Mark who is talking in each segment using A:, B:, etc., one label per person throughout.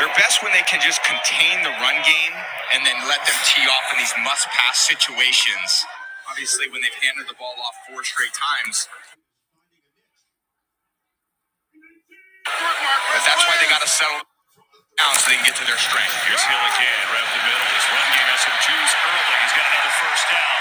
A: They're best when they can just contain the run game and then let them tee off in these must pass situations. Obviously, when they've handed the ball off four straight times, but that's why they got to settle down so they can get to their strength. Here's Hill again, right up the middle. This run game has some juice early. He's got another first down.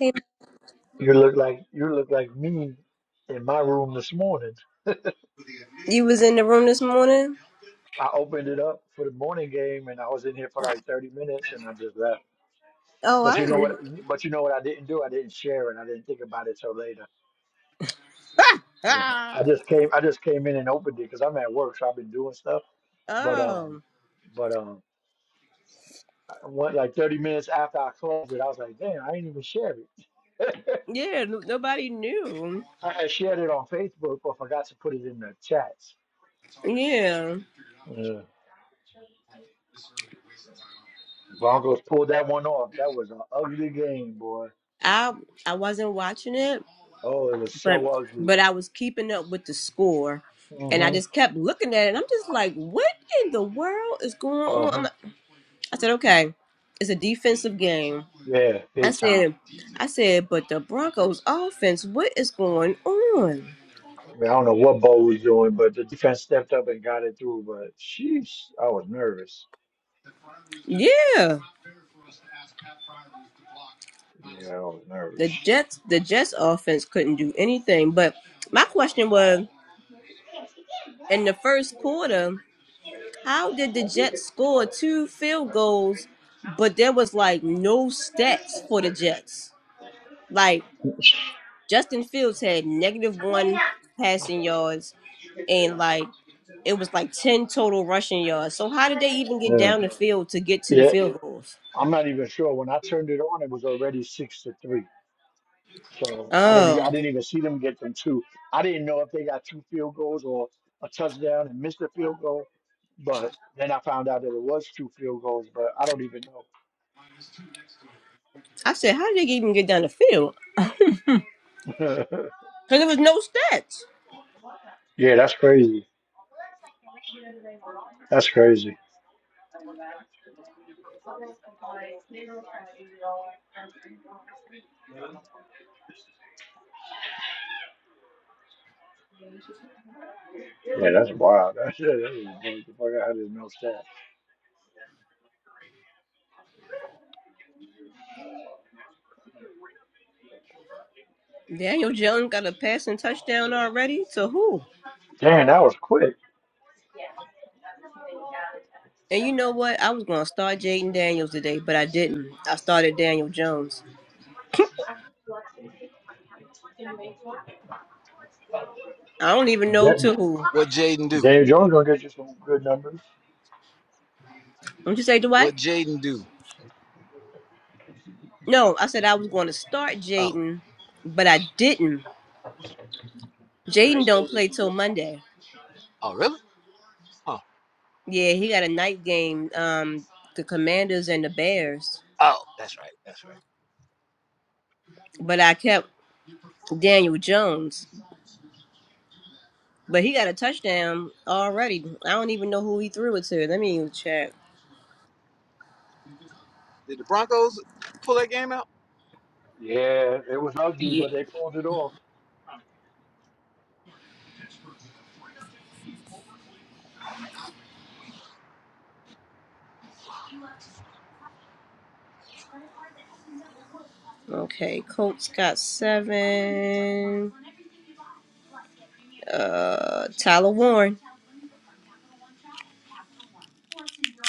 A: Hey,
B: You look like you look like me in my room this morning.
A: you was in the room this morning?
B: I opened it up for the morning game and I was in here for like 30 minutes and I just left.
A: Oh,
B: But
A: I
B: you know what
A: didn't.
B: but you know what I didn't do? I didn't share it. I didn't think about it till later.
A: Ah,
B: Yeah.
A: ah.
B: I just came I just came in and opened it because I'm at work, so I've been doing stuff. But um
A: Oh,
B: but um I went like 30 minutes after I closed it, I was like, damn, I ain't even share it.
A: yeah. no- Nobody knew.
B: I I shared it on Facebook but forgot to put it in the chats.
A: Yeah,
B: Yeah. Broncos pulled that one off. That was an ugly game, boy.
A: I I wasn't watching it
B: Oh, it was
A: but
B: so ugly.
A: but I was keeping up with the score, and I
B: hmm
A: just kept looking at it. And I'm just like, what in the world is going on? I'm
B: Uh-huh.
A: like, I said, okay, it's a defensive game.
B: Yeah,
A: I
B: big time.
A: said, I said, but the Broncos offense, what is going on?
B: I, mean, I don't know what Bo was doing, but the defense stepped up and got it through. But sheesh, I was nervous.
A: Yeah,
B: Yeah, I was
A: the
B: nervous.
A: Jets, the Jets offense couldn't do anything. But my question was, in the first quarter, how did the Jets score two field goals, but there was like no stats for the Jets? Like Justin Fields had negative one passing yards and like it was like 10 total rushing yards. So how did they even get
B: Yeah.
A: down the field to get to the
B: yeah.
A: field goals?
B: I'm not even sure. When I turned it on, it was already six to three. So I don't even,
A: Oh,
B: I didn't even see them get them two. I didn't know if they got two field goals or a touchdown and missed a field goal. But then I found out that it was two field goals, but I don't even
A: I said, how did they even get down the field?
B: know.
A: Because there was no stats.
B: yeah, that's crazy. That's crazy. Yeah, that's wild. That shit, that is crazy. Fuck, I didn't know that.
A: Daniel Jones got a passing touchdown already. To who?
B: Damn, that was quick.
A: And you know what? I was going to start Jaden Daniels today, but I didn't. I started Daniel Jones. I don't even know
B: That-
A: to who.
C: What Jaden do?
B: Dave Jones gonna get you some good numbers.
A: Don't you say Dwight?
C: What Jaden do?
A: No, I said I was going to start
C: Oh,
A: Jaden, but I didn't Jaden don't play till Monday.
C: oh, really? Huh.
A: Yeah, he got a night game. Um, the Commanders and the Bears.
C: Oh, that's right. That's right.
A: But I kept Daniel Jones. But he got a touchdown already. I don't even know who he threw it to. Let me even check.
C: Did the Broncos pull that game out?
B: Yeah, it was ugly, but they pulled it off.
A: Okay, Colts got seven. Uh, Tyler Warren.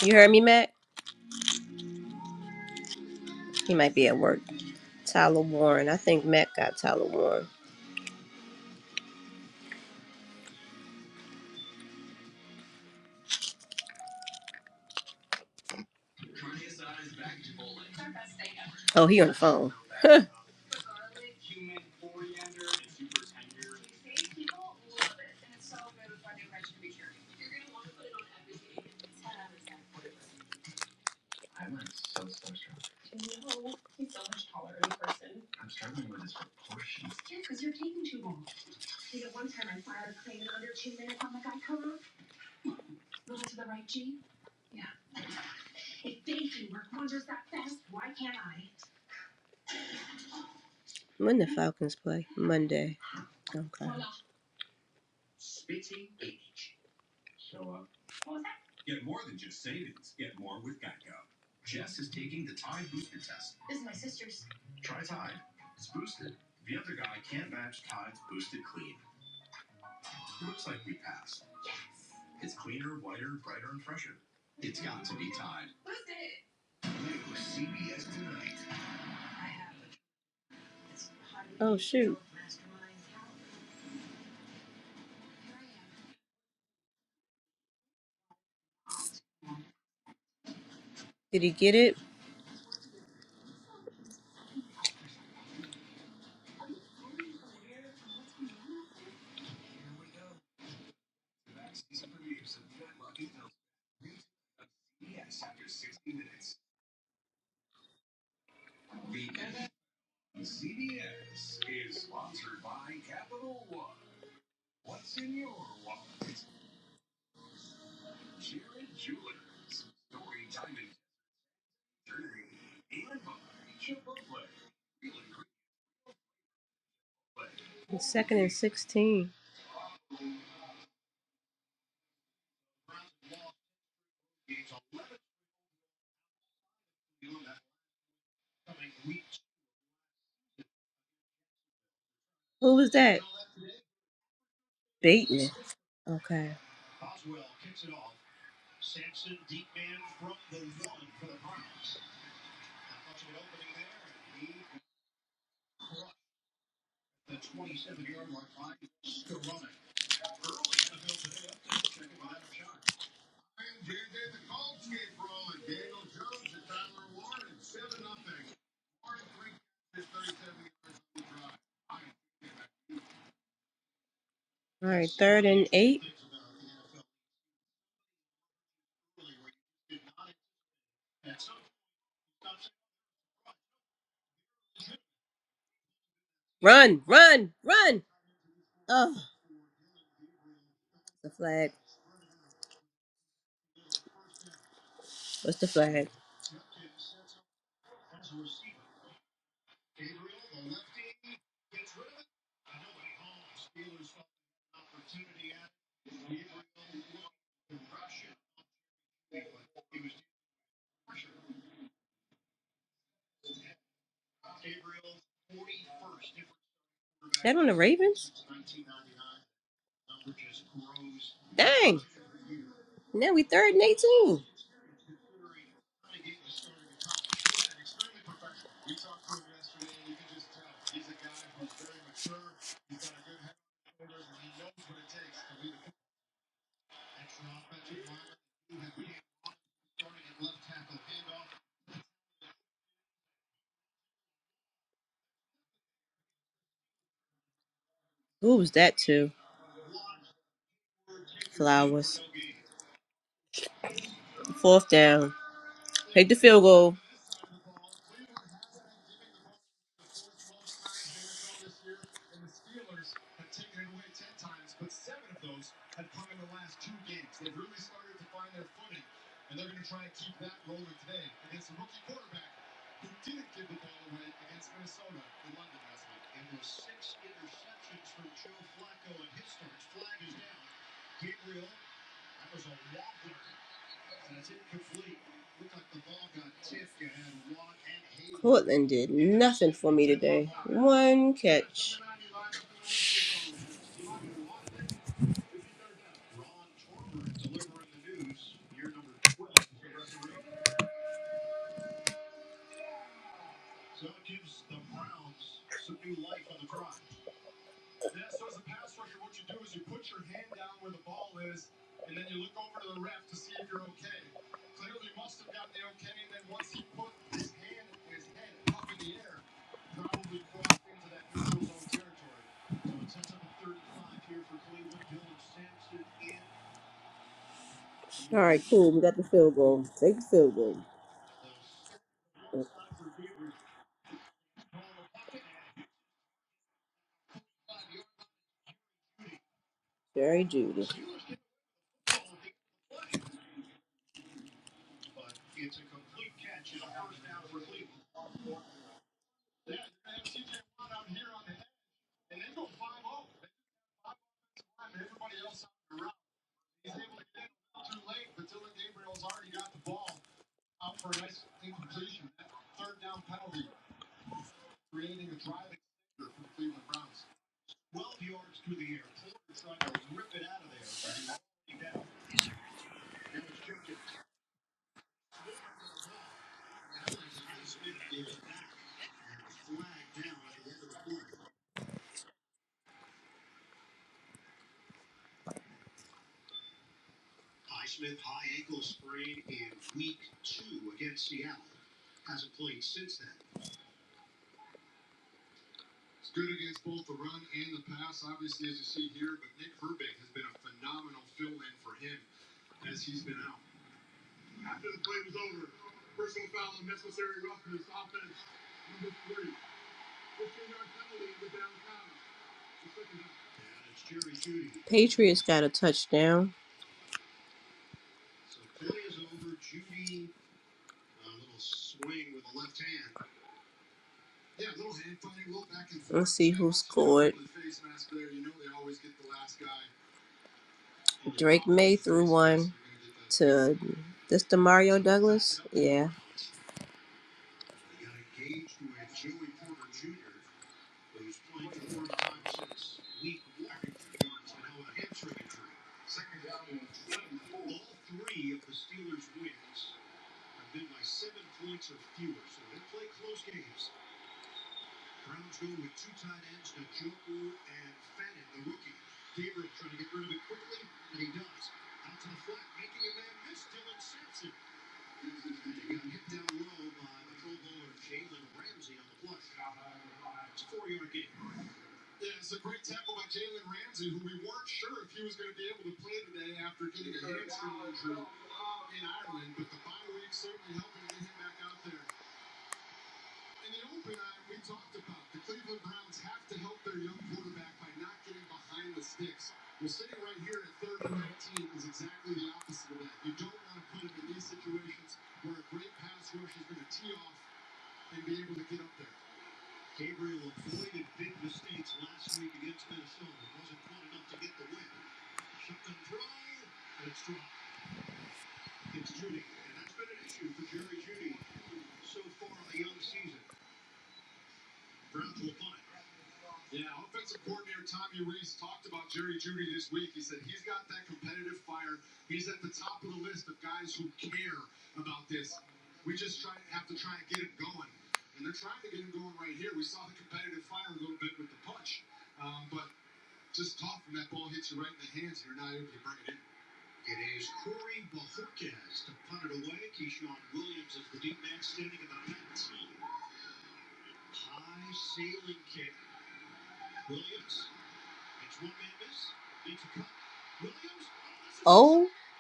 A: You heard me, Matt? He might be at work. Tyler Warren. I think Matt got Tyler Warren. Oh, he on the phone. When the Falcons play? Monday. Okay. Oh shoot. Did he get it? The second and 16. Who was that? Bateman. Okay. All right. Third and eight. Run, run, run. Oh, the flag. What's the flag? That on the Ravens? Dang. Now we third and 18. Who was that to? Flowers. Fourth down. Take the field goal. Portland did nothing for me today. One catch. All right, cool. We got the field goal. Take the field goal. Jerry Judy. Patriots got a touchdown. to this to Mario Douglas. Yeah.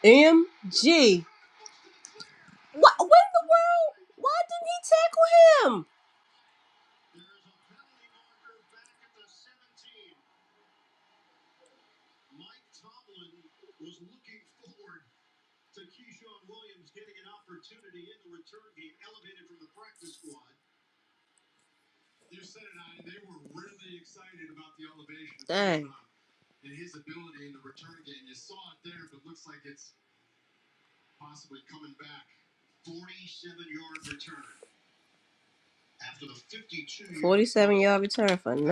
A: MG. What? What in the world? Why didn't he tackle him? I'll be terrified.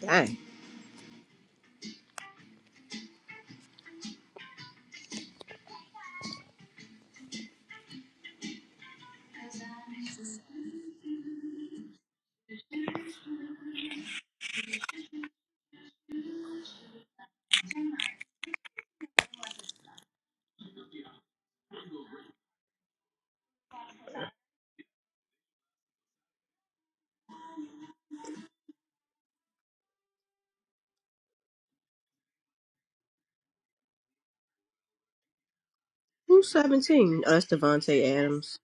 A: Dang. Who's 17? Oh, that's Devontae Adams.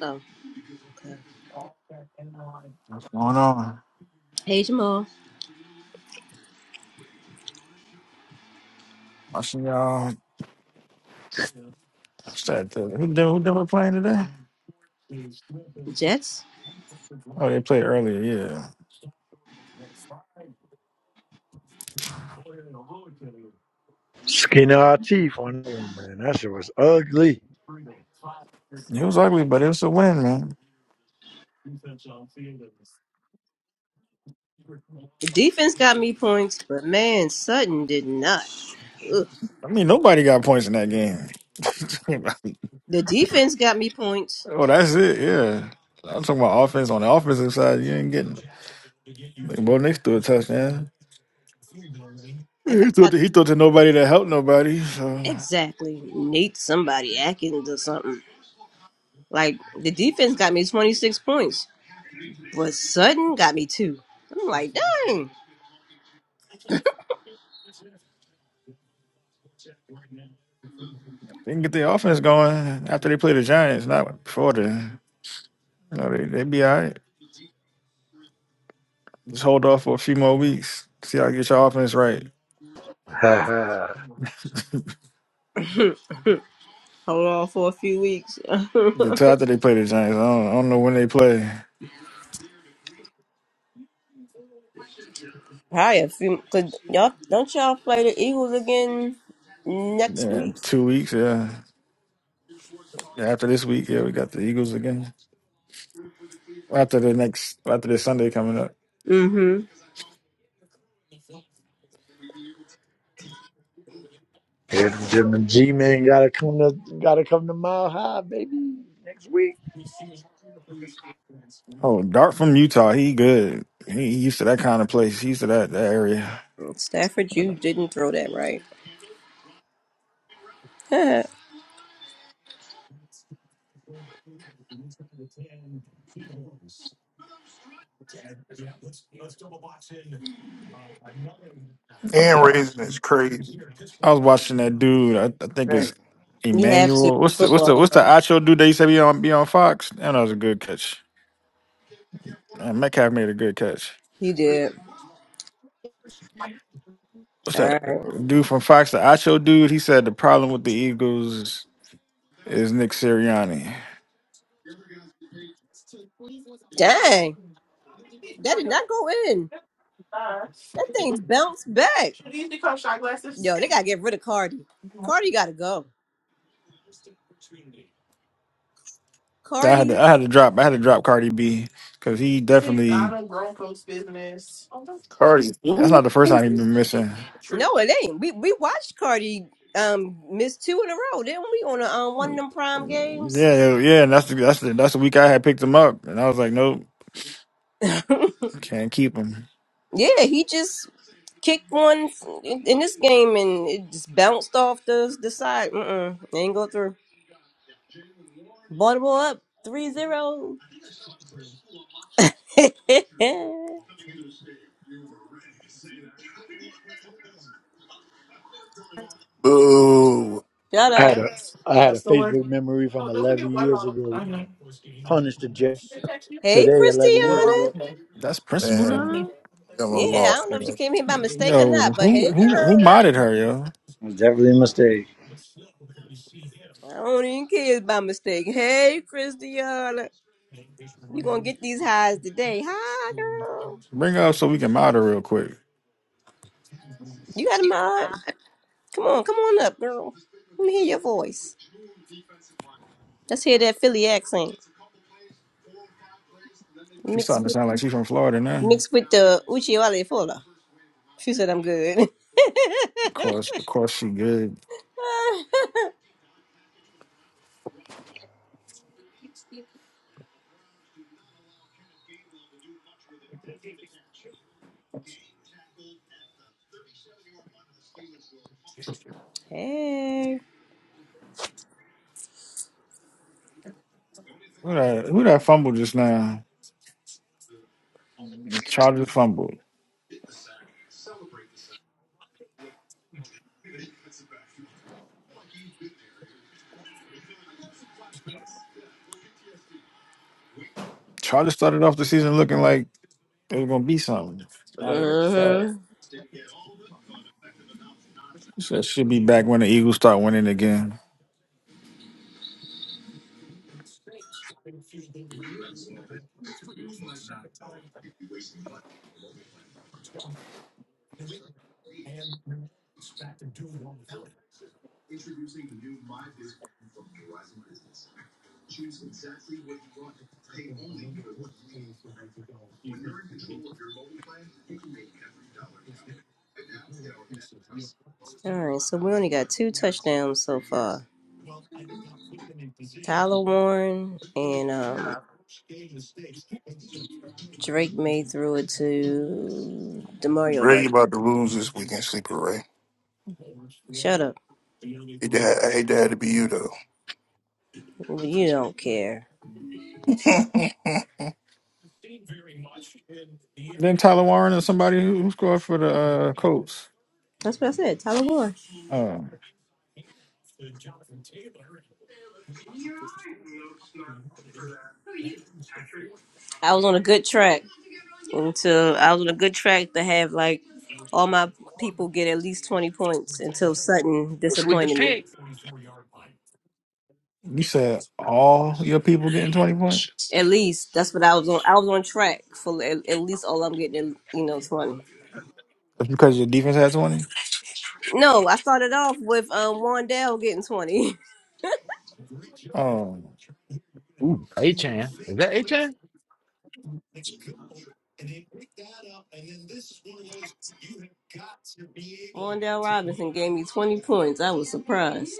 A: Oh.
D: What's going on?
A: Hey, Jamal.
D: Watching y'all. What's that? The, who did who Denver playing today?
A: Jets.
D: Oh, they played earlier. Yeah,
B: Skin our teeth on that one, man. That shit was ugly.
D: it was ugly, but it was a win, man.
A: The defense got me points, but man, Sutton did not. Ugh.
D: I mean, nobody got points in that game.
A: The defense got me points.
D: oh, that's it. Yeah, I'm talking about offense. On the offensive side, you ain't getting. Like, Bo Nix threw a touchdown.
A: Like,
D: He threw,
A: I got
D: to, he threw to nobody that helped nobody. So
A: exactly Nate somebody Atkins or something. Like, the defense got me 26 points. was sudden, got me too. I'm like, dang.
D: they can get their offense going after they play the Giants, not before then. You know, they they be all right. Just hold off for a few more weeks. See how you get your offense right.
B: Ha ha.
A: Hold on for a few weeks. Probably
D: Until after they play the Giants, I don't, I don't know when they play.
A: a few, cause y'all don't y'all play the Eagles again next
D: Yeah,
A: week?
D: two weeks, yeah. Yeah, After this week, yeah, we got the Eagles again. After the next, after this Sunday coming up.
A: Mm-hmm.
B: Yeah, G man, gotta come to gotta come to Mile High, baby, next week.
D: Oh, Dart from Utah, he good. He used to that kind of place. He used to that, that area.
A: Stafford, you
D: Oh,
A: didn't throw that right.
E: Hand
D: wow.
E: raising is crazy.
D: I was watching that dude. I, I think it's
E: Dang.
A: you have to in
D: Emmanuel.
A: the
D: What's the what's the
A: football
D: what's the
A: room.
D: Acho dude that used to be on be on Fox? And that was a good catch. And Metcalf made a good catch.
A: You did.
D: what's
A: All
D: that
A: right.
D: dude from Fox, the Acho dude? He said the problem with the Eagles is Nick Sirianni.
A: Dang, that did not go in. That thing bounced back.
E: She needs to come shot glasses.
A: Yo, they gotta get rid of Cardi.
E: You
A: Cardi gotta go.
D: I had
A: Cardi
D: to, I had to drop I had to drop Cardi B because he
E: say that
D: definitely
E: on grown folks' business. Cardi.
D: that's not the first time he's been missing.
E: True.
A: No, it ain't. We we watched Cardi um miss two in a row, didn't we? On a, um, one of them prime games.
D: Yeah, yeah, and that's the that's the that's the week I had picked him up, and I was like, nope,
A: yeah,
D: can't keep him.
A: he just kicked one in, in this game and it just bounced off the the side. Mm-mm, ain't go through. Baltimore up three zero. Shut
E: Boo.
B: I had
A: up.
B: a I had a Facebook memory from
E: Oh, don't forget
B: 11 years ago.
E: Man.
B: Punished the Jets
A: Hey,
B: today, 11 years
A: Christiana.
B: ago.
D: That's principal down there.
E: I almost
A: Yeah, I
E: lost,
A: don't know if she
E: man.
A: came here by mistake or
D: Yo,
A: not, but
D: who
A: hey,
D: who who
A: girl.
D: modded her? Yo,
B: It was definitely a mistake.
A: I don't even care if it's by mistake. Hey, Christiana. You gonna get these highs today. Hi, girl.
D: bring her up so we can mod her real quick.
A: You got a mod. Come on, come on up, girl. Let me hear your voice. Let's hear that Philly accent
D: She's
A: mixed
D: starting to
A: with
D: sound like she's from Florida now.
A: mixed
D: Of
A: with the Uchiwale Fola. She said I'm good.
D: course, of course, she good.
A: hey.
D: Who that who that fumble just now? And Chargers fumbled. Chargers started off the season looking like it was gonna be something. Not even close. So should be back when the Eagles start winning again.
A: All right, so we only got two touchdowns so far. Tyler Warren and um, Drake May threw it to Demario
E: Ray you
A: Dudley.
E: about to lose this weekend, sleeper Ray.
A: Shut up.
E: Hey, Dad, I hate that to be you though.
A: You don't care.
D: Then Tyler Warren and somebody who who scored for the uh, Colts.
A: That's what I said. Tyler Warren.
D: Um,
A: I was on a good track until I was on a good track to have like all my people get at least twenty points until Sutton
C: What's with the
A: disappointed me.
C: pick?
D: you said all your people getting twenty points
A: At least that's what I was on. I was on track for at, at least all I'm getting, you know, twenty.
D: That's because your defense had twenty.
A: No, I started off with um, Wandell getting twenty.
D: Oh,
C: Ooh, A-Chan. Is that A-Chan?
A: Wandell Robinson gave me twenty points. I was surprised.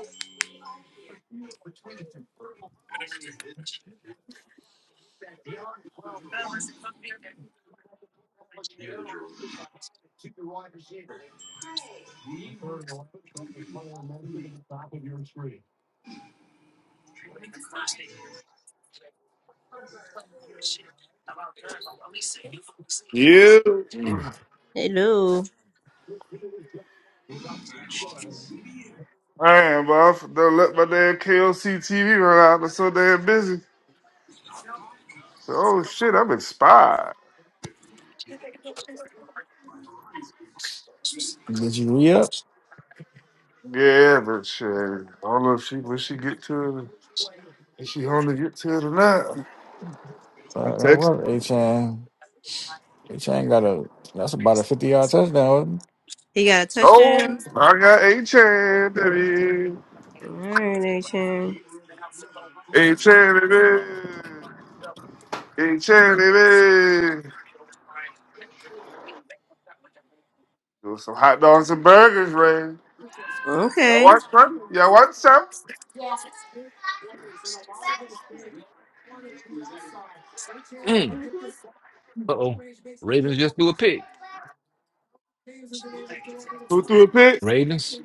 F: Yeah.
C: Mm.
A: Hello,
F: I Man, boss, don't let my damn KLC TV run out. I'm so damn busy. Oh shit, I'm inspired.
D: did you re up?
F: Yeah, but shit, I don't know if she when she get to it. Is she home to get to it or not? I
D: Uh, that
F: text her.
D: worked. A Chan. A Chan got a. That's about a fifty yard touchdown. wasn't
A: he got a touch.
F: Oh, I got a chan, baby.
A: All right, Achan.
F: A chan, baby. A chan, baby. Do some hot dogs and burgers, Ray. Y'all
A: Okay.
F: want some? Y'all want some?
C: Mm. Uh-oh. Ravens just do a pick.
F: Who threw a pick?
C: Ravens?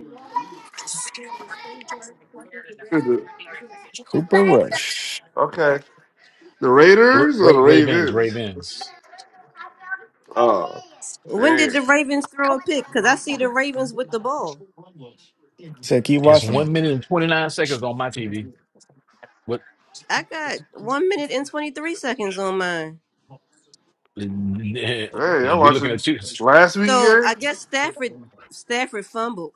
D: it? Cooper Rush.
F: Okay. The
C: Ra-
F: Raiders or
C: Ra-
F: the
C: Ravens,
F: Ravens?
C: Ravens.
F: Oh, hey,
A: Did the Ravens throw a pick? See the Ravens with the ball.
D: So keep
C: It's
D: watching.
C: one minute and 29 seconds on my TV. What?
A: I got one minute and twenty three seconds on mine.
C: We
F: hey, y'all
C: looking
F: watching
C: at you.
F: last week game?
A: Stafford Stafford fumbled.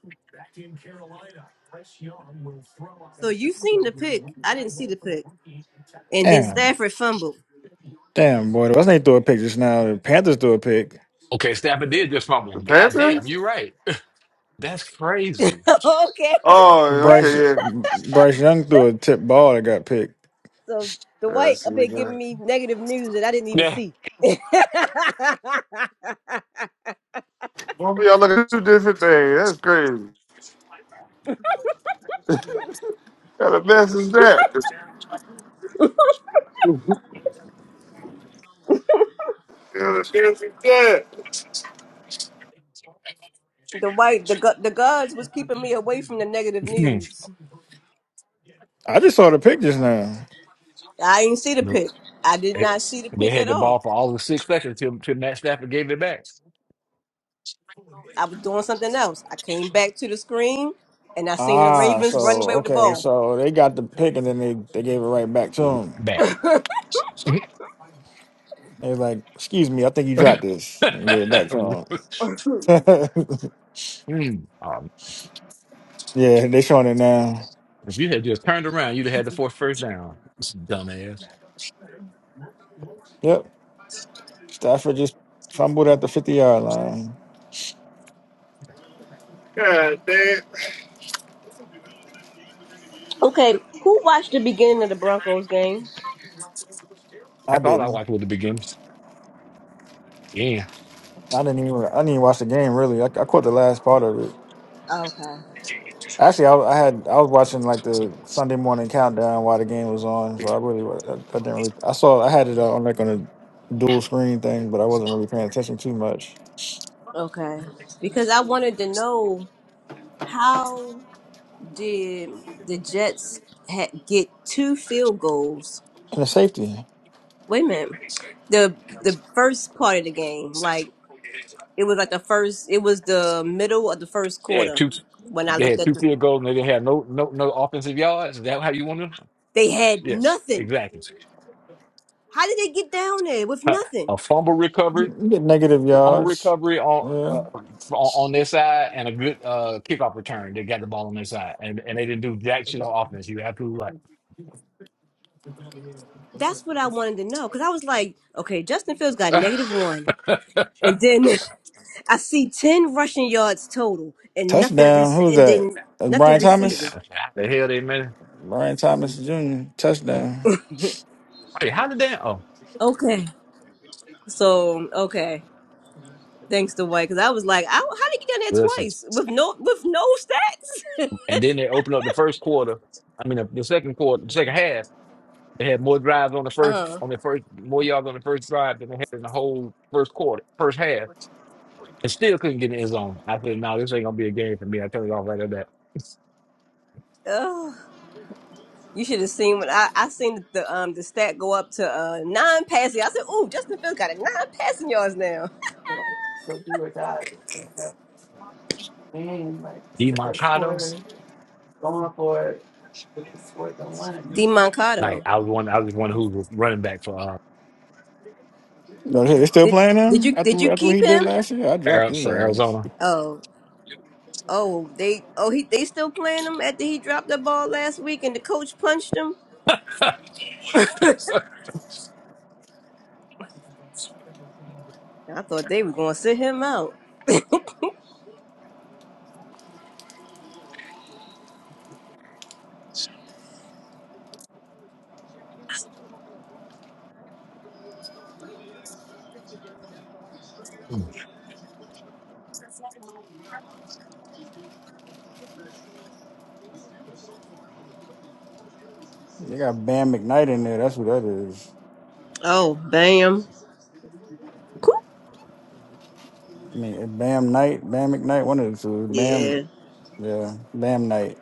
A: So you seen the pick. I didn't see the pick. And then
D: Damn,
A: Stafford fumbled.
D: damn, boy. The West they threw a pick just now. The Panthers threw a pick.
C: Okay, Stafford did just fumble.
F: The
C: God damn,
F: Panthers?
C: you're right. That's crazy.
A: okay.
F: Oh,
D: Bryce
F: okay, yeah.
D: Bryce Young threw a tip ball that got picked.
A: So
F: Yeah, I see what
A: giving
F: that.
A: me negative news that I didn't even
C: Yeah.
A: see.
F: Won't be all looking at two different things. That's crazy. How the mess is that? How the mess is that?
A: The white the gu- the guards was keeping me away from the negative news.
D: I just saw the pick just now.
A: I didn't see the
C: no,
A: pick. I did not
C: it's,
A: see the
C: they
A: pick
C: had
A: at
C: the ball
A: all.
C: for all the six seconds till, till Matt Stafford gave it back.
A: I was doing something else. I came back to the screen and I seen the
D: Ah,
A: Ravens running away
D: so
A: with the
D: okay,
A: ball.
D: so they got the pick and then they, they gave it right back to him.
C: Back.
D: They're like, "Excuse me, I think you dropped this," and gave it back to him.
C: Mm, um,
D: yeah, they showing it now.
C: if you had just turned around, you'd have had the fourth first down. This Dumbass.
D: Yep. Stafford just fumbled at the fifty yard line.
F: God damn.
A: Okay, who watched the beginning of the Broncos game?
D: I
C: That's all I
D: didn't.
C: watched with the beginnings. Yeah.
D: I didn't even. I didn't even watch the game really. I, I caught the last part of it. Actually, I, I had. I was watching like the Sunday morning countdown while the game was on. So I really. wa- I, I didn't really. I saw. I had it uh, on like on a dual screen thing, but I wasn't really paying attention too much.
A: Okay. Because I wanted to know how did the Jets ha- get two field goals?
D: And the safety.
A: Wait a minute. The the first part of the game, like it was like the first it was the middle of the first
C: They had
A: quarter
C: two
A: when I
C: they
A: looked
C: had
A: at
C: two
A: the
C: field goals and they didn't have no no no offensive yards. Is that how you want them?
A: they had
C: Yes,
A: nothing.
C: exactly.
A: How did they get down there with nothing?
C: a fumble recovery
D: You you get negative
C: fumble
D: yards.
C: recovery on
D: Yeah.
C: uh, on, on their side and a good uh, kickoff return. They got the ball on their side, and, and they didn't do jack shit on offense. You absolutely right.
A: That's what I wanted to know cuz I was like, okay, Justin Fields got negative 1 and then I see 10 rushing yards total and nothing re-
D: Touchdown. Who's
A: and
D: that?
A: then
D: Uh,
A: nothing
D: Brian
A: receiving.
D: Thomas.
C: How the hell they man?
D: Brian Thomas Jr. Touchdown.
C: Hey, how did they? Oh,
A: Okay. So okay. Thanks to White, because I was like, I, how did you get down there
C: listen.
A: twice with no with no stats?
C: And then they opened up the first quarter. I mean, the, the second quarter, the second half. They had more drives on the first
A: uh
C: on the first more yards on the first drive than they had in the whole first quarter, first half, and still couldn't get in the end zone. I said, "No, this ain't gonna be a game for me." I turned it off right at that.
A: huh. You should have seen when I I seen the um the stat go up to uh nine passing. I said, "Ooh, Justin Fields got a nine passing yards now."
C: D. Mercado.
A: D
C: Like
A: Moncado,
C: I was one, I was one who was running back for uh,
D: You know, they still playing
A: did
D: him
A: you did you
D: after after what he
A: keep
D: did
A: him?
D: last year. I dropped
C: Ari-
D: his
C: for
D: ass.
C: Arizona.
A: Oh oh they oh he they still playing him after he dropped the ball last week and the coach punched him. I thought they were gonna sit him out.
D: They got Bam McKnight in there. That's who that is.
A: Oh bam.
D: I mean, Bam Knight, Bam McKnight, one of the two. Bam,
A: Yeah.
D: yeah, Bam Knight.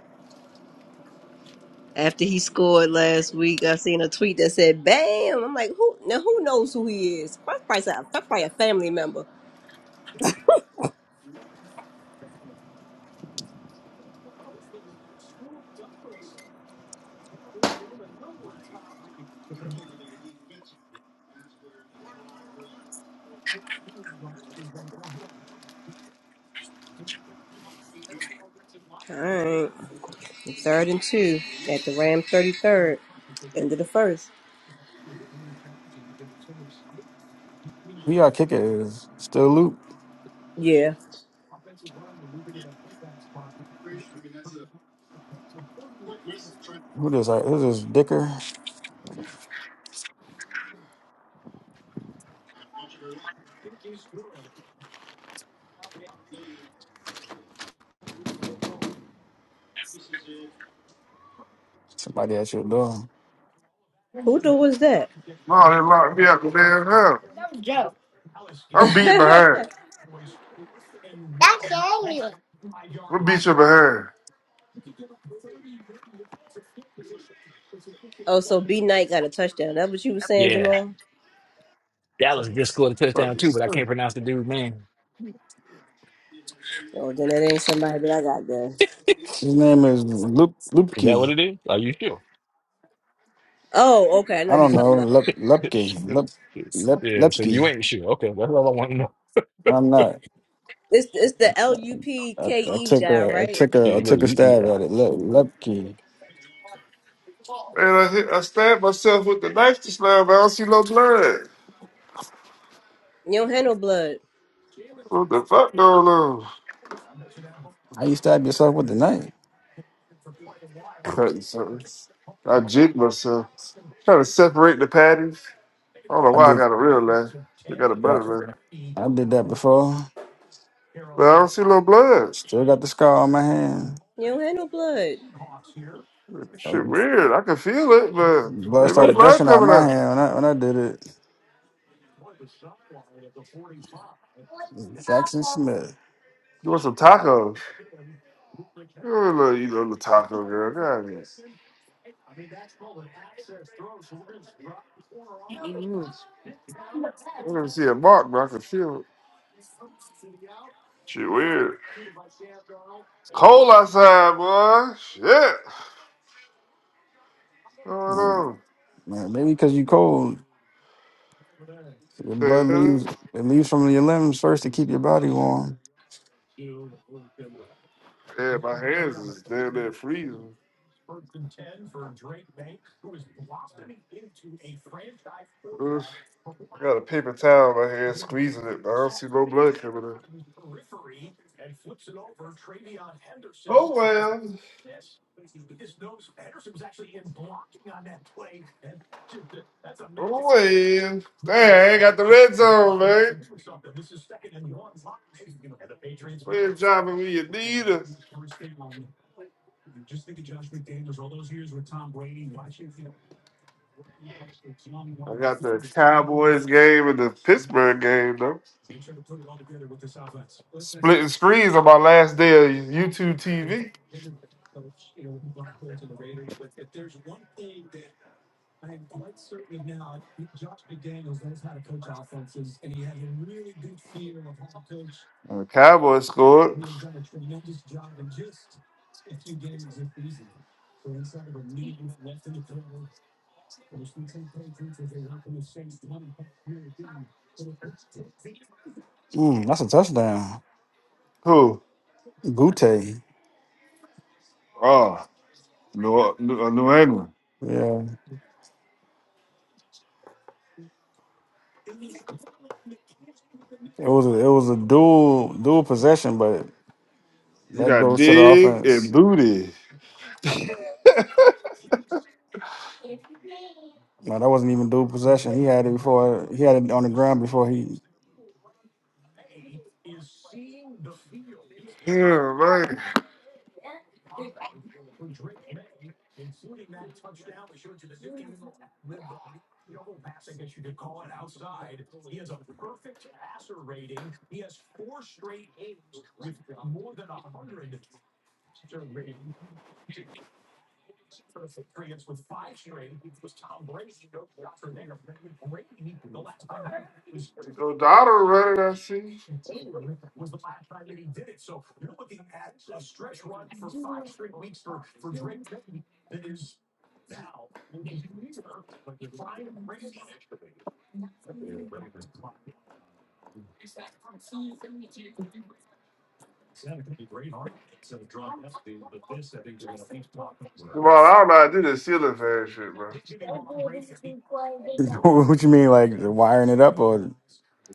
A: After he scored last week, I seen a tweet that said, "Bam!" I'm like, "Who? Now who knows who he is? That's probably, some- that's probably a family member." All right, third and two at the Ram 33rd, end of the first.
D: Who y'all kicker is? Still Luke.
A: Yeah,
D: Who this? Like, Who this? Dicker? Somebody at your door.
A: who the was that?
F: No, they locked me up, man. Huh? I'm beat behind. I'm beat you behind.
A: Oh, so B Knight got a touchdown. That what you was saying,
C: yeah,
A: Jamal?
C: Dallas just scored a touchdown
F: Fucking
C: too, but I can't
F: son.
C: pronounce the dude's name.
A: Oh, then that ain't somebody that I got there.
D: His name is Lup
C: Is that what
D: Lupke.
C: it is? Are you sure?
A: Oh, okay, I
D: I
A: know who you
D: don't
A: talking
D: know.
A: about.
D: Lup Lupke. Lup Lep
C: yeah, so you
D: Lepke.
C: ain't sure. Okay, that's all I want to know.
D: I'm not.
A: It's it's
D: I,
A: the L U P
D: I,
A: K
D: I
A: E
D: took
A: guy,
D: a I
A: right?
D: took
C: Yeah,
D: a I
C: You, look,
D: took a
C: you, you,
D: stab
C: yeah.
D: at it. Lup Lupke.
F: Man, I, hit- I stabbed myself with the knife just now, but I don't see no blood.
A: You don't handle blood.
F: What the fuck going on?
D: I used to stab yourself with the knife?
F: Cutting something. I jigged myself. Trying to separate the patties. I don't know
D: I
F: why I
D: did.
F: got a
D: I
F: real laugh. I got a butter laugh.
D: did I did that before.
F: But I don't see no blood.
D: Still got the scar on my hand.
A: You don't handle blood.
F: Shit,
D: Um,
F: weird. I can feel it, but there
D: Blood
F: ain't no
D: started
F: blood
D: gushing out
F: coming
D: my
F: out.
D: hand when I when I did it. Jackson Smith.
F: You want some tacos? You know, little, you know, little taco girl. God, yes. Mm. I don't even see a mark, but I can feel it. Shit, weird. It's cold outside, boy. Shit. What's going
D: Um,
F: on?
D: Man, maybe because you cold, So your blood leaves it leaves from your limbs first to keep your body warm.
F: Yeah, my hands is damn near freezing. I got a paper towel in my hand, squeezing it, but I don't see no blood coming in. Oh well, oh well. Dang, I got the red zone, man. Playing driving me you need us. I got the Cowboys game and the Pittsburgh game though. Splitting screens on my last day of YouTube TV. And the Cowboys scored.
D: Mm, that's a touchdown.
F: Who?
D: Gute.
F: Oh, New, New, uh, New England.
D: Yeah. It was a, it was a dual dual possession, but
F: You
D: That
F: got
D: goes to the
F: Dig and
D: offense.
F: Booty.
D: No, that wasn't even dual possession. He had it before. He had it on the ground before he.
F: Yeah, man. Go Donald running, I see. Jamal, I don't know how to do this ceiling fan shit, bro.
D: what you mean, like wiring it up, or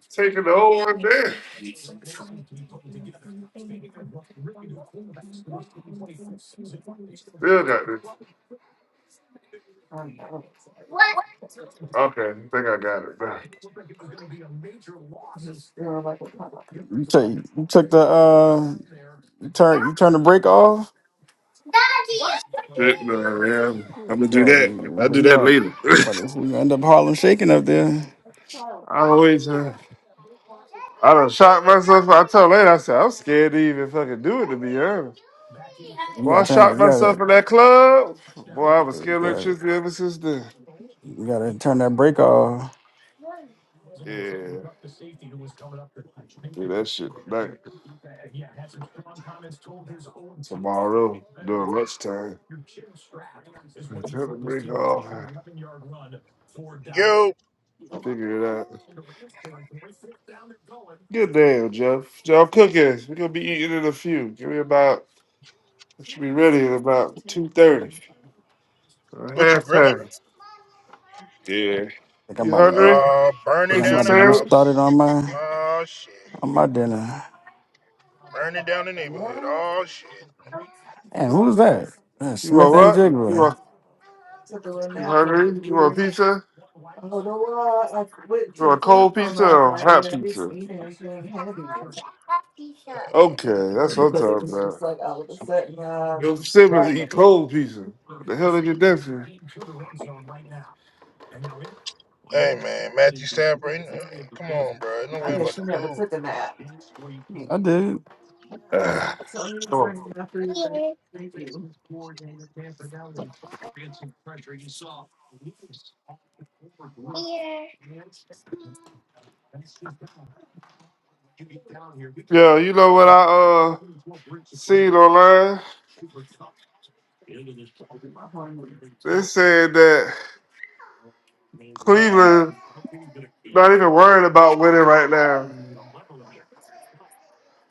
F: Taking the whole one down. Still got this. Okay, I think I got it, bro.
D: you took you took the uh, you turn you turn the brake off?
F: Shit, no, yeah. I'm gonna do
D: Or
F: that. I'll do
D: you
F: that
D: gonna
F: later.
D: what is you gonna end up Harlem shaking up there?
F: I always, uh, I done shot myself. I told later, I said, I'm scared to even fucking do it, to be honest.
D: You
F: Well, I
D: gotta turn it.
F: shot
D: You
F: myself
D: gotta
F: in that club. Boy, I was
D: you
F: scared of
D: gotta,
F: electricity ever since then.
D: you gotta turn that brake off.
F: Yeah, do that shit tonight. tomorrow during lunchtime. Turn the break off
E: Yo,
F: figure it out. Good damn, Jeff. Jeff cooking. We're gonna be eating in a few. Give me about it should be ready at about two thirty.
E: what you
F: Half
E: grilling?
F: time. Yeah.
D: think I'm
F: You
D: about to get.
F: hungry?
E: Uh,
D: Think
E: burning
D: I'm
F: Pizza
E: down
D: about
E: the
D: to get
F: sandwich?
D: started
E: house.
D: on my
E: Oh shit.
D: on my dinner.
E: Burning down the neighborhood. Oh shit.
D: And who was that? That's
F: You
D: Smith
F: want
D: and
F: what? You
D: Jigba.
F: want you hungry? You want pizza? You want cold pizza or hot pizza? Okay, that's what I'm talking about. Your siblings eat
E: Okay.
F: cold pizza. What the hell they get that for?
E: Hey man, Matthew Stafford. ain't- hey, Come on, bro. No way I'm about to lose.
D: I did.
F: Ah. Come on. Yeah, you know what I uh seen online. They said that Cleveland not even worried about winning right now.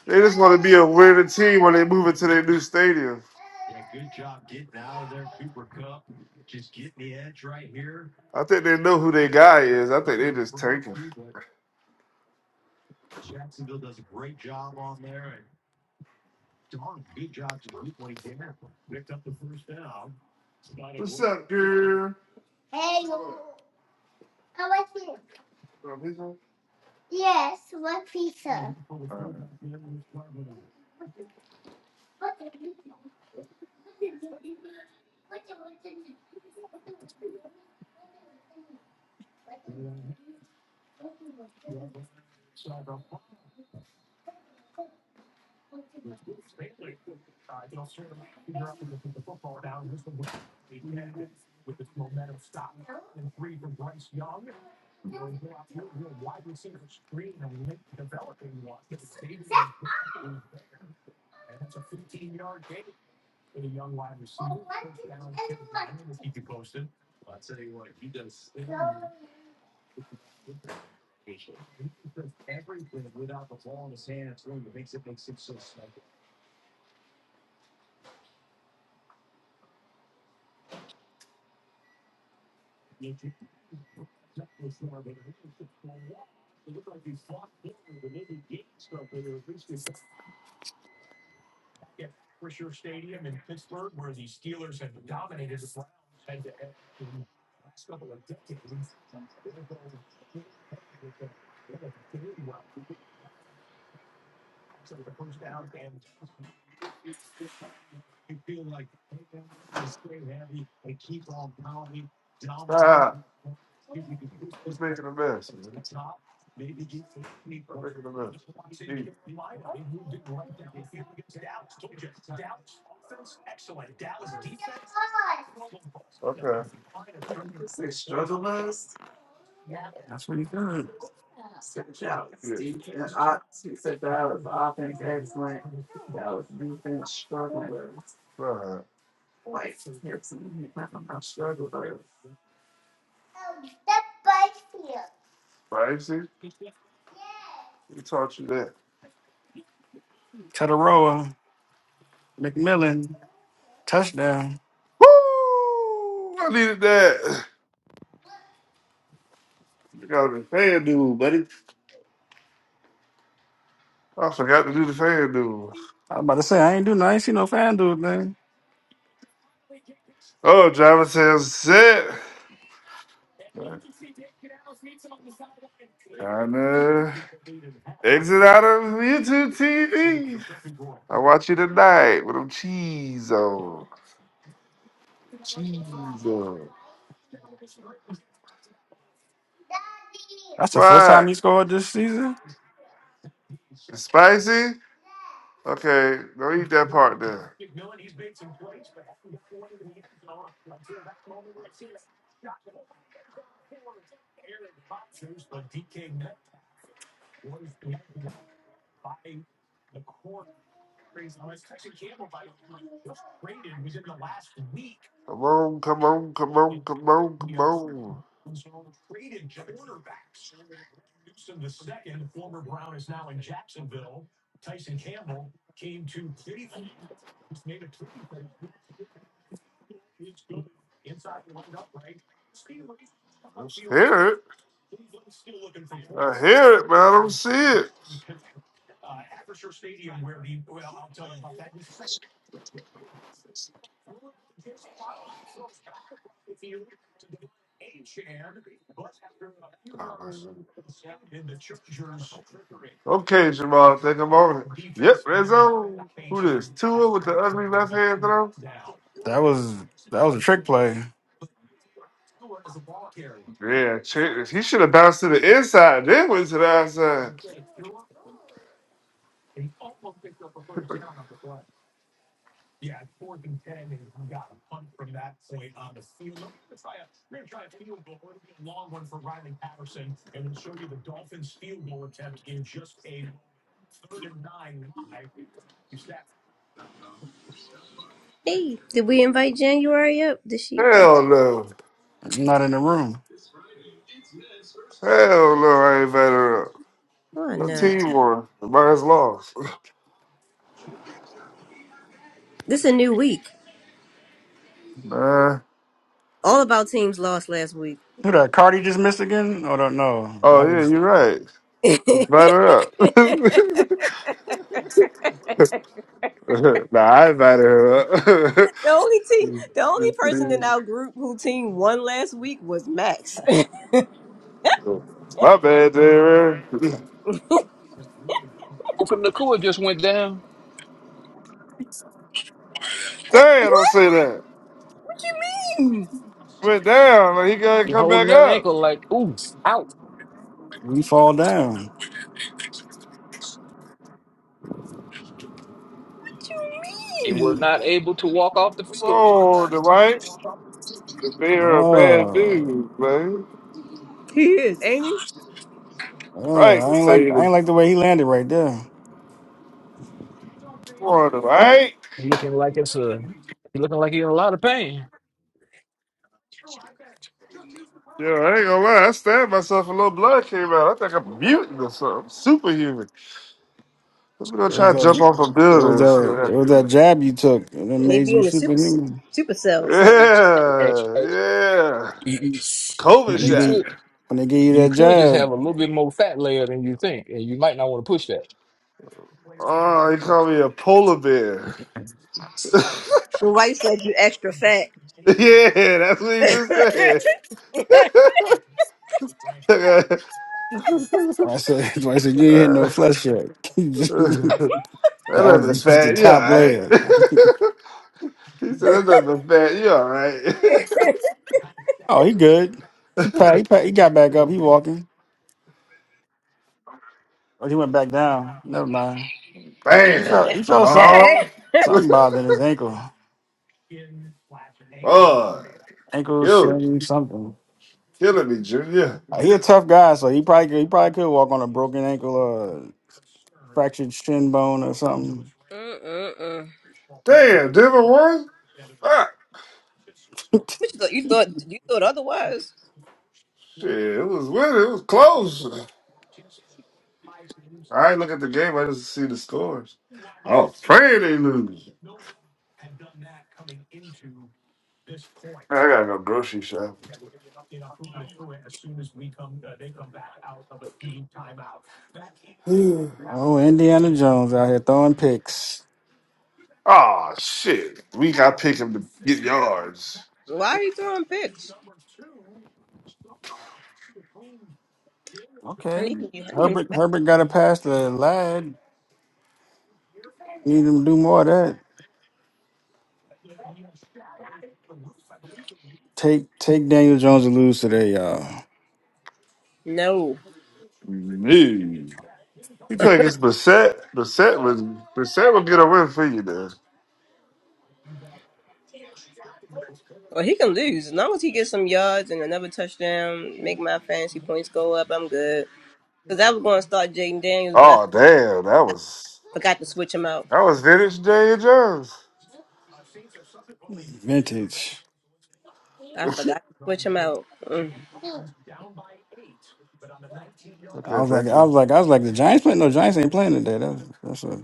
F: They just want to be a winning team when they move into their new stadium. I think they know who their guy is. I think they just tanking. What's up, girl? Oh, he's on? Alright. Stop. He's making a mess, man. Stop making a mess. Eat. Okay. Yeah. All right. Spicy? Who taught you that?
D: Tataroa, McMillan, touchdown.
F: Woo! I needed that. You got a fan dude, buddy. I forgot to do the fan duel.
D: I was about to say I ain't do nothing. I ain't seen no fan dude Man,
F: Oh, driver says set. Time to exit out of YouTube TV. I watch you tonight with them cheese on. Cheese on.
D: That's the first
F: What?
D: time he scored this season.
F: It's spicy? Okay, don't eat that part then. Come on, come on, come on, come on, come on. I hear it. I hear it, but I don't see it. Okay, Jamal, Take a moment. Yep, red zone. Who this? Tua with the ugly left hand throw?
D: That was that was a trick play.
F: Yeah, check. this. He should have bounced to the inside, then went to the outside.
A: Hey, did we invite January up? Did she?
F: Hell no.
D: I'm not in the room.
F: Hell no, I ain't better up.
A: Oh,
F: Her team won. Mine's lost.
A: This is a new week.
F: Nah.
A: All of our teams lost last week.
D: Who that Cardi just missed again? Oh no, no.
F: Oh,
D: That
F: yeah,
D: was
F: you're right.
A: the
F: Invite her up. nah, I invited her up.
A: only team, the only in our group who team won last week was Max. what
F: My bad, Darren.
C: Open the cool just went down.
F: Damn, don't say that.
A: you mean?
F: Went down, like he gotta
C: He
F: come
C: holding
F: back
C: that
F: up.
C: ankle like, ooh, out.
D: we fall down.
A: What you
C: He was
A: mean?
C: not able to walk off the field.
F: Oh, the right, the bear of bad
D: Oh,
F: news, man.
A: He is, Amy.
D: oh,
F: Right, to
D: I ain't
F: tell
D: like
F: you
D: I ain't
F: the
D: like the way he landed right there.
F: Florida, right?
C: He looking like it's a. He looking like he in a lot of pain.
F: Yeah, I ain't gonna lie. I stabbed myself. and A little blood came out. I think I'm a mutant or something. Superhuman. I'm gonna
D: It
F: try
D: was
F: to
D: a
F: jump off a
D: it
F: building.
D: was
F: and see what
D: a it was
F: happens.
D: that jab you took and it
A: They
D: made
A: be
D: you
A: in the super
D: superhuman.
A: super cells.
C: Eh,
F: Yeah,
C: eh,
F: yeah.
C: you, you
F: COVID
D: When they
F: shot.
D: get
C: could
D: when they give you
C: you
D: that
C: could just have
D: job,
C: a little bit more fat layer than you think, and you might not want to push that.
F: Oh, he called me a polar bear.
A: The wife said you extra fat.
F: Yeah, that's what he just said. Uh,
D: I said, I said you ain't hit no flesh yet. that
F: that left
D: was
F: me
D: just the
F: fat. You all
D: top
F: right?
D: layer.
F: He said, that doesn't affect you, all right?
D: Oh, he good. He pa- he, pa- he got back up. He walking. Oh, he went back down. Never mind. He
F: Bam,
D: felt he felt something.
F: Jamal.
D: Something bothering his ankle.
F: Boy,
D: Ankle
F: you
D: showing something.
F: killing me, Junior.
D: Uh, He a tough guy, so he probably could, he probably could walk on a broken ankle or fractured shin bone or something.
A: Mm-mm-mm.
F: Damn, Denver won? Fuck.
A: What you thought? You thought you thought otherwise?
F: Shit, it was winning. It was close. I ain't look at the game. I just see the scores. Oh, pray they lose. I gotta go grocery shopping.
D: oh, Indiana Jones out here throwing picks.
F: oh, shit. We gotta pick him to get yards.
A: Why are you throwing picks? I
D: Okay.
A: need him. I need him
D: Herbert
A: back.
D: Herbert got to pass the lad. Need him to do more of that. Take take Daniel Jones and lose today, y'all.
A: No.
F: Dude. you think it's Bissett. Bissett would, Bissett would get a win for you, then.
A: Well, he can lose as long as he gets some yards and another touchdown. Make my fantasy points go up. I'm good. Because I was going to start Jaden Daniels,
F: Oh damn, that was
A: forgot to switch him out.
F: that was vintage Daniel Jones.
D: Vintage.
A: Switch him out. Mm.
D: I
F: Okay,
D: was like,
F: thank
D: I
F: you.
D: was like, I was like, the Giants playing? No, Giants ain't playing today. That's that's a.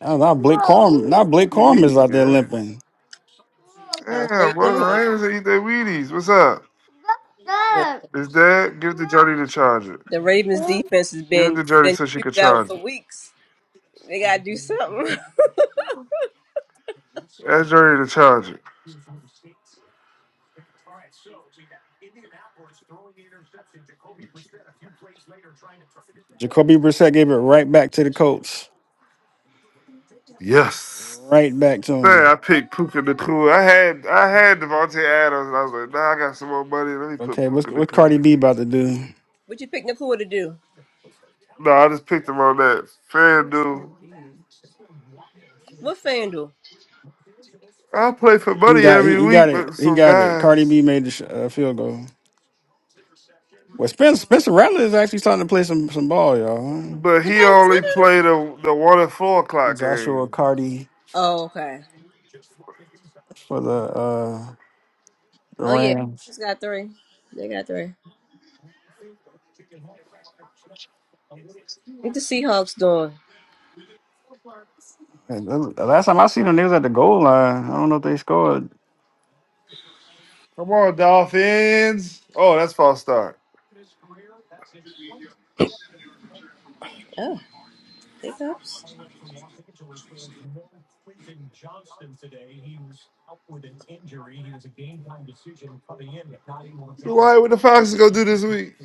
D: I was, now Blake Corm, now Blake
F: You
D: Corm
F: eat?
D: is out there
F: Yeah.
D: limping.
F: Damn, what the Rams that eat their Wheaties? What's up? Is that give it to Jody to charge it?
A: The Ravens defense has been
F: Give it to Jody so she can charge
A: for
F: it.
A: weeks. They got to do something.
F: Ask Jody to charge it.
D: Jacoby Brissett gave it right back to the Colts,
F: Yes.
D: right back to
F: Man, I
D: him.
F: picked Puka the Pooh. I had I had Devontae Adams and I was like, nah, I got some more money. Let me put
D: Okay, what's
F: Puka the
D: what
F: Pooh.
D: Cardi B about to do?
A: what you pick Nakua to do?
F: No, I just picked him on that. FanDuel.
A: What FanDuel?
F: I play for
D: He
F: money
D: got he,
F: every
D: he got
F: week with
D: it. He
F: some
D: got it. Cardi
F: guys.
D: B made the sh- uh, field goal. Well, Spencer Spencer Rattler is actually starting to play some some ball, y'all.
F: But he only played the the one and four o'clock
D: Joshua
F: game.
D: Cardi
A: Oh, okay.
D: for the uh the
A: Oh, yeah.
D: Rams.
A: It's got three. They got three. What the Seahawks doing?
D: And the the last time I seen them, they was at the goal line. I don't know if they scored.
F: Come on, Dolphins. Oh, that's false start.
A: Oh, Seahawks.
F: Why would the Falcons go do this week?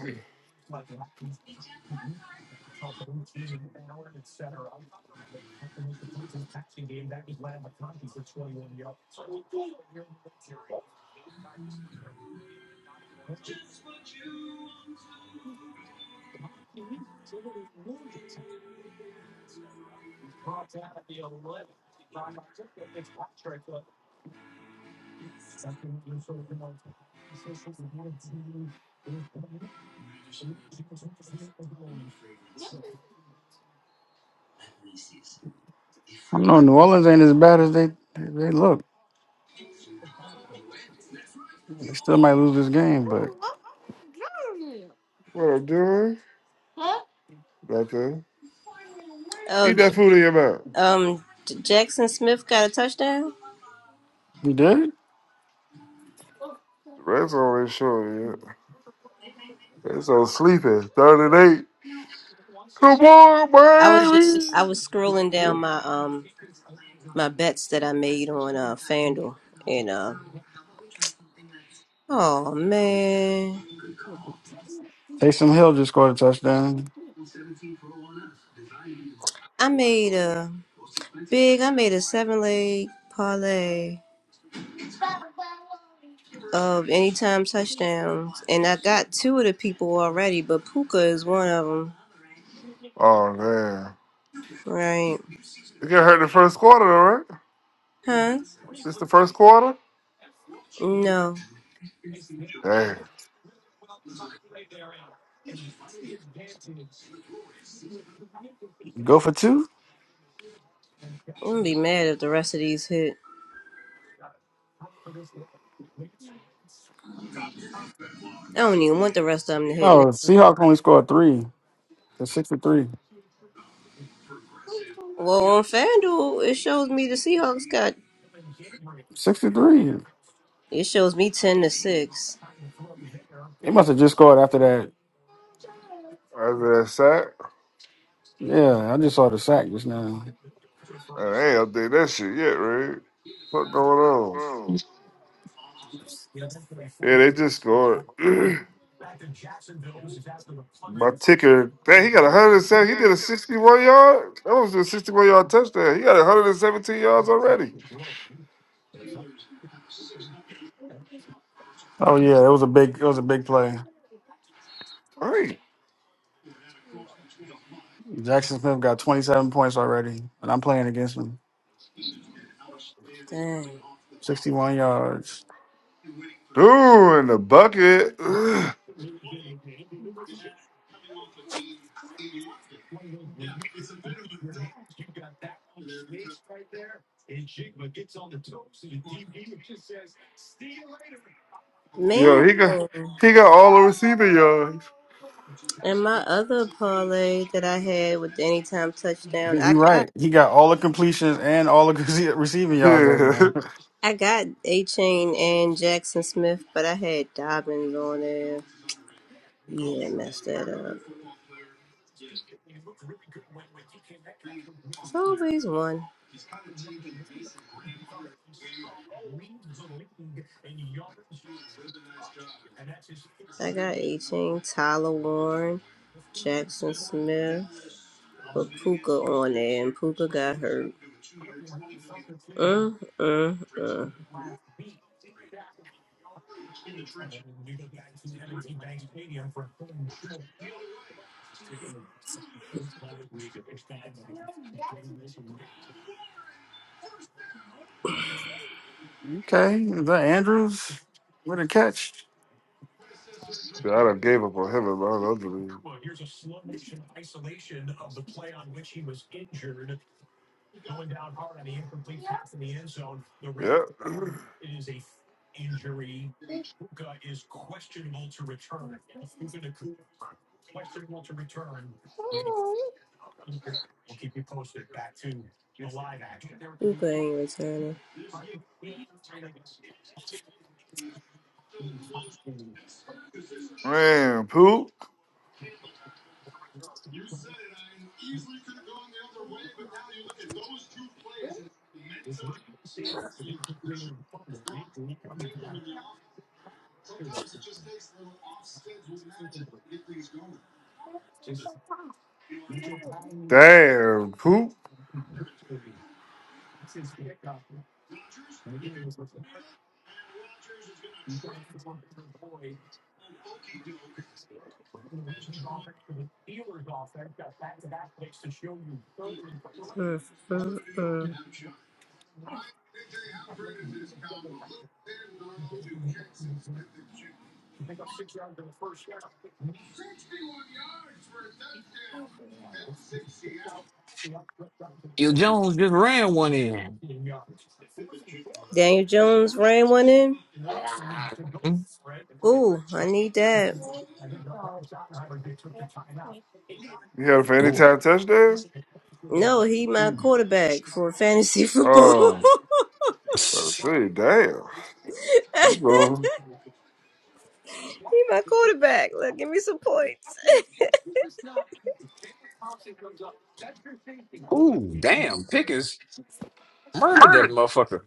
D: I don't know. New Orleans ain't as bad as they they look. They still might lose this game, but
F: What I'm doing? Nothing. Eat
A: Oh,
F: that food in your mouth.
A: um, J- Jackson Smith got a touchdown.
D: he did.
F: Red zone ain't showing yet. Red zone sleeping. Third and eight. Come on, baby.
A: I was scrolling
F: Yeah.
A: down my um my bets that I made on uh FanDuel and uh oh man,
D: Taysom Hill just scored a touchdown.
A: I made a. Big, I made a seven leg parlay of anytime touchdowns, and I got two of the people already, but Puka is one of them.
F: Oh man,
A: Right.
F: it got hurt the first quarter, though, right?
A: Huh?
F: This the first quarter.
A: No.
F: Damn.
D: Go for two.
A: I'm gonna be mad if the rest of these hit. I don't even want the rest of them to hit now.
D: Oh, Seahawks only scored three. It's sixty three.
A: Well, on FanDuel, it shows me the Seahawks got.
D: Sixty three.
A: It shows me 10 to 6.
D: They must have just scored after that
F: After that sack,
D: Yeah, I just saw the sack just now.
F: man, I ain't update that shit yet, right? What going on? Yeah, they just scored. My ticker, dang, he got 107. He did a 61 yard. That was a 61 yard touchdown. He got 117 yards already.
D: Oh yeah, it was a big it was a big play.
F: Hey,
D: Jackson Smith got 27 points already, and I'm playing against him. 61 yards.
F: dude, in the bucket. Ugh.
A: Man,
F: Yo, he got he got all the receiving yards.
A: and my other parlay that I had with the anytime touchdown, I
D: You're
A: got.
D: right. He got all the completions and all the receiving yards right
F: Yeah,
D: now.
A: I got A Chain and Jackson Smith, but I had Dobbins on there. Yeah, messed that up. It's always one. I got 18, Tyler Warren, Jackson Smith, but Puka on there, and Puka got hurt. Mm, mm, mm.
D: Okay, is that Andrews with a catch?
F: I done gave up on him in my other league. Yep.
A: Puka ain't returning.
F: Man, poop. Damn, poop.
C: Bill Jones just ran one in.
A: Daniel Jones ran one in.
C: Mhm.
A: Ooh, I need that.
F: You had it for any
C: Doing.
F: time touchdown?
A: No, he my quarterback for fantasy football.
F: Oh, let's
C: it.
F: see. Damn. You go
A: he my quarterback. Look, give me some points.
C: Ooh, damn! Pickens murdered that motherfucker.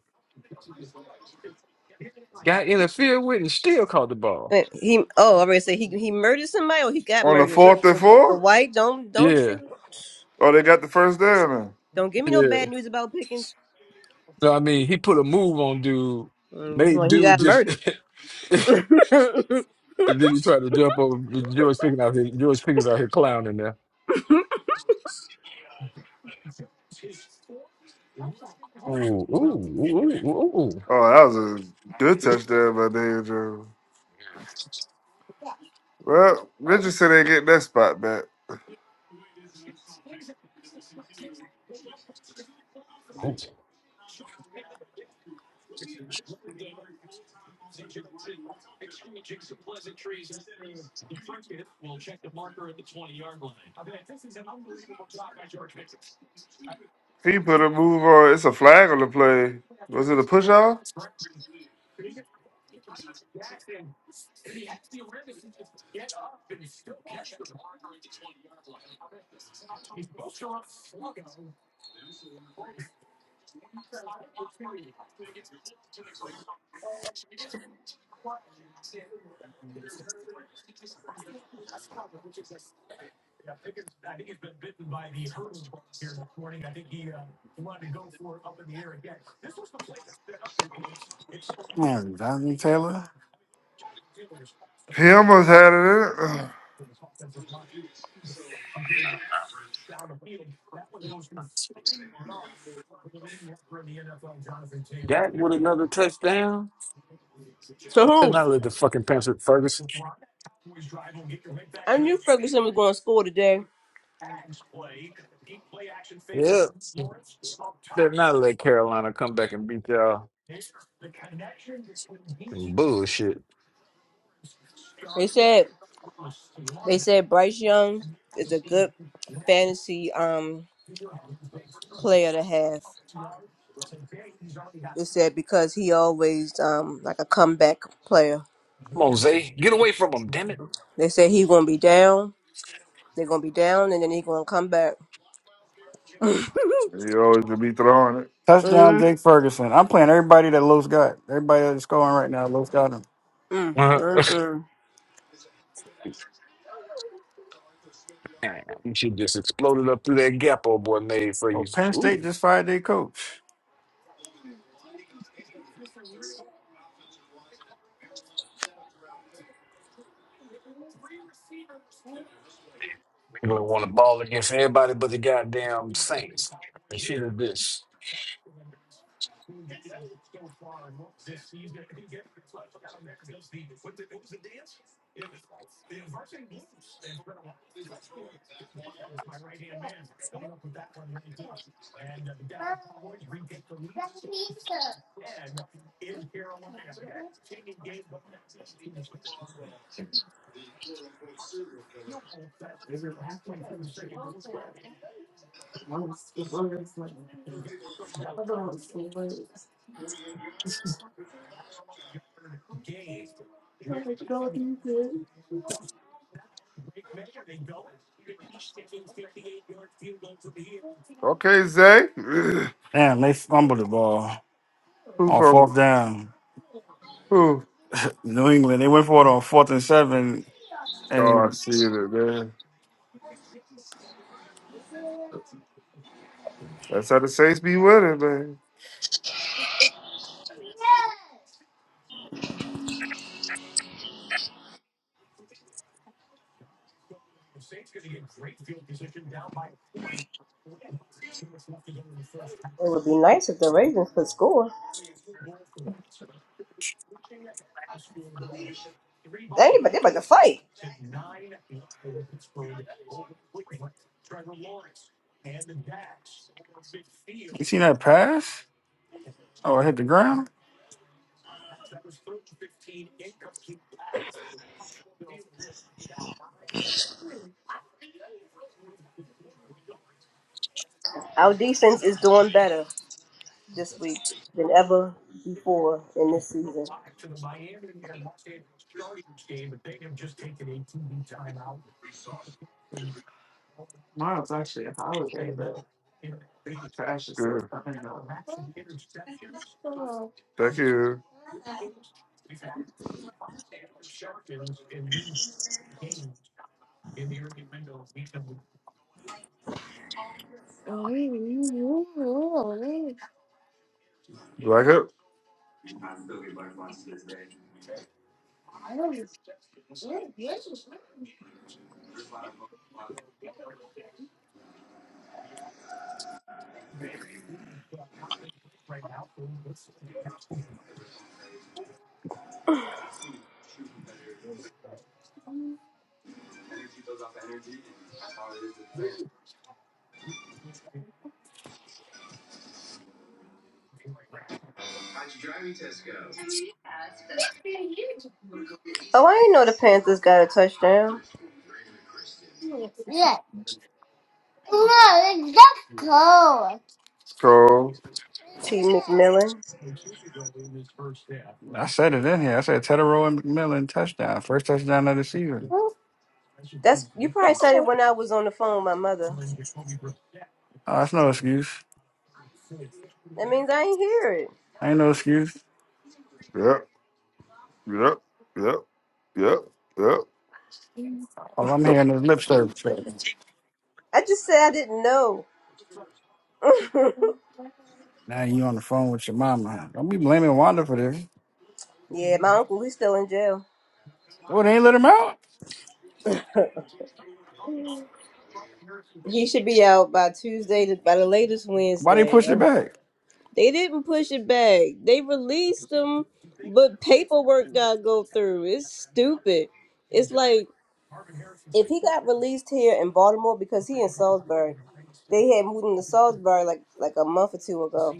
C: Got interfered with and still caught the ball.
A: Wait, he oh, I already said he he murdered somebody or he got
F: on the fourth and four?
A: murdered. White, don't don't
C: Yeah,
A: you?
F: Oh, they got the first down. Now.
A: Don't give me no
C: yeah.
A: bad news about Pickens.
C: No, I mean he put a move on dude.
A: Mm,
C: Made
A: Well, he
C: dude
A: got
C: just.
A: murdered.
C: and then he tried to jump over George Pickens out here. George Pickens out here clowning there. Ooh, ooh, ooh, ooh, ooh.
F: Oh, that was a good touchdown by Daniel Jones. Well, Richardson ain't getting that spot back.
C: ooh.
F: He put a move on. It's a flag on the play. Was it a push off?
D: Man, Jonathan Taylor.
F: He almost had it in it.
C: Dak with another touchdown.
A: so
C: I better
A: who?
C: not let the fucking Panther Ferguson.
A: I knew Ferguson was going to score today.
C: Yep. Better not let Carolina come back and beat y'all. Bullshit.
A: They said they said Bryce Young is a good fantasy um player to have. They said because he always um like a comeback player.
C: Come on, Zay. Get away from him, damn it.
A: They said he gonna be down. They're gonna be down, and then he gonna come back. mm,
F: He always gonna be throwing it.
D: Touchdown,
A: mm,
D: Jake Ferguson. I'm playing everybody that Los got. Everybody that's scoring right now, Los got them.
A: mm,
C: Uh,
A: mm.
C: Damn, you should just exploded up through that gap old boy made for
D: Oh,
C: you.
D: Penn
C: Ooh.
D: State just fired their coach.
C: England want to ball against everybody but the goddamn Saints. And shit is this.
F: Okay, Zay. Who
D: Damn, they fumbled the ball on
F: from?
D: fourth down.
F: Who?
D: New England, they went for it on fourth and seven.
F: Oh, I
D: And
F: see it, man. That's how the Saints be winning, man.
A: It would be nice if the Ravens could score. They ain't about, they about to fight.
D: you seen that pass? Oh, it hit the ground?
A: Our defense is doing better. this week than ever before in this season.
F: Good. Thank you. Black up.
A: Oh, I didn't know the Panthers got a touchdown.
F: It's cold.
A: T. McMillan.
D: I said it in here. I said Tedero and McMillan touchdown. First touchdown of the season.
A: That's you probably said it when I was on the phone with my mother.
D: Oh, that's no excuse.
A: That means I ain't hear it.
D: Ain't no excuse.
F: Yep. Yep. Yep. Yep. Yep.
D: All I'm hearing is lip service.
A: I just said I didn't know.
D: Now you on the phone with your mama. Don't be blaming Wanda for this.
A: yeah, my uncle he's still in jail.
D: Oh, they ain't let him out?
A: He should be out by Tuesday, to, by the latest
D: Why they push it
A: Wednesday.
D: back?
A: They didn't push it back. They released him, but paperwork got to go through. It's stupid. It's like if he got released here in Baltimore because he in Salisbury, they had moved him to Salisbury like like a month or two ago.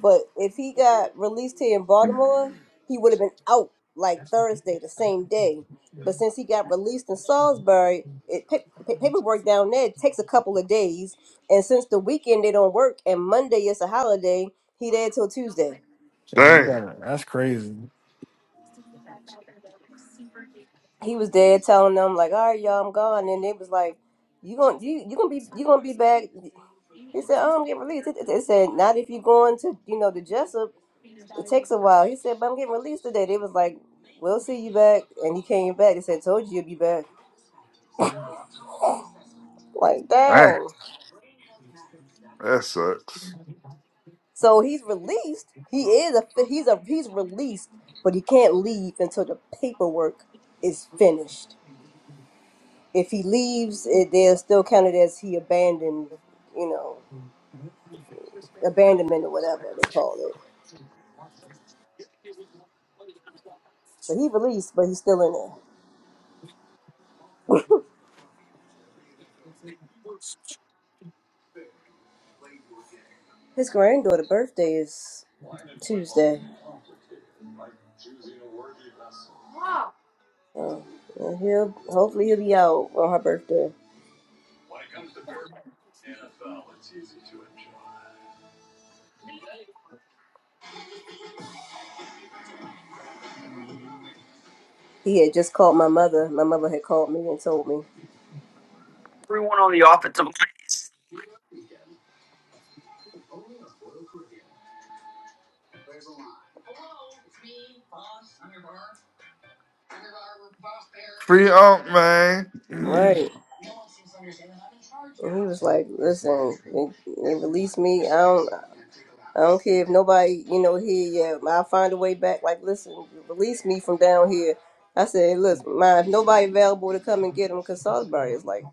A: But if he got released here in Baltimore, he would have been out like Thursday, the same day. But since he got released in Salisbury, it pa- pa- paperwork down there takes a couple of days, and since the weekend they don't work and Monday is a holiday, he there till Tuesday.
D: So he
F: Dang.
D: got it. That's crazy.
A: He was there telling them like, "All right, y'all, I'm gone," and they was like, "You gonna you you gonna be you gonna be back?" He said, "Oh, I'm getting released." It, it- said, "Not if you're going to, you know, the Jessup. It takes a while." He said, "But I'm getting released today." They was like, "We'll see you back," and he came back. They said, "Told you you'd be back." Like that.
F: Dang. That sucks.
A: So he's released. He is a he's a he's released, but he can't leave until the paperwork is finished. If he leaves, it they're still counted as he abandoned, you know, abandonment or whatever they call it. So he released, but he's still in there. His granddaughter's birthday is Tuesday. So well, he'll hopefully he'll be out on her birthday. He had just called my mother. My mother had called me and told me.
F: Free up, man.
A: Right. And he was like, "Listen, they, they released me. I don't, I don't care if nobody, you know, here yet. I'll find a way back. Like, listen, release me from down here." I said, "Listen, mind if nobody available to come and get him because Salisbury is like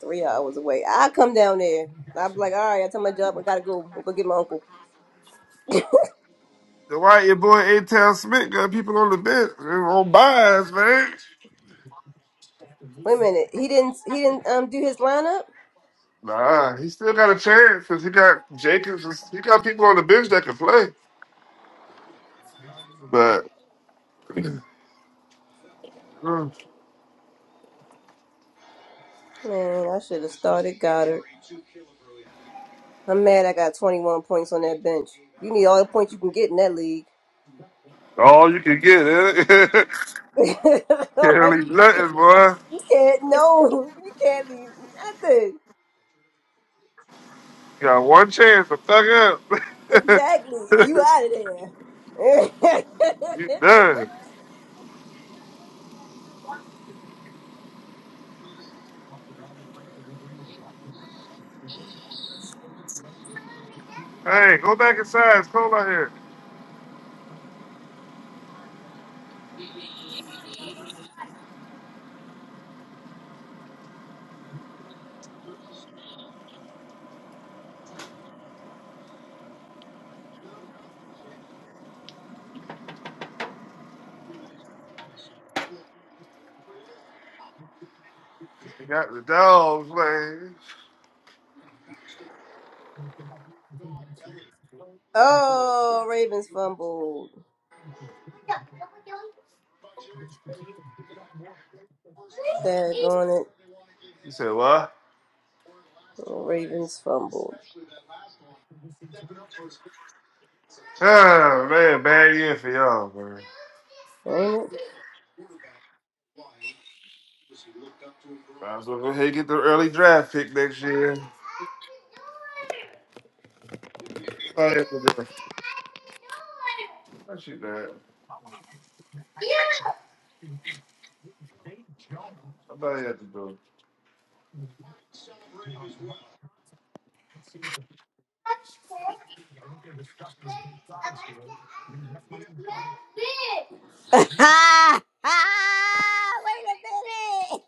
A: three hours away. I come down there. I'm like, all right. I tell my job I gotta go. I'll go get my uncle.
F: The white, your boy A Town Smith got people on the bench They're on buys, man?
A: Wait a minute. He didn't. He didn't um do his lineup.
F: Nah, he still got a chance because he got Jacobs. and- He got people on the bench that can play, but mm,
A: Man, I should have started Goddard. I'm mad. I got 21 points on that bench. You need all the points you can get in that league.
F: all you can get, eh?
A: you
F: can't leave nothing, boy.
A: can't. No, you can't leave nothing.
F: You got one chance to fuck up.
A: And you out of there.
F: you done. Hey, go back inside. It's cold out here. You got the dogs, man.
A: oh, Ravens fumbled. Dag on it.
F: You said what?
A: Oh, Ravens fumbled.
F: Oh man, bad year for y'all, man.
A: Ain't
F: Might as well go ahead and get the early draft pick next year. All you have to do. What you that? All you have to do.
A: it? Ha ha! Wait a minute.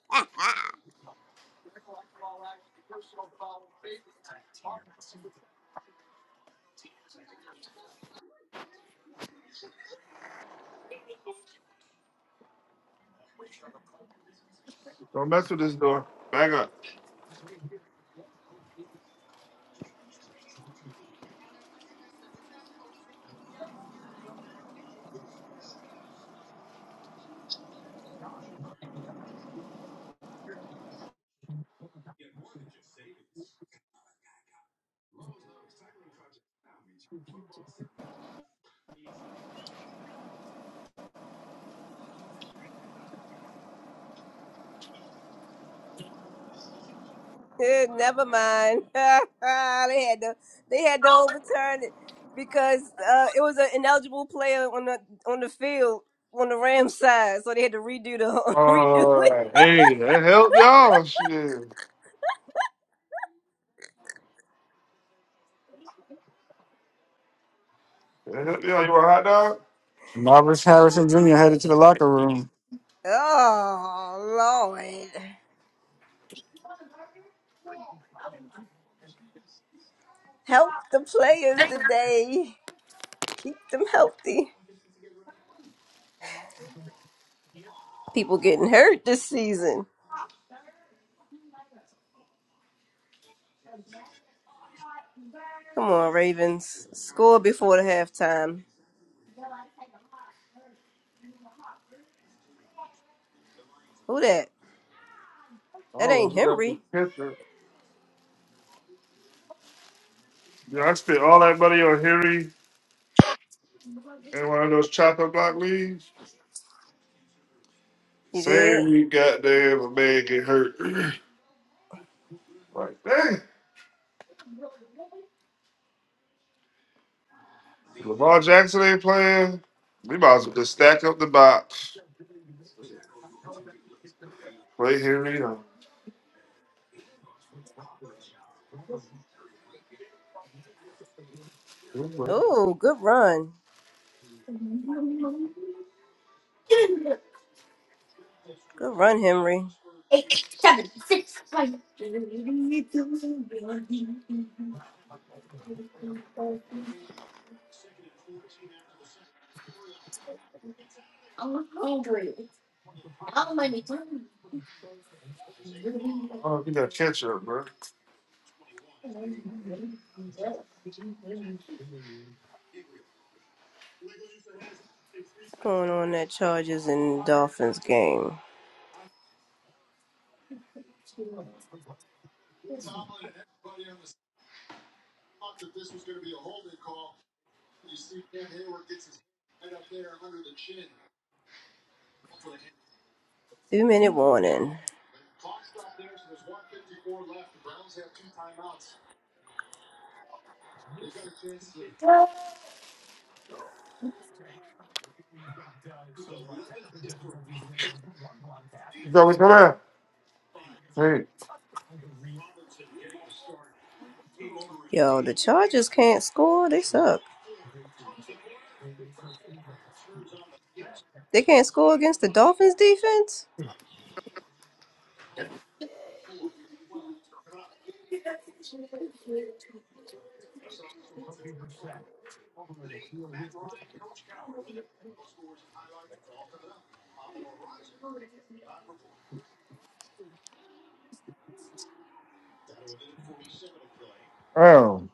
F: Don't mess with this door. Back up.
A: Eh, Never mind. they had to. They had to overturn it. because uh, it was an ineligible player on the on the field on the Rams side, so they had to redo the. whole.
F: Alright. Hey, that helped y'all. Shit. That helped y'all. You want a hot dog?
D: Marvis Harrison Jr. headed to the locker room.
A: oh Lord, help the players today. Keep Them healthy. People getting hurt this season. Come on, Ravens, score before the halftime. Who that?
F: I don't know. We got the picture. Yeah, I spent all that money on Harry and one of those chopper block leaves. Same we goddamn a man get hurt. like, dang. Lamar Jackson ain't playing. We might as well just stack up the box. Play Henry. uh,
A: Oh, good run. Good run, Henry.
F: Oh, you got catch up, bro.
A: Going on that Chargers and Dolphins game. Two minute warning.
F: You got come out. Hey,
A: Yo, the Chargers can't score. They suck. They can't score against the Dolphins defense?
F: um,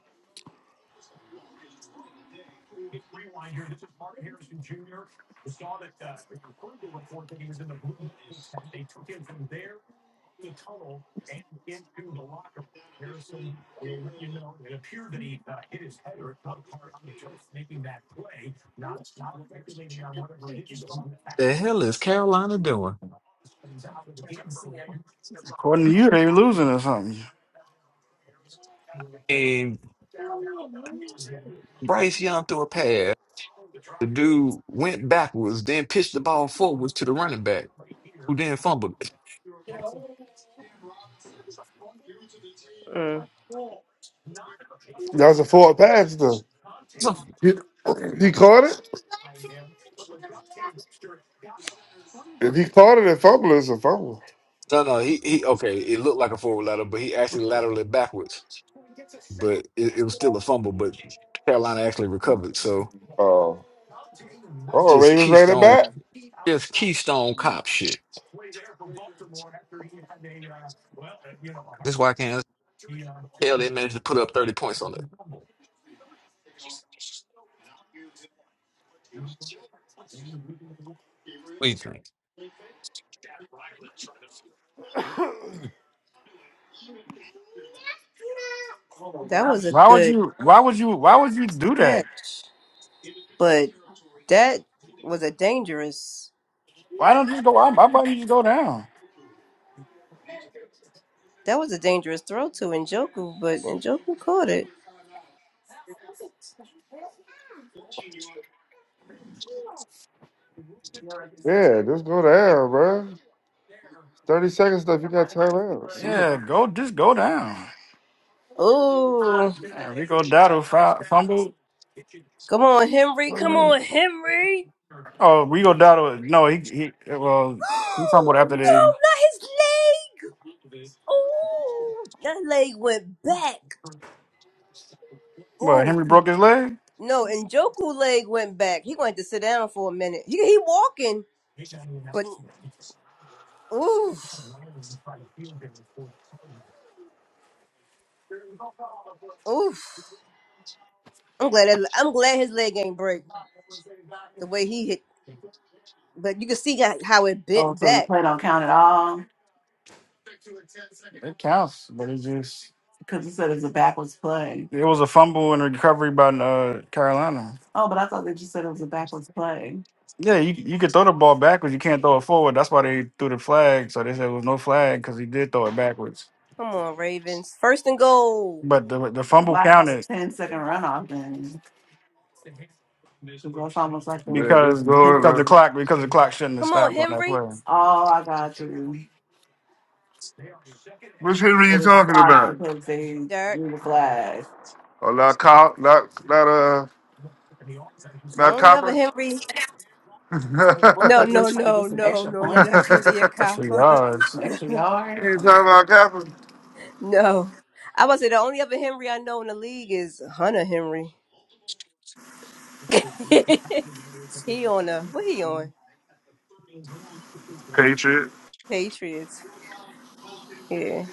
C: The hell is Carolina doing?
D: According to you, they losing or something.
C: And Bryce Young threw a pass. The dude went backwards, then pitched the ball forwards to the running back, who then fumbled. it.
A: Mm,
F: that was a forward pass though. He, he caught it. If he caught it and fumbled, it's a fumble.
C: No, no, he he. Okay, it looked like a forward lateral, but he actually laterally backwards. But it, it was still a fumble. But Carolina actually recovered. So
F: Oh, oh,
C: just
F: Ravens ran it
C: keystone,
F: back.
C: just keystone cop shit. That's why I can't tell they managed to put up thirty points on it. Please,
A: that was a
D: Why would
A: good
D: you why would you why would you do that?
A: catch. But that was a dangerous
D: Why don't you just go out? Why don't you just go down?
A: that was a dangerous throw to Njoku, but Njoku caught it.
F: Yeah, just go down, bro. Thirty seconds left. You got time out.
D: Yeah, go just go down.
A: Oh
D: Yeah, Rico Dotto fou- fumbled.
A: come on, Henry, come on, Henry.
D: Oh, Rico Dotto. No, he he well he fumbled
A: no,
D: after they
A: not his leg. Oh that leg went back.
D: well
A: Oh
D: Henry broke his leg.
A: no, Njoku leg went back. He going to have to sit down for a minute. He he walking, but oof. Oof. I'm glad. That, I'm glad his leg ain't break the way he hit, but you can see how how it bent back.
D: It counts, but it's just. It was a fumble and recovery by uh, Carolina. Yeah, you, you could throw the ball backwards. You can't throw it forward. That's why they threw the flag. So they said it was no flag because he did throw it backwards.
A: Come on, Ravens. First and goal.
D: But the the fumble counted Ten
F: Man, this
D: because
F: going.
D: because
F: Uh,
D: the clock because the clock shouldn't have
A: Come on,
D: stopped on that
A: Henry.
D: play.
F: which Henry you talking about?
A: Derek.
F: Oh, not cop, not not uh, not
A: Over
F: copper.
A: Henry. No, no, no, no,
D: Extra
A: no.
D: yards. some
F: You talking about Kappa?
A: no. I was say the only other Henry I know in the league is Hunter Henry. he on a what he on?
F: Patriot.
A: Patriots. Yeah.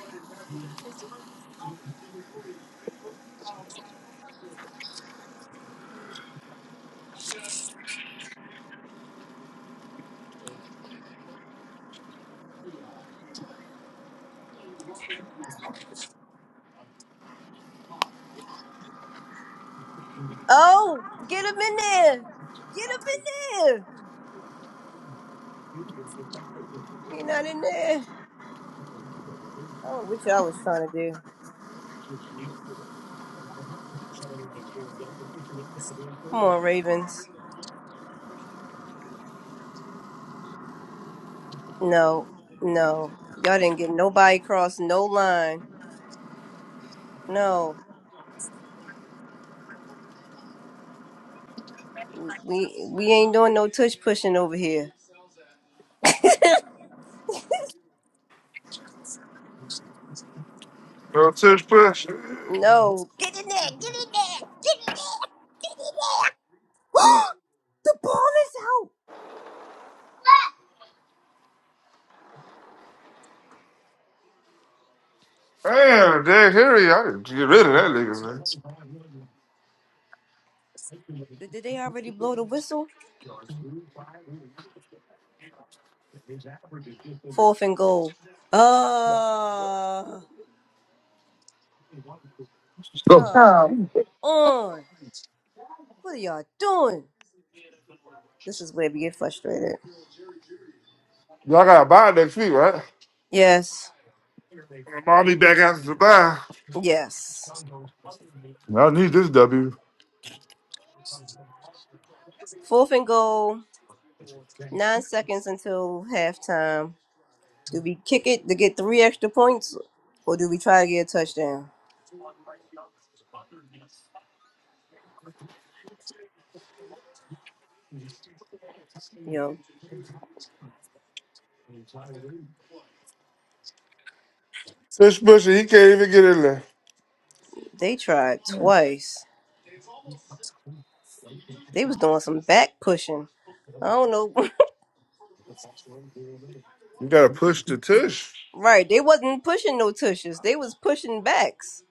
A: Oh, get him in there. Get him in there. He not in there. What y'all was trying to do? Come on, Ravens. No, no. Y'all didn't get nobody cross no line. No. We we ain't doing no tush pushing over here.
F: No tush push.
A: No. Get in there. Get in there. Get in there. Get in there. the ball is out.
F: Damn, Derek Henry, I need to get rid of that nigga, man.
A: Did did they already blow the whistle? Fourth and goal. Uh, come on. What are y'all doing? This is where we get frustrated.
F: Y'all got a bye next week, right?
A: Yes.
F: I'll be back after the bye.
A: Yes.
F: Y'all need this W.
A: Fourth and goal. Nine seconds until halftime. Do we kick it to get three extra points, or do we try to get a touchdown? Yo,
F: Tush pushing, he can't even get in there.
A: they tried twice. They was doing some back pushing. I don't know.
F: You gotta push the tush.
A: right, they wasn't pushing no tushes. They was pushing backs.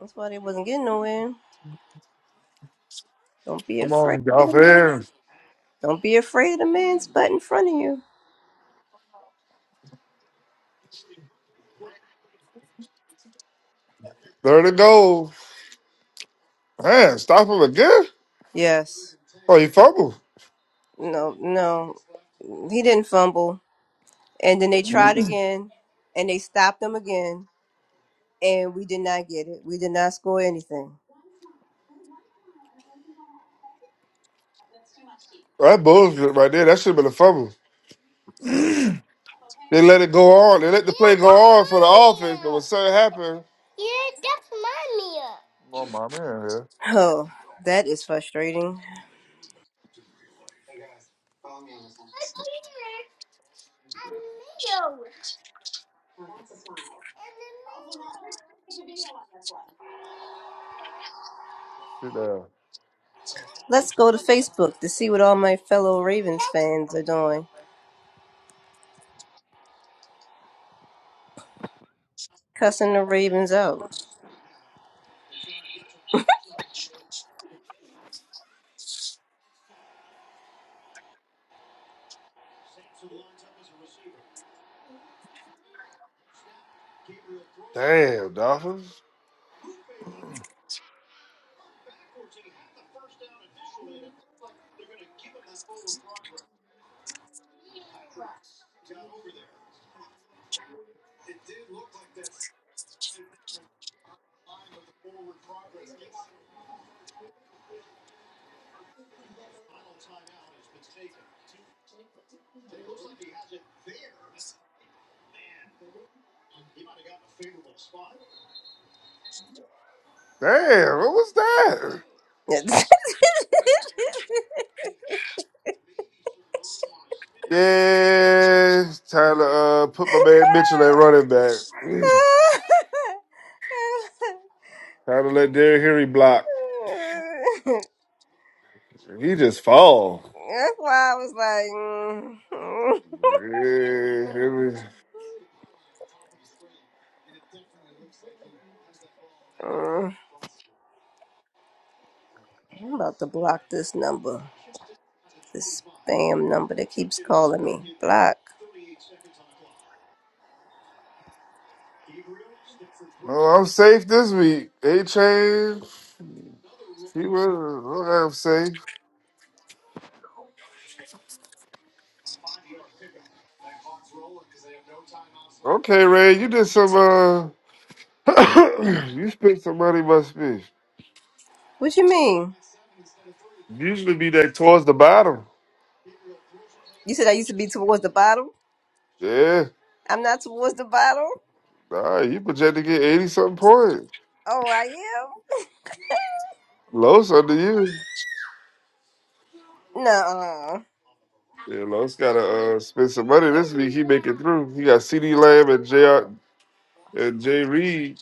A: That's why they wasn't getting nowhere. Don't be,
F: Come on, Dolphins.
A: don't be afraid of the man's butt in front of you.
F: Third and goal. Man, stop him again?
A: Yes.
F: Oh, he fumbled.
A: No, no. He didn't fumble. And then they tried again, and they stopped him again. and we did not get it. We did not score anything.
F: That bullshit right there. That should have been a fumble. They let it go on. They let the play go on for the offense, but when something happened, oh my man, here.
A: Oh, that is frustrating.
F: Sit down.
A: Let's go to Facebook to see what all my fellow Ravens fans are doing. Cussing the Ravens out.
F: Damn, Dolphins. Damn, what was that? Yeah, it's time to uh, put my man Mitchell at running back. time to let Derrick Henry block. He just fall.
A: That's why I was like, mm,
F: Yeah, Henry.
A: mm. I'm about to block this number, this spam number that keeps calling me. Block.
F: Oh, I'm safe this week. A chain. He was. Okay, I'm safe. Okay, Ray, you did some. uh You spent some money, must be.
A: What you mean?
F: Usually be that towards the bottom.
A: You said I used to be towards the bottom.
F: Yeah.
A: I'm not towards the bottom.
F: Nah, you projected to get eighty something points.
A: Oh, I
F: Low under you.
A: am. No.
F: Yeah, Los gotta uh, spend some money this week. He make it through. He got CD Lamb and J R and Jay Reed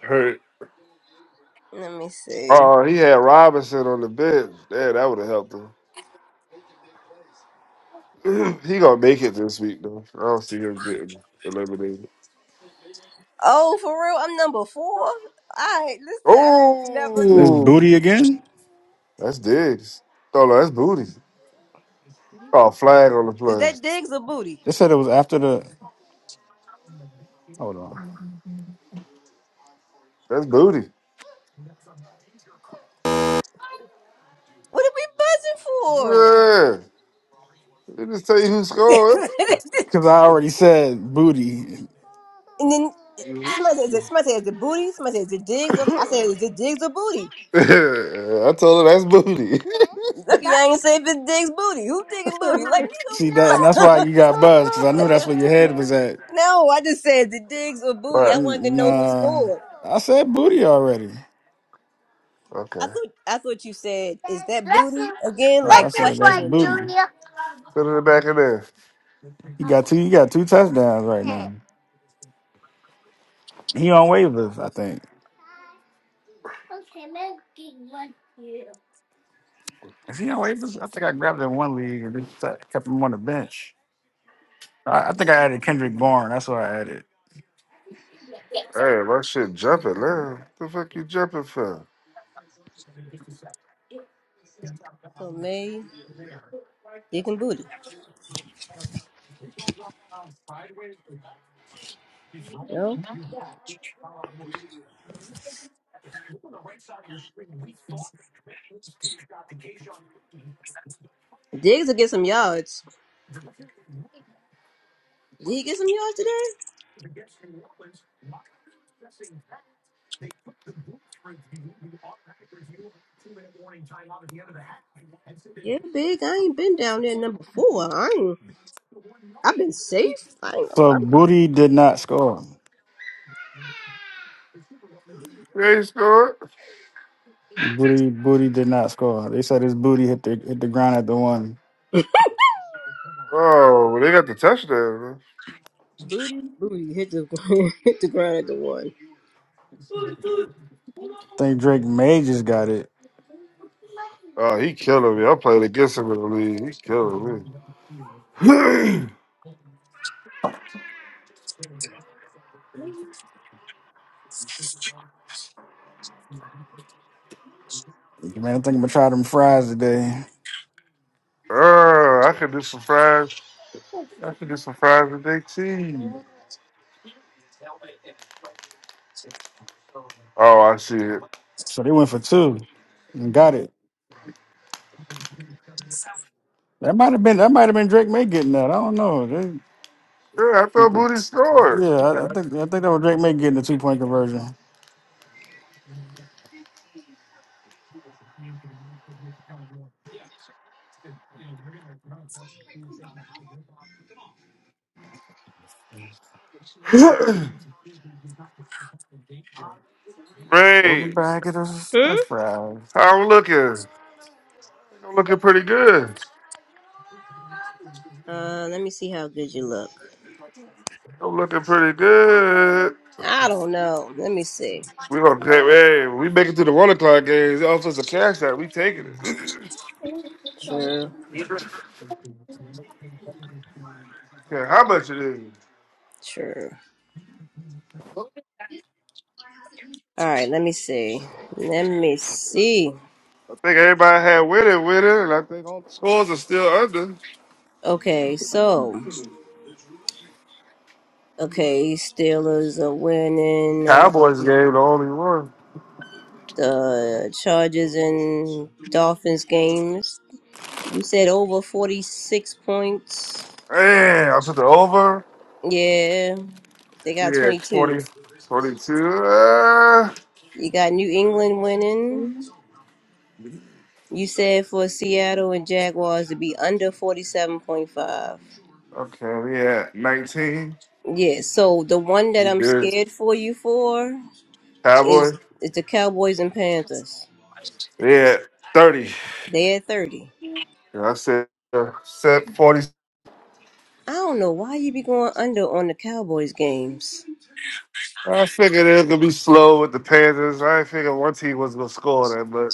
F: hurt.
A: Let me see.
F: Oh, he had Robinson on the bench. Damn, that would have helped him. he gonna make it this week though. I don't see him getting eliminated.
A: Oh, for real, I'm number four. All right, listen.
D: It's
F: Oh,
D: booty again.
F: that's digs. Oh no, that's booty. Oh, flag on the play.
A: That digs a booty.
D: They said it was after the. Hold on,
F: That's booty.
A: What are we buzzing
F: Yeah, let me just tell you who scored.
A: for?
D: because I already said booty.
A: and then somebody says, it, somebody says, is it booty? Somebody says, is it digs? I said, is it digs or booty?
F: I told her that's booty.
A: Yeah, I ain't say if it digs booty. Who digs?
D: See that, and that's why you got buzzed because I knew that's where your head was at.
A: no, I just said, is it digs or booty?
F: right.
A: I wanted to know who
D: Nah,
A: scored.
D: I said booty already.
A: I
F: Okay.
A: thought, I thought you said, is that booty? again like
D: No, I said that's booty.
F: Put it in the back of there.
D: He got two. He got two touchdowns right now. He on waivers, I think. Is he on waivers? I think I grabbed him in one league and just kept him on the bench. I, I think I added Kendrick Bourne. That's what I added.
F: Hey, my shit jumping now. What the fuck you jumping for?
A: so May dick and booty? No. Diggs will get some yards. Did he get some yards today? Yeah, big. I ain't been down there number four. I ain't. I've been safe. I ain't. I'm,
D: So
A: I'm
D: booty did not score.
F: They ain't scored.
D: Booty booty did not score. They said his booty hit the hit the ground at the one.
F: Oh, well, they got the touchdown. Man.
A: booty, booty. Hit the hit the ground at the one.
D: I think Drake May just got it.
F: Oh, he killing me. I'm playing against him in the league. He's killing me.
D: Man, I think I'm gonna try them fries today.
F: Oh, I could do some fries. I could do some fries with their cheese. Oh, I see it.
D: So they went for two and got it. That might have been that might have been Drake May getting that. I don't know. They,
F: Yeah, I
D: they-
F: thought
D: could-
F: Booty scored.
D: yeah, I, I think I think that was Drake May getting the two point conversion. Throw them
F: Great.
D: back at us,
A: Hmm?
D: French fries.
F: How I'm looking? I'm looking pretty good.
A: Uh, let me see how good you look.
F: I'm looking pretty good.
A: I don't know. Let me see.
F: We gonna take hey, we make it to the one o'clock games. Offers a cash out. We taking it.
A: Uh,
F: care how much it is.
A: sure. All right. Let me see. Let me see.
F: I think everybody had with it, with it, and I think all the scores are still under.
A: Okay. So. Okay, Steelers are winning
F: Cowboys game, the only one.
A: the Chargers and Dolphins games. You said over 46 points.
F: Man, I put the over.
A: Yeah. They got
F: Yeah, 20, 22. Uh,
A: you got New England winning. You said for Seattle and Jaguars to be under 47.5.
F: okay, we at 19.
A: Yeah, so the one that
F: You
A: I'm
F: good.
A: for you for
F: Cowboy.
A: is the Cowboys and Panthers.
F: Yeah, 30.
A: They at 30.
F: And I said, uh, set 40.
A: I don't know why you be going under on the Cowboys games.
F: I figured it was going to be slow with the Panthers. I didn't figure one team was going to score that much.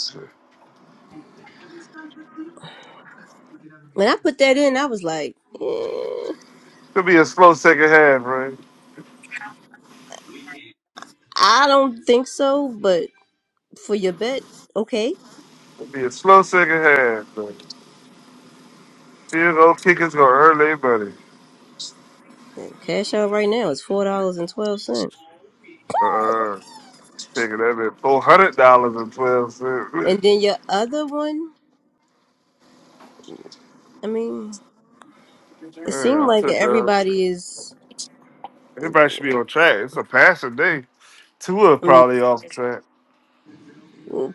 A: When I put that in, I was like, eh,
F: It'll be a slow second half, right?
A: I don't think so, but for your bet, okay.
F: It'll be a slow second half. But Field goal kickers gonna earn their money.
A: Then cash out right now. It's $4.12.
F: Uh, taking that bit four hundred dollars and twelve cents.
A: And then your other one, I mean, seem
F: Yeah, I
A: like
F: took that.
A: everybody is
F: Everybody should be on track. It's a passing day. Tua probably off track.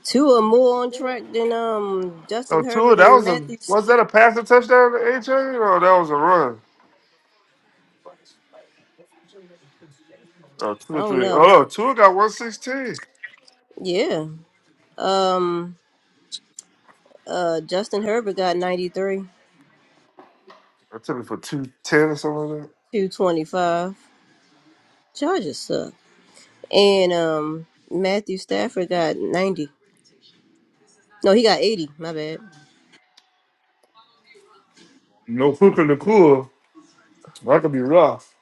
A: two or more on track than um Justin.
F: Oh, Tua, that was a was that a passing touchdown to AJ? Or that was a run? Oh, Tua three. Oh no, Tua got one sixteen.
A: Yeah, um, uh, Justin Herbert got ninety three,
F: I took it for two ten or something like that.
A: two twenty five. Chargers suck, and um, Matthew Stafford got ninety. No, he got eighty. My bad.
F: No Puka Nakua. That could be rough.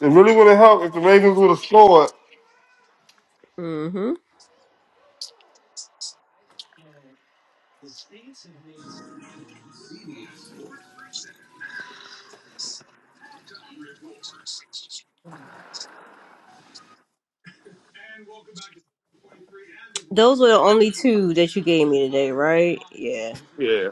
F: It really would have helped if the Ravens would have scored.
A: Mm-hmm. Those were the only two that you gave me today, right? Yeah.
F: Yeah.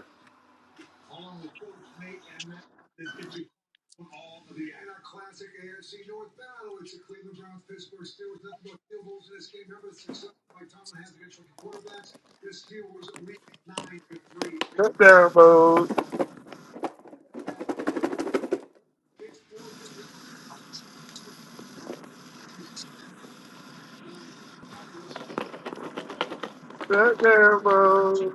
F: Touchdown mode. Touchdown mode.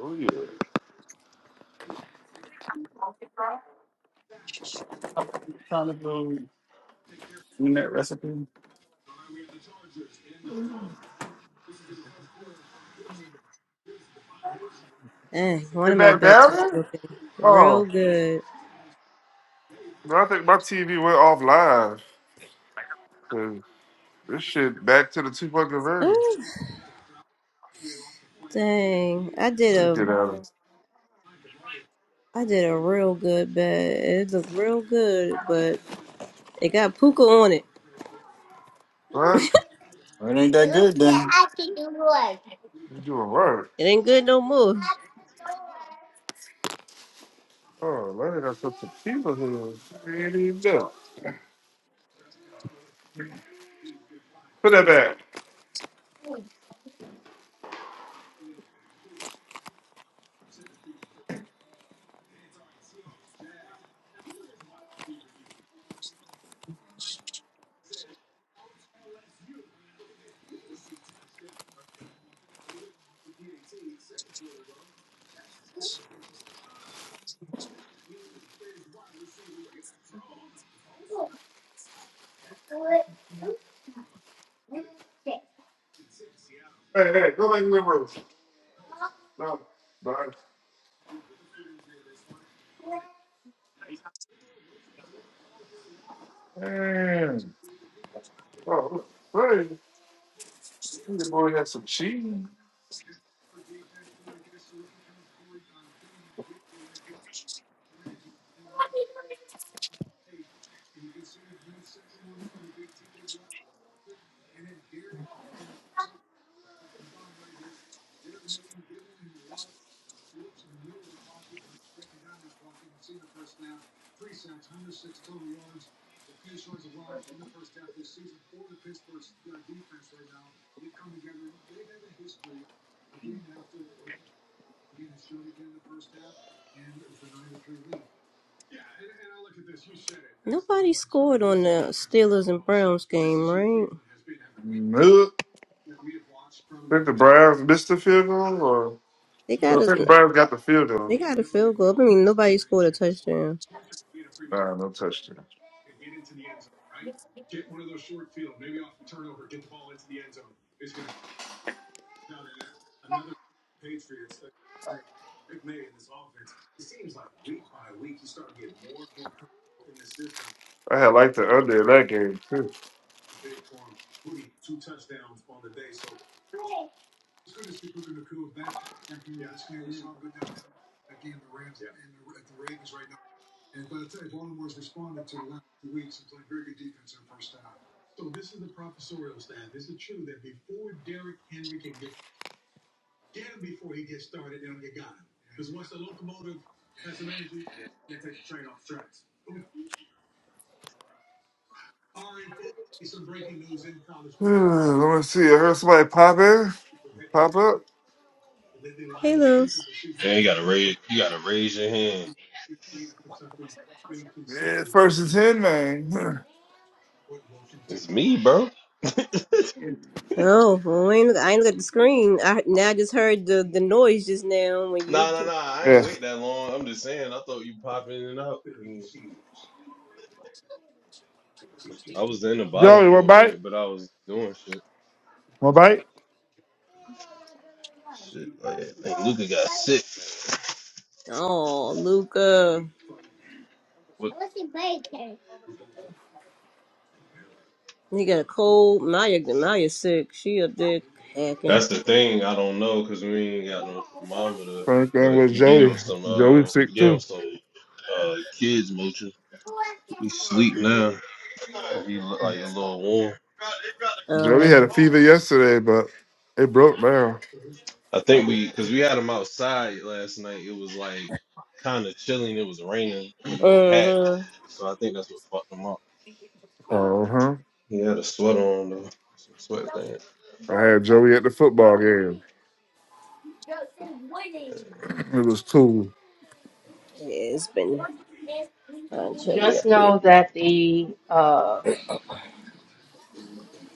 F: Oh yeah.
A: Dang, one
F: They
A: of
F: back down there? Oh,
A: so good.
F: no, I think my TV went off live. 'Cause This shit back to the two point conversion.
A: Oh, dang, I did
F: Let
A: a
F: me get out of it.
A: I did a real good bed. It looked real good, but it got Puka on it.
F: What?
D: Well, It ain't that good then.
F: You doing work?
A: It ain't good no more.
F: Oh, man, I got some tequila here. I ain't even know. Put that back. Hey, hey, go back in the room. No, bye. Man. Oh, wait. Your boy got some cheese.
A: Nobody scored on the Steelers and Browns game, right?
F: Nope. Think the Browns missed the field goal, or
A: They
F: No,
A: got
F: I think the Browns got the field
A: they
F: goal.
A: got a field.
F: Nah, no touchdown. I had liked the under in that game too. Let me see. I heard somebody pop in, pop up.
G: Man, you gotta raise you gotta raise your hand.
F: Yeah, first and ten, man.
G: It's me, bro.
A: Oh, well, I ain't look, I ain't look at the screen. I now I just heard the the noise just now when you.
G: Nah nah nah. I ain't
F: yeah,
G: wait that long. I'm just saying I thought you pop in and out. Mm. I was in the bottom
F: Joey, what
G: for a
F: bite?
G: minute, but I was doing shit.
F: What bite?
G: Shit. Like I think Luca got sick.
A: Oh, Luca,
G: What
A: he got a cold. Maya Maya sick. She up there hacking.
G: that's the thing, I don't know, cause we ain't got no thermometer.
F: Same thing
G: But
F: with
G: we gave
F: Joey.
G: him some
F: Joey
G: uh we
F: sick
G: gave him
F: too.
G: some uh kids motion. He sleep now. He look like a little warm.
A: Uh
F: Joey had a fever yesterday, but it broke down.
G: I
A: uh
G: think we because we had them outside last night. It was like kind of chilling. It was raining with no hat,
A: huh.
G: so I think that's what fucked him up.
F: Uh huh.
G: He had a sweater on though, some sweatpants.
F: I had Joey at the football game. It was cool.
A: Yeah, it's been uh, chilly
H: Just
A: up here.
H: know that the uh,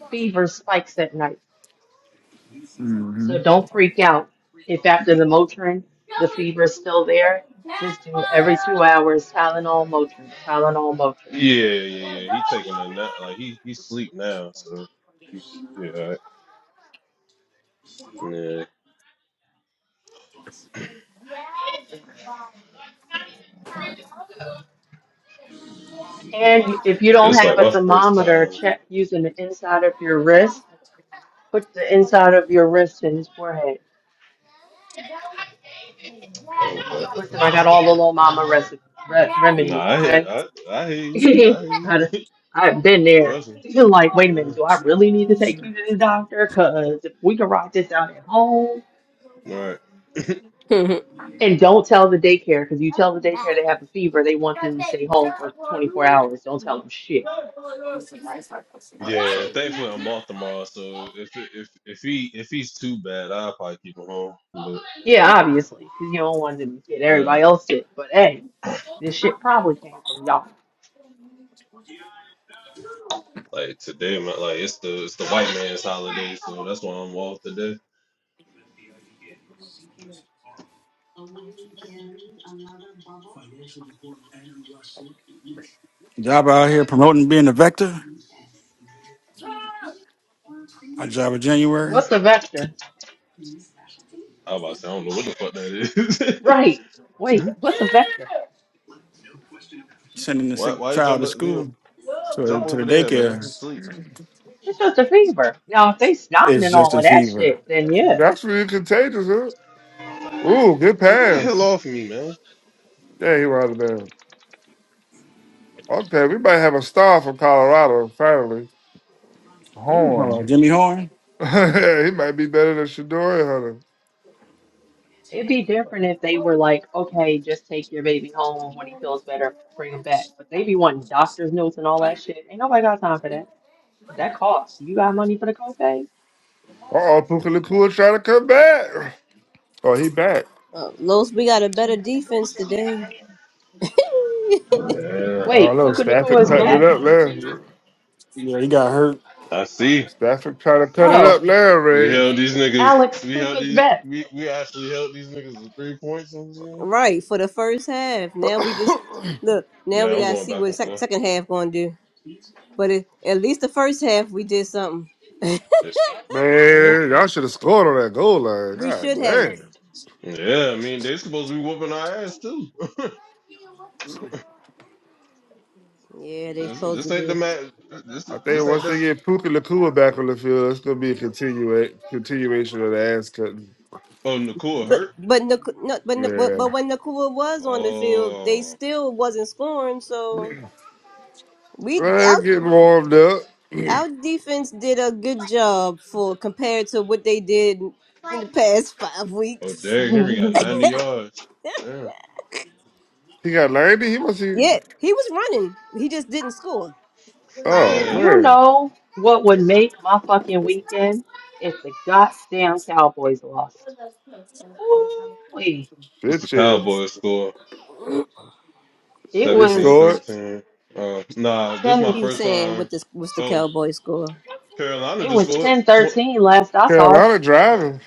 H: fever spikes at night.
F: hmm
H: So don't freak out. If after the Motrin, the fever is still there, just do every two hours Tylenol, Motrin, Tylenol, Motrin.
G: Yeah, yeah, yeah. He taking a nap. Like he he sleep now, so he- yeah, all right. yeah.
H: And if you don't
G: It's like
H: have a
G: my first
H: thermometer,
G: time.
H: check using the inside of your wrist. Put the inside of your wrist in his forehead. Listen, I got all the little mama recipe, re-
G: Nah,
H: remedies,
G: I hear,
H: okay?
G: I I hear you. I hear
H: I,
G: you.
H: I've been there.
G: Trust me.
H: Feeling like, wait a
G: Yeah.
H: minute, do I really need to take you to the doctor? Because if we can write this out at home,
G: All right.
H: and don't tell the daycare, because you tell the daycare they have a fever, they want them to stay home for 24 hours. Don't tell them shit.
G: Yeah, thankfully I'm off tomorrow, so if if if he if he's too bad, I'll probably keep him home. But
H: Yeah, obviously, because you don't want them to get
G: uh,
H: everybody else sick. But hey, this shit probably came from y'all.
G: like today, man, like it's the it's the white man's holiday, so that's why I'm off today.
D: Job out here promoting being a vector. My job in January,
H: What's the vector?
G: I was about to say I don't know what the fuck that is.
H: Right. Wait, what's the vector?
D: sending the
G: why
D: sick
G: why you
D: child
G: jump
D: to
G: leave him,
D: school to
G: jump
D: to the
G: over there, man? He
D: daycare.
G: sleep.
H: It's just a fever. Now, if they snotting
D: It's
H: and
D: just
H: all
D: a
H: of that
D: fever.
H: shit, then
G: Yeah.
H: yeah,
F: That's really contagious, huh? Ooh, good
G: Get the
F: pass.
G: hell off me, man.
F: Yeah, he was out of there. Okay, we might have a star from Colorado finally.
H: you.
D: Oh,
F: Horn.
D: Jimmy Horn.
F: he might be better than Shadori Hunter.
H: It'd be different if they were like, okay, just take your baby home when he feels better, bring him back. But they be wanting doctor's notes and all that shit. Ain't nobody got time for that. That costs. You got money for the copay?
F: Uh oh, Puka Nakua trying to come back. Oh, he back.
A: uh, Los, we got a better defense today.
G: Yeah,
F: Oh
H: Wait,
F: no,
H: Puka
F: Stafford
H: Nakua's
F: cutting it
H: back?
F: up there.
D: Yeah, he got hurt.
G: I see.
F: Stafford trying to cut it up
H: Oh,
F: now,
G: We
F: Ray.
G: held these niggas.
H: Alex
G: We held
H: Puka's
G: these.
H: back.
G: We, we actually held these niggas with three points. I'm saying.
A: Right, for the first half. Look, now
G: Yeah,
A: we
G: I'm
A: gotta
G: going
A: see what
G: back
A: the
G: and
A: sec-
G: forth.
A: second half gonna do. But it, at least the first half we did something.
G: Yeah.
F: Man, y'all should have scored on that goal line. God damn.
G: Yeah, I mean they supposed to be whooping our ass too.
A: Yeah, they
G: this,
A: supposed
G: this
A: to
G: ain't the
A: be.
G: match. This
F: I
G: this
F: think
G: ain't
F: once they
G: this.
F: get Puka Nakua back on the field, it's gonna be a continua- continuation of the ass cutting.
G: Oh, Nakua
A: But
G: hurt.
A: but Nic- no, but Nic- but but
F: Yeah.
A: when Nakua was on the field, they
G: Oh,
A: still wasn't scoring. So we
F: Well, getting warmed up.
A: our defense did a good job for compared to what they did in the past five
G: oh,
A: weeks.
G: Derrick Henry got ninety yards. Yeah,
F: He got 90? He must be
A: Yeah, he was running. He just didn't score.
F: oh
G: yeah.
H: You
F: man.
H: know what would
G: It's-
H: make my fucking weekend if the goddamn Cowboys lost. Ooh,
G: What's
F: Shit
G: the
F: chance.
G: Cowboys score?
H: it
F: They
G: Seventeen,
H: was
F: scored.
G: thirteen. Uh, nah, this is my
H: ten.
A: He was
G: first
A: saying
G: time.
A: what this what's the
G: Oh,
A: Cowboy score.
G: Carolina
H: It
G: just
H: was
G: scored.
H: ten
G: Tw-
H: thirteen last I saw it.
F: Carolina driving.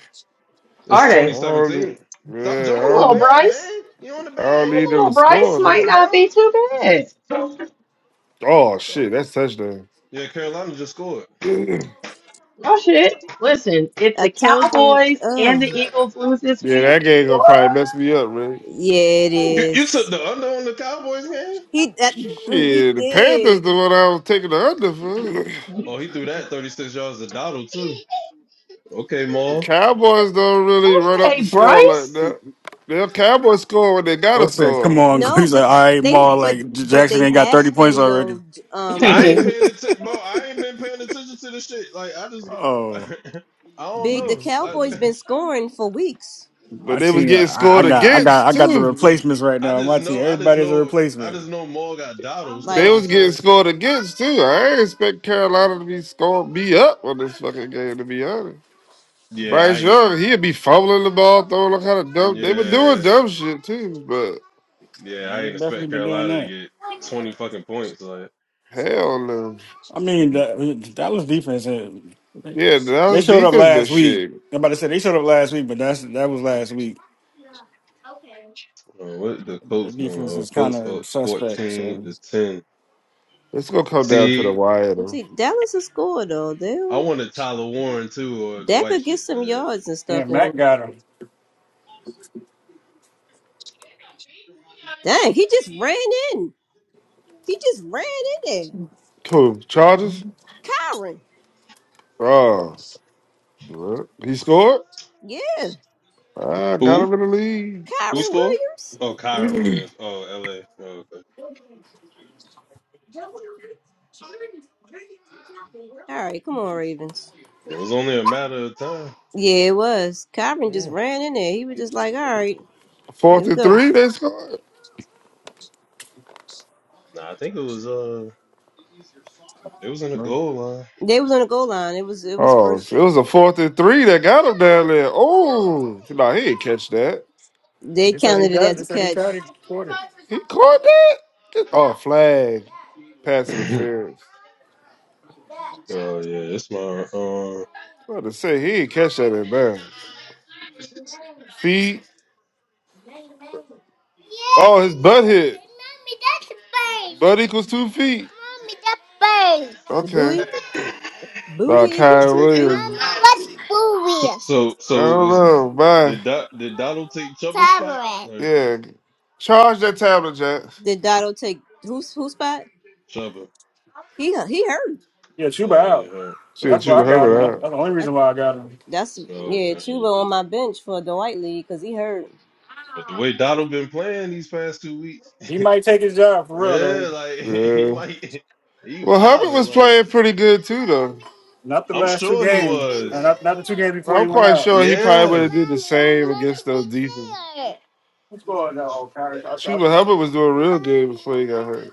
G: It's
H: Are
F: I
H: they?
F: don't,
G: 2017. Stop
F: yeah,
H: That
G: jumping on the
F: I
H: little
F: don't,
G: bed,
H: Bryce.
G: man. you on the
F: I don't
H: That
G: bed.
F: need them
H: little
F: to
H: Bryce
F: score.
G: Come
F: Though.
H: might
G: on,
H: not
G: bro.
H: be too bad.
F: Oh
G: Yeah,
F: shit, that's touchdown.
G: yeah, Carolina just scored.
F: yeah,
H: No shit. Listen, if
A: I
H: the
A: told you.
H: Cowboys
G: Go
H: and the
G: sit
A: Oh.
G: down,
H: Eagles
G: man.
H: lose this week,
F: that game gonna probably mess me up, man.
A: Yeah, it
H: whoa,
G: You, you took
A: is.
G: the under on the Cowboys game?
A: He that
F: Shit, the Panthers the one I was taking the under for.
G: Oh, he threw that 36 yards to Donald, too. Okay,
F: The
G: Ma.
F: Cowboys don't really run up
H: okay,
F: the score like
H: Bryce.
F: that. The Cowboys score when they
D: Bo
F: gotta
D: said,
F: score,
D: "Come on."
A: no,
D: He's like,
A: the
D: "All right,
A: they
D: Ma.
A: but
D: Like J-
A: but
D: Jackson
A: they
D: ain't got thirty
A: have
D: points
A: been
D: already."
A: though. J- Um,
G: I ain't
H: and
A: big
G: paying attention, bro. I ain't been paying attention to this shit. Like, I just,
D: Oh,
G: I don't
A: big. The
G: know.
D: yes,
G: I,
A: Cowboys
D: yeah.
A: been scoring for weeks.
F: but
D: My
F: they was
D: team,
F: getting
D: I, I
F: scored
D: got, I got,
F: against
D: I got the
F: too.
D: replacements right
G: I
D: now. on My
G: just
D: team,
G: know, I just
D: everybody's a
G: know, I
D: replacement.
G: just know Maul got Donald, so
F: They
G: I
F: was
G: just
F: getting
G: said,
F: scored against too. I ain't expect Carolina to be scored me up on this fucking game. To be honest.
G: yeah,
F: Bryce
G: I ain't,
F: Young, he'd be fumbling the ball, throwing all kind of dumb. They were doing
G: yeah,
F: dumb shit too, but
G: yeah,
D: Yeah,
G: I ain't
D: They've definitely
G: expect
D: been doing
G: Carolina to
D: that.
G: get 20 fucking points. Like,
F: hell no.
D: I mean, the, the Dallas defense, uh, they
F: Yeah,
D: they
F: that's
D: showed up
F: defense, but
D: last week.
F: shit.
D: I'm about to say they showed up last week, but that's that was last week.
G: uh, what the
D: Their
G: Colts doing?
D: defense
G: Oh,
D: is kind
G: Colts
D: of
G: up
D: suspect.
G: 14
D: So
G: to 10.
F: It's gonna come down to the
G: See,
F: wire though.
A: Dallas will score though.
G: I
A: They'll
G: wanted Tyler Warren too, or the
A: that
G: white
A: could get
G: shit,
A: some
G: man.
A: yards and
D: yeah,
A: stuff. And
D: Mac got him.
A: dang, he just ran in. He just ran in there.
F: Cool. Chargers?
A: Kyron,
F: Oh, what? he scored?
A: yeah,
F: I got
G: Who?
F: him in the
A: Kyron
G: Who scored?
A: Williams.
G: Oh, Kyra
F: lead.
G: wins. Oh, L.A. Oh, okay.
A: All right, come on, Ravens.
G: It was only a matter of time.
A: Yeah, it was. Kyron just
G: Mm.
A: ran in there. He was just like, all right.
F: fourth and three, they scored.
G: Nah, I think it was. Uh, it was in the goal line.
A: They was on the goal line. It was. It was.
F: Oh, so it was a fourth and three that got him down there. Oh, no, he didn't catch that.
A: They counted it as a catch.
F: He caught that? Oh, flag. Pass interference.
G: oh yeah, it's my.
F: What to say he didn't catch that at bad. Feet. Oh, his butt hit. Butt equals two feet. Okay.
G: Uh,
F: Nah, Kyrie Williams.
G: So,
F: I
G: so, so
F: don't
G: is
F: know. Bye.
G: did Do, did Donald take Chuba's spot? Right,
F: Yeah. Charge that tablet, Jack.
A: Did Dotto take who's who spot?
G: Chuba.
A: He he hurt.
D: Yeah, Chuba
G: Oh, you
D: out.
G: heard. Oh,
F: Shit,
D: That's why
F: Chuba
D: I
G: Chuba, I
D: got
F: Herbert
D: him.
G: meant.
D: That's
F: out.
D: that's the only reason why I got him.
A: That's
G: Oh,
A: yeah,
G: okay.
A: Chuba on my bench for Dwight Lee because he hurt.
G: But the way Donald been playing these past two weeks,
D: He might take his job for real though.
G: yeah, like he
F: Yeah.
G: might, he
F: Well, Herbert
G: wilding.
F: was
G: Like
F: playing pretty good too, though.
D: Not the
G: I'm
D: last two
G: sure he
D: games.
G: was.
D: Uh, Not not the two games before
F: I'm
D: he went
F: quite
D: out.
F: sure he probably would
G: Yeah.
F: have did the same against those defense.
D: What's going on, old
F: Chuba
D: O'Connor?
F: Hubbard was doing real good before he got hurt.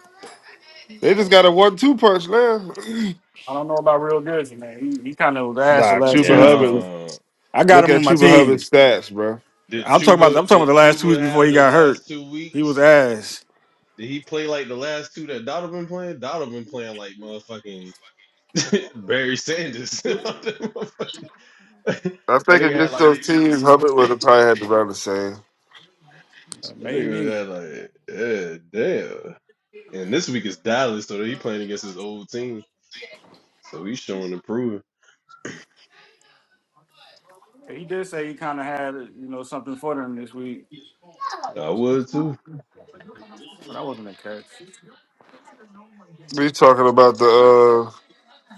F: They just got a one-two punch now.
D: I don't know about real Jersey, man. He, he kind of was ass the
F: nah,
D: last
F: Chuba
D: two weeks before.
F: Hubbard.
G: Yeah.
D: I got
F: Look
D: him
F: at
D: on my
F: Chuba
D: team.
F: Hubbard's stats, bro.
G: Did
D: I'm talking about.
G: Chuba?
D: I'm talking about
G: Did
D: the last two weeks
G: Chuba
D: before
G: have
D: he
G: the
D: got hurt.
G: last two
D: He was
G: weeks?
D: ass.
G: Did he play like the last two that Donald been playing? Donald been playing like motherfucking Barry Sanders. that
F: I think
G: nigga had
F: against
G: like
F: those teams, Hubbard would have probably had to run the same.
D: Uh,
G: that nigga
D: Maybe
G: had like yeah, damn. And this week is Dallas, so he playing against his old team. So he's showing improvement.
D: he did say he kind of had you know something for them this week,
G: I would too.
D: but that wasn't a catch.
F: We talking about the uh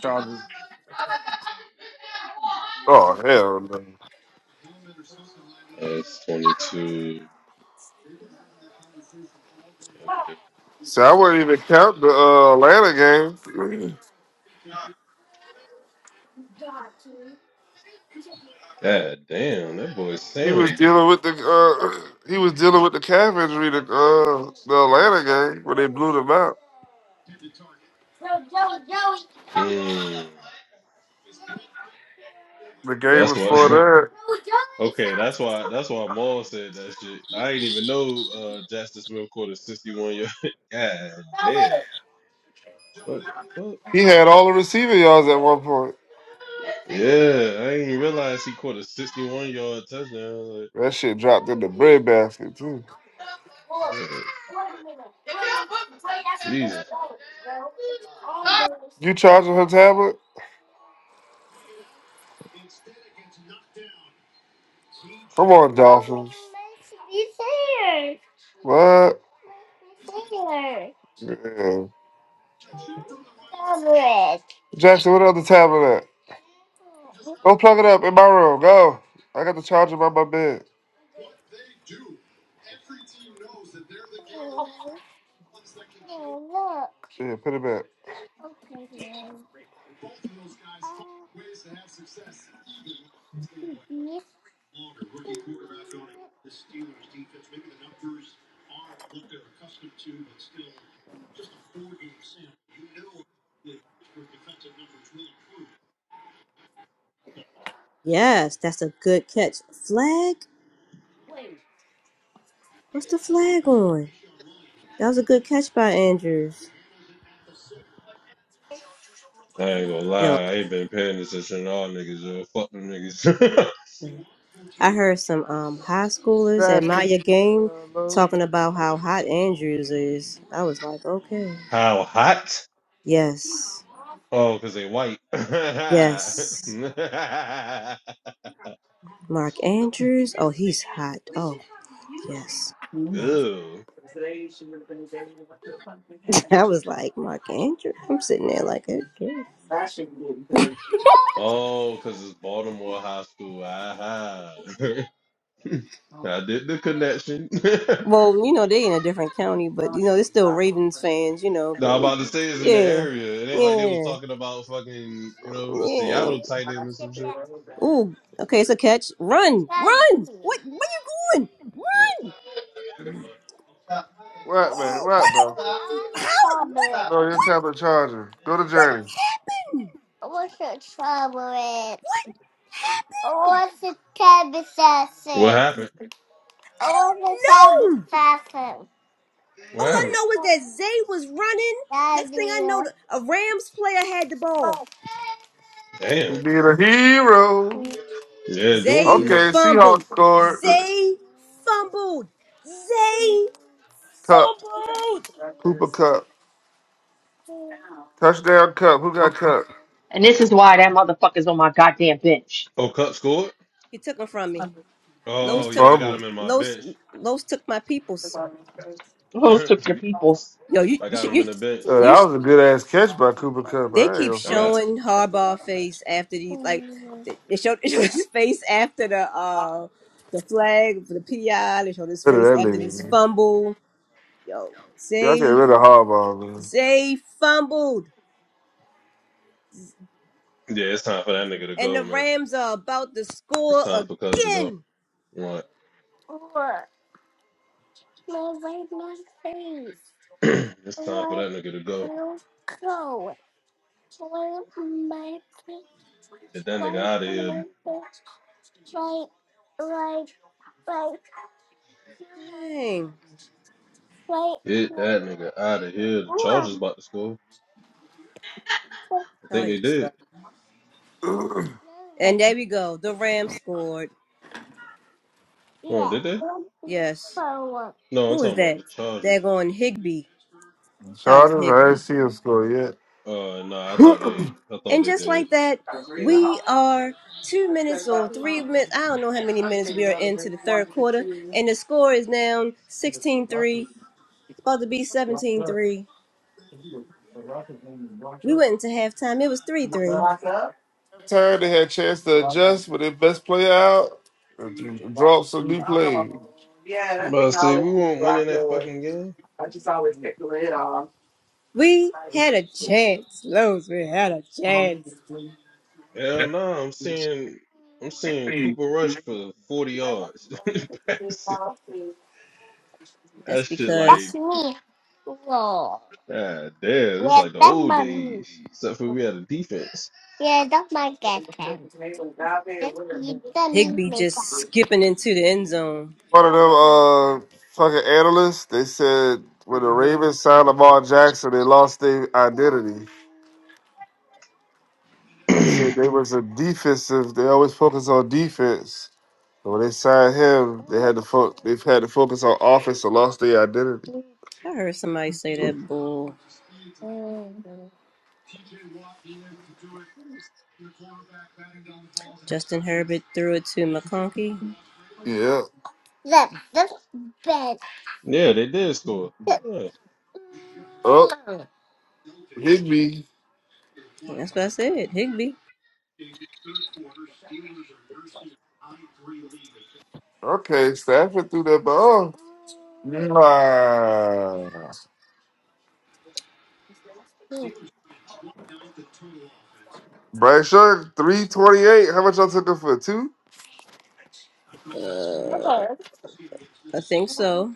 D: Chargers.
F: oh hell no.
G: That's twenty two. Okay.
F: See, I wouldn't even count the uh, Atlanta game.
G: God damn, that boy
F: He was
G: Sam.
F: dealing with the uh, he was dealing with the calf injury the uh, the Atlanta game when they blew them out.
G: Mm.
F: The game
G: That's
F: before
G: why
F: that,
G: Okay, that's why that's why Maul said that shit. I ain't even know uh Jackson Smith caught a 61 year. God damn. What the fuck?
F: he had all the receiving yards at one point.
G: Yeah, I didn't even realize he caught a 61 yard touchdown. Like,
F: That shit dropped in the bread basket too.
G: yeah. Jesus.
F: You charging her tablet? Come on, Dolphins. What? Yeah. Jackson, what other tablet at? Go plug it up in my room. Go. I got the charger by my bed. Yeah, put it back.
A: Yes, that's a good catch. Flag? What's the flag on? That was a good catch by Andrews.
G: I ain't gonna lie,
A: Yo,
G: I ain't been paying attention to all niggas, yo. Fuck them niggas.
A: I heard some um high schoolers on
F: Jackson.
A: your game talking about how hot Andrews is. I was like, okay.
G: How hot?
A: Yes,
G: Oh, because they white.
A: yes. Mark Andrews. Oh, he's hot. Oh, yes.
G: Ew.
A: I was like, Mark Andrews. I'm sitting there like, okay.
G: Oh, because it's Baltimore High School. Aha. I did the connection.
A: Well, you know, they in a different county, but you know, they're still Ravens fans, you know,
G: now
A: but
G: I'm about to say it's in the
A: yeah.
G: area. It ain't like they was
A: Yeah.
G: talking about fucking, you know, a
A: Yeah.
G: Seattle tight end or some shit.
A: Ooh, okay, it's a catch. Run! Run! What where you going? Run!
F: What, man? What, bro?
A: How
F: No, your tablet charger. Go to Journey.
A: happened? What happened?
G: What happened?
A: All
G: What
A: I
G: happened?
A: know is that Zay was running. A Rams player had the ball.
F: You
G: Damn.
F: need a hero.
G: Yeah, doing
A: Zay
G: too
F: Okay,
G: much.
F: Seahawks scored.
A: fumbled. Zay
F: Cup.
A: fumbled.
F: Cooper Cup. Touchdown Cup. Who got Cup?
H: this is why that motherfucker's on my goddamn bench.
G: Oh, Cup scored?
A: He took them from me.
F: He
A: Los
G: Oh yeah, I got
F: fumbled.
G: him in my
A: Los
G: bench.
A: Los took my peoples.
H: Those took your
G: I
H: peoples.
A: Yo, you you
G: got
A: should
G: him in
A: you
G: the bench.
F: Oh, that was a good ass catch by Cooper Cup. I ain't gonna
G: I
F: front.
G: got
A: showing Harbaugh face after the they showed, they showed his face after the uh the flag for the PI. They showed his
F: Look at that nigga,
A: face
F: man.
A: fumble. Yo,
F: Y'all get rid of Harbaugh,
A: Zay fumbled,
G: yeah. It's time for that nigga to
A: and
G: go,
A: the
G: man.
A: Rams are about to
G: It's
A: score
G: time for Cuz to go.
A: again.
G: What? it's time for that nigga to go. Get that nigga out of here.
A: Dang.
G: Get that nigga out of here. The Chargers about to score. I think they
A: So-
G: did.
F: man.
A: And there we go. The Rams scored.
G: Oh, did they?
A: Yes.
G: No, I'm
A: Who was
G: talking about
A: that?
G: the Chargers.
A: They're going Higby.
F: Chargers, I ain't see him score yet.
G: Uh, nah, I thought they, I thought
A: And
G: they
A: just
G: did.
A: like that,
G: So,
A: we are two minutes or three minutes. I don't know how many minutes we are into the third quarter. And the score is now sixteen-three. 3. Supposed to be seventeen-three. We went into halftime. It was 3 3.
F: Time they had a chance to adjust with their best player out. If you drop some new plays.
G: but I say we won't win in that fucking game.
A: We had a chance. Lowe's, we had a chance.
G: Hell no, nah, I'm seeing, I'm seeing Cooper Rush for 40 yards. that
A: That's
G: shit
A: because
G: like Ah, damn, it's like the old days. Except for we had a defense.
A: skipping into the end zone.
F: One of them uh fucking analysts, they said when the Ravens signed Lamar Jackson, they lost their identity. They said they was a defensive, they always focus on defense. So when they signed him, they had to fo- they've had to focus on offense and lost their identity.
A: I heard somebody say that bull. Justin Herbert threw it to McConkey.
F: Yeah.
G: Yeah, they did score.
F: Oh, Higby.
A: That's what I said. Higby.
F: Okay, Stafford threw that ball. Nah. Bryce Young, 328. How much I took him for? Two?
A: Uh, I think so.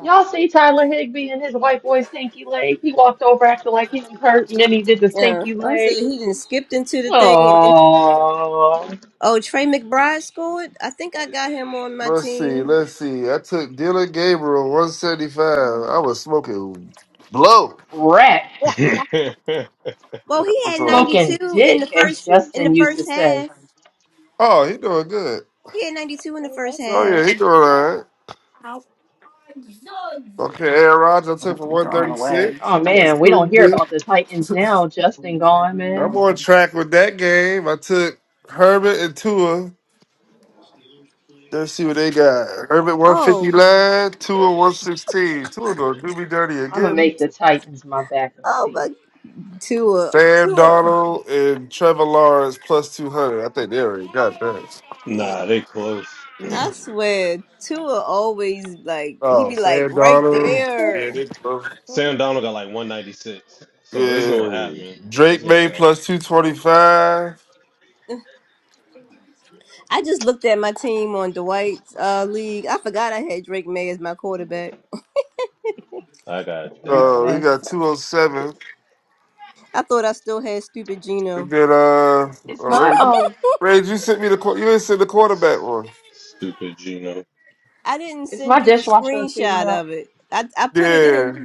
H: Y'all see Tyler Higby and his white boy stinky leg? He walked over acting like he was hurt, and then he did the
A: Yeah,
H: stinky
A: I said
H: leg.
A: he did skipped into the thing, and then
H: Oh,
A: oh Trey McBride scored. I think I got him on my.
F: Let's see, let's see. I took Dylan Gabriel, 175. I was smoking blow.
H: crap.
G: Yeah.
A: Well, he
F: That
A: had
F: was on.
A: ninety
H: Smoking
A: two in the
H: dick, as
A: first in
H: Justin
A: the
H: used to
A: first
H: say.
A: half.
F: Oh, he doing good.
A: He had ninety two in the first.
F: Oh yeah, he doing all right. Okay, Aaron Rodgers I took for 136.
H: Oh
F: That's
H: man, we
F: cool,
H: don't hear
F: B.
H: about the Titans now. Justin gone,
F: I'm
H: man.
F: on track with that game. I took Herbert and Tua. Let's see what they got. Herbert 159, Tua 116. Tua gonna do me dirty
H: I'm gonna
F: again.
H: make the Titans my backup
A: Oh
H: team.
A: my, Tua
F: Sam Donald and Trevor Lawrence plus 200. I think they already got that.
G: nah, they close.
A: I swear Tua always like
F: Oh, Sam Donald.
A: air.
F: Yeah, they both.
G: Sam Donald got like 196. So it's
F: Yeah.
G: gonna happen. It's
F: Drake
G: gonna
F: May
G: happen.
F: plus 225.
A: I just looked at my team on Dwight's uh, league. I forgot I had Drake May as my quarterback.
G: I got
H: Freak,
G: that.
F: Oh, he
H: man.
F: got 207.
A: I thought I still had stupid Gino.
F: And then, uh, all
H: Is my
F: right.
H: um
F: Ray, you sent me the, qu- you didn't send the quarterback one.
G: Stupid Gino.
A: I didn't
H: is my
A: send you a
H: dishwasher too
A: screenshot
H: loud?
A: of it. I I put
F: Yeah.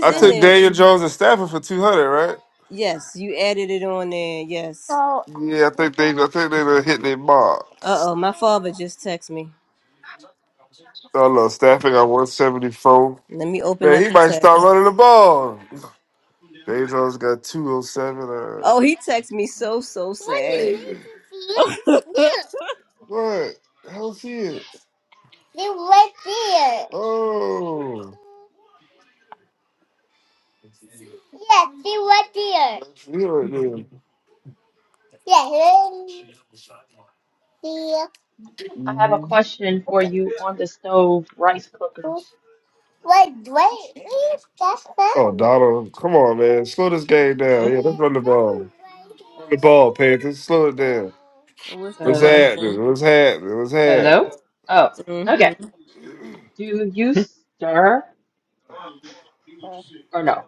F: I
H: Sorry.
F: took Daniel Jones and Stafford for two hundred, right?
A: yes, you added it on there. Yes.
F: Yeah, I think they, I think they done hit their mark.
A: Uh oh, my father just texted me.
F: Oh no, Stafford got one seventy four.
A: Let me open.
F: Man, he might start running the ball. Daniel Jones got two oh seven. Uh,
A: Oh, he texted me so so so.
F: what? How's he? At? Oh, he right there.
H: I have a question for you on the stove rice cookers.
F: Oh, Donald, come on, man, slow this game down. Yeah,
H: No?
F: let's run the ball. Run the ball, Panthers. Slow it down.
A: What's
F: What's
H: Uh
F: happening? What's happening? What's happening?
H: hello? Oh,
A: the-
H: okay.
A: Mhm.
H: Do you stir or no?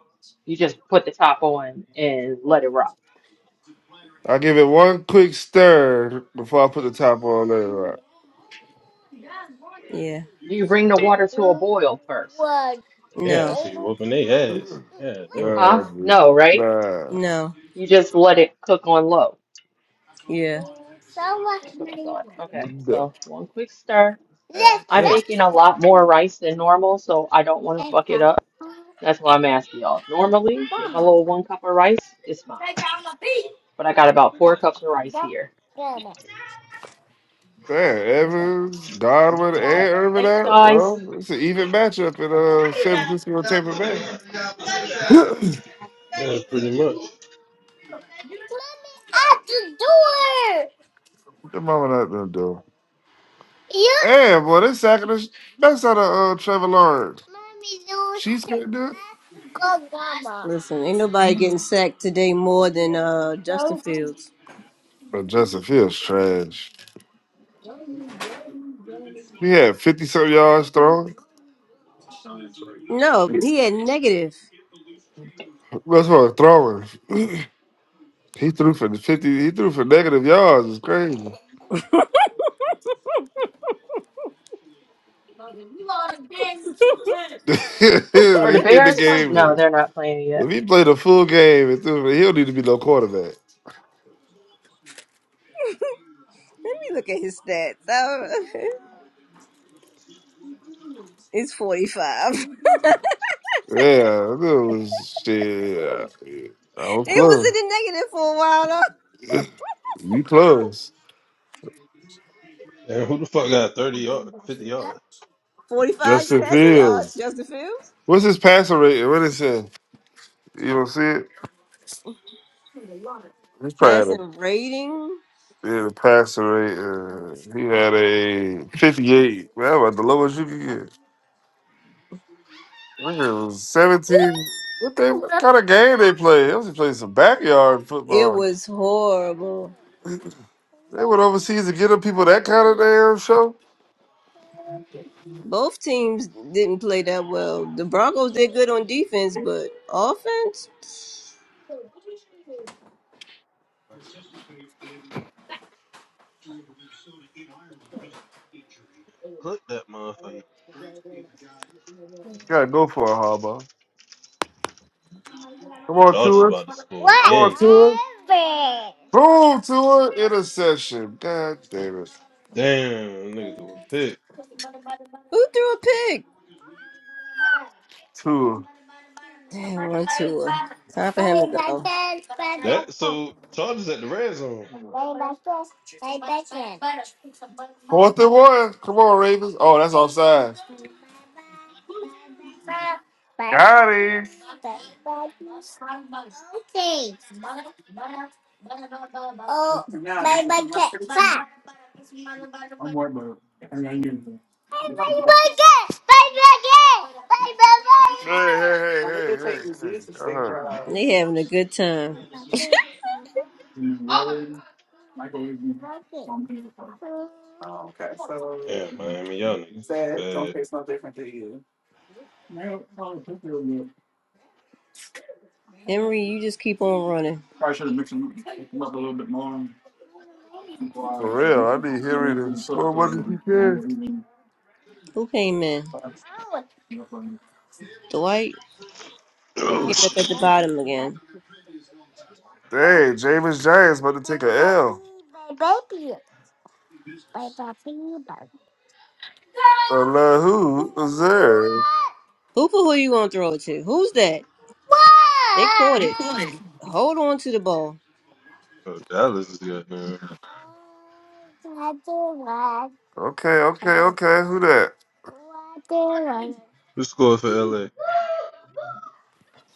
H: You just put the top on and let it rock.
F: I give it one quick stir before I put the top on there.
A: Yeah.
H: Do you bring the water to a boil first?
G: Yeah,
A: No.
G: she whooping their ass. Yeah, damn.
H: Huh?
F: God,
H: No, right?
F: nah,
A: No.
H: You just let it cook on low.
A: Yeah.
H: That's what I thought. Okay,
F: nah.
H: so one quick stir.
G: God
H: I'm
G: damn.
H: making a lot more rice than normal, so I don't want to fuck it up. That's why I'm asking y'all. Normally, with my little one cup of rice, it's fine. But I got about four cups of rice here.
F: Damn,
H: Okay.
F: Evans, Godwin, and
H: okay.
F: Irvin
H: Thanks,
F: out.
H: guys.
F: Well, it's an even matchup in uh, San Francisco and Tampa Bay.
G: That's pretty much.
F: What the mama not gonna do. Yeah, Damn, boy, they sacking the sh- best out of uh, Trevor Lawrence. She's gonna do it.
A: Listen, ain't nobody getting sacked today more than uh Justin Fields.
F: But Justin Fields trash. He had fifty something yards throwing.
A: No, he had negative.
F: That's what throwing. He threw for the fifty. He threw for negative yards. It's crazy.
H: Are the
F: he in the
H: Bears playing? No,
F: game.
H: they're not playing yet.
F: If he played a full game, and threw for, he'll need to be no quarterback.
A: Let me look at his stats. Uh, it's forty five.
F: Yeah, that was shit. I was
A: Is
F: close.
A: it a negative for a while though?
F: you close.
G: And who the fuck got 30 yards, 50 yards?
A: Forty five.
F: Justin Fields.
A: Justin Fields
F: What's his passer rate? What is it? You don't see it? He probably had a,
A: rating
F: he had a passer rate. Uh, he had a fifty-eight. Well, about the lowest you could get. Look at seventeen. What they what kind of game they play? They was playing some backyard
A: it
F: football.
A: was horrible.
F: They went overseas to get them people that kind of damn show.
A: Both teams didn't play that well. The Broncos did good on defense, but offense,
G: Click that motherfucker.
F: Gotta go for it, Harbaugh. Come on,
G: Chargers
F: Tua.
G: about to
F: Come
G: score again.
F: on, Tua. Boom, Tua. Interception. God damn it.
G: Damn, nigga, threw a pick.
A: who threw a pick?
F: Tua.
A: Damn, time for
G: That so Chargers at the red zone.
F: Fourth and one. Come on, Ravens. Oh, that's offside. Got him. Hey, hey, hey, hey, hey, hey. Uh-huh.
A: they having a good time.
G: Yeah, Miami, y'all niggas is bad.
A: Henry, you just keep on running.
F: For real, I be hearing it as slow money he can.
A: Who came in? Dwight
G: Oh
A: up at
G: shit.
A: the bottom again.
F: Dang, James Giants about to take a L. Uh, now who was there?
A: Who for who you gonna throw it to? Who's that? Hold on to the ball.
G: Oh, Dallas is good now.
F: Okay, okay, okay. Who that?
G: Who scored for LA?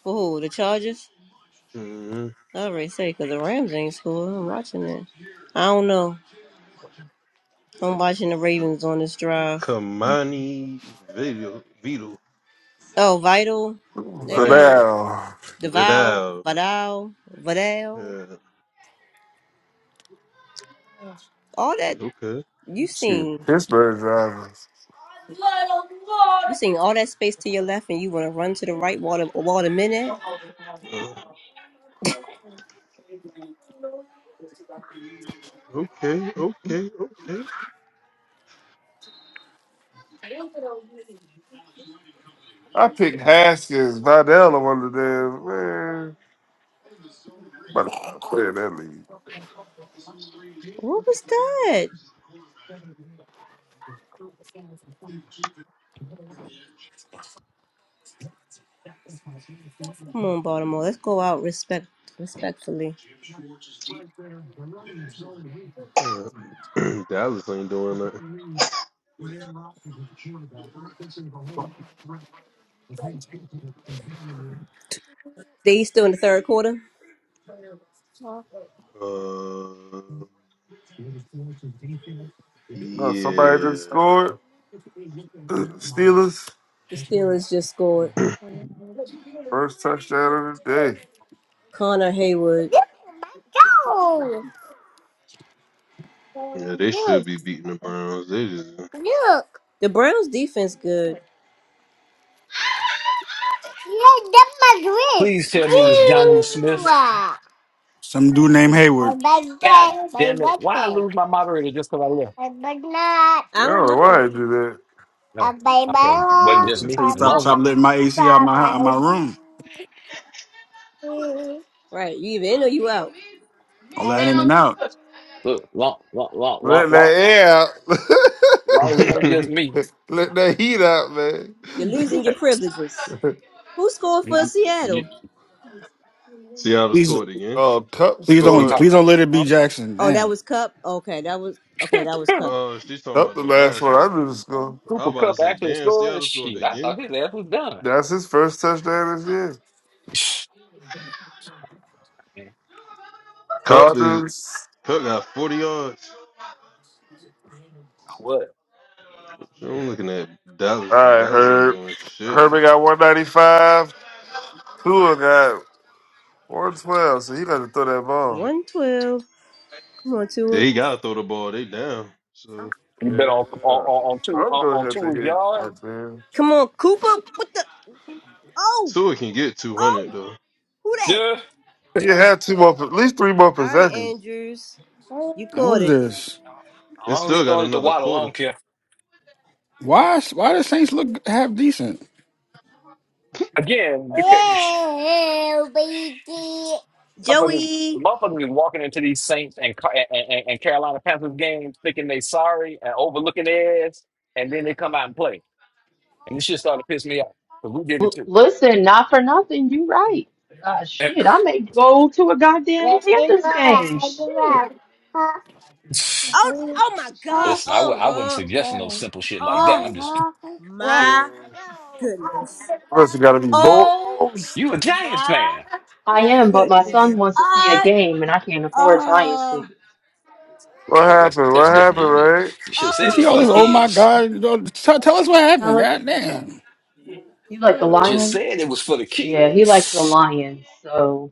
A: For who? The Chargers?
G: Mm-hmm.
A: I already say because the Rams ain't scored. I'm watching that. I don't know. I'm watching the
G: V-
A: Ravens on this drive.
G: Kamani Video Vito
A: Oh, Vital,
F: So
G: Vital
F: now,
A: Deval,
G: Vidal.
A: Vidal, Vidal,
G: Yeah.
A: all that.
G: Okay.
A: You seen
F: shoot, Pittsburgh drivers.
A: you seen all that space to your left, and you want to run to the right while the while the minute.
G: Uh, okay. Okay. Okay.
F: I picked Haskins, Vidal on one of them. Man, I'm about to stop playing that league.
A: What was that? Come on, Baltimore. Let's go out respect respectfully.
G: Uh, Dallas ain't doing that.
A: They still in the third quarter.
G: Uh.
F: No, somebody just
G: Yeah.
F: scored. Steelers
A: Steelers just scored.
F: first touchdown of the day.
A: Connor Haywood.
G: Yeah, they should be beating the Browns. They
A: The Browns defense good.
C: please tell me it was Johnu Smith.
D: Some dude named Hayward.
C: God damn it! Why I lose my moderator just because I left?
F: I don't know why I do that.
C: No, okay, wasn't just
D: He
C: me.
D: said,
C: As
D: "Stop,
C: long as
D: stop letting my AC out my out my room.
A: Right. You either in or you out.
D: All that in and out.
C: look, long, long, long, long,
F: Let that
C: long,
F: air out.
C: long as it ain't just
G: just
C: me.
F: Let that heat out, man.
A: Your privileges. Who scored
C: You,
A: for
C: you, you-
A: Seattle?
G: Seattle
D: Please,
G: scored again.
F: Oh, Cup
D: please
C: we, we
D: don't,
F: scored.
C: talk.
D: please don't let it be
A: Oh,
D: Jackson.
A: oh that
D: Damn.
A: was Cup. Okay, that was okay, that was Cup.
G: Oh, she's talking
F: Cup
G: about
F: the
G: the
F: last
G: last
F: one I
G: one.
F: knew to score.
G: I
C: Cooper
G: was about to
C: Cup
G: say,
C: actually
G: damn,
C: scoring?
G: Seattle scored
C: Shit, I
G: again.
C: thought his ass was done.
F: That's his first touchdown this year.
C: Man,
G: Cup is
F: Chargers.
G: Cup got forty yards.
C: what?
G: So I'm looking at
F: All
G: Dallas, and
F: right,
G: Dallas ain't
F: Herb.
G: doing shit.
F: Herbie got 195. Tua got 112, so he got to throw that ball.
A: One twelve. Come on, Tua.
G: They gotta throw the ball. They down. So
C: You bet
F: Yeah.
C: on on on, on
F: So
C: two
F: I'm
C: on,
F: going to
C: on
F: have
C: two
F: to
C: of
F: hit right
C: yards?
F: there.
A: Come on, Cooper. What the Oh!
G: Tua can get two hundred
A: Oh!
G: though.
A: Who that?
C: Yeah.
F: He had two more, at least three more possessions.
A: Andrews. You
D: Now, what
A: caught
D: is
A: it.
D: this?
C: As
G: They
C: long as he
G: still got
C: throwing it to
G: another
C: Waddle, I
G: quarter.
C: don't care.
D: Why, why the Saints look half decent?
C: Again, because motherfuckers,
A: Joey.
C: motherfuckers is walking into these Saints and Ca- and, and, and Carolina Panthers games thinking they sorry and overlooking their ass, and then they come out and play, and this shit started to piss me off because we did it
H: L
C: too.
H: listen, not for nothing. You right. Uh,
C: And-
H: shit, I may go to a goddamn Panthers game. Shit.
A: Oh oh my god.
C: Listen, I w-
A: Oh
C: I wasn't
A: huh.
C: suggesting no simple shit like
F: Yeah.
C: that. I'm just
A: my goodness.
F: Must have got to be balls.
C: you a Giants
A: My
C: fan.
H: I am, but my
A: goodness.
H: son wants to see a
A: I
H: game, and I can't afford Giants
A: oh
H: tickets.
F: What
C: Okay, well that's
F: happened? What
C: that's different.
F: happened,
C: You,
F: Ray?
C: you should have said it
D: Is
C: was
D: he all
C: for the
D: this? Oh
A: oh
D: my
C: kids.
D: God! You know, Tell, tell us what happened.
H: Alex?
D: God damn!
H: You like the
A: mm,
C: Just
H: Lions?
C: said it was for the
H: Yeah, he likes the
C: kids.
H: Lions, so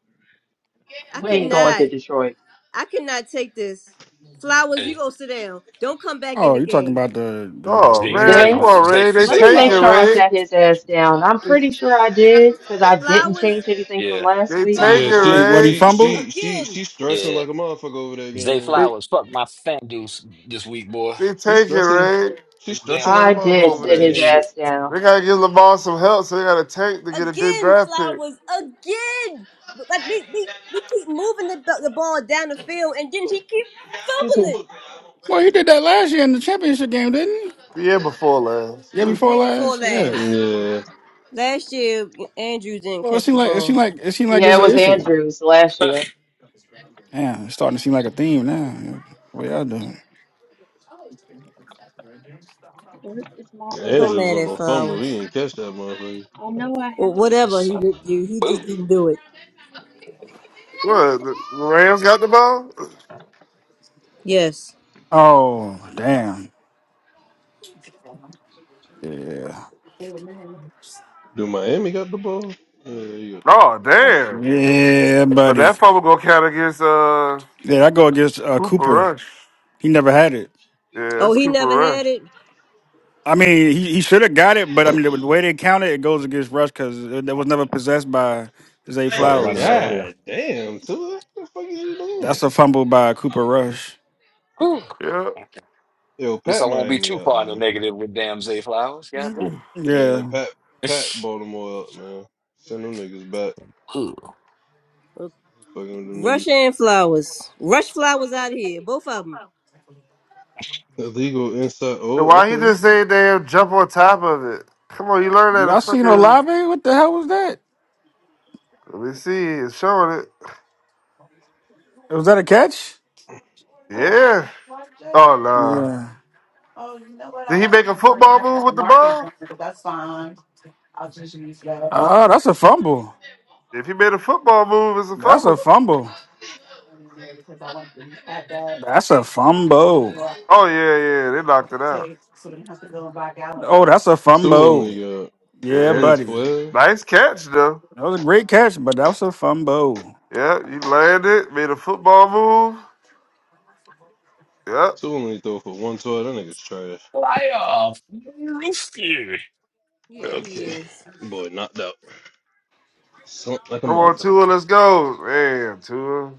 A: I
H: we ain't going
A: cannot.
H: to Detroit.
A: I cannot take this. Flowers, you
C: Hey,
A: go sit down. Don't come back in
D: Oh,
A: the
D: you talking
A: game.
D: about the the, the
F: Oh,
C: Zay
F: man.
C: Zay
F: Come
H: Zay,
D: Ravens?
F: on,
C: Zay,
F: Ray. They
H: let
C: Zay
H: me
F: take
H: make
F: it,
C: Flowers.
H: sure I
F: Ray.
H: sat his ass down. I'm pretty sure I did because I didn't
A: Flowers
H: change anything from
C: Yeah,
H: last
F: They
H: week.
F: take
G: Yeah,
F: it,
D: Wait,
G: she
D: what he
F: right?
G: she
D: fumbled?
G: she she
A: again,
G: she stressing
C: yeah.
G: like a motherfucker over there
C: Zay
G: again. Like
F: They
C: Flowers fuck my fan dudes this week, boy.
F: they
G: she
F: take it,
G: stressing,
F: right?
G: she
C: Damn
G: stressing like a
H: I
G: motherfucker
H: did
G: over
C: fumbles
H: sit
G: that
C: and
H: his
G: game.
C: shit.
H: ass down.
F: They gotta give Lamar some help, so they gotta tank to get a good draft pick
A: again. Like we we we keep moving the the ball down the field, and then he keep
H: Excuse me.
A: fumbling.
D: Well, he did that last year in the championship game, didn't
F: the year before last.
D: he? Yeah,
F: what?
A: The
D: before
A: year before
D: last. Yeah.
A: last,
G: Yeah,
A: last year Andrews didn't
D: Well, it
A: catch
D: seemed
A: the
D: like it seemed
A: ball.
D: like it seemed like
H: Yeah,
D: it's
H: it
D: an
H: was
D: issue.
H: Andrews last year.
C: that's
D: Damn, it's starting to seem like a theme now. What y'all doing?
A: So
G: Andrews
A: mad
G: on
A: at
G: the fumble. He
A: Flowers
G: didn't catch that motherfucker.
A: or whatever he didn't
C: some
A: do. He just
C: boo.
A: didn't do it.
F: The the Rams got the ball?
A: Yes.
D: Oh, damn. Yeah.
G: Do Miami got the ball? Yeah, you got the
F: Oh damn!
D: Yeah,
F: But
D: buddy.
F: that fumble gonna count against uh
D: Yeah, I go against uh,
F: Cooper
D: Cooper.
F: Rush.
D: He never had it.
F: Yeah,
A: Oh,
F: that's
A: he not
F: Cooper Rush.
A: at it.
D: I mean, he, he should have got it, but I mean, the way they count it, it goes against Rush because it, it was never possessed by Zay
C: About to
G: Oh
C: run
D: Flowers.
C: it back
D: So
C: Yeah.
G: god damn, Tua, what the fuck is you doing?
D: that's a fumble by Cooper Rush.
C: Whew.
F: Yeah.
C: At
G: Yo,
C: least I
G: Pat
C: won't be
G: Miami
C: too
G: up,
C: far in the
G: man.
C: negative with damn Zay Flowers. God damn.
G: Man,
D: Yeah.
G: Pat Pat Baltimore up, man. Send them niggas back.
C: Who?
G: Fucking with them niggas.
A: Rush and Flowers. Rush Flowers out here. Both of them.
G: Illegal inside
F: And
G: oh,
F: why he
G: okay.
F: just say damn jump on top of it? Come on, you learn that in
D: Y'all seen
F: fucking.
D: Olave? What the hell was that?
F: Let me see, it's showing it.
D: Was that a catch?
F: Yeah. Oh no.
D: Yeah.
F: Did he make a football move with the ball?
D: Oh, that's a fumble.
F: If he made a football move, it's a
D: That's a
F: fumble.
D: fumble. That's a fumble.
F: Oh yeah, yeah, they knocked it out.
D: Oh, that's a
G: Two only
D: fumble.
G: got
D: Yeah,
F: Yeah,
G: one
D: buddy.
G: twelve.
F: nice catch though.
D: That was a great catch, but that was a fumble.
F: Yeah, you landed, made a football move. Yep.
G: Two only throw for one twelve. That nigga's trash.
C: Playoff. Rooster.
A: Yeah, he
G: Okay.
A: is.
G: Boy, knocked out. Something like a
F: Come on,
G: motherfucker.
F: Tua, let's go. Man, Tua,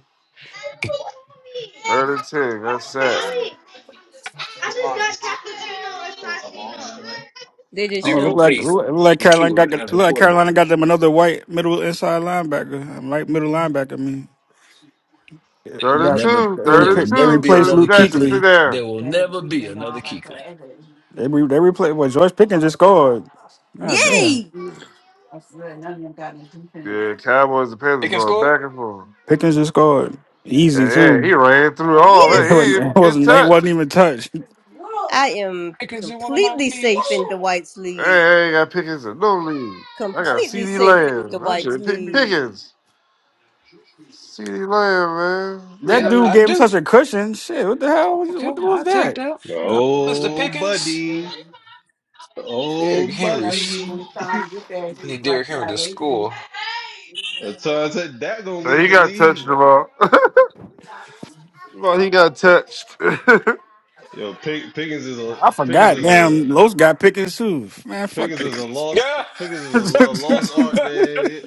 F: third and ten. That's set.
A: They just
D: Oh, it
A: showed.
D: looked
C: Zero
D: like it
C: faith
D: looked like
C: in
D: Carolina got it looked like
C: quarterback.
D: Carolina got them another white middle inside linebacker, um, light middle linebacker. I mean, they
F: Third
C: Will
F: and
D: got
C: never.
F: two,
D: they,
F: third
C: There will
F: and
D: repla they
C: never
F: two,
C: be
F: third
D: replaced
F: and
C: another
D: Luke
F: Jackson,
C: Keekly.
F: sit
D: Kuechly.
F: down.
C: There will never Keekly.
D: They re, they replaced well George Pickens just scored. God damn,
A: Yay!
F: Yeah, Cowboys and
C: They
F: Panthers
C: can
F: going
C: score.
F: back and forth.
D: Pickens just scored easy
F: And yeah, he
D: too.
F: ran through all that.
D: It
F: He didn't
D: wasn't
F: even
D: it
F: get
D: wasn't, it
F: touched.
D: wasn't even touched.
A: I am
C: Pickens in one of my
A: completely safe in
C: leagues.
A: Dwight's
F: Hey,
A: lead.
F: I ain't got Pickens in no lead. I got CD Lamb. I should have picked Pickens. CD Lamb, man.
D: That
C: Yep,
D: dude
F: Nigga.
C: I
D: gave him such
C: do.
D: a cushion. Shit, what the hell? was-
C: Okay,
D: What,
C: I
D: was
C: take
D: that?
C: that, Mister
G: Oh,
C: Pickens.
G: buddy. Oh,
C: Derrick Henry.
G: buddy.
C: I need Derrick Henry to score.
G: That's why I said that gonna
F: Man,
G: lead
F: he
G: the
F: got touched
G: lead.
F: the ball. Well, he got touched. and
G: Yo, Pick, Pickens is a
D: I
G: Pickens
D: forgot.
G: is a
D: Damn, Los got Pickens too. Man, fuck
G: Pickens is a
D: Pickens.
G: lost
C: Yeah.
G: Pickens is a, a lost art, man.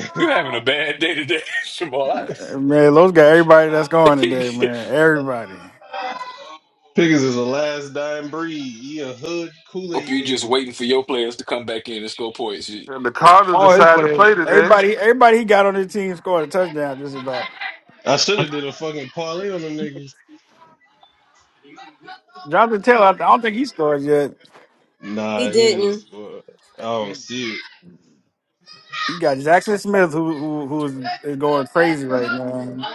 C: You're
G: Pickens
C: having a bad day today, Jamal.
D: Uh, Man, Los got everybody that's
C: I
D: going today, man. Everybody.
G: is a last dying breed. He a hood Kool
C: hope
G: Aid
C: you're just
G: baby.
C: waiting for your players to come back in and score points. You-
F: the Cardinals
D: All his
F: decided to
D: players.
F: play today.
D: Everybody everybody he got on his team scored a touchdown just about.
G: I should have did a fucking parlay on them niggas.
D: Jonathan Taylor, I don't think he scored yet.
A: He
G: Nah, he ain't
A: didn't.
G: score. I don't see it.
D: You got Jackson Smith who who who is going crazy right now.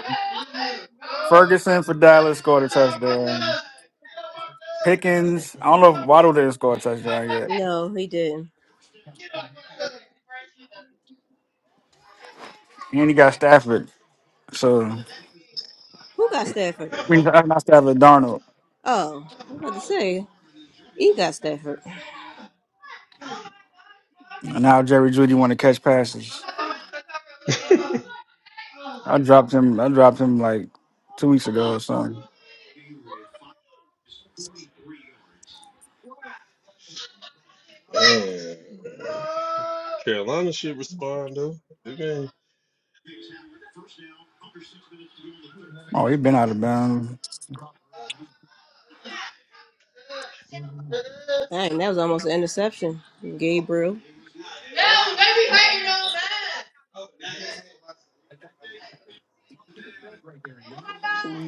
D: Ferguson for Dallas scored a touchdown. Pickens, I don't know if Waddle didn't score a touchdown yet.
A: No, he didn't.
D: And he got Stafford. So I
A: Who got Stafford?
D: mean not Stafford Darnold.
A: Oh, to say, he got Stafford.
D: And now Jerry Judy wanna catch passes. I dropped him I dropped him like two weeks ago or something.
G: Uh, Carolina should respond though. Good game.
D: Oh, he been out of bounds.
A: Dang, that was almost an interception. Gabriel.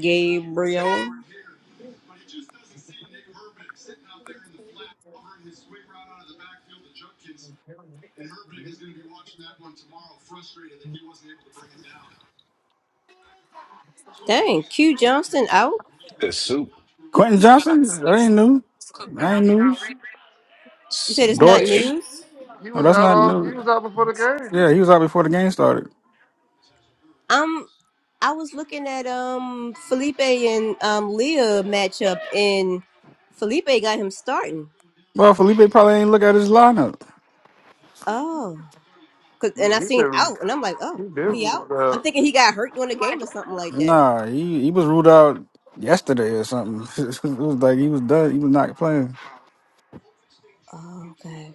A: Gabriel. Dang, Q Johnston out?
C: The soup.
D: Quentin Johnson? That ain't new. That ain't news.
A: You said it's
C: Somebody
A: not
C: ate.
D: Dortch.
A: news?
F: He
D: No,
F: was
D: that's
F: out
D: not
F: all he
D: new.
F: was out before the game.
D: Yeah, he was out before the game started.
A: Um, I was looking at um Felipe and um Leah matchup, and Felipe got him starting.
D: Well, Felipe probably ain't look at his lineup.
A: Oh, 'Cause- and
F: Nigga,
A: I
F: he
A: seen
F: been
A: out, and I'm like,
F: he been ruled
A: I'm
F: out
A: thinking he got hurt during the game, something like that.
D: Nah, he, he was ruled out yesterday or something. it was like he was done. He was not playing.
A: Oh, okay.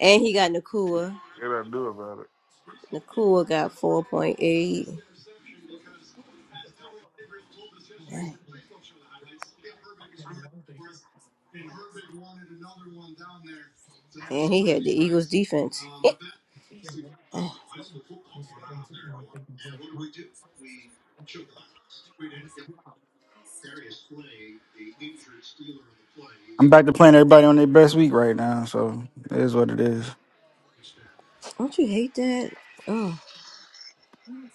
A: And he got Nakua.
F: and I knew about it.
A: Nakua got four point eight. It Was defense.
D: I'm back to playing everybody on their best week right now, so it is what it is.
A: Don't you hate that? Oh,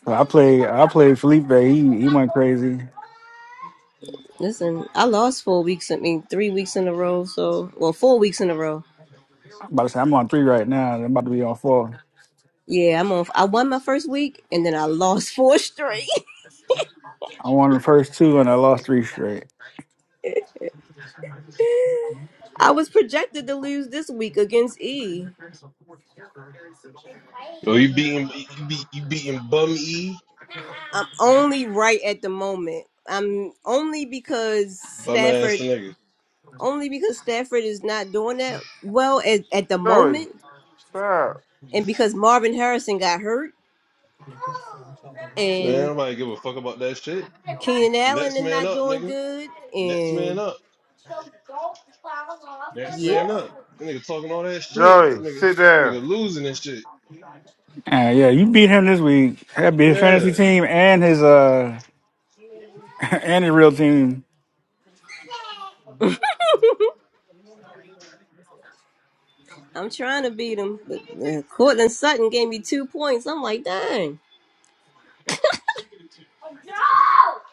D: So I play I played Felipe. He he went crazy.
A: listen, I lost four weeks. I mean, three weeks in a row. So, well, four weeks in a row.
D: I'm about to say I'm on three right now. I'm about to be on four.
A: Yeah, I'm on. I won my first week, and then I lost four straight.
D: I won the first two and I lost three straight.
A: I was projected to lose this week against E.
G: Oh, you beating you beat you beating bum e
A: I'm only right at the moment. I'm only because
G: bum ass
A: Stafford,
G: nigga.
A: only because Stafford is not doing that well at, at the moment,
F: Joey, stop.
A: and because Marvin Harrison got hurt,
G: Man,
A: and
G: nobody give a fuck about that shit.
A: Keenan Allen
G: Next
A: is
G: man
A: not
G: up,
A: doing
G: nigga.
A: good,
G: Next man
A: and
G: up. Next man up. That nigga talking all that shit,
F: Joey,
G: nigga.
F: sit down.
G: Nigga losing and shit.
D: Uh, yeah, you beat him this week. That'd be his fantasy
G: Yeah.
D: team and his uh and his real team.
A: I'm trying to beat him, but uh, Cortland Sutton gave me two points. I'm like, dang,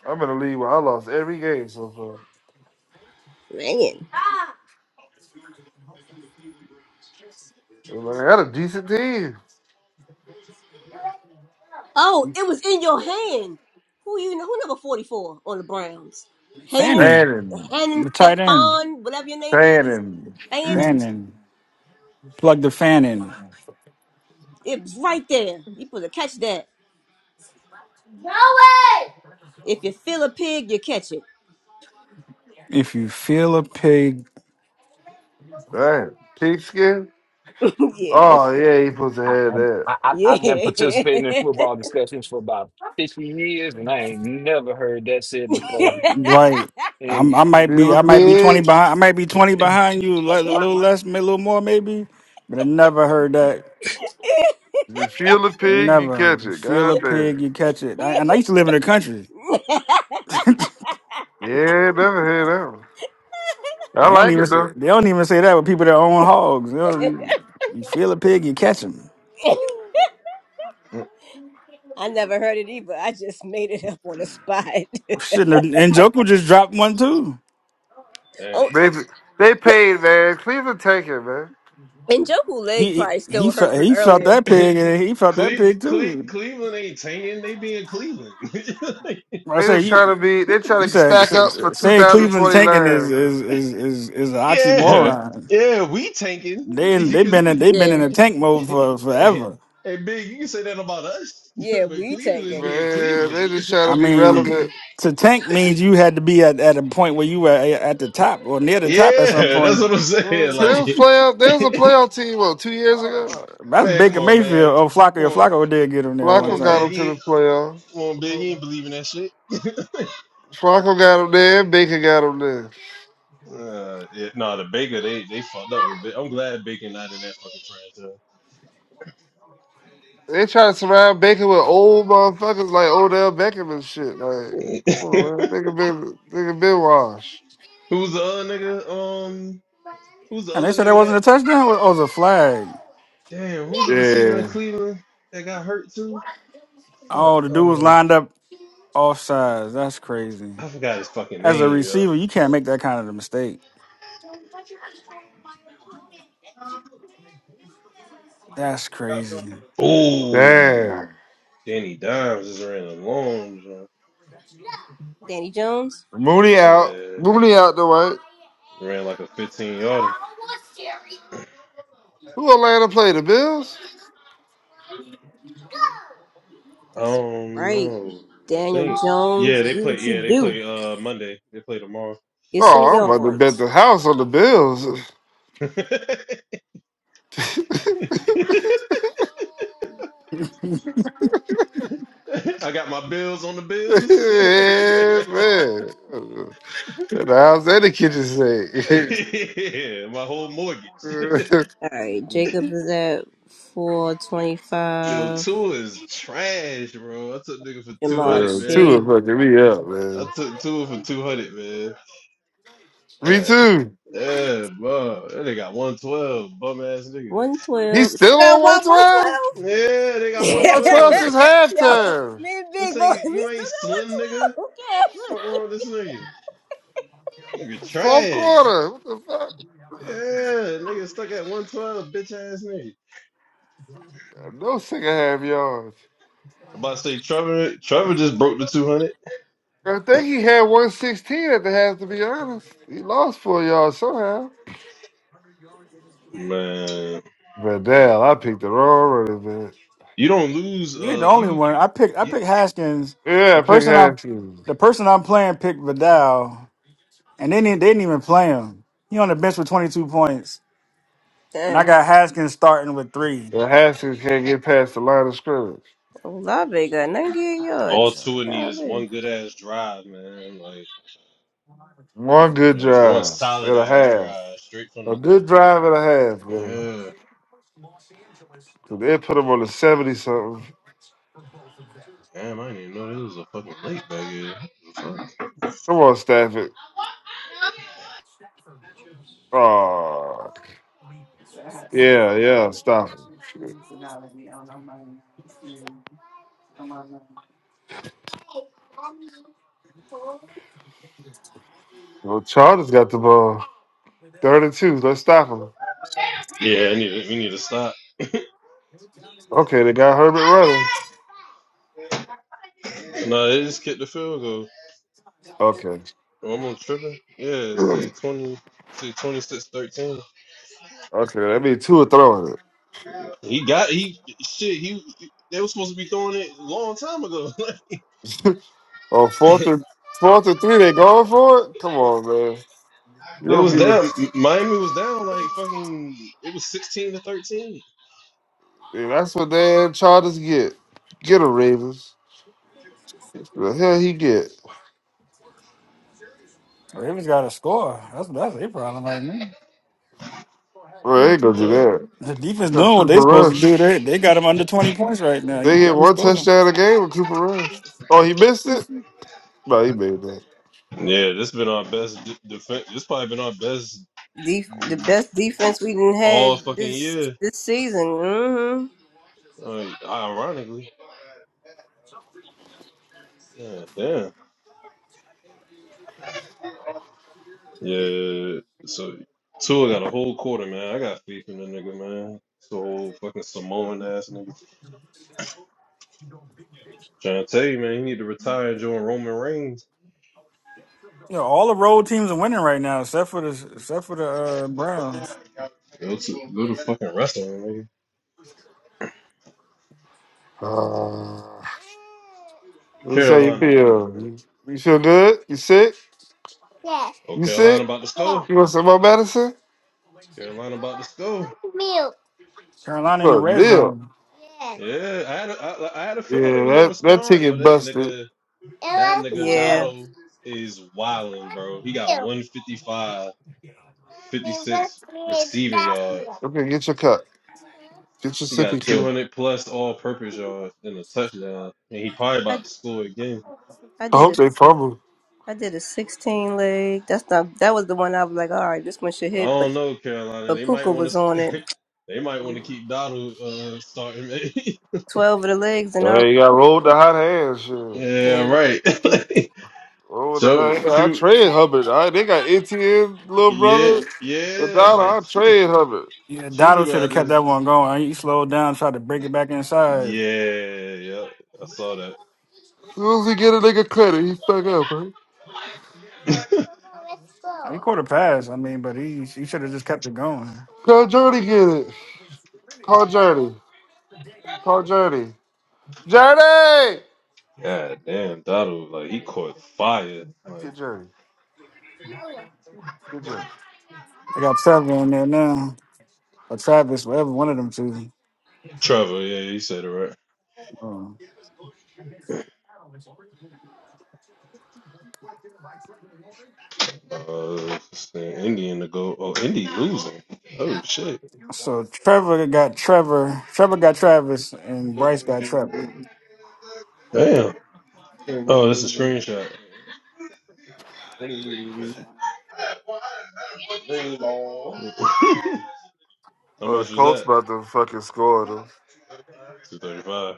F: I'm in the lead where I lost every game so far.
A: man.
F: And I had a decent team.
A: Oh, it was in your hand. Who you know? Who number forty four on the Browns?
D: Fannin,
F: Fanning.
D: the
A: Hen
D: tight end.
A: Fon, whatever your name,
F: Fanning.
D: Fannin, plug the fan in.
A: it's right there. You put to catch that. If you feel a pig, you catch it.
D: If you feel a pig,
F: Damn. Pigskin?
A: yeah,
F: Oh yeah, he supposed to
C: I,
F: have that.
C: I, I- I've been
A: yeah.
C: participating in football discussions for about 50 years, and I ain't never heard that said before.
D: right?
C: And
D: I'm, I might be,
F: Feel
D: I
F: the
D: might be twenty
F: pig?
D: behind. I might be twenty behind you, li- a little less, a little more, maybe. But I never heard that.
F: If you feel the pig, you
D: Never
F: catch it.
D: feel a
F: God damn.
D: pig, you catch it. I, and I used to live in the country.
F: Yeah, never hear that one. I
D: they don't
F: like
D: even,
F: it
D: say-
F: though.
D: they don't even say that with people that own hogs. You, know, you you feel a pig, you catch 'em.
A: I never heard it either. I just made it up on the spot.
D: Shit, and and Joker just dropped one too.
G: Damn.
A: Oh,
F: They they paid, man. Cleveland take it, man.
A: and Joku
D: He
A: leg
D: he
A: probably
D: he
A: still hurt
D: felt,
A: from
D: he felt that
A: earlier.
D: pig, and he felt that
G: Cle-
D: pig
G: Cle-
D: too.
G: Cleveland ain't tanking. They being Cleveland. Like,
D: I
F: They
D: say
F: just trying
D: you
F: to be they
D: you
F: trying to
D: said
F: stack up for
D: saying Cleveland
F: 2029,
D: tanking is is
F: man.
D: is is, is an
G: yeah,
D: oxymoron.
G: yeah, we tanking.
D: They
G: You
D: they've
G: can
D: been in,
G: say,
D: they've been in
A: Yeah,
D: a tank mode for
G: hey,
D: forever.
G: hey, big, you can say that about us,
A: yeah,
G: but
A: we
G: Cleveland
A: tanking.
G: is being
F: Man,
G: Cleveland.
F: they just trying
D: I
F: to be
D: mean,
F: relevant.
D: to tank means you had to be at, at a point where you were a- at the top or near the top at some
G: yeah, that's
D: point.
G: what I'm saying.
F: Mm, They
G: Like,
F: was playoff. They was a playoff team what two years ago.
D: Uh, That's
G: man, come
D: Baker
G: on,
D: Mayfield
G: man,
D: or
G: come
D: Flacco.
G: on,
D: Flacco did get him there
G: come
D: one
F: Flacco
G: on,
F: got them
G: big,
D: time,
G: you
F: to the
G: ain't-
F: playoff.
G: come on, big, you ain't believing that shit.
F: Flacco got them there. Baker got them there.
G: Uh, yeah, no, the Baker, they they fucked up with. Big. I'm glad Baker not in that
F: They try to surround Baker with old motherfuckers like Odell Beckham and shit. Like,
G: fucking
F: come
G: franchise.
F: on, man. Nigga been, nigga been washed.
G: Who's the other nigga? Um, who's the
D: and they
G: other
D: said that
G: nigga
D: wasn't a touchdown. It was a flag.
G: Damn, who's the receiver in
F: Yeah.
G: Cleveland that got hurt too? Fuck.
D: Oh, the dude was
G: Um,
D: lined up off sides. That's crazy.
G: I forgot his fucking
D: As a
G: name, yo.
D: receiver, you can't make that kind of a mistake. That's crazy.
G: Oh,
F: Damn.
G: Danny Dimes just ran a long jump.
A: Danny Jones,
F: Mooney out.
G: Yeah,
F: Mooney out the way.
G: ran like a 15 yarder.
F: Who Atlanta play? The Bills?
G: I don't
A: right?
G: know. I
A: Daniel
G: think. Yeah,
A: Jones,
G: they
A: do
G: play.
A: what you
G: Yeah, they
A: do.
G: play. Uh, Monday. They play tomorrow.
F: Oh, I'm about to bet the house on the Bills.
G: I got my bills on the bills.
F: yeah, man. The house and the kitchen
G: yeah, my whole
F: sink.
G: mortgage.
A: All right, Jacob is at four
G: Yo,
A: twenty-five.
G: two is trash, bro. I took nigga for
A: Jamal.
G: two hundred,
F: Bro, Two are
G: man.
F: fucking me up,
G: I
F: man.
G: took two for 200, man.
F: Me
G: Yeah,
F: too.
G: yeah, bro. Yeah, They got 112, bum ass nigga.
A: 112.
F: He's still on 112?
G: Yeah, they got
F: What's else is
G: 112.
F: halftime?
A: Me and
G: This
A: Big Boy,
G: ain't,
A: we
G: you
A: still
G: ain't slim, nigga.
A: got 112. Okay.
G: Fuck wrong with this nigga? Nigga
F: It's fourth
G: trash.
F: quarter. What the fuck?
G: Yeah, nigga stuck at 112, bitch ass nigga.
F: No single half yards.
G: I'm about to say, Trevor, Trevor just broke the 200.
F: I think he had 116 at the half, to be honest. He lost four yards somehow.
G: Man,
F: But damn, I picked the wrong running back.
G: you don't lose,
D: You ain't the
G: uh,
D: only
G: you,
D: one. I picked I
G: you
D: picked Haskins.
F: Yeah,
D: The
F: I picked
D: person I
F: Haskins.
D: the person I'm playing picked Vidal, and they didn't they didn't even play him. He on the bench with 22 points, and I
A: Dang.
D: got Haskins starting with three.
F: And Haskins can't get past the line of scrimmage.
A: Olave got 98
G: all
A: yards.
G: Tua need is
A: Golly.
G: one good ass drive, man. Like,
F: One good
G: there's one
F: drive
G: solid
F: and a
G: ass
F: half.
G: drive straight
F: A
G: from
F: good drive and a half,
G: the.
F: man.
G: yeah.
F: 'Cause They put him on the 70 something.
G: Damn, I didn't even know there was a fucking lake back here. What the Fuck.
F: Come on, Stafford. Oh, yeah, yeah, stop him. Shit. Well, Charles got the ball. Third and two. Let's stop him.
G: Yeah, I need to, we need to stop.
F: Okay, they got Herbert running.
G: No, they just kicked the field goal.
F: Okay.
G: Oh, I'm on tripping. Yeah, say twenty, say twenty six thirteen.
F: Okay, that means two are throwing
G: He got he shit. He they were supposed to be throwing it a long time ago.
F: it. On fourth and fourth and three, they going for it? Come on, man. You
G: they
F: don't
G: was
F: be the
G: down. Miami was down like fucking. It was sixteen to thirteen.
F: Yeah, that's what damn Chargers get. Get a Ravens. The hell he get.
D: Ravens got to score. That's that's their problem right now.
F: Well, they ain't gonna do
G: Uh,
F: that.
D: The
F: They
D: defense
F: got
D: doing what they
F: Cooper
D: supposed to do.
F: Rush.
D: They they got him under 20 points right now. You
F: They get
D: got to
F: one
D: score.
F: touchdown a game with Cooper Rush. Oh, he missed it? No, he made that.
G: yeah, this been our best d- defense. This probably been our best
A: Def- the best defense we done had
G: all fucking
A: this
G: year.
A: this season. hmm
G: Like, ironically. Yeah, damn. Yeah, so Tua got a whole quarter, man. I got faith in the nigga, man. So whole fucking Samoan ass nigga. Trying to tell you, man, he need to retire and join Roman Reigns.
D: You know, all the road teams are winning right now, except for the except for the uh, Browns.
G: Go to go to fucking wrestling, nigga.
F: Uh,
G: What
F: let me see how you
G: Carolina doing,
F: feel.
G: man?
F: You you feel good? You sick?
G: Oh,
F: You
G: Carolina
F: sick?
G: about to score.
F: You want some more medicine?
G: Carolina about to score.
F: You
D: Carolina in the
F: want a
D: red
F: meal?
D: zone.
G: Yeah, I had a, I, I had a
F: Yeah,
G: feeling they was gonna
F: that, that
G: respond. Yo,
F: ticket
G: that
F: busted.
G: nigga, that nigga Dotto is wilding, bro. He got one fifty five, fifty six receiving yards.
F: Okay, get your cup. Get your
G: He got
F: sippy cup.
G: 200 plus all-purpose yards and a touchdown, and he probably
A: I
G: about to score again.
F: I hope they fumble.
A: I did a 16 leg. That's not that was the one I was like, all right, this one should
G: I
A: hit, but
G: don't know, Carolina.
A: but
G: They might
A: Puka
G: want
A: was on it.
G: to. they might want to keep Donald uh, starting. Maybe.
A: 12 of the legs and I
F: Hey, you got rolled the hot hand, shit.
G: yeah,
A: dead. on
G: right.
A: Puka.
F: Roll with the
G: so,
F: hot hand. I
G: Chu,
F: trade Hubbard. I, they got ATN, little
G: yeah,
F: brother. And
G: yeah,
F: now
G: like
F: I trade Hubbard.
D: Yeah,
G: Chu
D: Dotto
G: going go
D: should have
G: out
D: kept
G: this.
D: that one going. He slowed down, tried to break it back inside.
G: Yeah, yeah, I saw that.
F: As soon as he get a nigga credit, he fuck up, man.
D: He caught a pass. I mean, but he he should have just kept it going.
F: Call Journey get it. Call Journey. Call Journey. Journey!
G: God damn, Donald, like he caught fire,
F: Get
G: like.
F: Journey. Get Journey.
D: They got Trevor in there now, or Travis, whatever one of them two.
G: Trevor, yeah, he said it right.
D: Um,
G: Uh, it's the Indian to go. Oh, Indy losing. Oh shit!
D: so Trevor got Trevor. Trevor got Travis, and Bryce got Trevor.
G: Damn. Oh, that's a screenshot. How
F: Oh, the
G: much was
F: Colts
G: that?
F: about to fucking score, though.
G: Two thirty-five.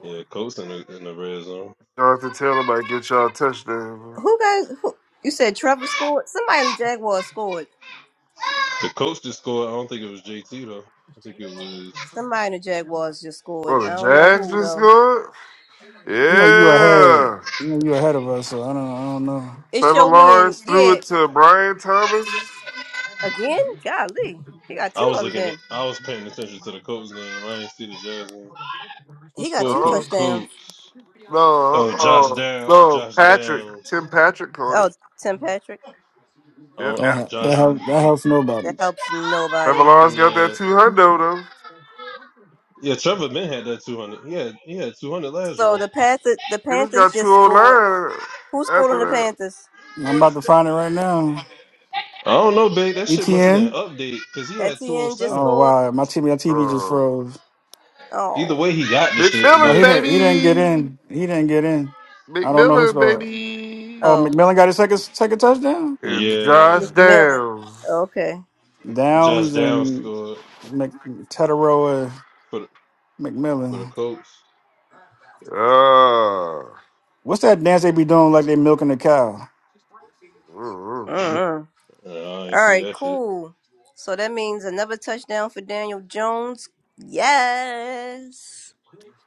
G: Yeah, Colts in the in the red zone.
F: Jonathan Taylor might get y'all a touchdown. man.
A: Who guys? Who, you said Trevor scored. Somebody in the Jaguars scored.
G: The Colts just scored. I don't think it was JT though. I think it was.
A: Somebody in the Jaguars just scored.
F: Oh, the Jags just scored?
D: You know, you ahead.
F: Yeah.
D: You know, you ahead of us. So I don't. I don't know.
F: Trevor Lawrence threw it to Brian Thomas.
A: Again? Golly. He got
G: I
A: two
G: was
A: of them
G: looking. At,
A: then.
G: I was paying attention to the Colts game. I didn't see the Jazz game. Who
A: He got
G: scored
A: two
G: for the
F: Oh,
A: touchdowns.
G: Colts?
F: no.
G: Oh, Josh
F: Oh,
G: Down,
F: no.
G: Josh
F: Patrick. Tim
G: Downs.
F: Patrick caught it.
A: Oh, Tim Patrick.
F: Yep.
G: Oh,
D: Don't, that
G: Josh.
D: helps. that helps
A: That
D: nobody.
A: helps nobody.
F: Trevor Lawrence got that
G: Yeah,
F: 200, though.
G: yeah. Trevor Min had that two hundred. Yeah, he had two hundred last
A: So
G: round.
A: the Panthers, the
F: He
A: Pan-
F: just got 209
A: who's
F: after that.
A: Panthers?
D: I'm about to find it right now.
G: I don't know, big. That shit must have been an
D: ETN.
G: update because he had two hundred
A: Etienne just
G: seven.
D: Oh
A: scored?
D: wow, my TV, my TV just
F: Oh.
D: froze.
G: Either
A: Oh.
G: way, he got the
D: No,
F: McMillan,
D: he
G: shit.
D: didn't. He didn't get
F: baby.
D: in. He didn't get in. I don't know who
F: McMillan,
D: scored.
F: baby.
D: Oh,
A: Oh.
D: McMillan got his second second touchdown.
G: But
F: And Josh
G: yeah,
F: Downs.
A: Okay.
G: Josh
D: Downs
G: Downs
D: and
G: scored
D: Mc, Teteroa
G: for the, for the
D: McMillan.
G: Colts.
F: Oh.
D: What's that dance they be doing like they milking a cow?
A: Mm-mm.
G: I ain't
A: All
G: see
A: right,
G: that shit.
A: cool. So that means another touchdown for Daniel Jones. Yes.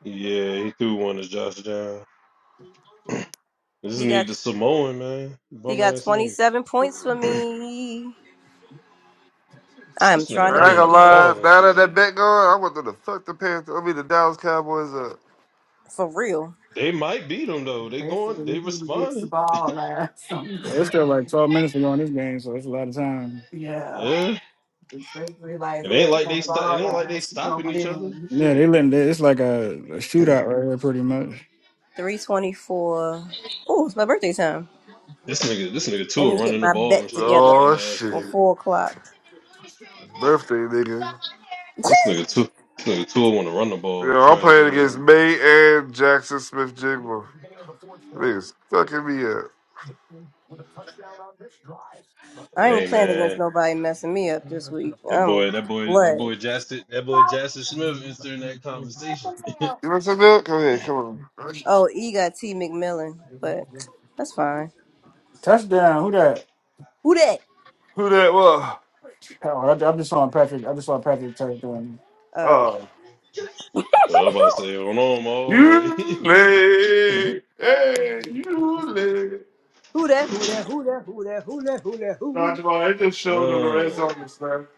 G: Yeah, he threw one to Josh Downs. This
A: He got
G: need the Samoan man,
A: he
G: bum
A: got
G: ass nigga.
A: 27 points for me. I'm
G: This nigga
A: trying to
F: I ain't
G: running the
F: gonna lie.
G: ball and
F: Now that
G: shit.
F: that bet gone, I want them to fuck the Panthers. I mean the Dallas Cowboys up.
A: for real.
G: They might beat them though. They going. They responding.
D: Something. Well, it's still like twelve minutes to go in this game, so it's a lot of time.
G: Yeah. It ain't like they stop. It ain't like they stopping each other.
D: Yeah,
G: Shit.
D: they letting they- it's like a, a shootout right here, pretty much.
A: 324. Oh, it's my birthday time.
G: This nigga. This nigga
A: Let
G: Tua
A: me get
G: running the
A: my
G: ball
A: bet
G: and shit. Bum
F: Oh
G: ass
F: shit!
G: nigga.
A: four o'clock.
F: It's birthday, nigga.
G: This nigga Tua. This nigga Tua want to run the
F: You
G: ball.
F: know I'm
G: Trash
F: playing
G: ass
F: against
G: nigga.
F: May and Jackson Smith Jigma. Niggas fucking me up.
A: I ain't
G: Hey
A: playing against
G: man.
A: nobody messing me up this week.
G: That boy,
A: I'm
G: that boy, that
A: glad.
G: boy Justin, that boy Justin Smith entering that conversation.
F: You want some milk? Come here, come on.
A: Oh, E got T McMillan, but that's fine.
D: Touchdown. Who that?
A: Who that?
F: Who that was?
D: Oh, I, I just saw Patrick. I just saw Patrick touchdown.
F: Oh,
G: well, I'm about to say, hold on, Mo.
F: you
G: Like,
F: lay, hey, you lay.
A: Who that? Who that?
F: Nah, Jamal, I just showed on the red
G: uh,
F: zone this time.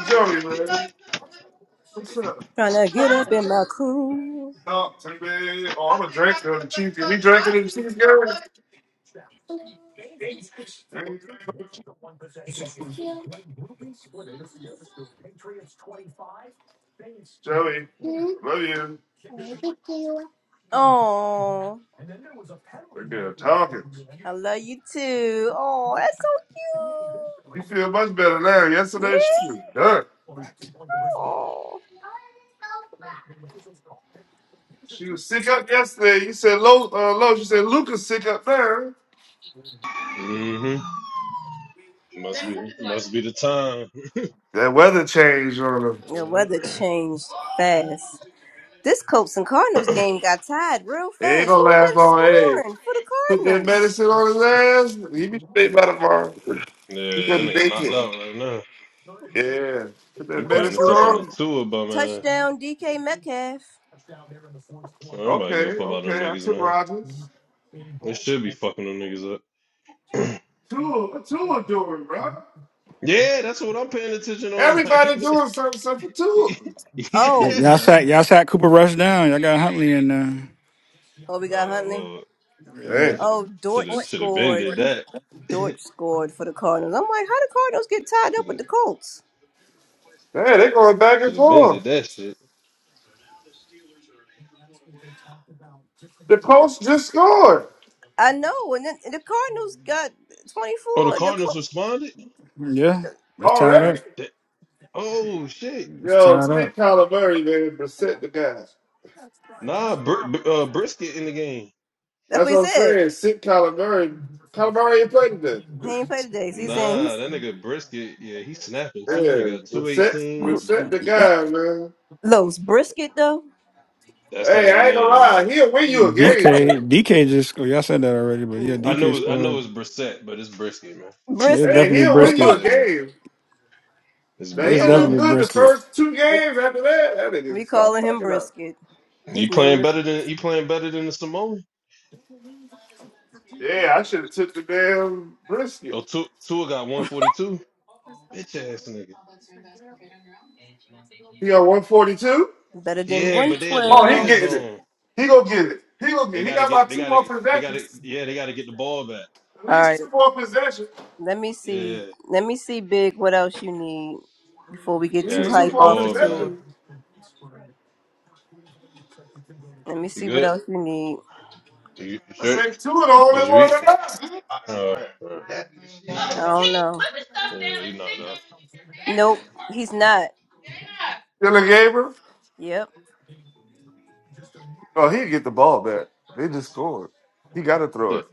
F: Joey, man, what's up?
A: Trying to get up in my crew.
F: Talk to me. Oh, I'm a drinker of the cheese. If we drinking in the cheese girl, Ain't drinking. Joey, love you.
A: Oh,
F: That girl talking.
A: I love you too. Oh, that's so
F: You feel much better now.
A: cute.
F: Yesterday she was done.
A: Yeah. Oh,
F: She was sick up yesterday. You said low, uh, low. You said Luca's sick up there.
G: mm-hmm. Must Then be Curtis like, must be the time.
F: That weather change on him.
A: The
G: yeah,
A: weather changed fast. This Colts and Cardinals game got tied real
F: He
A: fast
F: ain't gonna last long. Hey,
A: for the card.
F: put that medicine on his ass. He be straight by tomorrow. He
G: Yeah, that
F: gonna
G: nigga
F: make
G: knocked
F: it.
G: out right now.
F: Yeah, put that
G: I'm paying
F: medicine
G: attention to
F: on. him.
G: two of them, man.
A: Touchdown, DK Metcalf.
G: Well, Nobody give a
F: Okay,
G: fuck about them
F: okay. I
G: niggas,
F: took
G: man.
F: Rogers.
G: They should be fucking them niggas up.
F: Two, two doing, bro.
G: yeah, that's what I'm paying attention on.
F: Everybody
G: Like,
F: doing something simple too.
D: Like,
A: Oh,
D: y'all
G: yeah.
D: sat. Y'all sat Cooper Rush down. Y'all got Huntley in there.
A: oh, we got
G: Oh
A: Huntley.
G: lord,
D: yeah,
F: Hey,
G: should have
A: Oh,
G: should have
A: Dortch
G: should have been
A: scored.
G: did that.
A: Dortch scored for the Cardinals. I'm like, how the Cardinals get tied up
G: should
A: with
G: have
A: the Colts?
F: hey, they're going back
G: should
F: and
G: have been did
F: forth.
G: that shit.
F: The post just scored
A: I know, and then and the Cardinals got
G: Oh, the
A: 24. The
G: Cardinals
A: Colts,
G: responded.
D: yeah. It's tied up.
F: already.
G: That, oh shit.
D: It's
F: Yo,
D: tied
F: sit
D: up.
F: Kyler Murray, man, but sit the guys.
G: Nah, Br- Br- uh, brisket in the game.
F: That's what I'm saying. Sit Kyler Murray. Kyler Murray ain't playing today.
A: he ain't played today. So he's saying
G: Nah,
A: he's
G: that nigga Brisket, yeah, he's snapping too.
F: Yeah,
G: Nigga, got
F: but
G: two
F: set,
G: eighteen.
F: but set the guy, man.
A: Los Brisket though.
G: That's that
F: Hey, I
G: nigga
F: ain't gonna
G: name,
F: lie,
G: man.
F: he'll win you a game, man.
D: DK. DK just scored. Y'all said that already, but yeah,
A: Yeah,
G: I
D: DK
G: know it's I know
D: scored.
G: it's Brissett, but it's Brisket, man.
D: It's
A: Brisket
F: Hey,
D: definitely
F: he'll win you a
D: brisket.
G: Yeah,
F: game.
G: it's
F: Now
D: It's
F: he'll
G: Brisket,
F: do
D: definitely
G: man.
F: good the
D: brisket.
F: first two games. After that, that nigga stop
A: calling him
F: fucking up.
A: Brisket.
G: You
A: His name
G: playing
A: is
G: better than you
A: Brisket.
G: playing better than the Samoan?
F: Yeah, I should have took the damn
G: Oh,
F: brisket.
G: Tua Tua got one forty two. Bitch ass nigga.
F: He got 142.
A: better than
G: Yeah, but they had the
A: 112.
F: Oh, he
G: red
F: getting it.
G: zone.
F: He gonna get it. He gonna get
G: They
F: it. He
G: gotta
F: got
G: get.
F: about
G: They
F: two
G: gotta.
F: more
G: They gotta.
F: possessions.
G: Yeah, they gotta get the ball back.
F: At
A: All
F: least
A: right,
F: two more possessions.
A: let me
G: Yeah,
A: see. Let me see, Big. What else you need before we
F: At
A: get? To,
G: gotta
F: least two
G: get the
F: more
G: ball back.
F: possessions.
A: let me
G: You
A: see what
G: good?
A: else you need.
G: You you
F: I
G: sure?
F: think two of the only
G: Did you
F: one that matters.
G: eat?
A: I
G: Oh, can
A: don't
G: you
A: know.
G: put the stuff Yeah, down he and knocked sit down out. and get
A: Nope, he's not.
F: Dylan Gabriel.
A: Yep.
F: Oh, he get the ball back. They just scored. He gotta
G: your
F: throw
G: hair done?
F: it.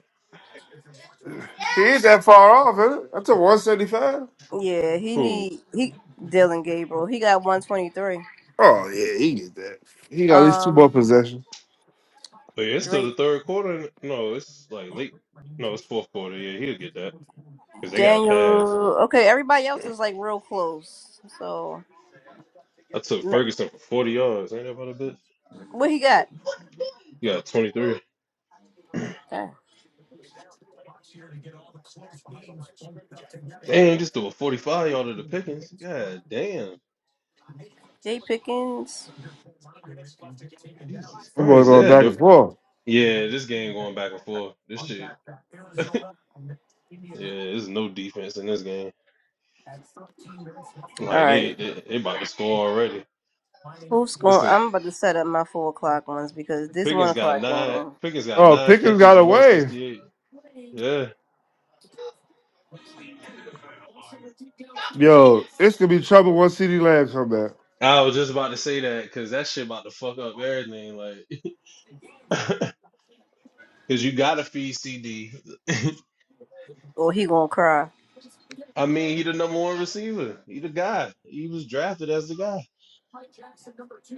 F: He ain't that far off, is it? That's a 175.
A: Yeah, he
G: The- Who?
A: need he Dylan Gabriel. He got one twenty three.
F: Oh yeah, he get that. He got at least two more possessions.
G: Wait, it's still
A: Drake
G: the third quarter. No, it's like late. No, it's fourth quarter. Yeah, he'll get that because they got a pass.
A: Daniel. Okay, everybody else is like real close. So
G: I took
A: ma-
G: Ferguson for forty yards. Ain't that about a bitch?
A: what he got?
G: You got twenty three.
A: Dang.
G: Damn, just threw a forty five yard to the Pickens. God damn,
A: Jay Pickens.
G: Jesus
F: I'm going
G: Christ.
F: going
G: Yeah,
F: back and
G: dude.
F: forth.
G: yeah. This game going back and forth. This shit. Yeah, there's no defense in this game.
A: All
G: Like they,
A: right.
G: they, they about to score already.
A: Who's
G: This
A: going?
G: is
A: I'm about to set up my four o'clock ones because this one
G: Pickens got
A: o'clock
G: nine.
A: game,
G: Pickens got
F: Oh,
G: nine
F: Pickens got
G: catches, one
F: away.
G: sixty eight. Yeah,
F: Yo, it's gonna be trouble once CD Lamb come back.
G: I was just about to say that because that shit about to fuck up everything. Like, because you gotta feed CD.
A: or he gonna cry.
G: I mean, he the number one receiver. He the guy. He was drafted as the guy.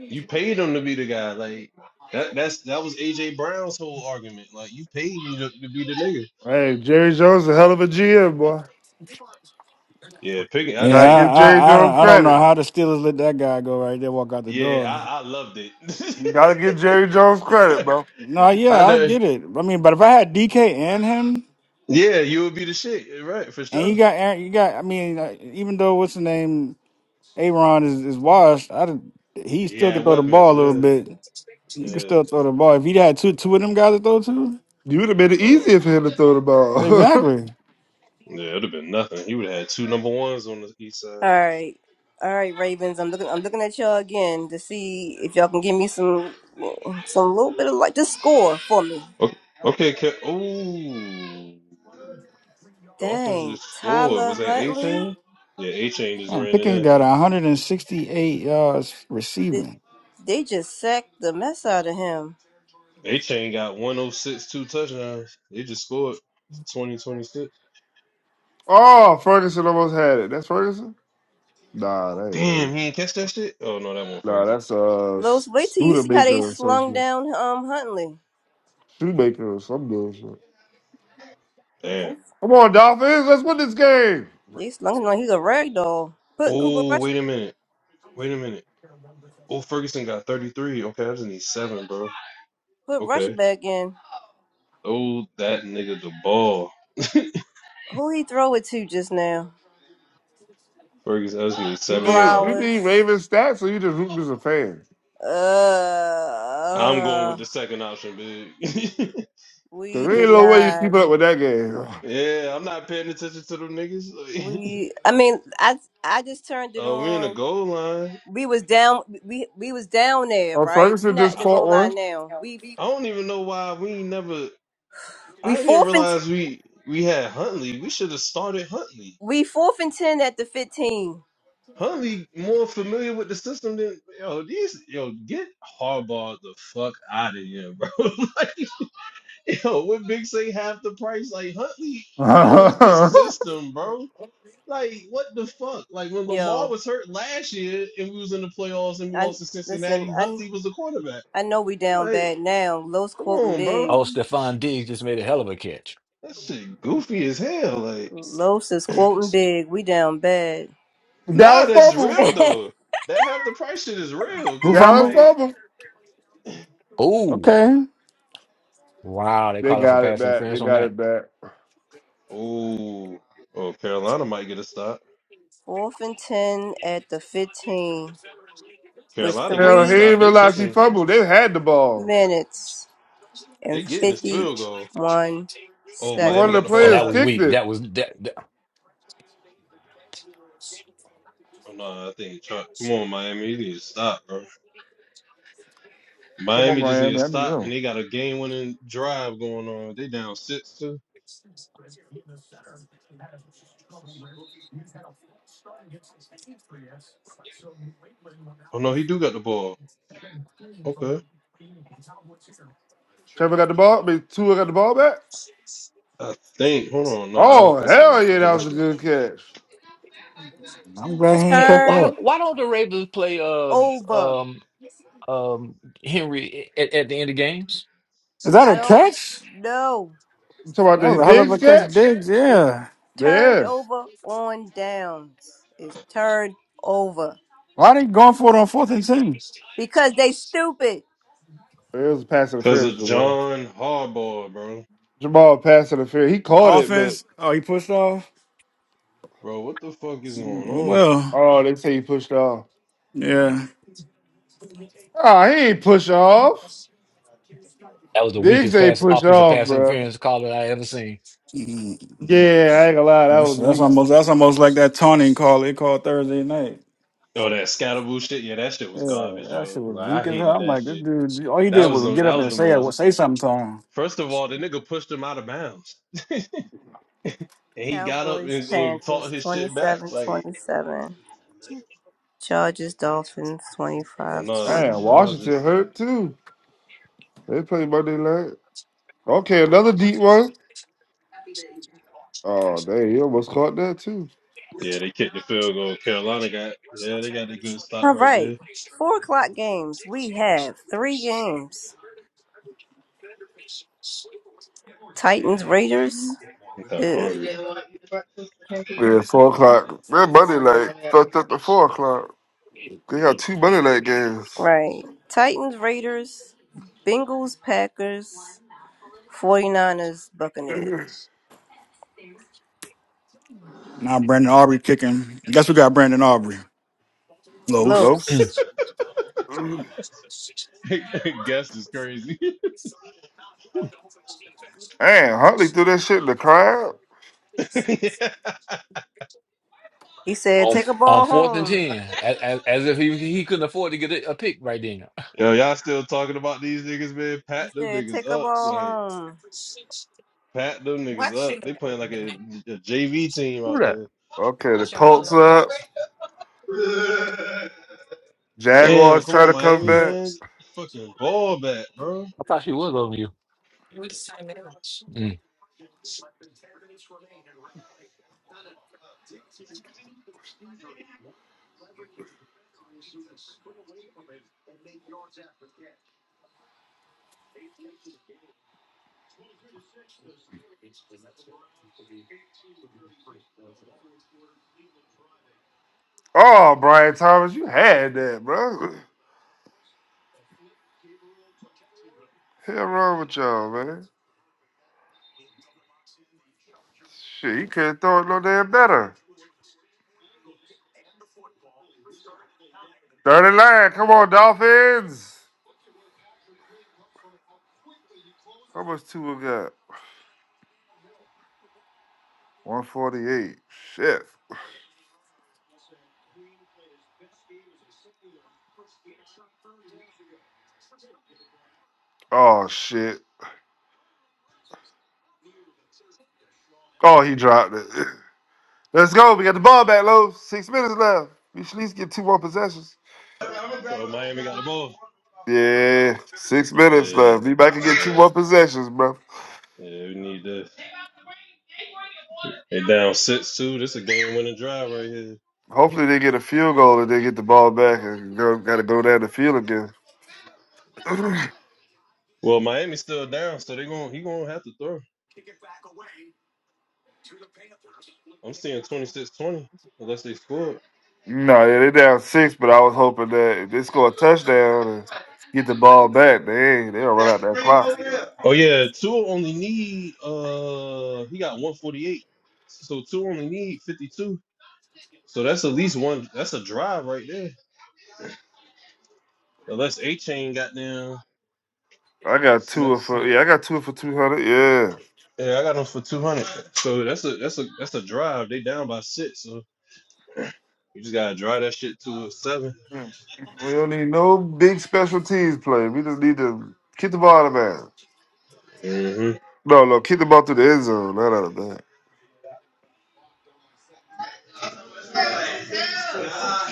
G: You paid him to be the guy. Like that. That's that was AJ Brown's whole argument. Like you paid me to, to be the nigga.
F: Hey, Jerry Jones, a hell of a GM, boy.
G: Yeah, Pickens. I
D: Yeah,
G: just
F: Gotta
G: hate.
D: I,
F: give
G: I,
D: I,
F: Jerry Jones
D: I, I don't know
F: credit.
D: how the Steelers let that guy go right there, walk out the
G: yeah,
D: door.
G: I, I loved it.
F: You gotta give Jerry Jones credit, bro.
D: No,
G: I
D: yeah, I
G: know.
D: get it. I mean, but if I had DK and him,
G: Yeah, you would be the shit. Right for
D: and you
G: sure.
D: got Aaron, you got. I mean, uh, even though what's the name? Aaron is, is washed. I didn't, he still
G: Yeah,
D: can throw the ball
G: weapons.
D: a little
G: Yeah,
D: bit. He can
G: yeah.
D: still throw the ball. If he had two two of them guys to throw to,
F: You would have made it
G: Oh,
F: easier for him to throw the ball.
D: exactly.
G: yeah. It'd have been nothing. He would have had two number ones on the east side.
A: All right, all right, Ravens. I'm looking. I'm looking at y'all again to see if y'all can give me some, some little bit of like just score for me.
G: Okay, okay. Ke- Ooh, Dolphins
A: Dang,
G: just scored.
A: Tyler
G: Was that A
A: Huntley.
G: chain? Yeah, A chain just
D: Man,
G: ran in
D: Pickens
G: there.
D: got 168 yards
A: They,
D: receiving.
A: they just sacked the mess out of him.
G: A chain got one oh six two touchdowns. They just scored 20 26.
F: oh, Ferguson almost had it. That's Ferguson? Nah, that ain't
G: Damn, he
F: Ferguson.
G: ain't catch that shit? Oh, no, that one
F: Nah,
G: Ferguson.
F: that's uh
A: Los, wait till
F: Studebaker or
A: you
F: some
A: slung
F: shit.
A: down um Huntley.
F: Shoemaker or some bullshit.
A: They,
G: Damn.
F: Come on, Dolphins, let's win this game.
A: they slung him like he's a rag doll. Put Cooper
G: Oh,
A: Rush
G: wait a minute. Wait a minute. Oh, Ferguson got 33. Okay, I just need seven, bro.
A: put Rush
G: Okay.
A: back in.
G: Throw that nigga the ball.
A: Who he throw it to just now?
G: Ferguson, I just need
F: You
G: seven
F: need you
G: yards.
F: need Ravens stats or you just root as a fan.
A: Uh,
G: I'm going
A: uh
G: with the second option, big.
A: we
F: Cause there ain't no way you keep up with that game.
G: yeah, I'm not paying attention to them niggas.
A: we I mean I I just turned it
G: uh, we're in the
A: on.
G: goal line.
A: We was down we we was down there right
F: Uh, Ferguson just
G: I,
F: caught
A: now. We
G: I don't even know why we ain't never.
A: we
G: I didn't
A: fourth and t-
G: realize we we had Huntley. We should have started Huntley.
A: we fourth and ten at the fifteen.
G: Huntley more familiar with the system than yo. These yo get Harbaugh the fuck out of here, bro. Like Yo, what Big say half the price? Like Huntley knows the
F: one.
G: system, bro. Like what the fuck? Like when Lamar
A: Yo,
G: was hurt last year and we was in the playoffs and we
A: I
G: lost to
A: listen.
G: Cincinnati,
A: I
G: Huntley was the quarterback.
A: I know we down
G: Like,
A: bad now. Los
G: come
A: quoting
G: on,
A: big.
G: bro.
C: oh, Stephon Diggs just made a hell of a catch.
G: That shit goofy as hell. Like,
A: Los is quoting big. We down bad.
G: nah,
F: Dallas
G: that's real though. That half the price shit is real
D: Who
G: because it's
F: Dallas,
D: fumbled?
G: like,
C: Ooh,
D: Okay.
C: wow! They
F: they
C: called him for
F: got it
C: pass
F: back. They
C: interference on
F: got
C: that.
F: it back.
G: oh, oh, Carolina might get a stop.
A: Fourth and ten at the fifteen with three
G: Carolina get
F: Hell, he
G: this
F: didn't
G: stop. They
F: realize he
G: kicking.
F: fumbled. They had the ball.
A: minutes
G: They
A: and
G: getting this
A: fifty
G: field goal.
A: one
G: Oh,
A: seconds.
G: Miami
F: One of the
G: got the
C: Oh,
G: ball
F: players
C: that
G: back.
C: was
F: kicked
C: weak.
F: it.
C: That was that. that-
G: Oh, no, I think Chuck. Come on, Miami, you need to stop, bro.
F: Come on,
G: Miami just need to
F: Miami. I need to
G: stop, and
F: know.
G: they got a game-winning drive going on. They down six too. Oh no, he do got the ball. Okay,
F: Trevor got the ball. Maybe Tua got the ball back.
G: I think. Hold on, no, I don't
F: Oh,
G: think so.
F: hell
G: I
F: yeah.
G: think
F: That
G: my
F: was a
G: shit.
F: good catch.
D: I'm glad he ain't
C: Hey,
D: catch
C: Why
D: that.
C: don't
A: Turn
C: Why don't the Ravens play uh,
A: over.
C: um um Henry at, at the end of games?
D: Is that a
A: I don't
D: catch?
A: know.
F: You talking about
D: That
F: the
D: was a hell of
F: Diggs
D: a catch,
F: catch?
D: Diggs.
A: They
D: Yeah.
F: Yeah.
A: over on downs is turned over
D: Why they going for it on fourth and ten?
A: because they stupid.
F: It was a pass
G: Cause
F: interference,
G: of
F: Jamal.
G: John Harbaugh, bro.
F: Jamal pass interference. He caught it, but
D: Offense. Oh, he pushed off.
G: Bro, what the fuck is going
D: Mm,
G: on?
D: Well,
F: oh, they say he pushed off.
D: yeah.
F: Oh, he ain't push off.
C: That was the
F: Diggs
C: weakest
F: ain't
C: pass
F: push
C: offensive
F: off,
C: pass
F: bro.
C: interference call that I ever seen.
D: Mm,
F: Yeah, I ain't gonna lie. That
D: That's,
F: was
D: that's
F: weak.
D: almost that's almost like that taunting call they called Thursday night.
G: Oh, that scatterboo shit. Yeah, that shit
D: Yeah,
G: was garbage,
D: that
G: yo.
D: shit was
G: Like
D: weak
G: I
D: as hell.
G: hated
D: I'm
G: that
D: like, this
G: shit.
D: dude, all he
G: That
D: did
G: was
D: was
G: the
D: get
G: that
D: up
G: was
D: and
G: the
D: say
G: most.
D: say something to him.
G: First of all, the nigga pushed him out of bounds, and he got up
A: Cowboys,
G: and, and talked
A: Panthers,
G: his
A: twenty
G: shit back.
A: seven
G: Like
A: twenty seven. 27. Chargers, Dolphins,
G: I
A: 25
G: know the
F: Man, Washington
G: Chargers. uh,
F: hurt too. They played Monday night. Okay, another deep one. Oh, dang, he almost caught that too.
G: Yeah, they kicked the field goal. Carolina got. Yeah, they got a good stop
A: All
G: right
A: right.
G: there.
A: Four o'clock games. We have three games. Titans,
G: Mhm.
A: Raiders.
G: I'm kind of
A: Ugh.
G: hungry.
F: Yeah, four o'clock. That Monday night fucked up to four o'clock. They got two Monday night games.
A: Right. Titans, Raiders, Bengals, Packers, 49ers, Buccaneers.
D: Now Brandon Aubrey kicking. Guess we got Brandon Aubrey. Los.
A: Look,
F: Hello? Man,
G: Guess is crazy.
F: Huntley threw that shit in the crowd.
G: Yeah.
A: he said,
C: on
A: take a
C: on
A: ball
C: fourth and
A: home.
C: ten, as, as, as if he he couldn't afford to get a, a pick right then.
G: Yo, y'all still talking about these niggas, man?
A: He
G: Pat them
A: said,
G: niggas
A: take a
G: up,
A: ball
G: like
A: home.
G: pat them niggas up. They playing like a, JV team out there.
F: Okay, the Colts up.
G: Damn,
F: Jaguars
G: come
F: trying
G: on,
F: to come
G: Miami,
C: Mm.
F: back.
G: man. Fucking ball back, bro.
C: I thought she was over you. Mm.
F: Oh, Brian Thomas, you had that, bro. Hell wrong with y'all, man. Shit, you could not throw it no damn better. 39, come on, Dolphins. How much two we got? 148. Shit. Oh shit. Oh, he dropped it. Let's go. We got the ball back, low. Six minutes left. We should at least get two more possessions.
G: Oh, Miami got the ball.
F: Yeah, six
G: Oh
F: minutes
G: yeah.
F: left. Be back and get two
G: Yeah.
F: more possessions, bro.
G: Yeah, we need this. They down six two. This a game winning drive right here.
F: Hopefully they get a field goal and they get the ball back and go, gotta go down the field again.
G: Well, Miami's still down, so they going he gonna have to throw. I'm seeing twenty six twenty unless they score.
F: No, yeah, they down six, but I was hoping that if they score a touchdown and get the ball back, they ain't, they don't run out that clock.
G: Oh yeah, two only need uh he got 148. So two only need 52. So that's at least one that's a drive right there. Unless A chain got down
F: I got two for yeah, I got two for two hundred. Yeah.
G: Yeah, I got them for two hundred. So that's a that's a that's a drive. They down by six, so you just gotta drive that shit to a 7
F: Mm. We don't need no big special teams play. We just need to kick the ball out of bounds.
G: Mm-hmm.
F: No, no, kick the ball through the end zone, not out of bounds.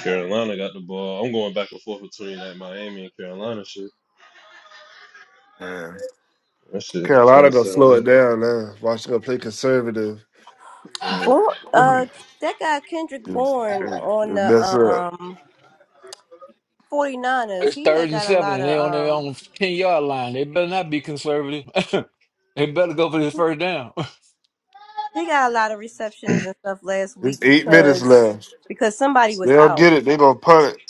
G: Carolina got the ball. I'm going back and forth between that Miami and Carolina shit.
F: Man,
G: That shit
F: Carolina
G: twenty
F: gonna slow
G: seven.
F: it down now. Washington gonna play conservative.
A: Born, uh, that guy Kendrick
F: It's- it-
A: Bourne on
F: it That's up.
A: um 49ers,
C: It's
A: he
C: third
A: had
C: and
A: got a
C: seven,
A: lot
C: and they
A: of
C: on their
A: um
C: own ten yard line. They better not be conservative. they better go for this first down.
A: he got a lot of receptions and stuff last week
F: It's eight minutes left.
A: because somebody was
F: They will get it. They gonna punt it.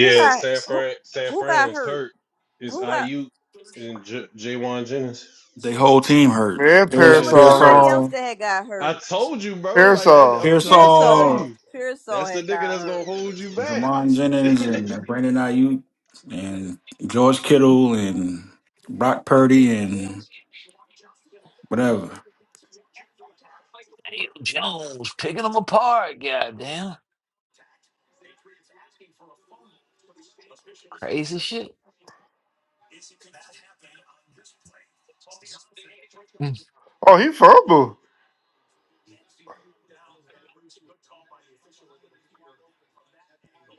A: who got
G: San
A: who
G: Fran San
A: who
G: Fran
A: got
G: is
A: hurt?
G: hurt. It's
A: Who got?
G: IU and J- Jaywan Jennings.
D: They whole team hurt.
F: Man,
D: Pierce
G: Yeah,
F: Parasol hurt.
A: else
D: Pearsall
A: that had got
G: I
A: hurt?
G: told you, bro. Like that,
F: Parasol.
G: I'm trying
A: Pure
G: to tell
D: Pearsall,
A: Soul.
G: you. That's the
A: had
G: nigga
A: got
G: that's gonna
A: hurt.
G: hold you back.
D: Jamon Jennings and Brandon Ayuk and George Kittle and Brock Purdy and whatever.
C: Daniel Jones picking them apart. Goddamn. Crazy shit. Mm.
F: Oh, he fumbled.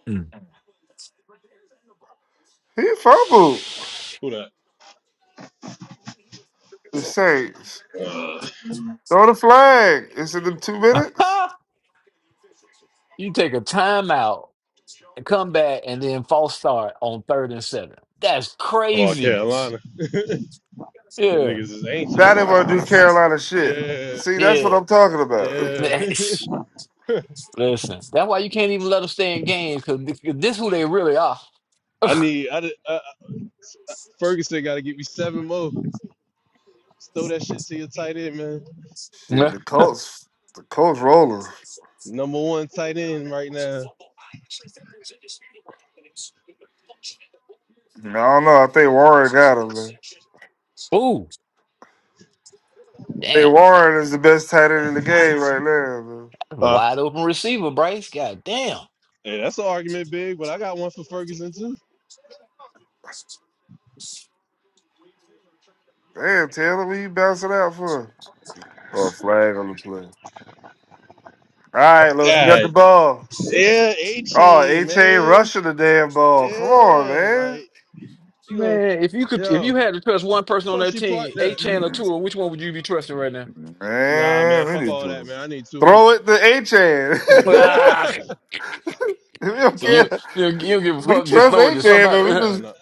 C: Mm.
F: He fumbled.
G: Who that?
F: The Saints.
G: Uh,
F: Throw the flag. It's in the two minutes.
C: you take a timeout and come back, and then false start on third and seven. That's
G: I'm out of
C: craziness.
G: Carolina. the
C: Yeah,
G: niggas is anxious.
F: Now they want to do Carolina shit.
G: Yeah,
F: See, that's what
C: yeah.
F: I'm talking about.
G: yeah.
C: Listen, that's why you can't even let them stay in games because this is who they really are.
G: I need. I, did- I I- Ferguson got to give me seven more. Just throw that shit to your tight end, man.
F: Shit, the Colts, the Colts rolling.
G: Number one tight end right now.
F: I don't know. I think Warren got him, man.
C: Ooh.
F: Hey,
C: Damn, that,
F: Warren is the best tight end in the game right now, man.
C: that's a
G: Huh?
C: wide open receiver, Bryce. God damn.
G: Hey, that's an argument, big. But I got one for Ferguson too.
F: Damn, Taylor, what you bouncing out for? Oh, a flag on the play. All right, Los, we got the
G: God,
F: ball.
G: yeah, A
F: Oh,
G: Chain,
F: H.A.
G: man.
F: rushing the damn ball. Come on,
G: Yeah,
F: man.
G: like you know,
C: Man, if you could, if
G: yo,
C: you had to trust one person on
G: fuck
C: that
G: you part
C: team, A
G: that.
C: Chan or Tua, which one would you be trusting right now?
G: Nah, man,
F: Man, we
G: fuck
F: need
G: all that,
F: to
G: man. I need two hundred.
F: throw it to H.A.
C: Ah,
F: we don't
C: So
G: Huh?
C: you,
F: care.
C: you, you don't give a
F: We
C: fuck. Just
F: trust
G: Nah.
C: throw it to
F: H.A.,
C: somebody.
F: but we
G: Yeah,
F: just
G: no.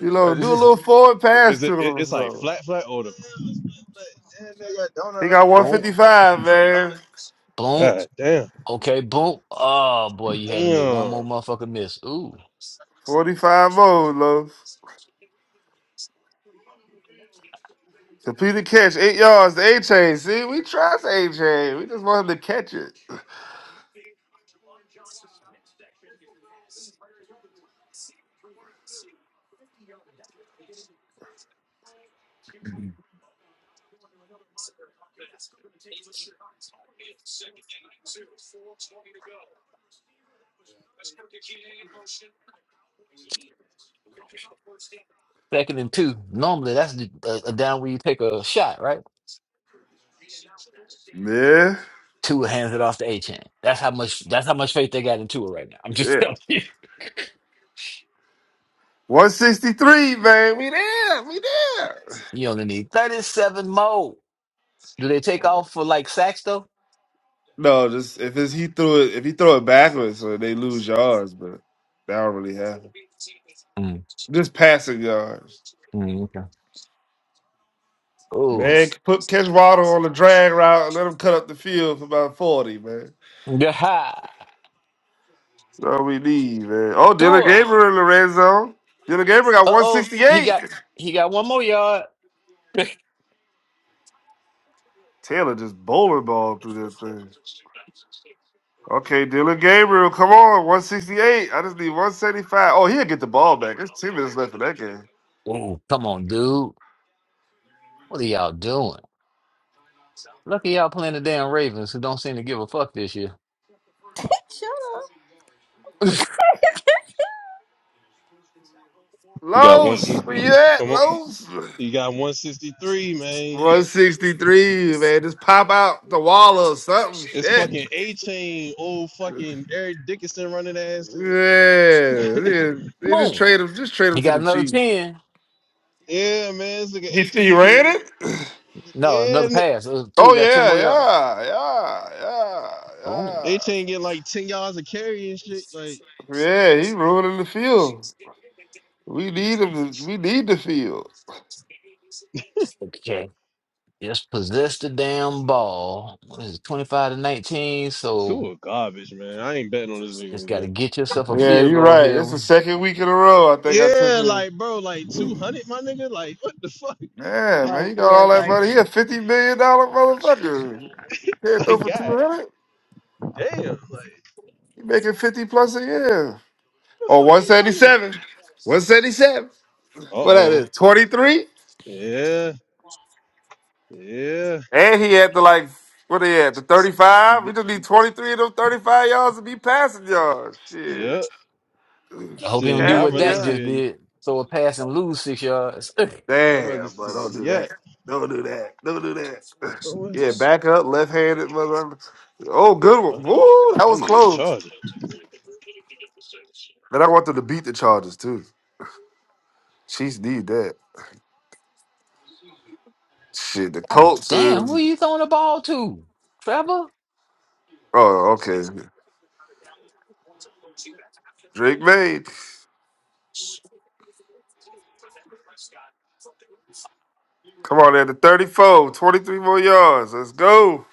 F: You
C: I
F: know, do a
C: just-
F: little forward pass
G: Is
F: to
G: it,
F: him
G: it?
F: or
G: It's like
F: something.
G: flat, flat, or the?
F: He got
C: boom,
F: 155, man.
C: boom.
G: God damn.
C: Okay, boom. Oh boy, you had to make one more
G: Damn.
C: motherfucker miss. Ooh,
F: 45 more, Los. Completed catch, eight yards to A chain. See, we trust A chain. We just want him to catch it.
C: second and two. Normally, that's the- a, a down where you take a shot, right?
F: Yeah.
C: Tua hands it off to A Chain. That's how much that's how much faith they got in Tua right now. I'm just
F: Yeah.
C: telling you.
F: 163, man. We there. We there.
C: You only need 37 more. Do they take off for like sacks though?
F: No, just if it's, he threw it, if he throw it backwards, so they lose yards, but that don't really happen.
C: Mm,
F: Just passing yards.
C: mm, okay. Oh.
F: Man, put catch water on the drag route and let him cut up the field for about 40, man.
C: Yeah.
F: So we leave, man. Oh, Dylan
C: Tua.
F: Gabriel in the red zone. Dylan Gabriel got
C: Uh oh. He
F: 168.
C: got he got one more yard.
F: Taylor just bowling ball through this thing. Okay, Dylan Gabriel, come on, 168. I just need 175. Oh, he'll get the ball back. There's 10 minutes left in that game.
C: Oh, come on, dude. What are y'all doing? Lucky y'all playing the damn Ravens who don't seem to give a fuck this year.
A: Shut up.
G: You got one. si-
F: Lowe's, where
G: Come
F: you at,
G: on.
F: Lowe's?
G: You got 163, man.
F: 163, man. Just pop out the wall or something.
G: It's
F: Shit.
G: fucking A Chain, old
F: Yeah.
G: fucking Eric Dickinson running ass.
F: yeah. They just
C: Boom.
F: trade him. Just trade him
C: He
F: to the
C: got another
F: Chiefs.
C: 10.
G: yeah, man. It's like an
F: He,
G: A
F: he
G: Chain.
F: ran it?
C: No, another
G: Yeah,
C: pass. Uh,
F: Oh
C: Tua got 10
F: yeah,
C: more yards.
F: yeah, yeah,
C: Boom.
G: A
F: yeah,
G: Chain getting like 10 yards of carry and shit. Like,
F: yeah. Yeah, he ruining the field. We need him. To, we need the field.
C: Just possess the damn ball. What is it, 25 to 19?
G: two
C: So
G: are garbage, man. I ain't betting on this nigga
C: just got to
G: again.
C: get yourself a
F: Yeah,
C: field
F: you're
C: goal
F: right.
C: here.
F: It's the second week in a row. I think I took
G: Yeah,
F: him.
G: like, bro, like 200, my nigga. Like, what the fuck?
F: Yeah, man, he got all that money. He a fifty million dollar motherfucker. Can't throw
G: Like,
F: for
G: God
F: two hundred.
G: Damn, like where
F: He making fifty plus a year.
G: the
F: Or
G: fuck
F: one
G: she
F: seventy
G: partying? at?
F: seven. One seventy seven.
G: Uh
F: What that
G: oh.
F: is? Twenty three.
G: Yeah. Yeah.
F: And he had to like what he had the thirty five.
G: D-
F: We just need twenty three of those thirty five yards to be passing yards. Shit.
G: Yep.
C: I hope you don't
G: Shit,
C: do
F: Pass
G: I'd
C: what
F: me
G: rather
C: Dak
F: up.
C: just
G: see
C: did. Throw a pass and lose six yards.
G: a I'd rather
F: Damn, but
G: see a
F: don't do that.
G: yet.
F: Don't do that. Don't do that.
G: But what-
F: Yeah, back up, left handed mother. Oh, good
G: uh,
F: one. Woo, that
G: I
F: was
G: need a
F: close.
G: charger.
F: But I want them to beat the Chargers too. Chiefs need that. Shit, the
C: God
F: Colts
C: damn, who
F: is
C: are you throwing the ball to? Trevor?
F: oh, okay. Drake made. Come on, there to 34, 23 more yards. Let's go.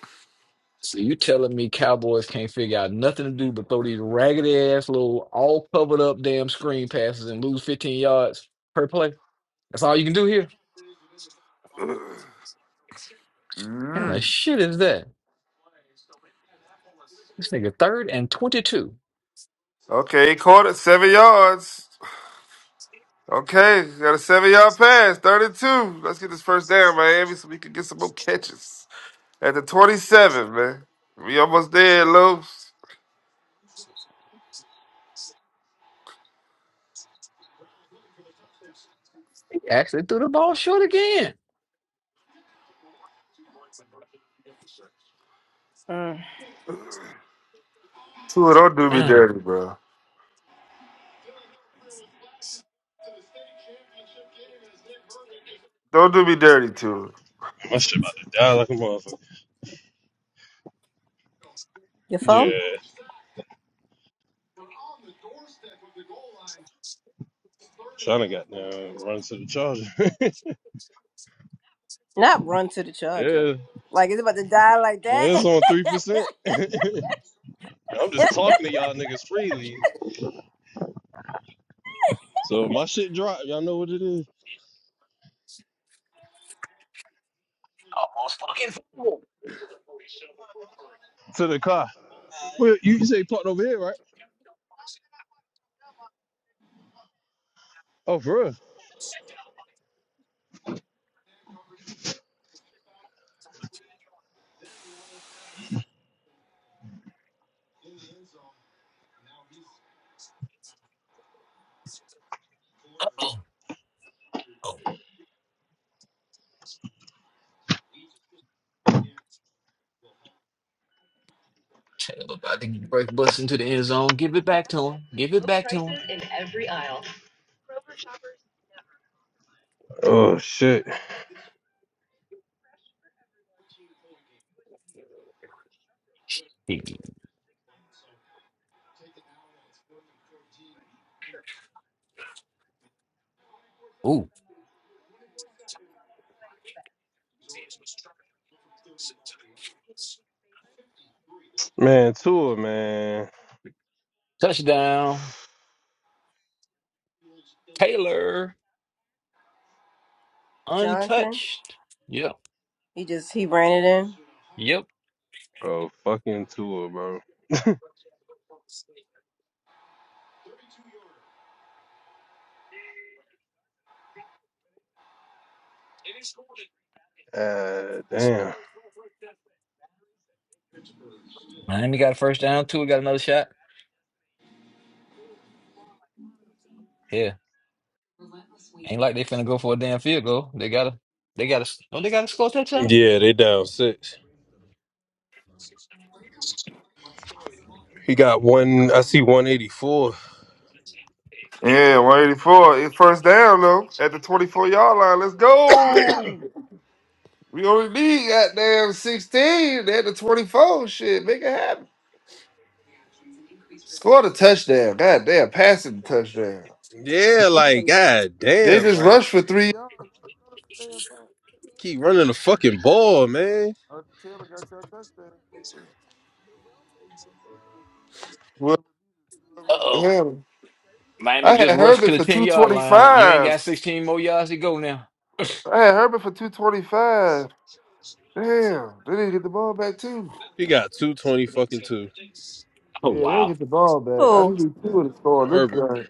C: So you telling me Cowboys can't figure out nothing to do but throw these raggedy ass little all covered up damn screen passes and lose 15 yards per play? That's all you can do here? How the
F: Mm.
C: shit is that? This nigga third and 22.
F: Okay, he caught it seven yards. Okay, got a seven yard pass, 32. Let's get this first down, Miami, so we can get some more catches. At the 27, man. We almost there, Lopes.
C: He actually threw the ball short again.
A: Mm.
F: Tua, don't do me
C: Mm.
F: dirty, bro. Don't do me dirty, Tua.
G: My shit about to die like a motherfucker.
A: Your
G: Yeah.
A: phone?
G: Trying to got down run to the charger.
A: Not run to the charger.
G: yeah.
A: Like, it's about to die like
G: yeah, It's
A: that?
G: on three percent. I'm just talking to y'all niggas freely. So if my shit drop, y'all know what it is.
C: Almost fucking
G: To the car. Well, you you say parked over here, right? Oh, for real?
C: f- about to break bust into the end zone. Give it back to him. Give it back to him.
G: Oh shit,
C: He- Ooh,
G: man, tour, man.
C: touchdown. Taylor
A: Jonathan?
C: untouched. Yep.
A: He just, he ran it in.
C: Yep.
G: Bro, fucking Tua, bro. Uh, damn.
C: Miami got a first down. Tua got another shot. Yeah. Ain't like they finna go for a damn field goal. They gotta they gotta oh they gotta score a touchdown.
G: Yeah, they down six. He got one. I see one eighty four.
F: Yeah, 184. It's first down, though. At the 24 yard line. Let's go. We only need goddamn 16. They at the 24. Shit, make it happen. Score the touchdown. Goddamn, passing the touchdown.
G: Yeah, like god
F: They
G: damn,
F: just
G: like
F: rushed for three yards.
G: keep running the fucking ball, man.
F: Arthur Taylor got your touchdown. Well,
C: Uh oh.
F: yeah.
C: Miami
F: I
C: just
F: had
C: rushed to
F: Herbert
C: the
F: for
C: 10 yard line. You ain't
F: 225.
C: got 16 more yards to go now.
F: I had Herbert for 225. Damn, they didn't get the ball back, too.
G: He got two twenty fucking two.
C: Oh
F: Yeah, they didn't
C: wow.
F: get the ball back. I didn't two of the score on this
G: Herbert,
F: drive.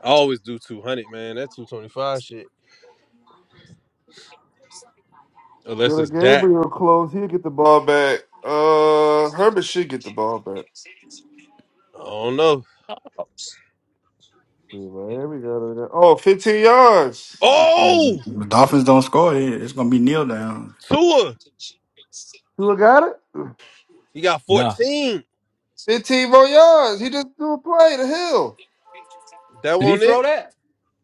G: I always do two hundred, man. That two twenty five shit, unless it's
F: Dylan
G: Dak.
F: Gabriel close. He'll get the ball back. Uh, Herbert should get the ball back.
G: I don't know.
F: See, Miami got it. Oh, fifteen yards.
G: Oh,
D: The Dolphins don't score, it- it's gonna be kneel down.
G: Tua,
F: Who got it?
G: he got
C: No.
G: fourteen.
F: 15 more yards. He just threw a play to Hill.
G: That
C: Did he
G: one it?
C: throw that?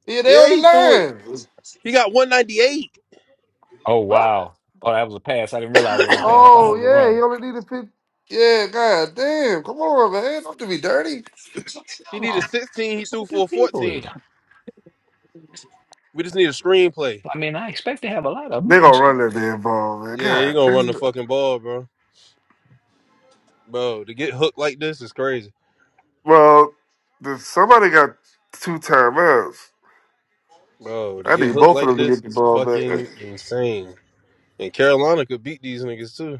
F: Yeah, they on
G: Yeah, he threw it.
F: the
G: He got one ninety eight.
C: Oh
F: line.
C: wow. Oh, that was a pass. I didn't realize it was a pass. I thought it
F: Oh
C: was a
F: yeah,
C: run.
F: he only needed fifty. Yeah, god damn. Come on, man. Don't do me dirty.
G: He needed sixteen. He threw for fourteen. We just need a screenplay.
F: They gonna run that damn ball, man.
G: Yeah, he
F: God
G: gonna run the
F: damn.
G: fucking ball, bro. Bro, to get hooked like this is crazy.
F: Well, the, somebody got two timeouts.
G: Bro, to
F: I
G: get
F: need
G: hooked
F: both of
G: like
F: them to get
G: this
F: the
G: is
F: ball back.
G: fucking insane. And Carolina could beat these niggas too.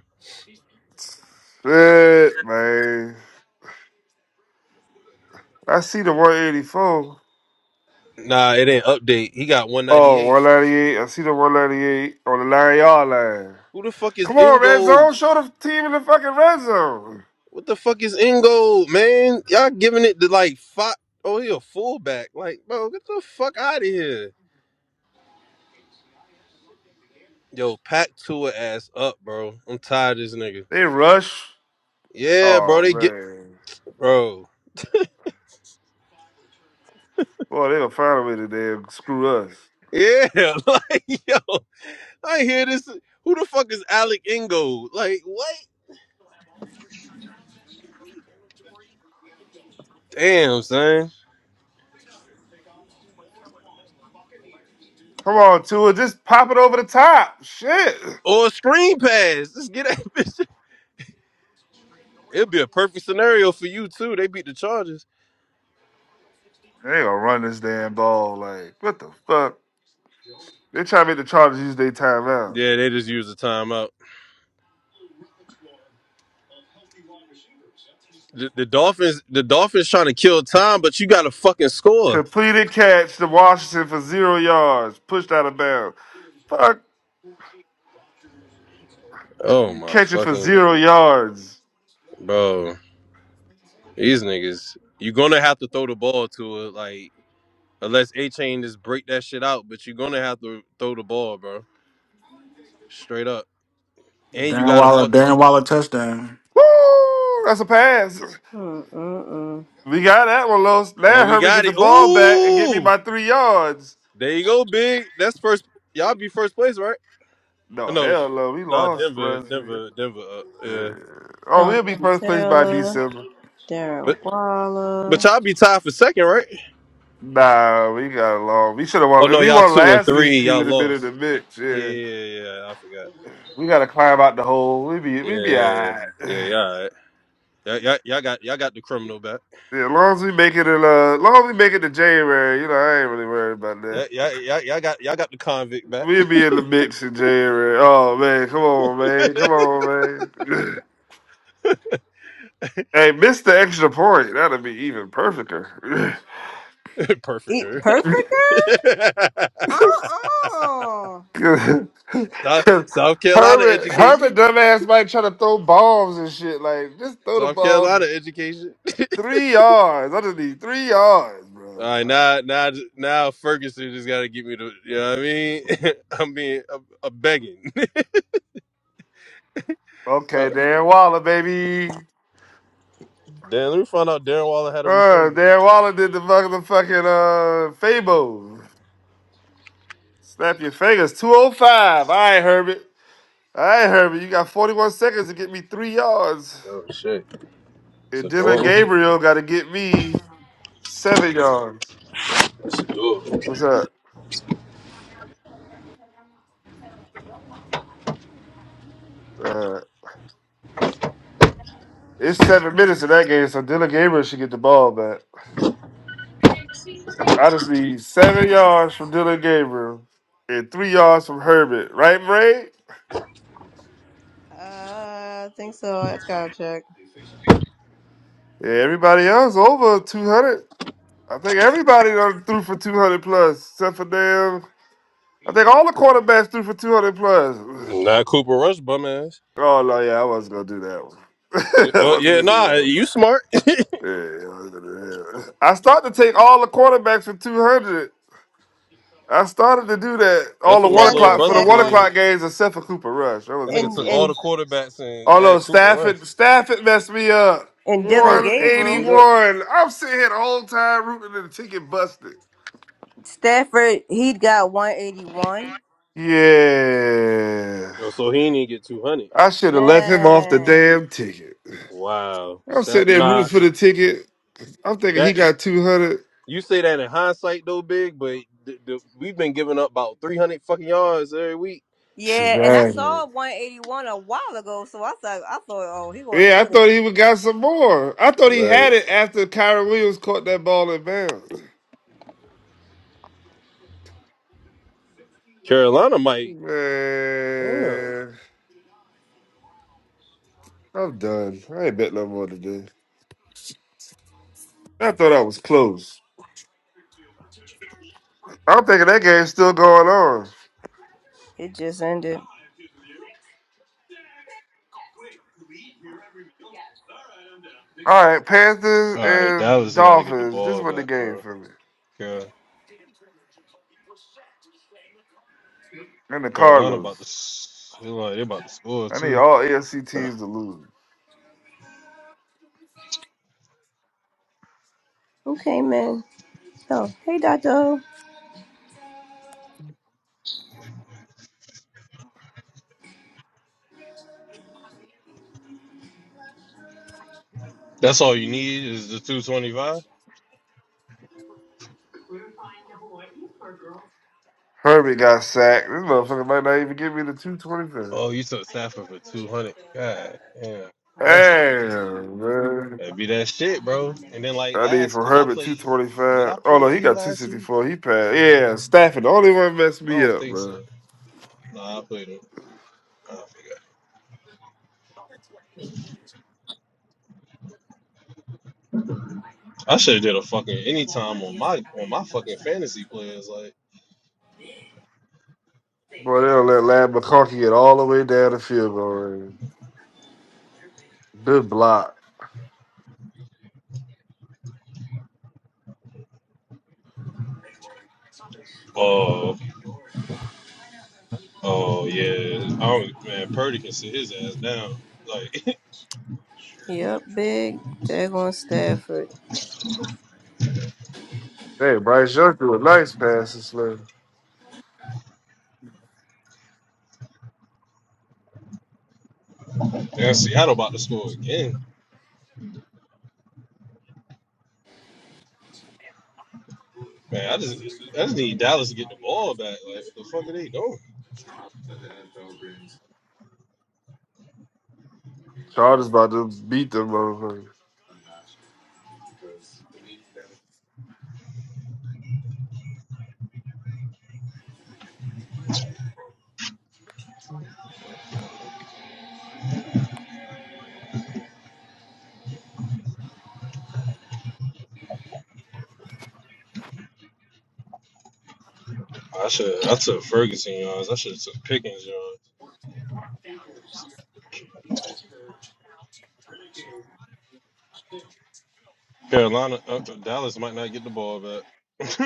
F: Shit, man. I see the 184.
G: Nah, it ain't update. He got
F: Oh,
G: 198.
F: one ninety eight. I see the 198 on the nine yard line.
G: Who the fuck is
F: Come on, red
G: Ingold?
F: zone. Show the team in the fucking red zone.
G: What the fuck is Ingold, man? Y'all giving it to like five. Oh, he a fullback. Like, bro, get the fuck out of here. Yo, pack Tua ass up, bro. I'm tired of this nigga.
F: They rush.
G: Yeah, bro,
F: Oh,
G: they get
F: man.
G: bro.
F: Boy, they gonna find a way to damn screw us.
G: Yeah, like yo, I hear this. Who the fuck is Alec Ingold? Like what? Damn, son.
F: Come on, Tua, just pop it over the top. Shit.
G: Or a screen pass. Let's get that bitch. it would be a perfect scenario for you too. They beat the Chargers.
F: They gonna run this damn ball. Like, what the fuck? They trying to make the Chargers use their timeout.
G: Yeah, they just use the timeout. The, the Dolphins, the Dolphins trying to kill time, but you got to fucking score.
F: Completed catch to Washington for zero yards. Pushed out of bounds. Fuck.
G: Oh
F: You
G: my
F: catch it for
G: fucking
F: zero
G: God.
F: yards.
G: bro, these niggas. You're gonna have to throw the ball to it, like unless A Chain just break that shit out. But you're gonna have to throw the ball, bro. Straight up. And you
D: Darren
G: got to
D: Waller,
G: fucking.
D: Darren Waller touchdown.
F: Woo! That's a pass.
A: Mm-mm-mm.
F: We got that one, Los.
G: Oh,
F: Now
G: we
F: Herbie get
G: got
F: the
G: it.
F: ball back and get me
G: Ooh,
F: my three yards.
G: there you go, big. That's first. Y'all be first place, right? Uh,
F: No,
G: No,
F: hell no. We
G: nah,
F: lost
G: Denver,
F: last week.
G: Denver, Denver. Uh,
F: Yeah.
G: yeah,
F: Oh, we'll be first place by December.
G: but
A: Darren
G: but
A: Waller.
G: y'all be tied for second, right?
F: Nah, we got along. We should have
G: Oh
F: won. If
G: no,
F: we
G: y'all
F: won
G: two and
F: last week,
G: three.
F: we would
G: Y'all
F: have been in
G: lost.
F: the mix.
G: Yeah,
F: Yeah,
G: yeah, yeah. yeah, I forgot.
F: we got to climb out the hole. We be we be
G: Yeah,
F: alright.
G: yeah, yeah. All right. Y'all, y'all, y'all got y'all got the criminal back.
F: Yeah, as long as we make it in, uh, as long as we make it to January, you know, I ain't really worried about that.
G: Y'all, y'all, y'all, y'all got y'all got the convict back.
F: We'll be in the mix in January. Oh man, come on, man, come on, man. Hey, miss the extra point. That'd be even perfecter.
G: Perfect.
A: Eat
G: girl.
A: Perfect Girl? Oh.
F: 'Cause-
G: South,
F: 'cause
G: South Carolina
F: Herbert,
G: education.
F: Herbert, dumbass might try to throw bombs and shit. Like, just throw the
G: South
F: ball.
G: Carolina education.
F: Three yards. I just need three yards,
G: All
F: bro.
G: right, now, now, now, Ferguson just got to get me to, you know what I mean? I'm being, I'm, I'm begging. uh,
F: Okay, Darren Waller, baby.
G: Dan, let me find out Darren Waller had a
F: Uh,
G: resurgence.
F: Darren Waller did the fucking, the fucking uh, Fabo. Snap your fingers. 205. All right, Herbert. All right, Herbert. You got 41 seconds to get me three yards.
G: Oh shit, it's
F: And
G: a
F: Dylan
G: door.
F: Gabriel got to get me seven yards.
G: It's a door.
F: What's up? Uh, it's seven minutes in that game, so Dylan Gabriel should get the ball back. I just need seven yards from Dylan Gabriel and three yards from Herbert. Right, Bray?
A: Uh, I think so. That's gotta check.
F: Yeah, everybody else over 200. I think everybody done threw for 200 plus, except for damn. I think all the quarterbacks threw for 200 plus.
G: Not Cooper Rush, bum ass.
F: Oh, no, yeah, I wasn't going to do that one.
G: Yeah,
F: I
G: Oh
F: wasn't
G: yeah,
F: going to do
G: nah,
F: that one.
G: you smart.
F: Yeah, I wasn't gonna do that one. I started to take all the quarterbacks for 200. I started to do that all
G: That's
F: the
G: what my
F: one
G: little
F: o'clock for the
G: brother
F: one
G: did.
F: o'clock games except for Cooper Rush. I
G: That
F: wasn't going
G: nigga
F: to
G: took
F: do
G: all
F: him.
A: And,
G: the quarterbacks and
F: Oh, no,
G: had Cooper Rush.
F: Stafford, Stafford messed me up.
G: I'm
A: and
G: like, why the fuck you do that?
F: 181. I'm sitting here the whole time rooting and the ticket busted.
A: Stafford, he got 181.
F: Yeah.
G: Yo, so he didn't get two hundred.
F: I should have left him off the damn ticket.
G: Wow,
F: I'm
G: stat,
F: sitting there rooting
G: nah,
F: for the ticket. I'm thinking
G: that.
F: he got 200.
G: You say that in hindsight though, big, but the, the, we've been giving up about three hundred fucking yards every week.
A: Yeah, and I
F: Exactly.
A: saw 181 a while ago, so I thought, I thought, oh, he gonna.
F: Yeah, I thought he would got some more. I thought he
G: Right.
F: had it after Kyron Williams caught that ball in bounds.
G: Carolina might. Damn. All
F: Man, I'm done. I ain't bet no more today. I thought I was close. I'm thinking that game's still going on.
A: It just ended.
F: All right, Panthers
G: right,
F: and
G: Dallas got to get the
F: Dolphins. This
G: ball
F: was the
G: back,
F: game
G: bro.
F: for me.
G: Car-
F: And the
G: Carolina
F: Cardinals.
G: about to, s- they like they about to score
F: I need
G: too.
F: all AFC teams to lose.
A: Okay, man. So, hey, Dr. O.
G: That's all you need is the two twenty five.
F: Herbie got sacked. This motherfucker might not even give me the 225.
G: Oh, you took Stafford for two hundred. God damn, that shit.
F: Damn, man.
G: That'd be that shit, bro. And then like
F: I need
G: last,
F: from
G: cause I
F: Herbert
G: played. Did I
F: 225. Oh,
G: play
F: no, he
G: E
F: got
G: last week?
F: 264. He passed. Yeah, Stafford, the only one messed
G: I
F: me
G: don't
F: up,
G: think so.
F: man.
G: No, I played him. I forgot. I should have did a fucking anytime on my on my fucking fantasy players. Like,
F: Boy, they don't let Lad McConkey get all the way down the field goal range. Good block.
G: oh, oh yeah, I don't, man, Purdy can sit his ass down. Like,
A: Yep, big. Dagon Stafford.
F: Hey, Bryce Young threw a nice pass this slam.
G: and Seattle about to score again. Man, I just I just need Dallas to get the ball back. Like, what the fuck are they doing?
F: Chargers about to beat them motherfuckers.
G: I should I took Ferguson yards. I should have took Pickens yards. Carolina, uh, Dallas might not get the ball back.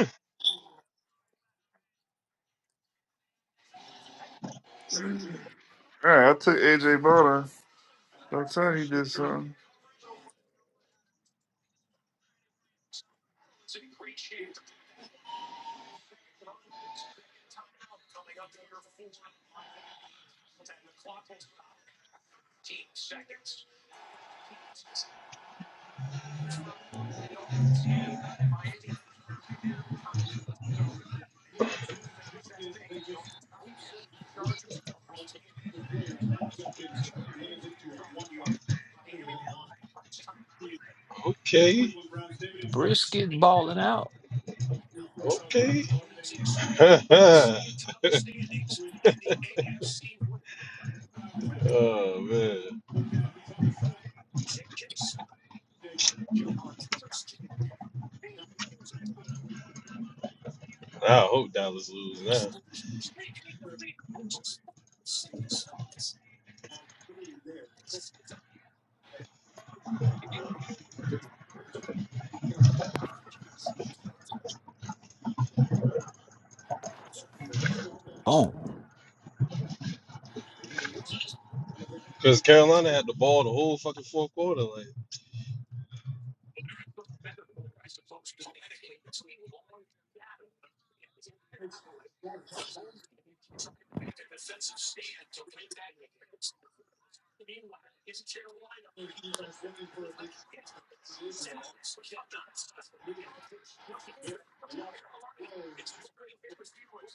F: All right, I took AJ Bonner. I'm telling
G: that
F: you, he
G: shit
F: did
G: crazy.
F: something.
G: Okay,
C: Brisket balling out.
G: okay. oh man, I hope Dallas lose now. Because Carolina had the ball the whole fucking fourth quarter. Like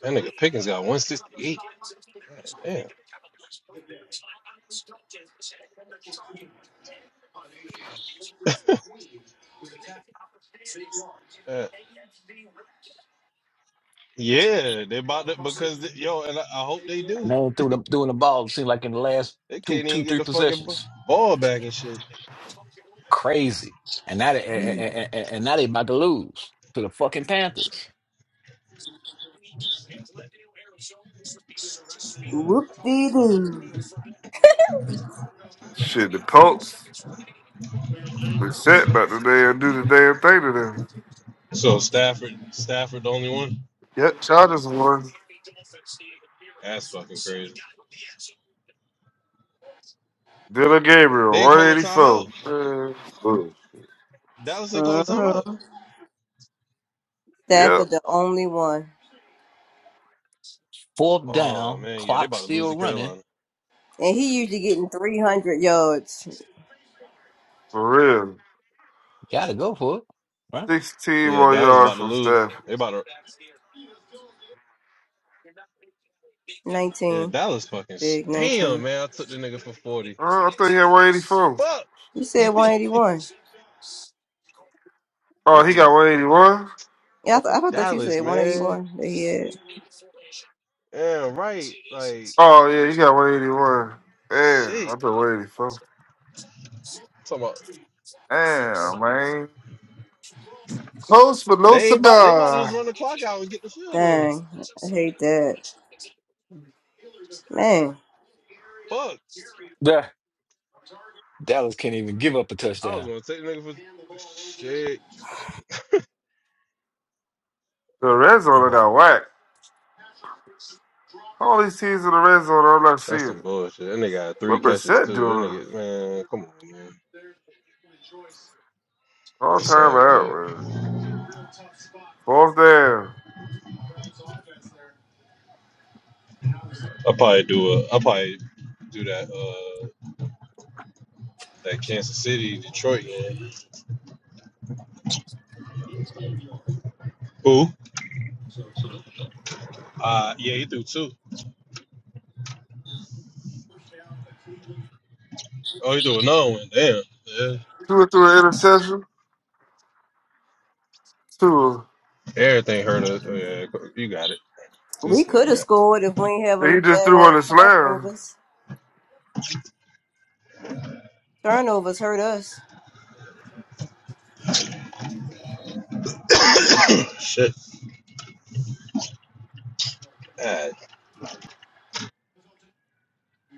G: that nigga Pickens got 168. God damn. Uh, yeah, they about to because the, yo, and I, I hope they do.
C: Man threw the doing the ball it seemed like in the last
G: They
C: two
G: can't
C: two
G: even get
C: three
G: the fucking b-
C: possessions.
G: ball back and shit.
C: Crazy. And now they and, and, and now they about to lose to the fucking Panthers.
A: Whoop-dee-doo.
F: Shit, the Colts. They set about the damn do the damn thing to them.
G: So Stafford, Stafford, the only one.
F: Yep, Chargers won.
G: That's fucking crazy.
F: Dylan
G: They
F: Gabriel,
G: ain't call a timeout.
F: 184. Man,
G: Dallas ain't call a timeout.
A: Mm-hmm.
F: Yep,
A: The only one.
C: Fourth
G: Oh
C: down,
G: man, yeah, they
C: clock
G: about to lose to
C: still running.
G: Carolina.
A: And he usually getting 300 yards.
F: for real.
C: Gotta go for it. Right?
F: 16
G: Yeah,
F: more
G: Dallas
F: yards
G: about to
F: from
G: lose.
F: Stafford.
G: They about to. Yeah,
A: 19.
G: Dallas fucking. s-
A: Big
G: Damn,
A: 19.
G: man, I took the nigga for 40.
F: Oh, I thought he had 184.
G: Fuck.
A: You said 181.
F: Oh, he got
G: fucking,
F: 181?
A: Yeah, I, th-
G: fucking
A: I thought you
G: Dallas,
A: said
G: man.
A: 181 that he had.
G: Yeah, right. Like,
F: Oh, yeah, he got 181. Damn, I
G: shit.
F: thought 184.
G: Talking about
F: Damn, man. Close but no
G: they ain't about they about to just
F: cigar.
G: run the clock out and get the field goal.
A: Dang. I hate that. Man,
G: Fuck.
C: Yeah. Dallas can't even give up a
G: I was
C: touchdown.
G: gonna take the nigga for shit.
F: The red zone done got whacked. All these teams in the red zone, I'm not
G: That's
F: seeing
G: some
F: it.
G: bullshit. That nigga got three
F: What
G: catches
F: Brissett
G: too. That
F: doing?
G: nigga, man, come on, man.
F: All
G: It's
F: time
G: all
F: out,
G: good.
F: man. Fourth down.
G: I'll probably do a I'll probably do that uh that Kansas City, Detroit game. Who? Uh yeah, he threw two. Oh, he threw another one. Damn. Yeah.
F: Two or threw an interception. Two.
G: Everything hurt us. Yeah, you got it.
A: we
G: This
A: could have
G: nigga
A: scored if we ain't not have them.
F: He just threw on the slam.
A: Turnovers hurt us.
G: got Shit. Ah.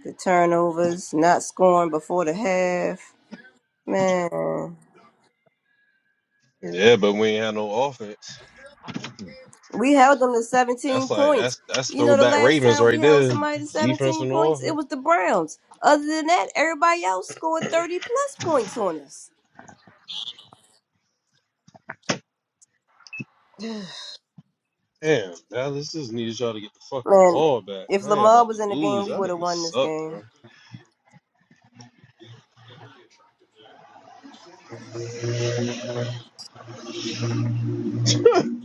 A: The turnovers, not scoring before the half. Man.
G: Yeah, but we ain't had no offense.
A: We held them to
G: That's
A: 17
G: like
A: points.
G: that's that's
A: You know, the
G: throwback
A: last
G: Ravens
A: time we
G: right
A: held
G: there.
A: somebody to
G: Defense
A: 17
G: and no
A: points, it
G: offense.
A: was the Browns. Other than that, everybody else scored 30 plus points on us.
G: Damn, Dallas just needed y'all to get the fucking
A: Man,
G: ball back.
A: if
G: Now y'all
A: Lamar
G: about to
A: was in the game,
G: lose.
A: we
G: Y'all
A: would have
G: niggas
A: won this
G: suck,
A: game.
G: bro.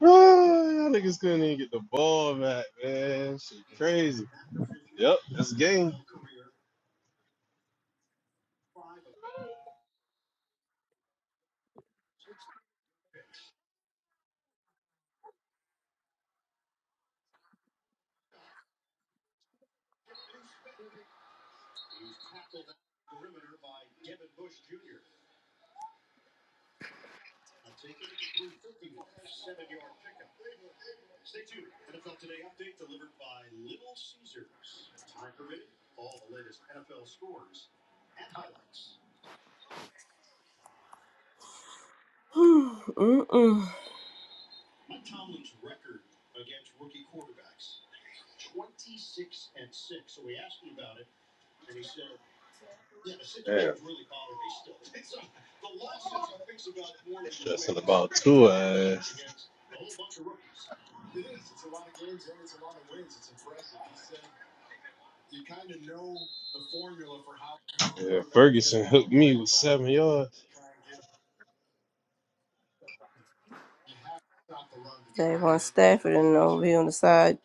G: y'all niggas couldn't even get the ball back, man. Shit crazy. Yep, that's the game.
A: Mm-mm.
G: Damn, stressing about two ass. Yeah, Ferguson hooked me with seven yards.
A: They want Stafford and over here on the side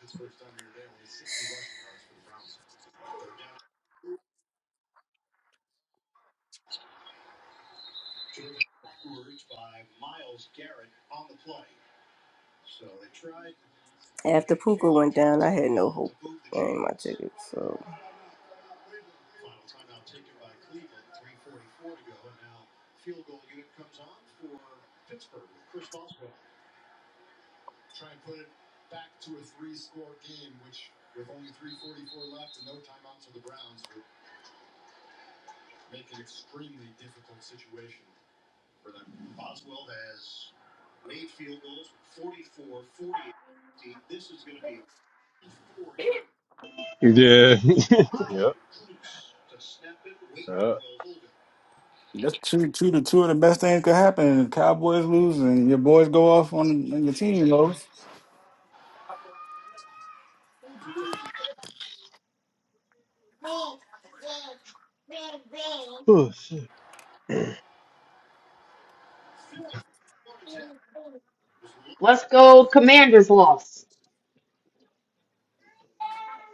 A: after Puka went down. So
G: Yeah. yep. yep.
D: That's two, two, the two of the best things could happen. Cowboys lose and your boys go off on and your team goes.
G: Oh shit.
H: Let's go, Commanders loss.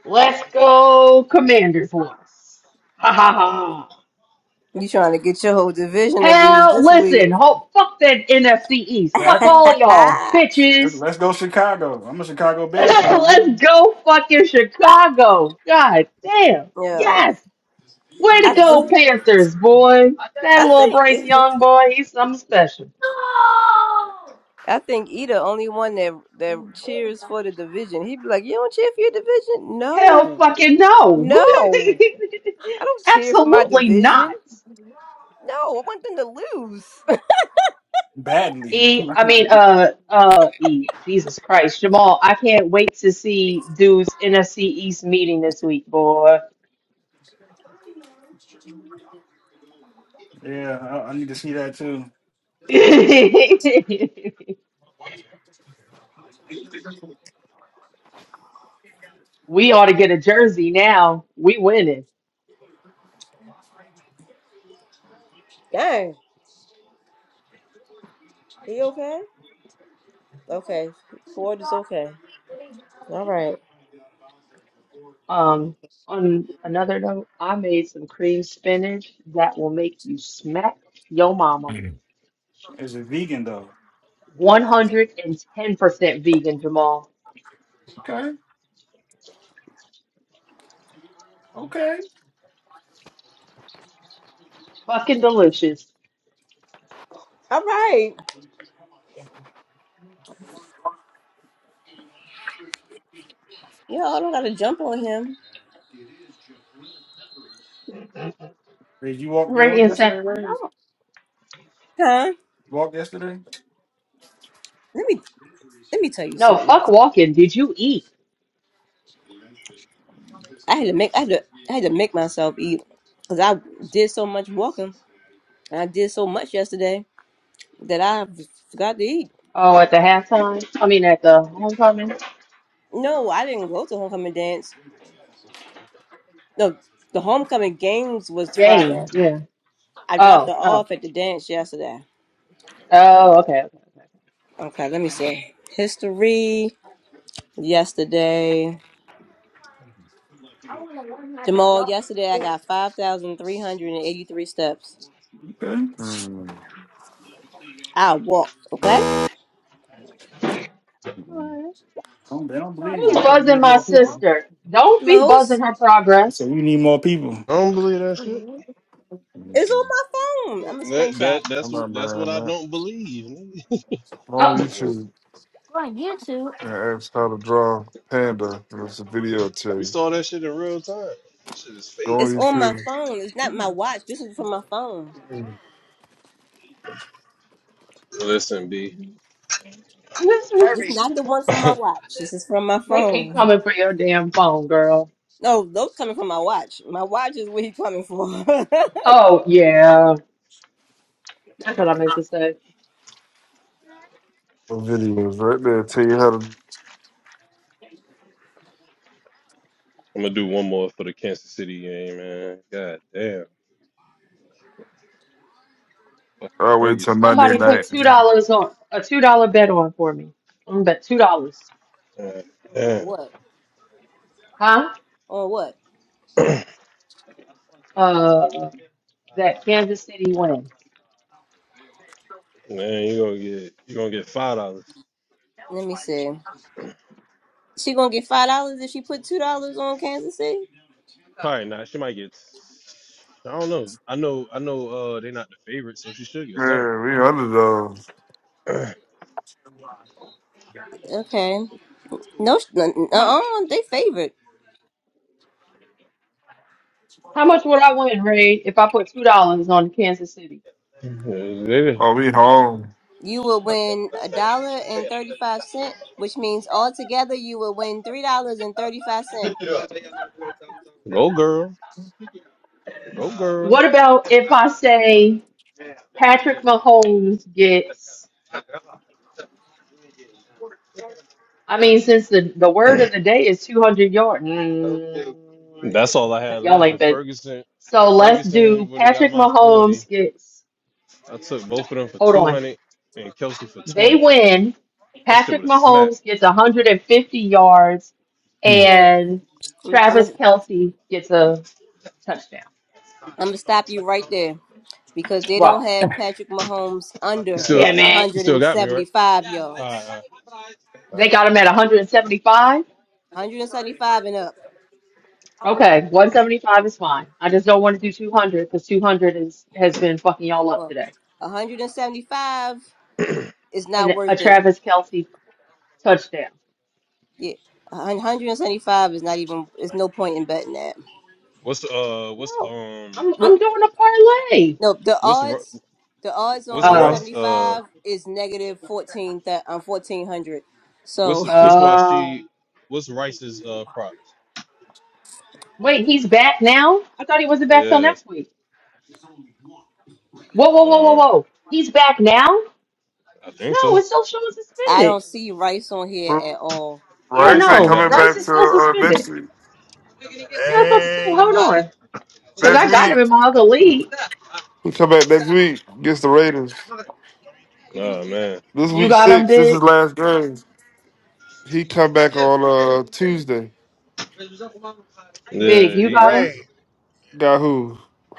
H: Let's go, Commanders loss. Ha ha ha.
A: you trying to get your whole division to lose
H: Hell,
A: this
H: listen,
A: week?
H: ho fuck that NFC East. Fuck
A: yeah,
D: Exactly.
H: all y'all, bitches.
D: Let's go Chicago. I'm a Chicago Bears fan,
H: Let's
D: man.
H: go fucking Chicago. God damn. Yes. Way to
A: I,
H: go,
A: th-
H: Panthers, boy. That
A: I
H: little Bryce
A: think.
H: Young boy, he's something special.
A: I think Ida only one that that cheers for the division. He'd be like, "You don't cheer for your division?
H: Hell
A: No,
H: fucking no.
A: no, I don't cheer for my
H: Absolutely
A: division.
H: not.
A: No, I want them to lose."
D: Badly.
H: E, I mean, uh, uh, E, Jesus Christ, Jamal, I can't wait to see dude's NFC East meeting this week, boy.
D: Yeah, I, I need to see that too.
H: we ought to get a jersey now. We winning.
A: Dang, he okay? Okay, Ford is okay. All right,
H: Um, on another note, I made some cream spinach that will make you smack yo mama.
D: Is a vegan though.
H: 110% vegan, Jamal.
D: Okay. Okay.
H: Fucking delicious.
A: all right. Y'all don't gotta jump on him,
D: Did you walk? You walked
H: Radiant
D: yesterday,
H: said,
D: right? You
H: no,
A: huh?
D: walked yesterday.
A: Let me let me tell you
H: no,
A: something.
H: fuck walking. Did you eat?
A: I had to make I had to I had to make myself eat because I did so much walking and I did so much yesterday that I forgot to eat.
H: Oh, at the halftime? I mean, at the homecoming
A: No, I didn't go to homecoming dance. No, the homecoming games was
H: game.
A: Friday.
H: Yeah.
A: I dropped her
H: Oh, oh,
A: off at the dance yesterday.
H: oh, okay, okay, okay.
A: Okay, let me see. History yesterday. Jamal, yesterday I got 5,383 steps.
D: Okay.
F: Mm,
A: I walked, okay?
F: mm,
H: All right.
D: Don't, they don't believe
H: Who's
D: you. They think you
H: buzzing
D: need
H: my
D: more people.
H: sister? Don't be buzzing
A: Los,
H: her
D: They say
H: progress.
D: we need more people.
G: I don't believe that shit.
F: mm,
A: it's
F: mm.
A: on my phone. I'm a
G: That
A: screenshot.
G: that that's
F: I'm
G: what
F: not
G: that's what
F: buying
G: I
F: that.
G: don't believe. nigga.
F: Go on
H: Oh.
F: YouTube and ask how to draw panda, and it's a video i will tell
G: We
F: you.
G: saw that shit in real time. Shit is
F: Go
G: fake.
F: on
A: My
F: YouTube.
A: phone. It's not my watch. This is from my phone.
F: Mm.
G: Listen, B.
A: It's not the one from my
G: I'm
A: watch. This is from my
H: they keep
A: phone.
H: coming for your damn phone, girl.
A: No, those coming from my watch. My watch is what he coming for.
H: Oh yeah, that's what I meant to say.
F: The videos right there tell you how to.
G: gonna do one more for the Kansas City game, man. God damn, fucking
F: I wait till
G: Ferguson,
F: Monday
H: Somebody
G: man.
H: put
F: night.
H: two dollars on a two dollar bet on for me. I'm bet two dollars,
G: God
A: or
G: damn,
A: what?
H: huh?
A: On what?
H: Uh, that Kansas City wins.
G: man, you gonna get you gonna get five dollars.
A: Let me see. She gonna get five dollars if she put two dollars on Kansas City.
G: Probably not. She might get. I don't know. I know. I know. Uh, they're not the favorite, so she should get something.
F: Man, we underdogs.
A: Okay. No, uh,
H: How,
A: uh, they favored.
H: how much would I win, Ray, if I put two dollars on Kansas City?
G: Mhm. Yeah, they-
F: Oh, we home.
A: You will win a dollar and thirty-five cent, which means altogether you will win three dollars and thirty-five cent.
G: Go girl, go
H: What about if I
G: girl.
H: say Patrick Mahomes gets? I mean, since the the word of the day is two hundred yards,
G: That's all I
H: because
G: had
H: y'all
G: left.
H: ain't
G: If
H: been.
G: Ferguson,
H: So
G: if
H: let's do
G: Ferguson would have got
H: Patrick
G: my forty,
H: Mahomes gets.
G: I took both of them for
H: Hold
G: two
H: on.
G: hundred and Kelsey for
H: They
G: twenty.
H: win.
G: That shit
H: Patrick
G: would have smacked.
H: Mahomes gets 150 yards,
A: Wait a minute.
H: and
A: I'm, gonna
H: Travis Kelsey gets a touchdown.
A: I'm gonna stop you right there because they don't
H: Well,
A: have Patrick Mahomes
G: You
A: under
G: still,
H: damn it.
G: you still got me right.
A: 175
G: Alright,
A: yards.
G: alright,
H: They
G: alright.
H: got him at 175.
A: 175 and seventy-five and up.
H: Okay, 175 is fine. I just don't want to do 200 because 200 is has been fucking y'all up
A: Well,
H: today.
A: 175 is not
H: And a
A: worth it.
H: Travis Kelsey touchdown.
A: Yeah, 175 is not even. It's no point in betting that.
G: What's uh, what's
H: No,
G: um,
H: I'm I'm
A: But
H: doing a parlay.
A: no, the
G: what's Ri-
A: odds, the odds on
G: what's
H: Oh,
G: Rice uh,
A: 175 is negative 14 that um, 1400.
G: what's
A: So
G: what's why
H: oh.
G: she, what's Rice's uh props?
H: Wait, he's back now? I thought he wasn't back till
G: Yeah,
H: next week. Whoa, whoa, whoa, whoa,
G: uh,
H: whoa. He's back now?
G: I think
H: No,
G: so.
H: it's still showing
A: I
H: suspended.
A: don't see Rice on here
F: Well,
A: at all.
H: Yeah,
G: Uh,
F: Rice
G: so
F: ain't
G: he
H: no.
F: coming
G: back
H: Rice
G: next
F: back
H: is
F: to
G: week.
H: still
F: uh, next
H: suspended.
F: week.
H: Yeah, I was about to say, hold
E: Man,
H: on. Because
F: Next
H: I got him
F: week.
H: in my other league.
F: He come back next week. Gets the Raiders.
G: Oh man.
F: This
H: You
F: week
H: got him,
F: six. This is
H: Big.
F: last game. He come back on uh Tuesday.
H: Big,
G: Yeah,
H: you got
G: he, he
H: him?
E: Ray. Yeah,
F: Got who?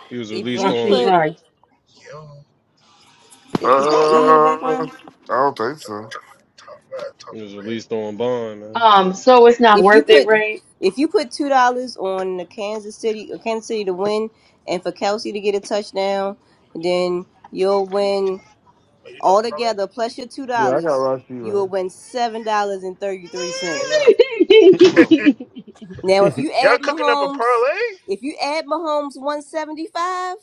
G: he was
A: If
G: released
A: you
H: Rashid
G: on.
A: put,
H: Rice.
E: Yo,
F: Uh, I don't think
E: I'm talking
F: so.
E: to Tom. I talk
G: It
E: to
G: was
E: Ray.
G: released on bond, man.
H: Um, so it's not
A: if you
H: worth it,
A: put,
H: right?
A: if you put two dollars on the Kansas City, uh, Kansas City to win, and for Kelsey to get a touchdown, then you'll win
E: Wait, you doing a parlay?
A: altogether plus your two dollars.
F: Yeah, I got Rocky
A: You
F: right.
A: will win seven dollars and thirty three cents. Now, if you
E: Y'all
A: add
E: cooking up a
A: Mahomes,
E: parlay?
A: if you add Mahomes 175,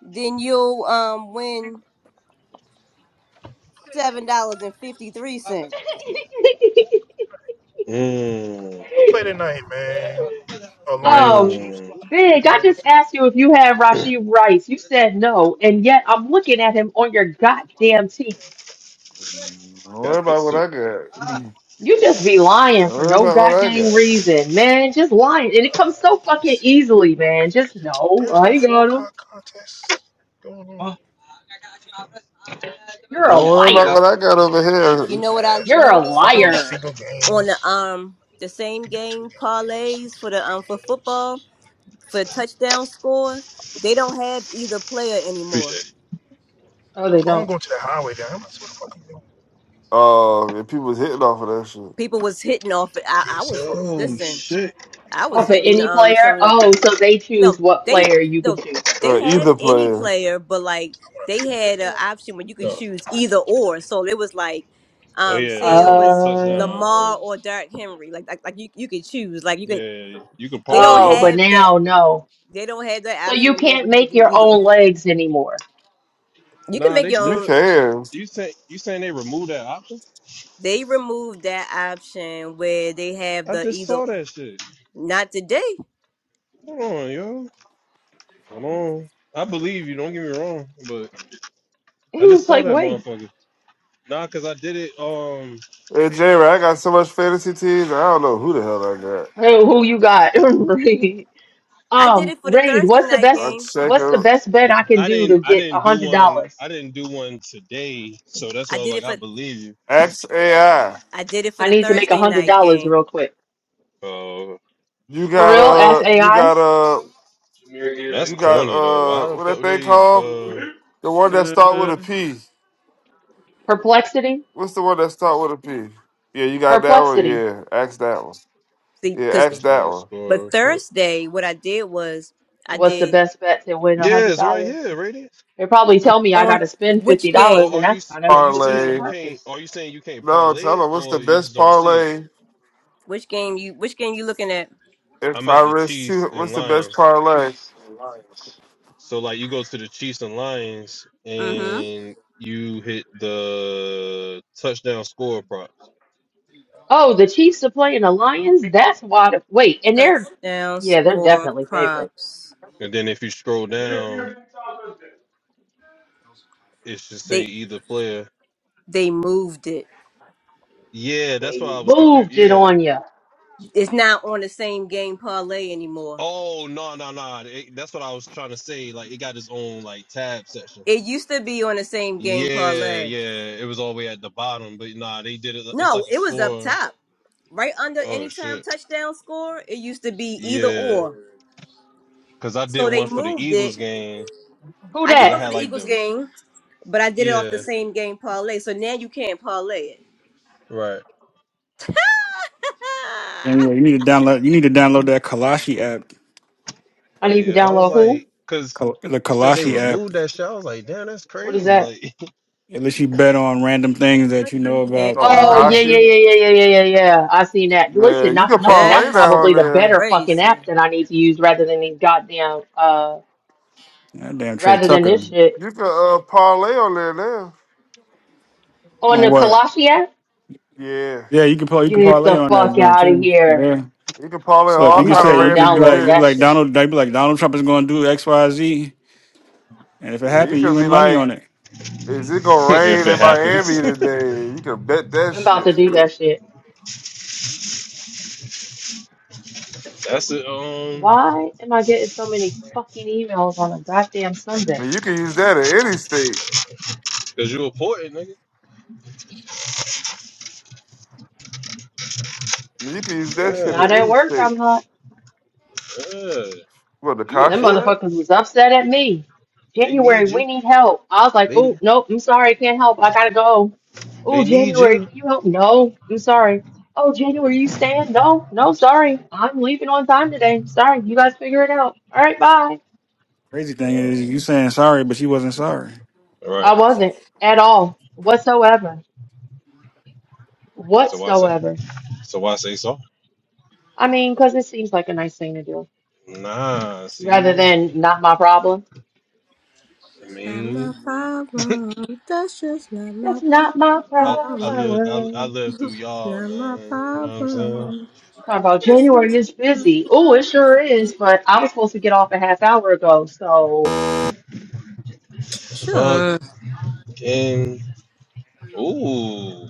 A: then you'll um win seven dollars and fifty three cent.
G: Oh, Mm,
E: We'll play tonight, man. Oh, Lions and
H: um,
E: Chiefs.
G: mm.
H: Big, I
E: Ooh,
H: just
E: that's a good.
H: asked you if you had Rashid Rice. You said no, and yet I'm looking at him on your goddamn team.
F: Don't worry
G: got
F: about
G: this
F: what
G: too.
F: I got. Don't
H: You just be lying for
F: worry
H: no
F: about what
E: one.
F: I
H: goddamn
F: got.
H: reason, man. Just lying. And it comes
E: Uh,
H: so
E: let's
H: fucking
E: see.
H: easily, man. Just no,
E: There's
H: I
E: no
H: ain't
E: four
H: got him.
E: o'clock contest going on.
H: You're a
F: Don't worry about
H: liar.
G: Nah.
F: what I got over
E: This shit is
A: You
F: here.
A: know what I
E: ass,
H: You're
E: bro.
H: a
A: noticed,
E: I could do
A: Los,
H: liar.
E: single
A: on the
E: games.
A: um the
E: We
A: same
E: could do two
A: game
E: games. We
A: parlays
E: could
A: for
E: do
A: the
E: three
A: um for
E: games.
A: football for touchdown scores, they don't have either player anymore.
G: Appreciate it.
H: Oh, they
E: Oh, I'm
H: don't.
E: going to the highway there. I'm not sure what the fuck I'm doing.
F: Uh, if people was hitting off of that shit.
A: People was hitting off. I, I
E: KC,
A: was
E: but what am
G: Oh
E: I doing
A: listen.
E: next
G: shit.
E: month?
A: I
H: Oh,
A: was
H: but
A: hitting
H: any
A: um
H: player?
A: some of them.
H: Oh, so they choose
A: No,
H: what
A: they
H: player you can
A: no.
H: choose.
F: Uh, either player,
A: player, but like
E: I want to
A: they
E: 50.
A: had an option where you could
G: No.
A: choose either or. So it was like,
G: Oh
A: um,
G: yeah,
A: say
G: that's
A: it
G: on the
A: was
G: touchdown.
H: Oh.
A: Lamar or Derrick Henry. Like like, like you, you could choose. Like you could
G: Yeah, you can
A: they
G: parlay
A: don't
H: Oh, but
G: those.
A: have that.
H: now, no.
A: They don't have
H: So
A: that option
H: you
A: anymore,
H: can't
A: but you could
H: make
A: do
H: your
A: either.
H: own legs anymore.
A: You can
G: Nah,
A: make
G: they
A: your own.
F: you
G: should.
F: can.
G: You say you saying they removed that option?
A: They removed that option where they have
G: I
A: the
G: just
A: either
G: saw that shit.
A: not today.
G: Hold on, yo. Hold on. I believe you. Don't get me wrong, but
H: He
G: I just
H: was
G: saw
H: like,
G: that
H: wait,
G: motherfucker. Nah, cause I did it. Um,
F: Hey, J. I got so much fantasy teams. I don't know who the hell I got.
H: who who you got? Raid.
A: I did
H: Um,
A: it for the
H: Raid,
A: Thursday
H: what's the
A: night game.
F: I
H: best,
F: check
H: what's the
F: them.
H: best bet I can
G: I
H: do
G: didn't
H: to
G: I
H: get a
G: didn't do
H: hundred
G: one
H: dollars?
G: I didn't do one today, so that's why
A: I
G: I was
A: did
G: like,
A: it
G: I
A: for
G: believe you.
F: X AI.
A: I did it for
H: I
A: the
H: need to make a
A: Thursday
H: hundred
A: night
H: dollars
A: game.
H: real quick.
G: Oh
F: You
H: For
G: shit.
F: got
H: real, ask
F: uh, you
H: AI.
F: got uh,
G: That's
F: you got
G: corny though.
F: uh,
G: Why the
F: what that
G: fuck
F: thing
G: they
F: called?
G: uh
F: The one that start with a P.
H: Perplexity.
F: What's the one that start with a P? Yeah, you got that one.
H: Perplexity.
F: Yeah, ask that one. Yeah, ask that
G: touchdown
F: one.
A: But
G: score? bro?
A: Thursday what I did was I
H: What's the
A: did
H: best bet to win a
G: Yeah,
H: hundred
G: it's right
H: dollars?
G: here, Radiant.
H: They probably tell me I
A: on
H: gotta spend fifty
A: which
H: dollars,
G: Or
A: game
H: and
G: are you
H: that's
G: s-
H: kind
G: are
H: of
G: you
H: defeats the
G: saying you
F: Parlay.
G: can't
H: purpose.
G: are you saying you can't
F: No,
G: parlay
F: tell
G: it
F: them what's the
G: or you
F: best
G: just don't see it?
F: parlay
A: Which game you which game you looking at?
F: if
G: I'm
F: I
G: at the
F: risk two.
G: Chiefs and
F: What's the best
G: Lions.
F: parlay?
G: So like you go to the Chiefs and Lions
A: Mm-hmm.
G: and you hit the touchdown score props.
H: Oh, the Chiefs are playing the Lions. That's why. The, wait, and they're
A: Touchdown
H: yeah, they're
A: score
H: definitely favorites.
A: props.
G: And then if you scroll down It should say
A: They
G: either player.
A: they moved it.
G: Yeah, that's
H: They
G: why I was confused.
H: moved it
G: Yeah.
H: on you.
A: It's not on the same game parlay anymore.
G: Oh no no no! It- That's what I was trying to say. Like it got its own like tab section.
A: It used to be on the same game
G: Yeah
A: parlay.
G: yeah, it was all the way at the bottom. But nah, they did it. li- It's
A: No,
G: like a
A: it was up
G: score.
A: top. Right under
G: Oh
A: anytime
G: shit.
A: touchdown score, it used to be either
G: Yeah,
A: or.
G: cause I did
A: So they
G: one for the
A: moved it.
G: Eagles game.
H: Who
A: I
G: Cause
A: did
G: I
A: one
G: had
A: for
H: that?
A: the
G: like
A: Eagles
G: the
A: game, but I did it off the
G: yeah
A: same game parlay. So now you can't parlay
G: right.
A: it.
D: Anyway, you need to download. You need to download that Kalashi app.
H: I
G: But
H: need to
G: yeah, I was
H: download who?
G: like, cause
D: Kal- The
G: you said they
D: Kalashi app.
G: removed that shit. I was like, damn, that's
H: What is
G: crazy.
H: that?
G: Like
D: Unless you bet on random things
A: now
D: that you
A: you
D: know
A: can't
D: about.
F: Oh,
H: Oh yeah,
D: And
F: Kashi.
H: yeah, yeah, yeah, yeah, yeah, yeah, yeah. I seen that. Listen,
F: Man, you
H: not
F: can
H: for nothing. That's
F: parlay that on
H: probably the
F: there.
H: better fucking
A: crazy.
H: app that I need to use rather than these goddamn uh
D: that damn Trey
H: rather than
D: Tucker
H: this shit.
F: You can uh, parlay on there now.
H: On
D: on
H: the
D: what?
H: Kalashi app?
F: Yeah,
D: Yeah, you can play. You can
H: Get
D: parlay
H: the
D: on that
H: fuck
D: joint
H: out of
D: too.
H: here.
D: Yeah.
F: you can parlay on
D: So if
F: all
D: you
H: I'm
D: could
H: about
F: kind of
H: to
D: say
H: go
D: you
F: random
D: could be like
H: download
D: you be
H: that
D: like
F: events.
H: shit.
D: Donald, they be like Donald Trump is going to do X, Y, Z, and if it
F: Yeah, you
D: happened, you
F: can be
D: win money
F: like,
D: on it.
F: is it gonna rain
G: if
F: in
G: it happens,
F: Miami today? You can bet that
H: I'm about to
F: shit.
H: do that shit.
G: that's it. Um,
H: Why am I getting so many fucking emails on a goddamn
F: I
H: Sunday?
F: mean, you can use that in any state.
G: cause you important, nigga.
F: You can use that shit
G: Yeah,
F: in
H: Not at
F: any
H: work,
F: state.
H: I'm not.
G: yeah.
F: What the
G: You
H: Them
F: Kashi at?
G: important.
H: motherfuckers was upset at me.
G: They
H: January,
G: need
H: we
G: you.
H: need help. I was like,
G: They
H: oh, nope, I'm sorry, I can't help. I gotta go. Oh,
G: they need
H: January,
G: you.
H: can you help? No, I'm sorry. Oh, January, you staying? No, no, sorry. I'm leaving on time today. Sorry, you guys figure it out. All right, bye.
D: Crazy thing
G: Uh,
D: is,
G: all
D: you saying sorry, but she wasn't sorry.
G: right.
H: I wasn't at all, whatsoever.
G: So why say
H: Whatsoever.
G: so why say so?
H: I mean, 'cause it seems like a nice thing to do
G: Nah,
H: rather
G: see,
H: than not my problem.
G: I
A: Not my
G: mean
A: problem. That's just not my
H: That's not my
G: I I
A: problem.
G: lived I, I
H: problem.
G: lived through y'all,
A: Not my
G: man. You know what I'm saying?
A: problem.
H: Talking about
A: That's
H: January
A: just
H: is busy. Oh,
A: not
H: it
A: my
H: sure is, but I was supposed to get off a half hour ago, so
A: Sure.
G: Fucking ooh.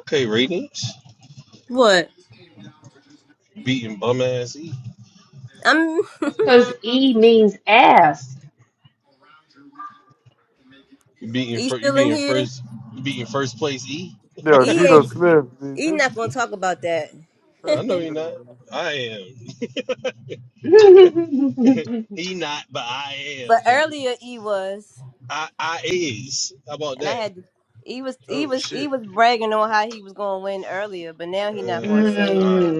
G: Okay, ratings.
A: What?
G: You beating bum ass E.
A: I'm.
H: that's because E means ass.
G: You beating
A: e
G: fir- you
A: still in
G: beating
A: here.
G: first you beating first place E.
F: Yeah, Geno Smith. dude.
A: Gonna talk about that.
F: They-
G: I know you're not. I am.
H: mm.
G: he not, but I
A: But
G: am. nigga.
A: earlier E was,
G: I I is. How about
A: and I
G: that?
A: had to. He was he
G: Oh
A: was he
G: shit.
A: was bragging on how he was gonna win earlier, but now he not gonna
G: Uh,
A: say it.
G: nah.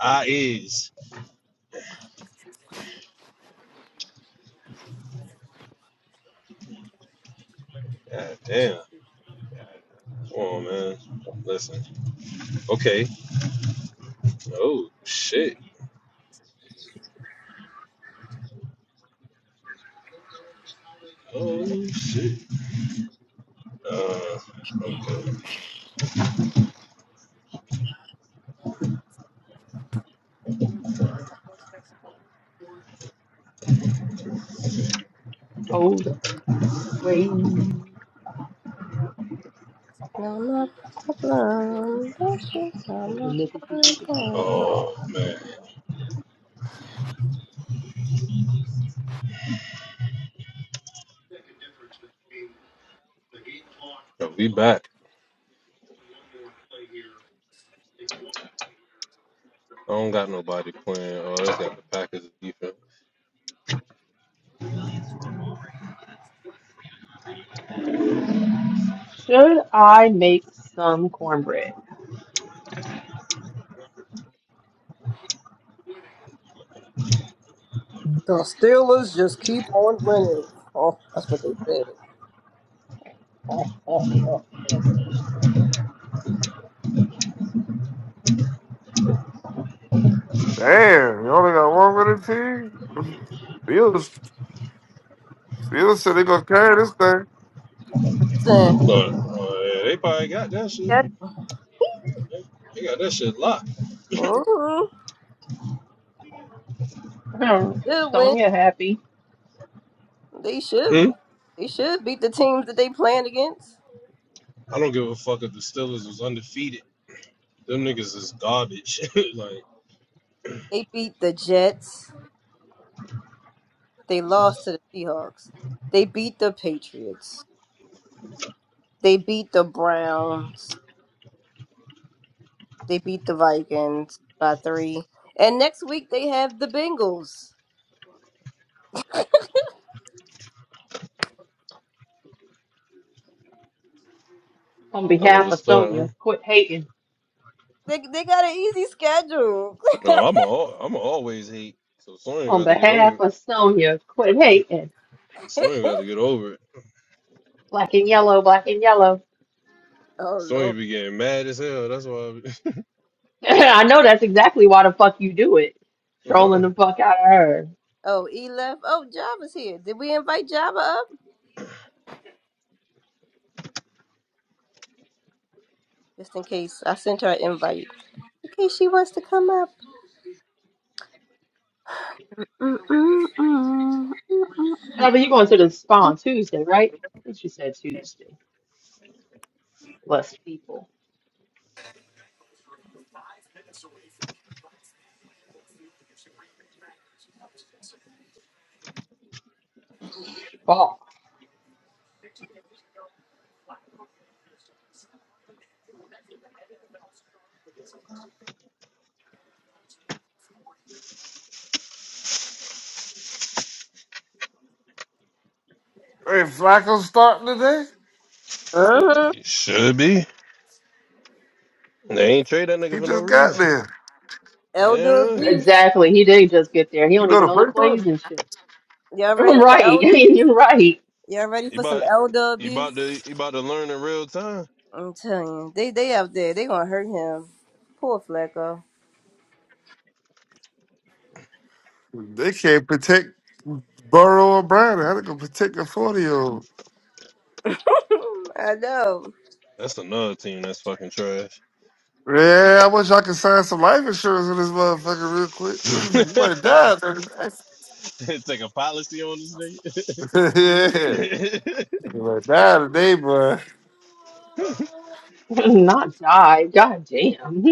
G: I is. God damn. Come on, man. Listen. Okay. Oh shit. Oh shit. Uh. Okay.
H: Hold up, wait.
A: Hello.
H: Hold on, make it easy, make it easy.
G: Oh man. We back. I don't got nobody playing. Oh, that's got the Packers defense.
H: Should I make some cornbread?
F: Damn, you only got one with the team. Bills, Bills said they gonna carry this thing.
A: Listen,
G: But oh, yeah, they probably got that shit.
A: yeah,
G: They they got that shit locked.
A: mhm,
H: Hmm,
A: should win.
H: Sonia happy.
A: They
G: Hmm.
A: should. They should beat the teams that they playing against.
G: I don't give a fuck if the Steelers was undefeated. Them niggas is garbage. like.
A: They beat the Jets. They lost to the Seahawks. They beat the Patriots. They beat the Browns. They beat the Vikings by three. And next week they have the Bengals.
H: On
G: Hell of
H: behalf
G: a
H: of
G: start, huh?
H: Sonia, quit hating.
A: They they got an easy schedule.
G: No, I'm all I'm always hate. So Sonya gonna
H: On
G: have to get over
H: behalf
G: it.
H: of Sonia, quit hating.
G: Sonya gonna have to get over it.
H: Black and yellow, black and yellow.
A: oh
G: Sonya
A: Lord.
G: be getting mad as hell. That's why. I
H: I know that's exactly why the fuck you do it.
G: be,
H: Trolling
G: uh,
H: the fuck out of her.
A: Oh, E left. Oh, Java's here. Did we invite Java up? Just in case. I sent her an invite. In case she wants to come up. Mm-mm-mm.
H: No, but you going to the spa on Tuesday, right? I think she said Tuesday. Less people. Spa.
F: Hey, Flacco starting today.
A: Uh-huh.
G: you should be. They ain't trade that nigga
F: He
G: for no
F: just got
G: reason.
F: there.
A: Elder
G: Yeah,
A: abuse.
H: Exactly. He did just get there. He
F: You
H: don't
F: know
H: even
F: the
H: know the
F: play for
H: plays and shit.
A: Y'all ready for
H: Right.
A: elder?
H: You're right.
A: Y'all ready
G: you
A: for some
G: about
A: elder
G: you about to
A: abuse?
G: you about to learn in real time.
A: I'm telling you, they they out there, they gonna hurt him. Poor Flacco.
F: it? They can't protect Burrow or Brown. How they gonna protect a forty year old?
A: I know.
G: That's another team that's fucking trash.
F: Yeah, I wish I could sign some life insurance with this motherfucker real quick. You might die.
G: Take a policy on this
F: yeah.
G: nigga.
F: You went down today, boy.
H: Not die. God damn.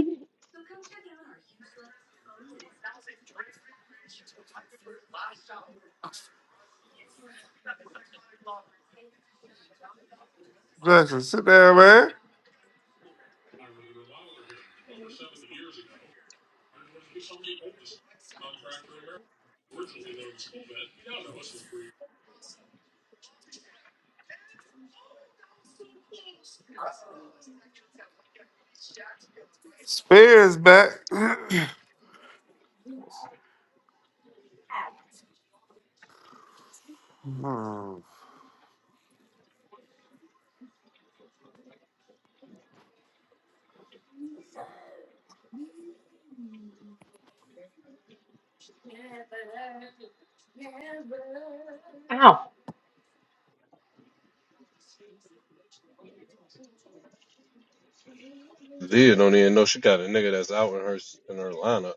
F: Justin, sit down, man. Spears back.
H: Ow.
G: Leah don't even know she got a nigga that's out in her s- in her lineup.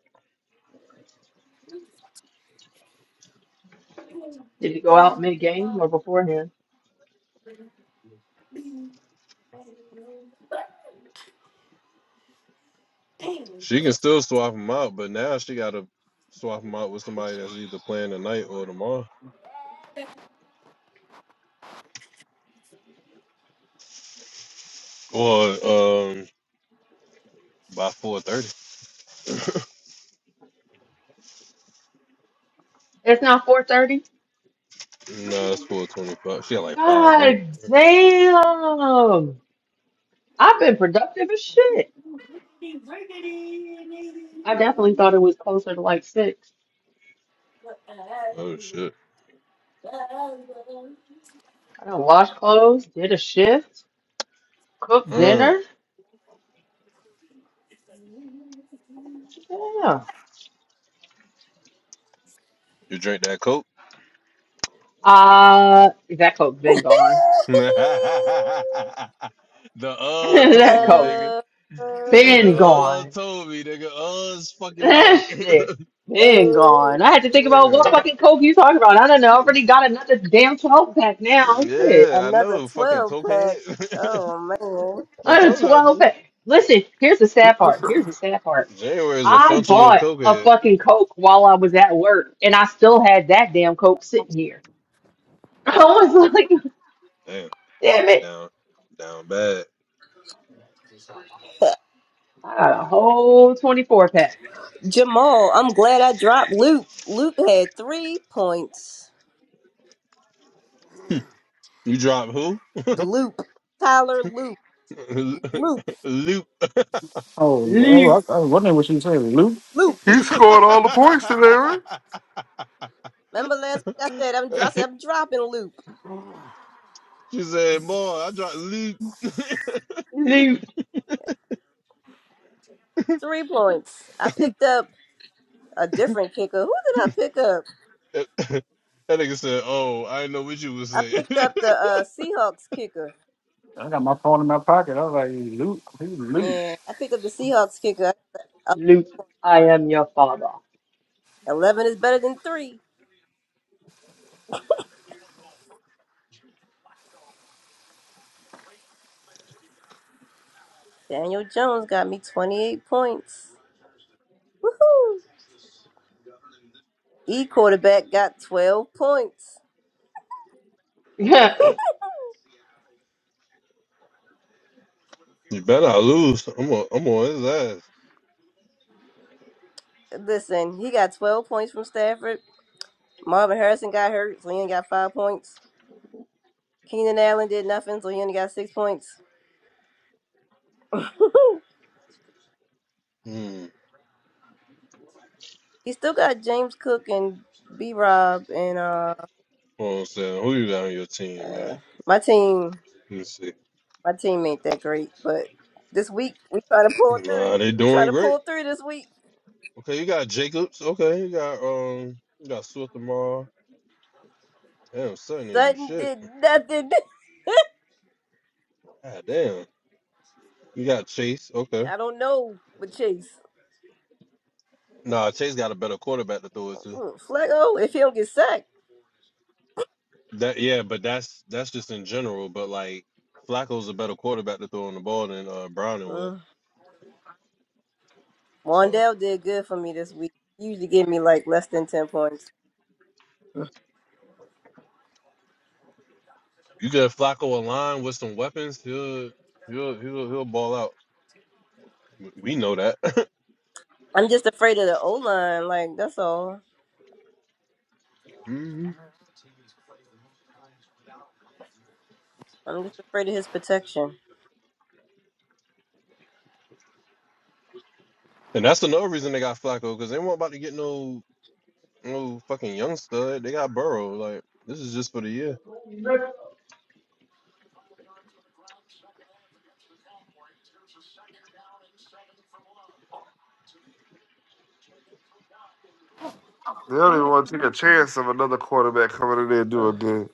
H: Did he go out mid game or beforehand?
G: She can still swap him out, but now she got to swap him out with somebody that's either playing tonight or tomorrow, or um by four thirty.
H: It's now four thirty.
G: No, it's four twenty five. She got like five minutes.
H: God
G: bruh.
H: damn. I've been productive as shit. I definitely thought it was closer to like six.
G: Oh shit!
H: I done washed clothes, did a shift, cooked
G: Uh,
H: dinner. Yeah.
G: you drink that coke?
H: Uh, that coat been gone.
G: the uh
H: that
G: told me,
H: coat
G: nigga.
A: uh,
G: The
H: been
A: uh,
G: uh
H: gone.
G: told me, nigga. Uh's fucking right.
H: That shit been gone. I had to think about
G: yeah,
H: what fucking coke you talking about. I don't know. I already got another damn 12 pack now. Shit.
G: Yeah, I
A: another
G: know, fucking
A: twelve
G: cokehead.
A: pack. Oh man.
G: I
H: Another
G: told
H: 12
G: y'all,
H: pack. Listen, here's the sad part. Here's the sad part.
G: January is a
H: I
G: functional
H: bought a
G: cokehead.
H: fucking coke while I was at work and I still had that damn coke sitting here. I was like,
G: Damn.
H: damn it.
G: Down, down bad.
H: I got a whole 24 pack.
A: Jamal, I'm glad I dropped Loop. Loop had three points.
G: You drop who?
A: Loop. Tyler Loop. Loop.
G: Luke.
H: Luke,
A: Loop.
F: he
G: she
F: scored all the points today, right?
A: Remember last week I said I'm, dro- I said I'm dropping Loop.
G: said, "Boy, I dropped Luke." that
H: Luke,
A: Three points. I picked up a different kicker. Who did I pick up?
G: nigga said, "Oh, I didn't know what you was
A: I
G: saying."
A: picked up the uh, Seahawks kicker. Yeah, I picked up the Seahawks kicker.
H: Luke, I am your father.
A: Eleven is better than three. Daniel Jones got me twenty-eight points. Woohoo! E quarterback got twelve points.
H: they
G: you better I lose. I'm on. I'm on his ass.
A: Listen, he got twelve points from Stafford. Marvin Harrison got hurt, so he only got five points. Keenan Allen did nothing, so he only got six points.
G: Hmm.
A: he still got James Cook and B Rob and uh,
G: Hold on, Sam. Who you got on your team, man?
A: uh
G: Let
A: my team
G: me see.
A: My team ain't that great, but this week we try to pull through.
G: Nah, they
A: We try
G: doing
A: to
G: great.
A: pull through this week.
G: Okay, you got Jacobs. Okay, you got um, you got Swift tomorrow. Damn, Sutton ain't do
A: Sutton
G: shit.
A: did nothing.
G: God damn. You got Chase. Okay.
A: I don't know, but Chase
G: Nah, Chase got a better quarterback to throw it to.
A: Mm, Flacco, if he don't get sacked,
G: That yeah, but that's that's just in general. But like Flacco's a better quarterback to throw on the ball than uh Browning was.
A: mm.
G: So
A: Wandell did good for me this week. He usually give me like less than ten points.
G: you get Flacco a line with some weapons, he'll he'll he'll he'll ball out. W- We know that.
A: I'm just afraid of the O line. Like that's all.
G: hmm
A: I'm just afraid of his protection.
G: And that's another reason they got Flacco because they weren't about to get no no fucking young stud. They got Burrow. Like this is just for the year.
F: They don't even want to take a chance of another quarterback coming in there doing good.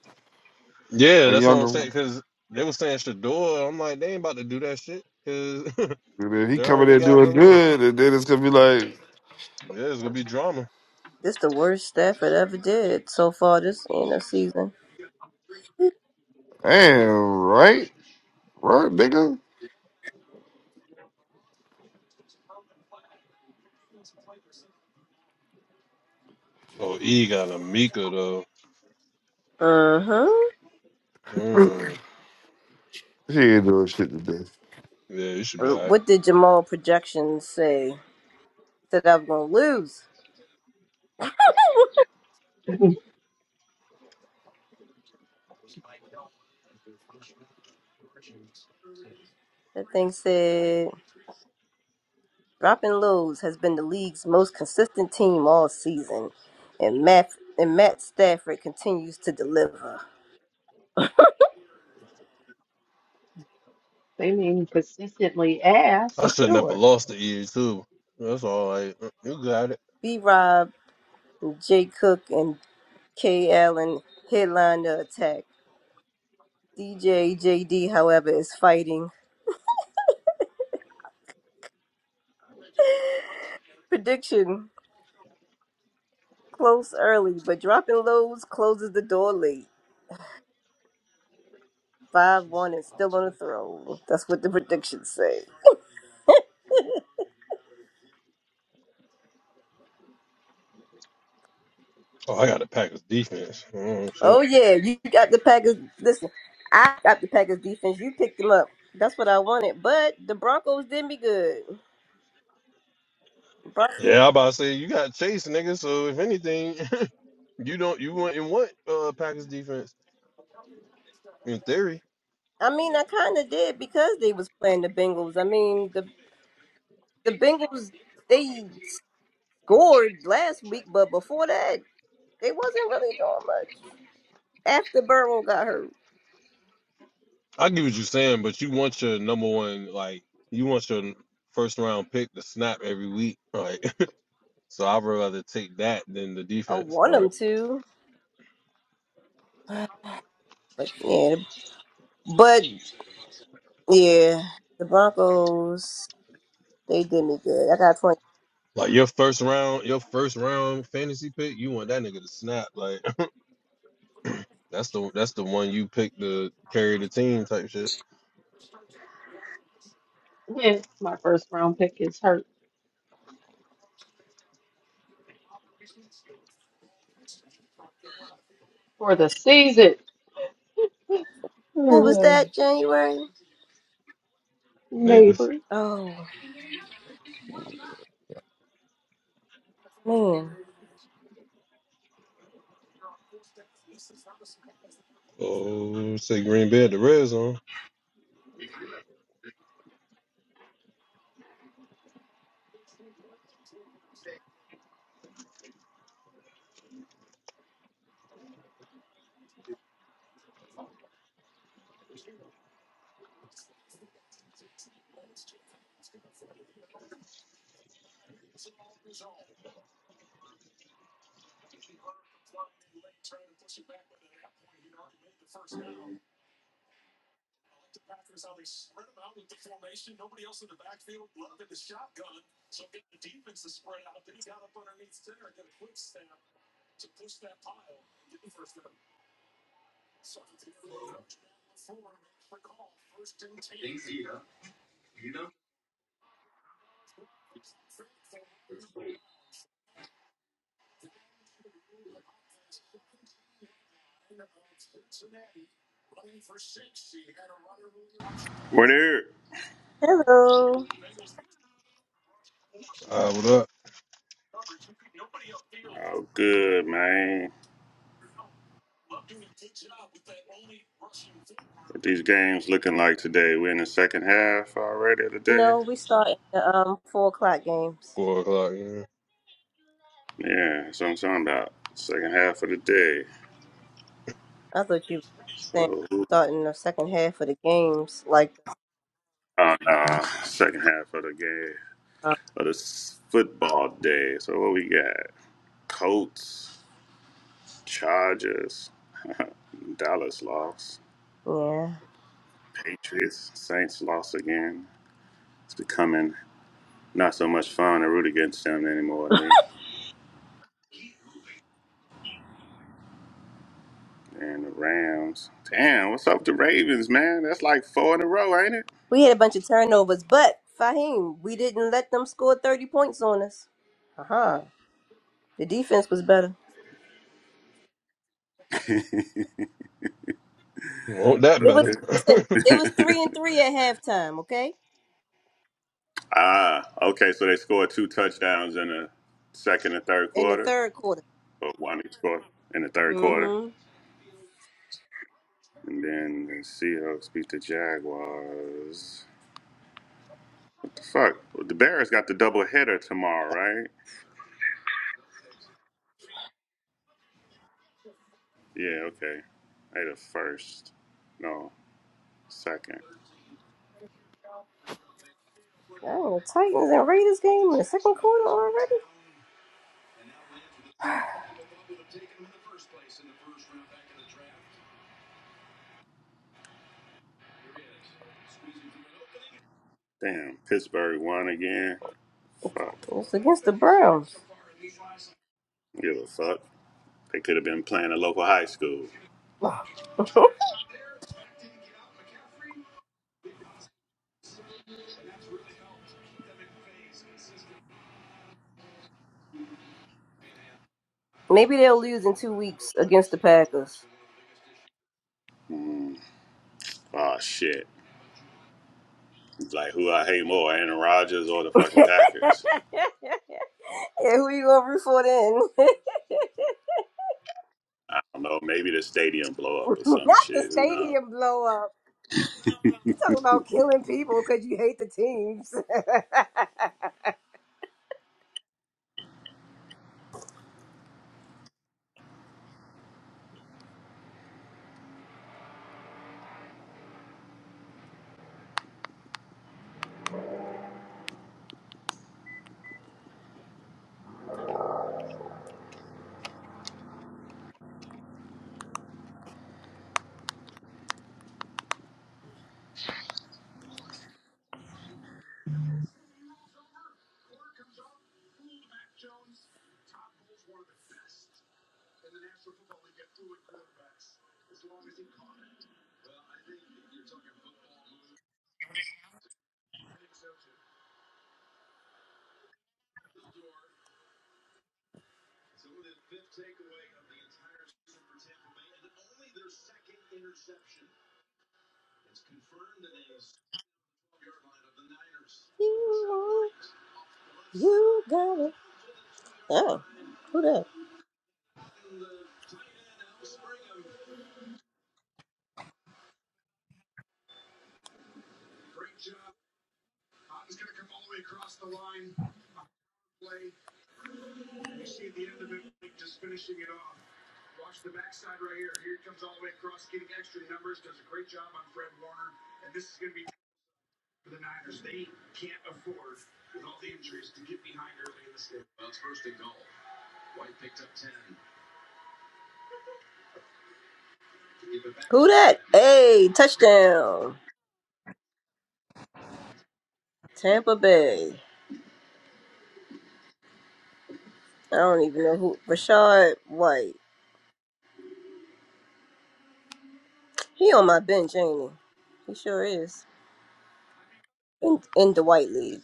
G: Yeah,
F: A
G: that's what I'm
F: younger
G: saying.
F: one.
G: Because they were saying Shador. I'm like, they ain't about to do that shit. Cause
F: And then he
G: They
F: coming
G: already
F: in
G: got
F: doing
G: Barbour.
F: good, and then it's gonna be like,
G: Yeah, it's gonna be drama.
A: This the worst Stafford ever did so far this end of season.
F: damn, right? Right, nigga?
G: Oh, E got a Mika though.
A: Mm-hmm. Uh
G: Mm.
F: He ain't doing shit today.
G: Yeah, it should be
A: huh.
G: alright.
A: What did Jamal projections say? Said I was gonna lose. That thing said, dropping lows has been the league's most consistent team all season, and Matt and Matt Stafford continues to deliver.
H: mean consistently ass,
G: I should never
H: sure.
G: lost to E too. That's all right. Uh, You got it.
A: B. Rob, Jay Cook, and K. Allen headline the attack. DJ JD, however, is fighting. Prediction: close early, but dropping lows closes the door late. Five one and still on the throne. That's what the predictions say.
G: Oh, I got the Packers defense. Oh shit.
A: Oh yeah, you got the Packers. Listen, I got the Packers defense. You picked them up. That's what I wanted. But the Broncos didn't be good. Bron-
G: Yeah, I about to say you got Chase, nigga. So if anything, you don't you wouldn't want uh Packers defense in theory.
A: I mean, I kind of did because they was playing the Bengals. I mean, the the Bengals they scored last week, but before that they wasn't really doing much. After Burrow got hurt,
G: I get what you're saying, but you want your number one like you want your first round pick to snap every week, right? So I'd rather take that than the
A: I
G: defense.
A: want
G: Like
A: them to, but yeah, but yeah, the Broncos they did me good. I got twenty.
G: Like your first round, your first round fantasy pick, you want that nigga to snap. Like that's the that's the one you pick to carry the team type shit.
H: My first round pick is hurt for the season.
A: Who was that? January.
G: Neighbors.
A: Oh. Man,
G: Oh, say Green Bay at the red zone.
I: What here?
A: Hello.
G: I what up?
I: Oh, good, man. What these games looking like today? We're in the second half already of the day.
A: No, we starting the um four o'clock games.
G: Four o'clock. Yeah.
I: Yeah, that's what I'm talking about. Second half of the day.
A: I thought you were saying
I: So,
A: starting the second half of the games. Like,
I: uh, nah, second half of the game of this football day. So what we got? Colts, Chargers, Dallas lost,
A: yeah,
I: Patriots, Saints lost again. It's becoming not so much fun to root against them anymore. They And the Rams. Damn, what's up with the Ravens, man? That's like four in a row, ain't
A: we had a bunch of turnovers, but Fahim, we didn't let them score thirty points on us. Uh huh. The defense was better.
G: Want that
A: It was
G: better?
I: it?
A: listen. It was three
I: Okay.
A: and three at halftime. Okay,
I: ah, okay. So they scored two touchdowns in the second and third
A: in the
I: quarter,
A: third quarter.
I: or one each quarter in the third quarter.
A: Mm-hmm.
I: And then the Seahawks beat the Jaguars. What the fuck? Well, The Bears got the double header tomorrow, right? Yeah, okay. They the first. No, second.
A: Oh, Titans and Raiders game in the second quarter already.
I: Damn, Pittsburgh won again. Fuck.
A: It's against the Browns.
I: Give a fuck. They could have been playing a local high school.
A: Maybe they'll lose in two weeks against the Packers.
I: Mm. Oh shit! Like who I hate more, Aaron Rodgers or the fucking
A: yeah,
I: Packers?
A: who you gonna root for then?
I: I don't know. Maybe the stadium blow up or some
A: Not the
I: shit. Who knows?
A: stadium blow up. You talking about killing people because you hate the teams. you, you got it. Oh, who that? Who that? Hey, touchdown. Tampa Bay. I don't even know who. Rashad White. He on my bench, ain't he? He sure is. In, in the White League.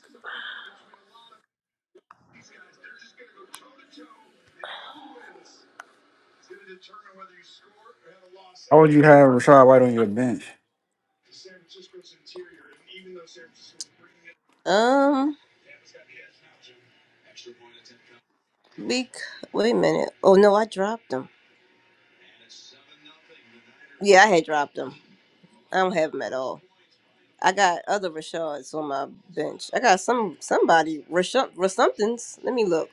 D: How would you have Rashad White on your bench?
A: Um. Bec wait a minute. Oh no, I dropped them. Yeah, I had dropped them. I don't have them at all. I got other Rashads on my bench. I got some somebody Rashad somethings. Let me look.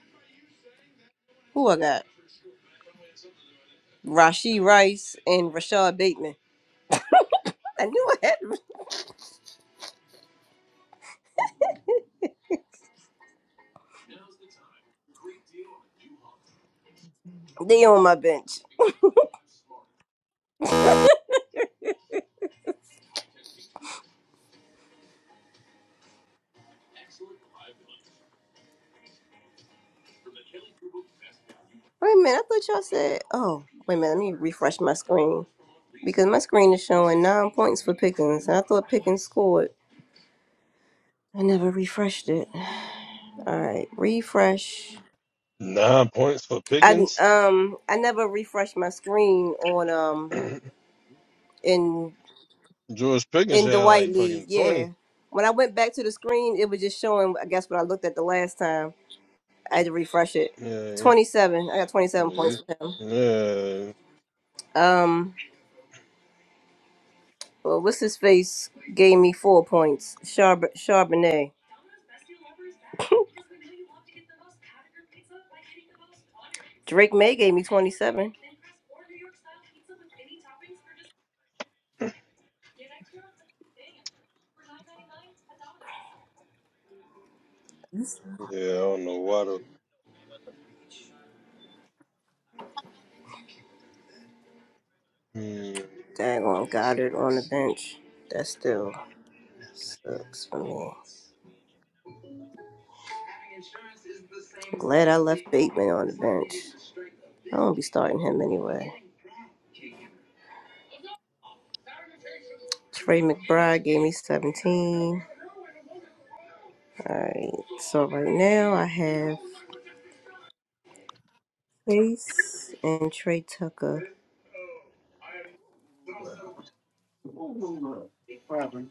A: Who I got? Rashi Rice and Rashad Bateman. I knew I had them. they on my bench. Wait a minute. I thought y'all said. Oh wait a minute. Let me refresh my screen because my screen is showing nine points for Pickens, and I thought Pickens scored. I never refreshed it. All right, refresh.
G: Nine points for
A: I
G: Pickens.
A: um I never refreshed my screen on um in
G: George Pickens
A: in the
G: had
A: white
G: like
A: league.
G: fucking
A: Yeah,
G: twenty.
A: when I went back to the screen, it was just showing. I guess what I looked at the last time. I had to refresh it.
G: Yeah,
A: Twenty seven. I got twenty seven
G: yeah,
A: points for him.
G: yeah.
A: Um, well, what's his face gave me four points. Char- Charbonnet. Drake May gave me twenty seven.
G: yeah I don't know why the. Hmm.
A: Daggone Goddard on the bench. That still sucks for me. Glad I left Bateman on the bench. I won't be starting him anyway. Trey McBride gave me 17. All right. So right now I have Chase and Trey Tucker.
D: What happened?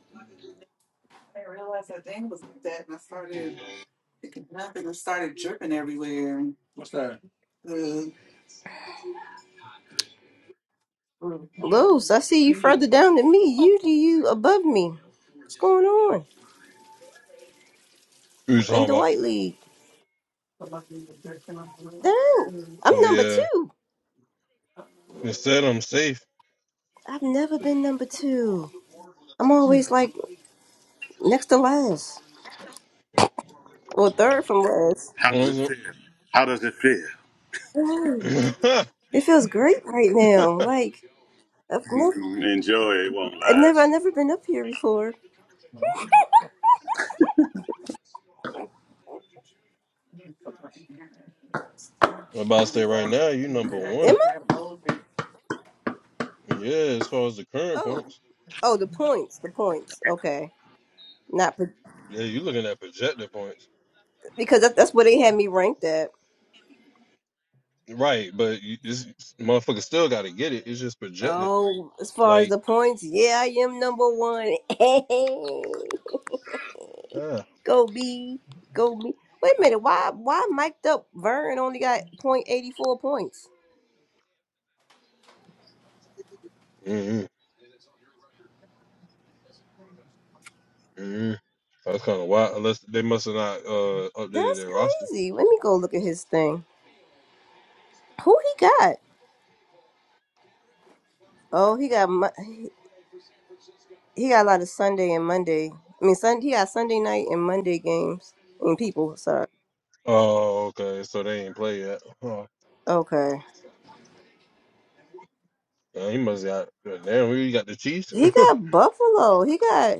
D: What's that?
A: Los, I see you further down than me. You do you above me. What's going on?
G: Who you
A: In
G: talking
A: the
G: about?
A: White League. Dang. I'm
G: Oh
A: number
G: yeah,
A: two.
G: they said I'm safe.
A: I've never been number two. I'm always like next to last. Or third from last.
I: How
G: What
I: does it
G: was
I: feel? How does it feel?
A: Wow.
G: it?
A: It feels great right
G: I'm
A: now. Like I've never
I: Mhm. Enjoy. It won't
A: I never I
I: last.
A: never been up here before.
G: about to say right now, you number
A: Am
G: one.
A: I?
G: Yeah, as far as the current
A: Oh,
G: points.
A: oh, the points, the points. Okay, not per-
G: Yeah, you looking at projected points.
A: because that, that's where they had me ranked at.
G: Right, but you, it's, motherfucker still got to get it. It's just projected.
A: Oh, as far as
G: Like,
A: the points, yeah, I am number one. go B, go B. Wait a minute, why why mic'd up Vern only got point eighty four points?
G: mm mm that's kind of wild. Unless they must have not uh, updated
A: That's
G: their roster.
A: crazy. Let me go look at his thing. Who he got? Oh, he got Mo- he he got a lot of Sunday and Monday. I mean, Sunday he got Sunday night and Monday games and people. Sorry.
G: Oh, okay. So they ain't play yet. Huh.
A: Okay.
G: Yeah, he must got damn. We got the Chiefs.
A: He got Buffalo. He got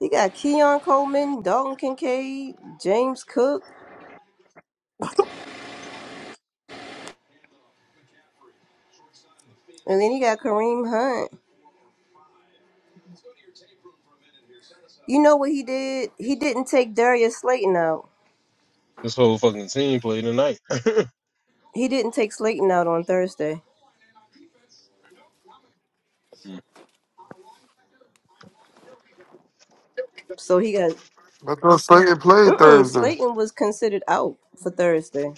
A: he got Keon Coleman, Dalton Kincaid, James Cook, and then he got Kareem Hunt. You know what he did? He didn't take Darius Slayton out.
G: this whole fucking team played tonight.
A: He didn't take Slayton out on Thursday.
G: Mm.
A: So he got
F: I thought Slay played Thursday.
A: Slayton was considered out for Thursday.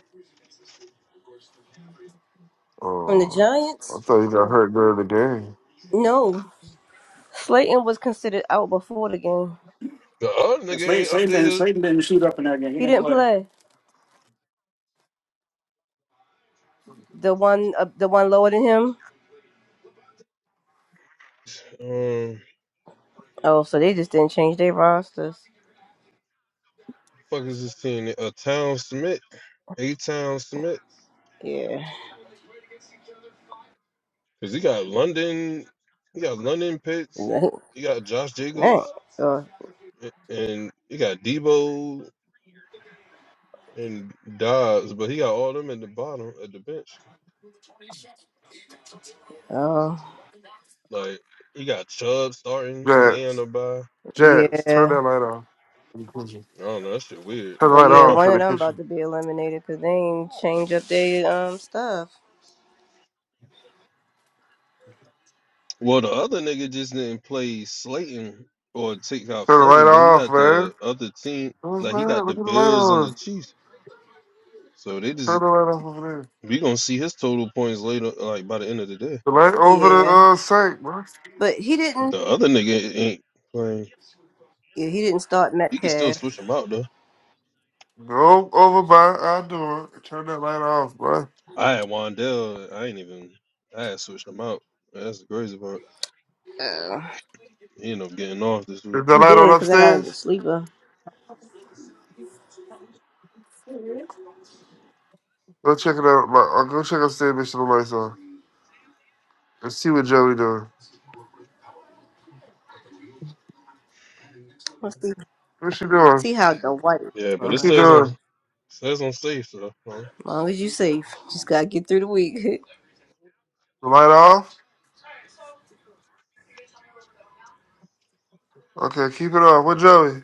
A: From the
F: Oh,
A: Giants?
F: I thought you got hurt during the game.
A: No. Slayton was considered out before the game.
G: The other
D: And
G: nigga
D: Slayton, Slayton, didn't,
G: ain't updated.
D: Slayton didn't shoot up in that game. He
A: He
D: didn't
A: didn't
D: play.
A: play. The one uh, the one lower than him?
G: Um,
A: Oh, so they just didn't change their rosters.
G: fuck is this team? A uh, Town Smith, A Town Smith,
A: Yeah.
G: because he got London, he got London Pitts, he got Josh
A: Dang.
G: Jacobs,
A: So
G: a- and he got Debo and Dobbs, but he got all them at the bottom at the bench.
A: Oh,
G: Like he got Chubb starting, and they on
F: Jets,
G: the by.
F: Jets, turn that light off. in the kitchen.
G: I don't know. That shit weird.
F: Turn the light
G: Like,
F: off in the
A: about
F: kitchen.
A: to be eliminated because they ain't change up their um stuff.
G: well, the other nigga just didn't play Slayton or take out
F: Turn the light
G: Slayton, but he
F: off,
G: got
F: man.
G: the other team.
F: What's
G: Like he
F: that?
G: got the
F: Look at the light
G: Bills and the
F: on.
G: Chiefs. So they just
F: Turn the light off over there.
G: We gonna see his total points later, like by the end of the day.
F: The light over the uh, sink, bro.
A: But he didn't.
G: The other nigga ain't playing.
A: Yeah, he didn't start
G: You can still
A: Metcalf.
G: switch him out though.
F: Go over by our door. and Turn that light off, bro.
G: I had Wandell. I ain't even. I had switched him out. That's the crazy part.
A: Uh,
G: He ended up getting off this week.
F: Is that light on upstairs?
A: sleeper.
F: Go check it out. Like, uh, go check upstairs, make sure the lights on. Let's see what Joey doing.
A: Let's see,
F: What's she doing?
A: see how the white.
G: Yeah, but it
F: What's she
G: says on
F: doing?
G: says on safe so huh?
A: As long as you safe, just gotta get through the week.
F: The light off? Okay, keep it on. What Joey?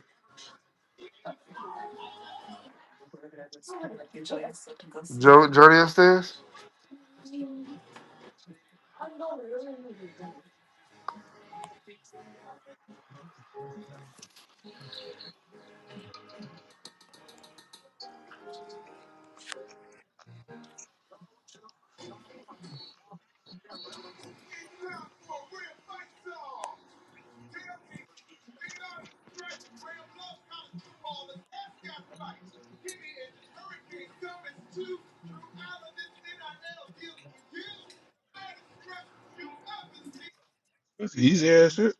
F: Joe, Johnny upstairs?
G: It's easy ass shit.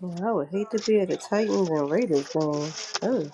A: Yeah, I would hate to be at the Titans and Raiders game. Oh,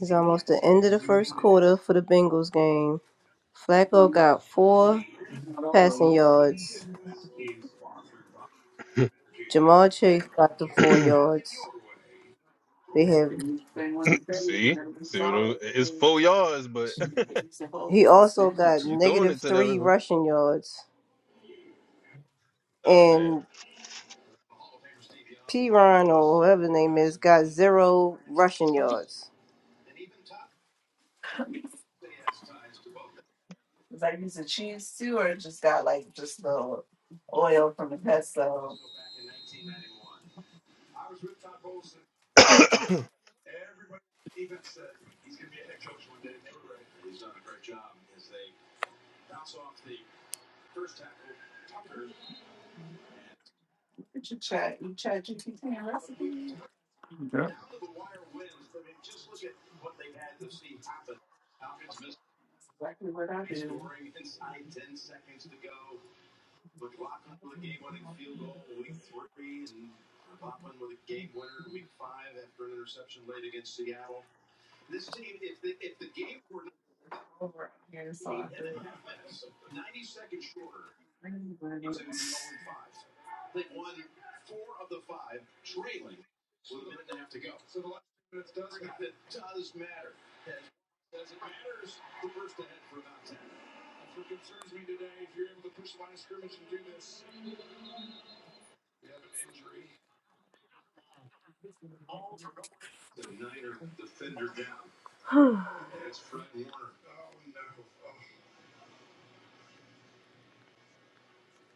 A: it's almost the end of the first quarter for the Bengals game. Flacco got four passing yards. Jamal Chase got the four yards. They have.
G: see, see what I'm, it's four yards, but
A: He also got
G: you throwing it
A: negative
G: to that.
A: three
G: river.
A: rushing yards.
G: Oh
A: and Piron or whatever his name is got zero rushing yards.
G: damn.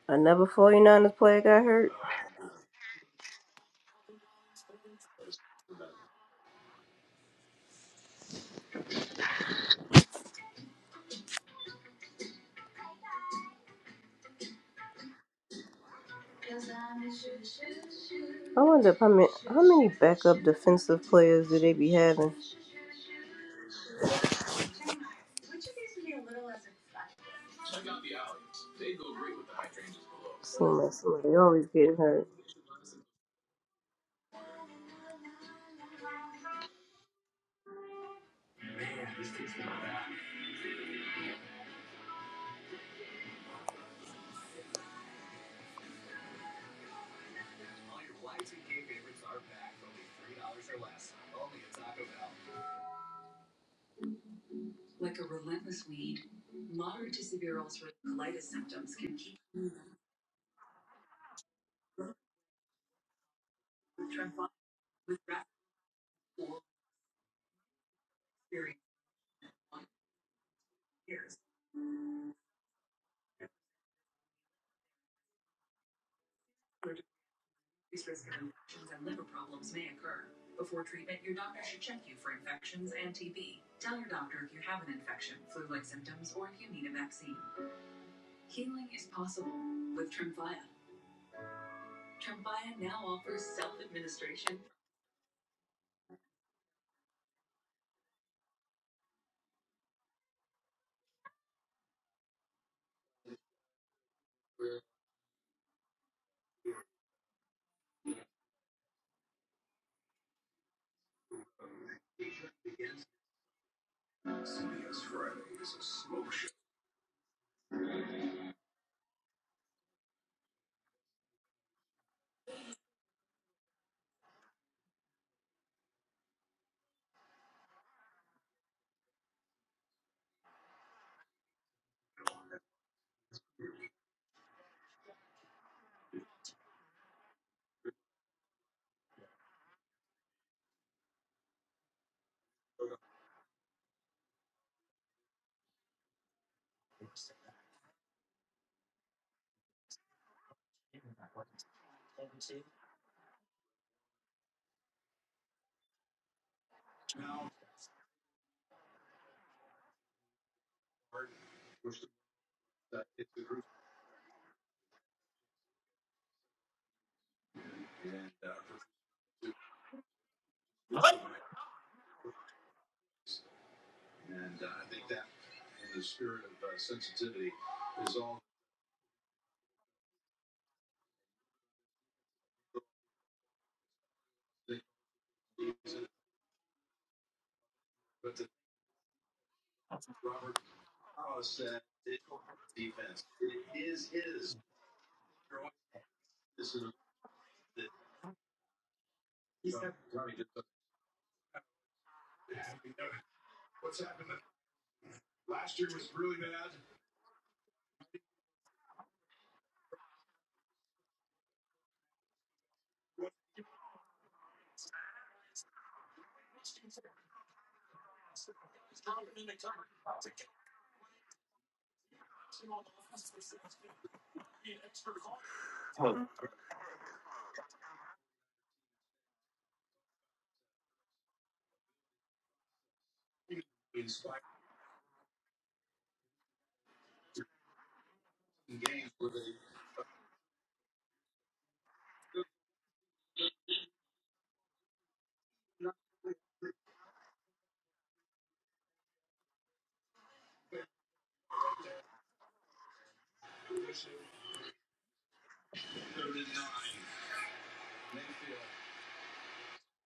A: Another 49ers player got hurt. I wonder if how many, how many backup defensive players do they be having? Seems like somebody always getting hurt.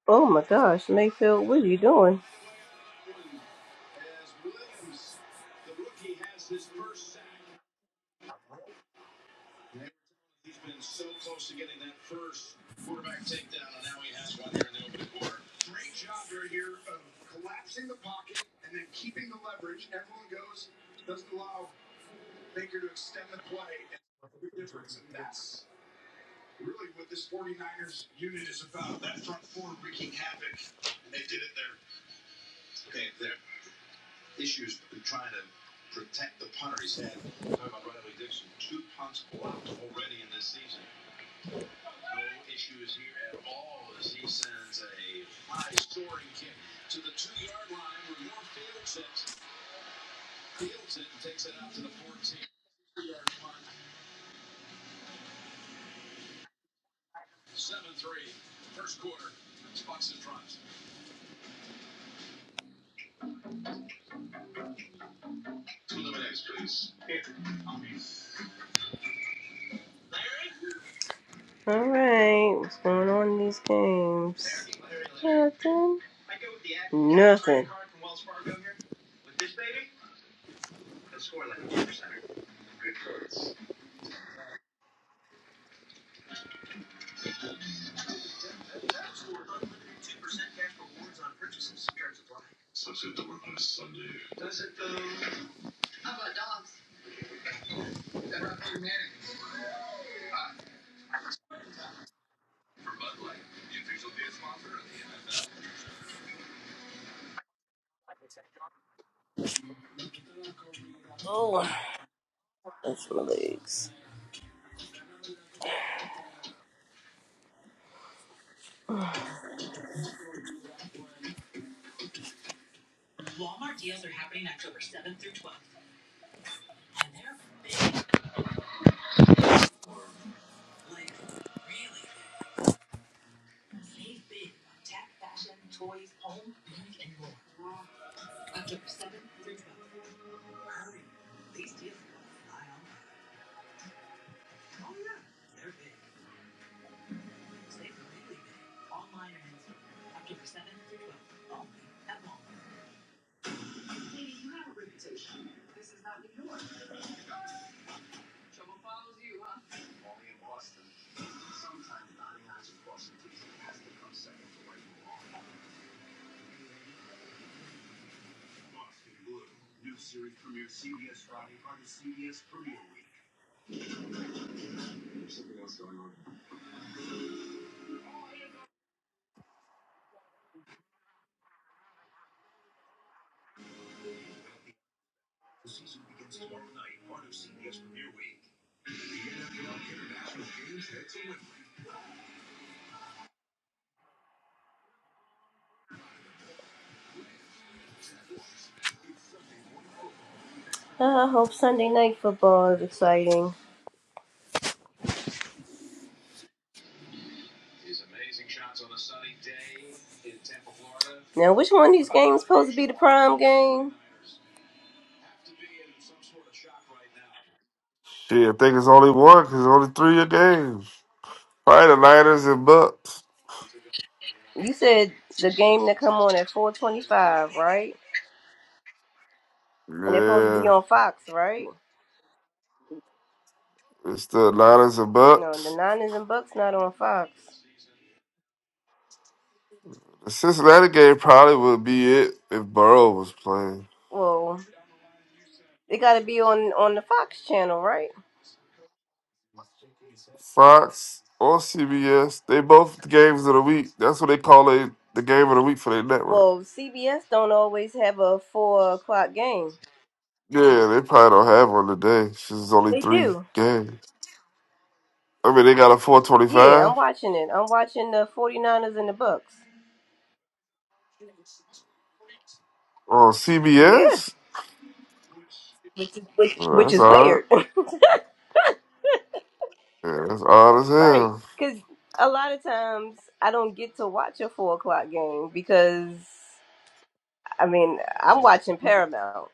A: Oh my gosh, Mayfield, what are you doing? All right, what's going on in these games? Nothing. Oh, that's my legs. I hope Sunday night football is exciting. Now, which one of these games supposed to be the prime game?
F: Shit, I think it's only one because only three of your games. Probably the Niners and Bucks.
A: You said the game that come on at 425, right? Be
F: Yeah,
A: on Fox, right?
F: it's the Niners and
A: The
F: Bucks.
A: Niners and Bucks not on Fox.
F: The Cincinnati game probably would be it if Burrow was playing.
A: Well, it got to be on on the Fox channel, right?
F: Fox or CBS, they both the games of the week. That's what they call it, the game of the week for their network.
A: Well, CBS don't always have a four o'clock game.
F: Yeah, they probably don't have one today. It's just only three games. I mean, they got a
A: I'm
F: 425
A: watching it. I'm watching the 49ers and the Bucks.
F: on CBS. Well, that's odd. Yeah, that's odd as hell.
A: Because a lot of times I don't get to watch a four o'clock game because, I mean, I'm watching Paramount,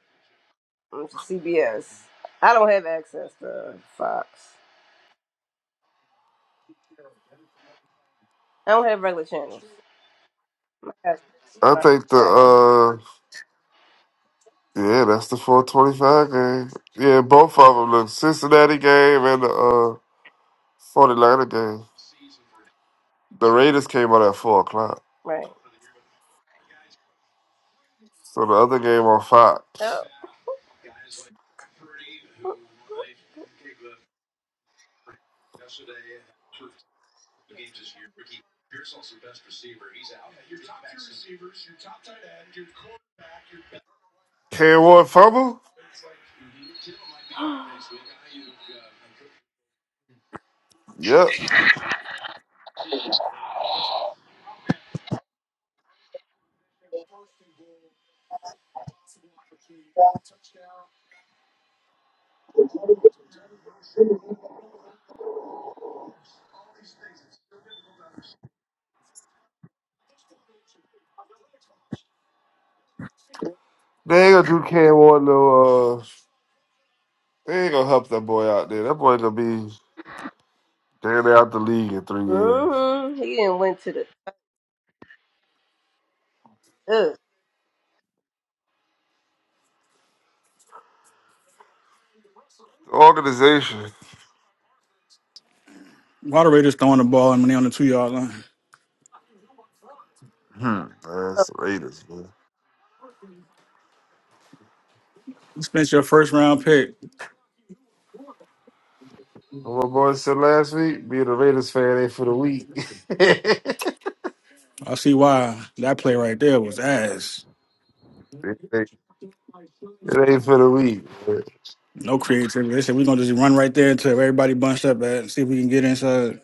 A: which is CBS. I don't have access to Fox. I don't have regular channels. That's
F: I think the uh, Yeah, that's the 425 game. Yeah, both of them, the Cincinnati game and the uh, 49er game. The Raiders came out at 4 o'clock.
A: right.
F: So the other game on Fox.
A: Oh.
F: Cam Ward fumble? Yep. They ain't gonna do Cam Ward no, uh, they ain't gonna help that boy out there. That boy gonna be damn near out the league in three years.
A: hmm He didn't went to the ugh,
F: Organization.
D: Moderators throwing the ball and money on the two yard line.
F: Hmm. That's the Raiders, man.
D: You spent your first round pick.
F: What my boy said last week, being a Raiders fan ain't for the weak.
D: I see why that play right there was ass.
F: It ain't it ain't for the weak.
D: No creativity. They said we're gonna just run right there until everybody bunched up at and see if we can get inside.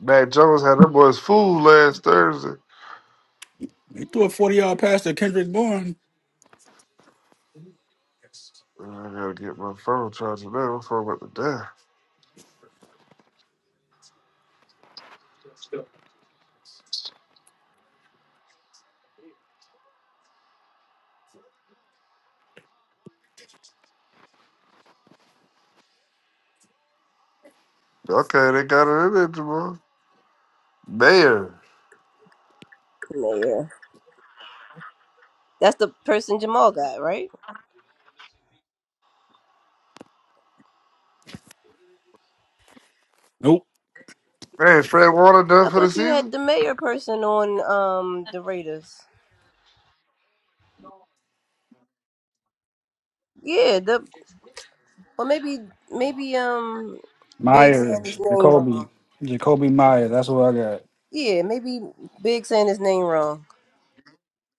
F: Matt Jones had them boys fooled last Thursday.
D: He threw a 40 yard pass to Kendrick Bourne.
F: I gotta get my phone charged now. My phone about to die. Okay, they got it in there tomorrow. Mayor.
A: the mayor. That's the person Jamal got, right?
D: Nope.
F: Man, is Fred Warner done for the season?
A: The mayor person on um the Raiders. Yeah, the or maybe maybe um Big
D: Myers.
A: saying his name wrong.
D: Jacoby. Jacoby Myers. That's what I got.
A: Yeah, maybe Big saying his name wrong.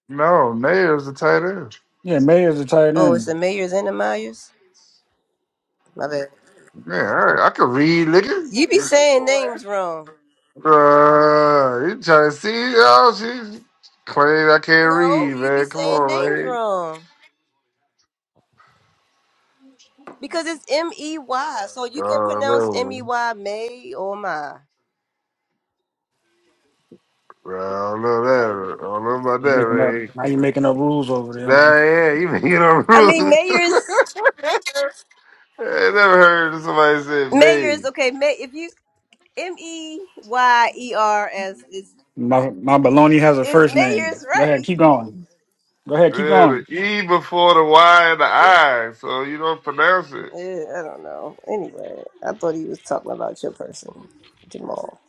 F: No, Mayor's the tight end.
D: Yeah, Mayer's a tight
A: Oh, it's
D: end.
A: the Mayors and the Myers? My bad.
F: Man, all right, I can read, nigga.
A: You be saying names wrong.
F: Uh, you trying to see? Oh, she claim I can't read, man. Come on, man.
A: Wrong. Because it's M E Y. So you can
F: Oh, no,
A: E
F: man.
A: Y May or my.
F: Bro, I don't know that. I don't know about
D: You Making up
F: that,
D: now you making up rules over
F: man.
D: there.
F: Nah, yeah, you making
A: Mayor
F: a rule. I never heard somebody say
A: is
F: May.
A: okay, May if you M E Y E R S is
D: My my baloney has a
A: is
D: first name.
A: Mayer's
D: Go ahead,
A: right.
D: keep going. Go ahead, keep
F: Yeah, the
D: going.
F: E before the Y and the I, so you don't pronounce it.
A: Eh, I don't know. Anyway, I thought he was talking about your person, Jamal.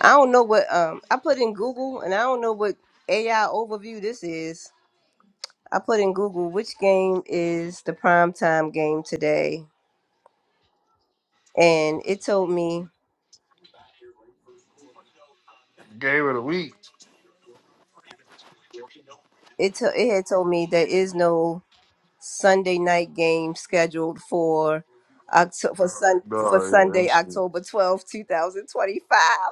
A: I don't know what um I put in Google and I don't know what AI overview this is. I put in Google which game is the prime time game today and it told me
F: Game of the week.
A: it to, it had told me there is no Sunday night game scheduled for October for Sun-
F: No, yeah,
A: Sunday
F: that shit.
A: October twelfth, 2025.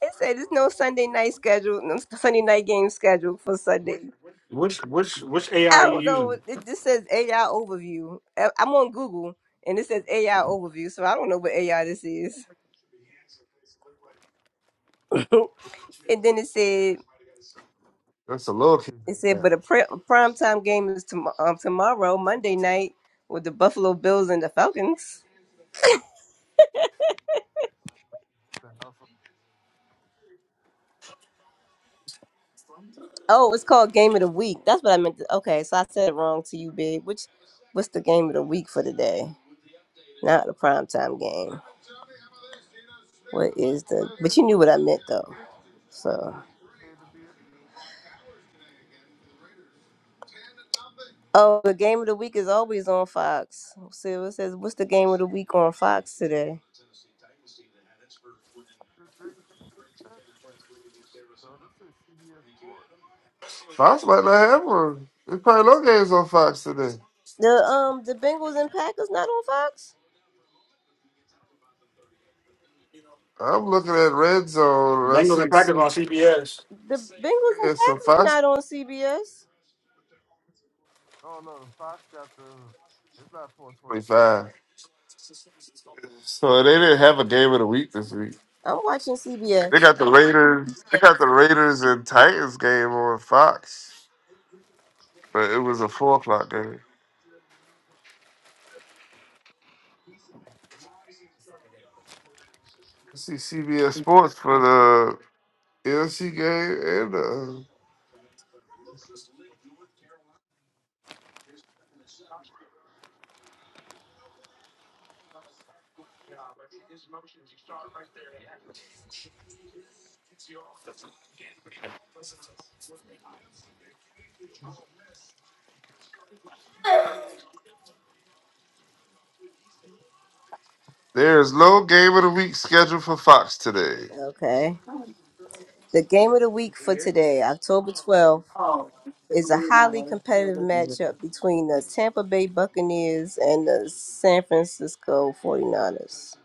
A: It said there's no Sunday night schedule, no Sunday night game scheduled for Sunday.
D: Which which which AI
A: I
D: you
A: don't know.
D: using?
A: It just says AI overview. I- I'm on Google and it says AI overview, so I don't know what AI this is. And then it said,
F: That's a little kid.
A: "Yeah,
F: Yeah.
A: but a, pre- prime time game is tom- um, tomorrow, Monday night, with the Buffalo Bills and the Falcons. Oh, it's called Game of the Week. That's what I meant. To- okay, so I said it wrong to you, babe. Which, what's the game of the week for today? Not the prime time game. What is the? But you knew what I meant though. So. Oh, the game of the week is always on Fox. See what it says. What's the game of the week on Fox today?
F: Fox might not have one. There's probably no games on Fox today.
A: The um the Bengals and Packers not on Fox.
F: I'm looking at Red Zone. and I
D: Bengals and
F: see,
D: Packers
F: see,
D: on CBS.
A: The Bengals
F: yeah, so Fox.
A: not on CBS.
F: Oh no, Fox got the. It's not 425. So they didn't have a game of the week this week.
A: I'm watching CBS.
F: They got the Raiders. They got the Raiders and Titans game on Fox, but it was a four o'clock game. I see CBS Sports for the NFC game, and uh, there is no game of the week scheduled for Fox today.
A: Okay. The game of the week for today, October 12th, is a highly competitive matchup between the Tampa Bay Buccaneers and the San Francisco Forty ers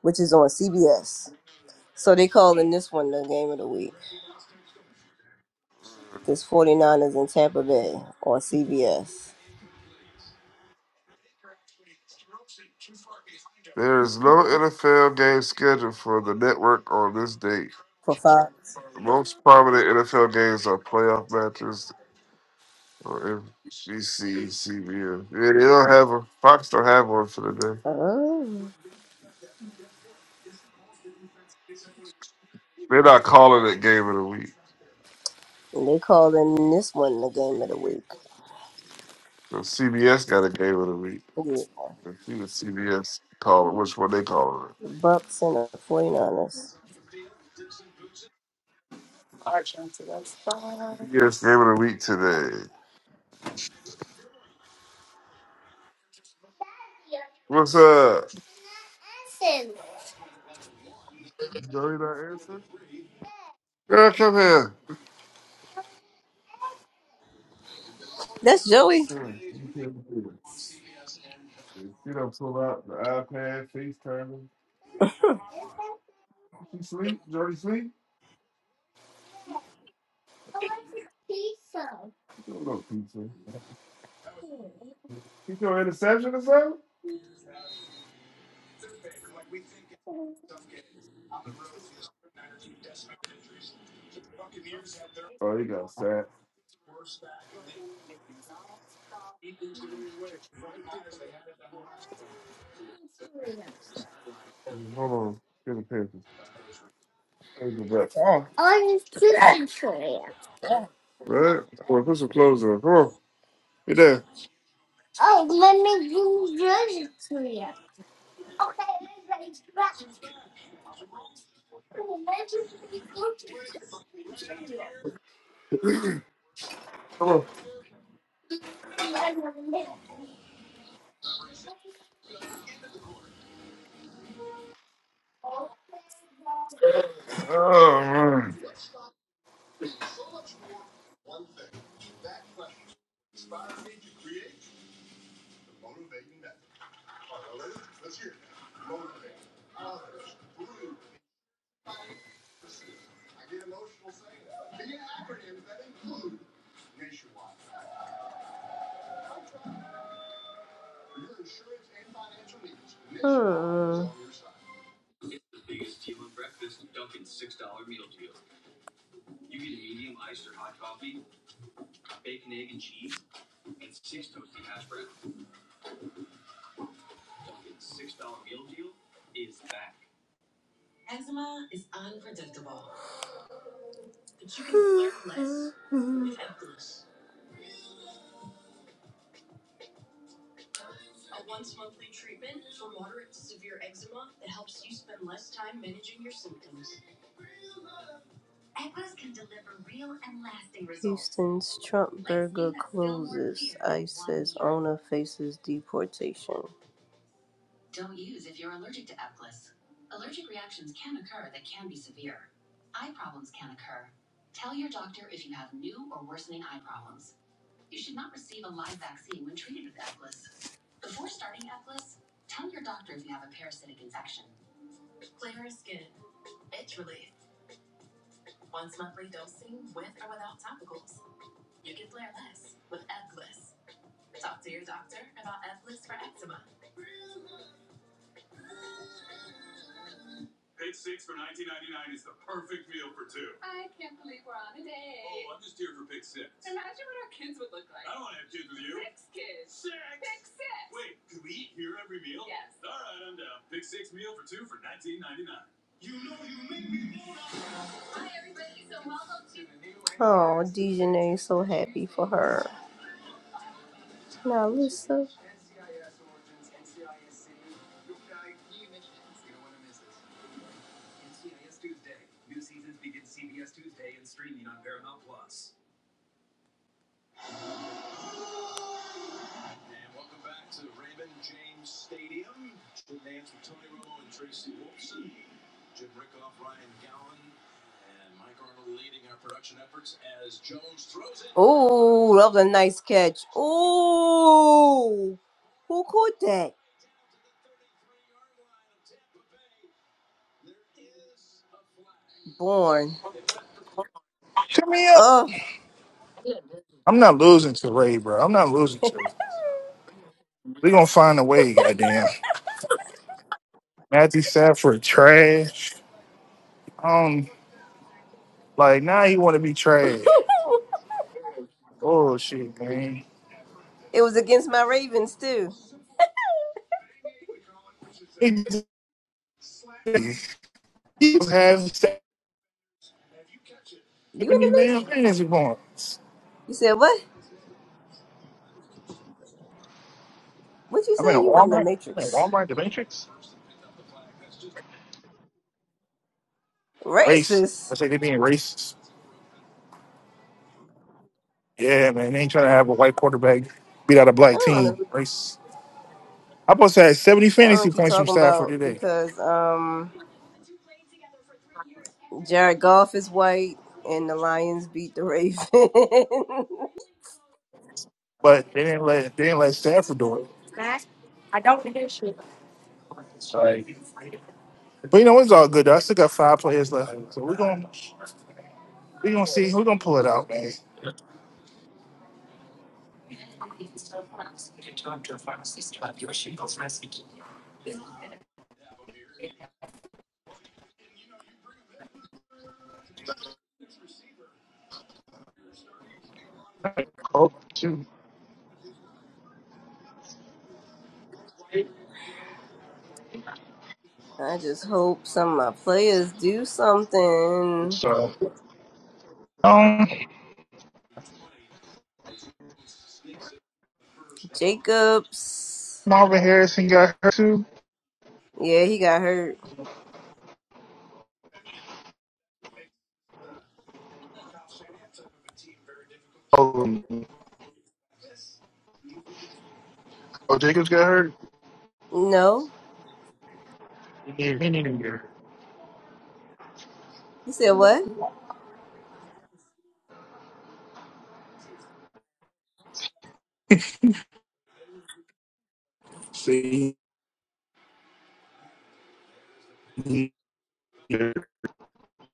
A: which is on CBS. So they calling this one the game of the week. This 49ers in Tampa Bay on CBS
F: There is no NFL game scheduled for the network on this date.
A: for Fox.
F: Most prominent NFL games are playoff matches on NBC, CBS. Yeah, they don't have a Fox don't have one for the day.
A: Oh.
F: They're not calling it game of the week.
A: And they calling this one the game of the week.
F: So CBS got a game of the week.
A: Yeah.
F: Let's see what CBS call it. Which one they call
A: Bucks and the 49ers.
F: it? CBS game of the week today. What's up? Joey not answer? Girl, come here.
A: That's Joey.
F: Come here. Get up, pull out the iPad, FaceTime. She sleep? Jody sleep? You don't know pizza. He throw an interception or something? Oh, he got sacked. Hold on. Get a paper. Here's the back.
A: Yeah.
F: Right? Come on, put some clothes on. Come on. Get there. Come on. Oh man.
A: Hmm. Since Trump Mona faces deportation. Oh, Dejanay so happy for her. Now Lisa. Ooh, that was a nice catch. Ooh. Who caught that? Born.
E: Hit me up.
A: Oh.
E: I'm not losing to Ray, bro. I'm not losing to it. we going to find a way, goddamn. Matthew Stafford, trash. Um, like, now you want to be trash. Oh, shit, man.
A: It was against my Ravens too.
E: Exactly. He was having 70
A: You in the
E: damn
A: Matrix?
E: fantasy points.
A: You said what? What you
E: I'm in a
A: say? You went in the
E: Walmart. I'm in
A: Matrix.
E: Walmart, the Matrix. Race. I
A: Racist.
E: say they being racist. Yeah, man. They ain't trying to have a white quarterback beat out a
A: I
E: black
A: don't know.
E: team. Racist. I supposed to have seventy
A: I don't know
E: fantasy
A: what you
E: points from
A: talking
E: Stafford
A: about
E: today,
A: because um Jared Goff is white and the Lions beat the Ravens.
E: but they didn't let they didn't let Stafford do it. I don't. But you know it's all good. Though. I still got five players left, so we're gonna we're gonna see we're gonna pull it out, man.
A: I just hope some of my players do something.
E: So um,
A: Jacobs.
E: Marvin Harrison got hurt too.
A: Yeah, he got hurt.
E: Oh, oh,
A: No. You said what?
E: they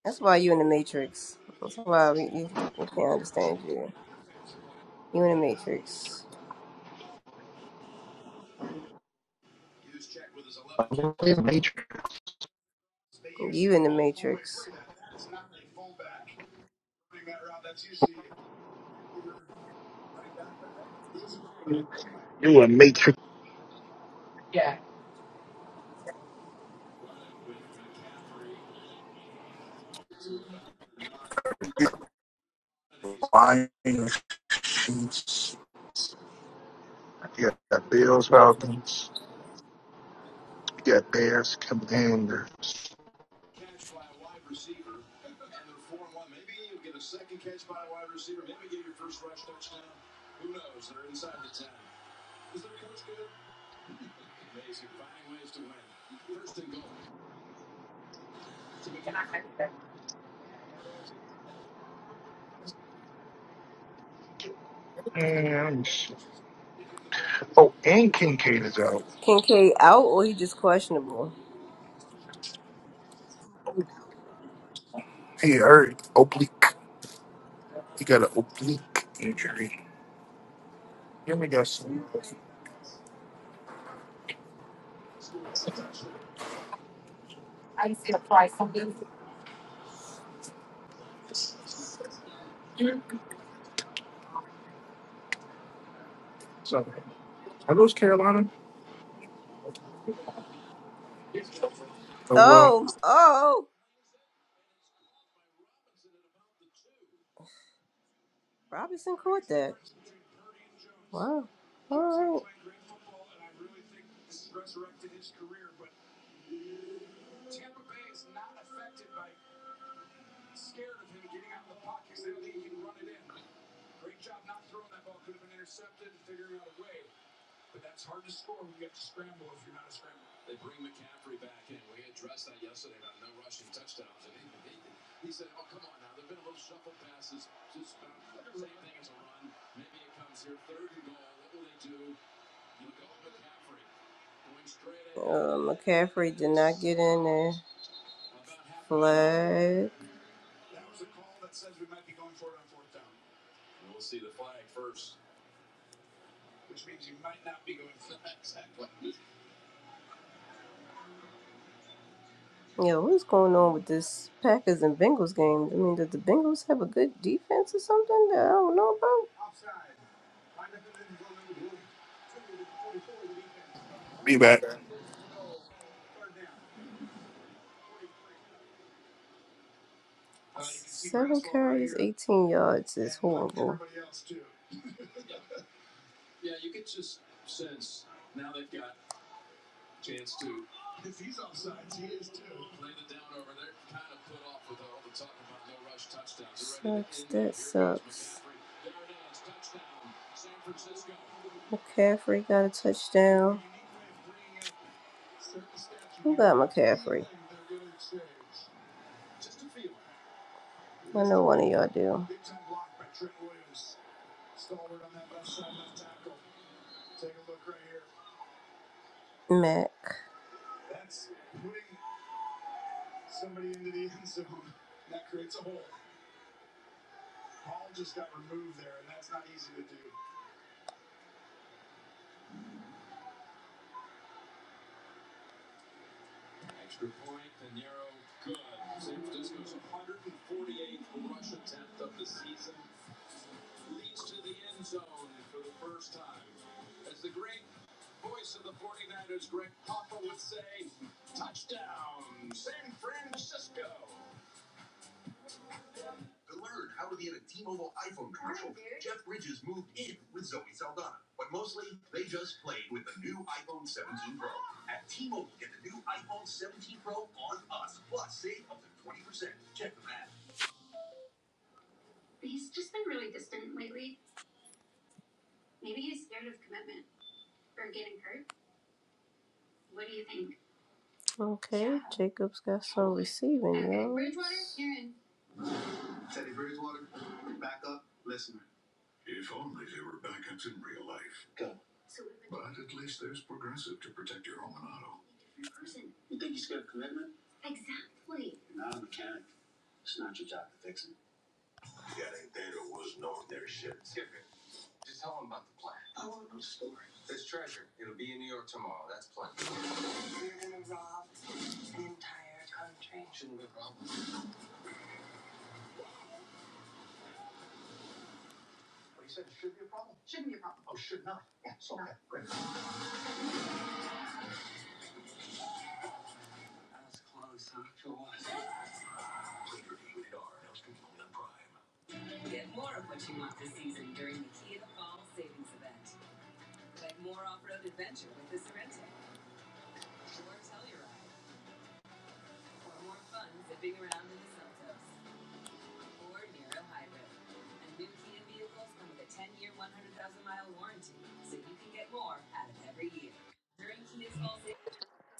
A: That's why you in the Matrix. That's why we, you, we can't understand you. You in the Matrix. You in the Matrix.
E: Lions, Chiefs, you got Bills, Falcons, you got Bears, Commanders. And, oh, and Kincaid is out.
A: Kincaid out or he just questionable?
E: He hurt oblique. He got an oblique.
A: Oh, oh. Robinson caught that. Wow. Alright. Um, McCaffrey did not get in there. Black. Yeah, what is going on with this Packers and Bengals game? I mean, did the Bengals have a good defense or something that I don't know about?
E: Be back.
A: Seven carries, 18 yards is horrible. Sucks. That sucks. McCaffrey got a touchdown. Who got McCaffrey? I know one of y'all do. Mac. Okay, Jacob's got some receiving.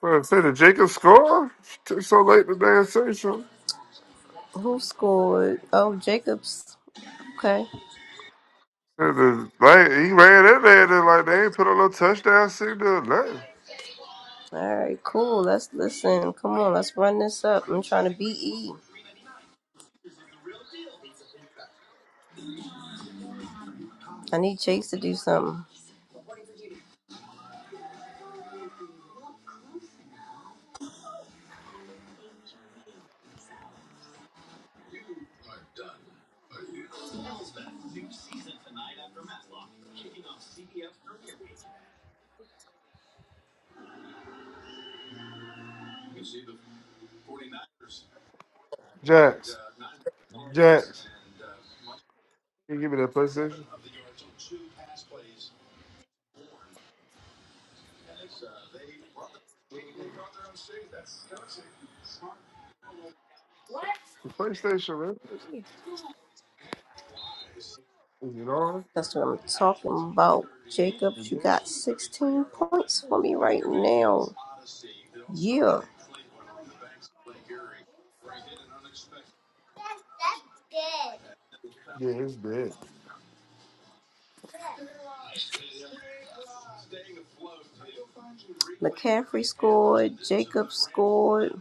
F: Well, say did Jacob score? Took so late to damn say something.
A: Who scored? Oh, Jacob's. Okay.
F: Said the- Like he ran in there and then, like they ain't put a little touchdown signal or nothing.
A: All right, cool. Let's listen. Come on, let's run this up. I'm trying to beat E. I need Chase to do something.
F: Jax. Jax. Can you give me that PlayStation? The PlayStation, man. Is it on?
A: That's what I'm talking about.
F: Is it
A: Jacobs, you
F: dead?
A: got 16 points for me right now. Yeah.
F: Yeah, it's dead.
A: McCaffrey scored. Jacobs scored.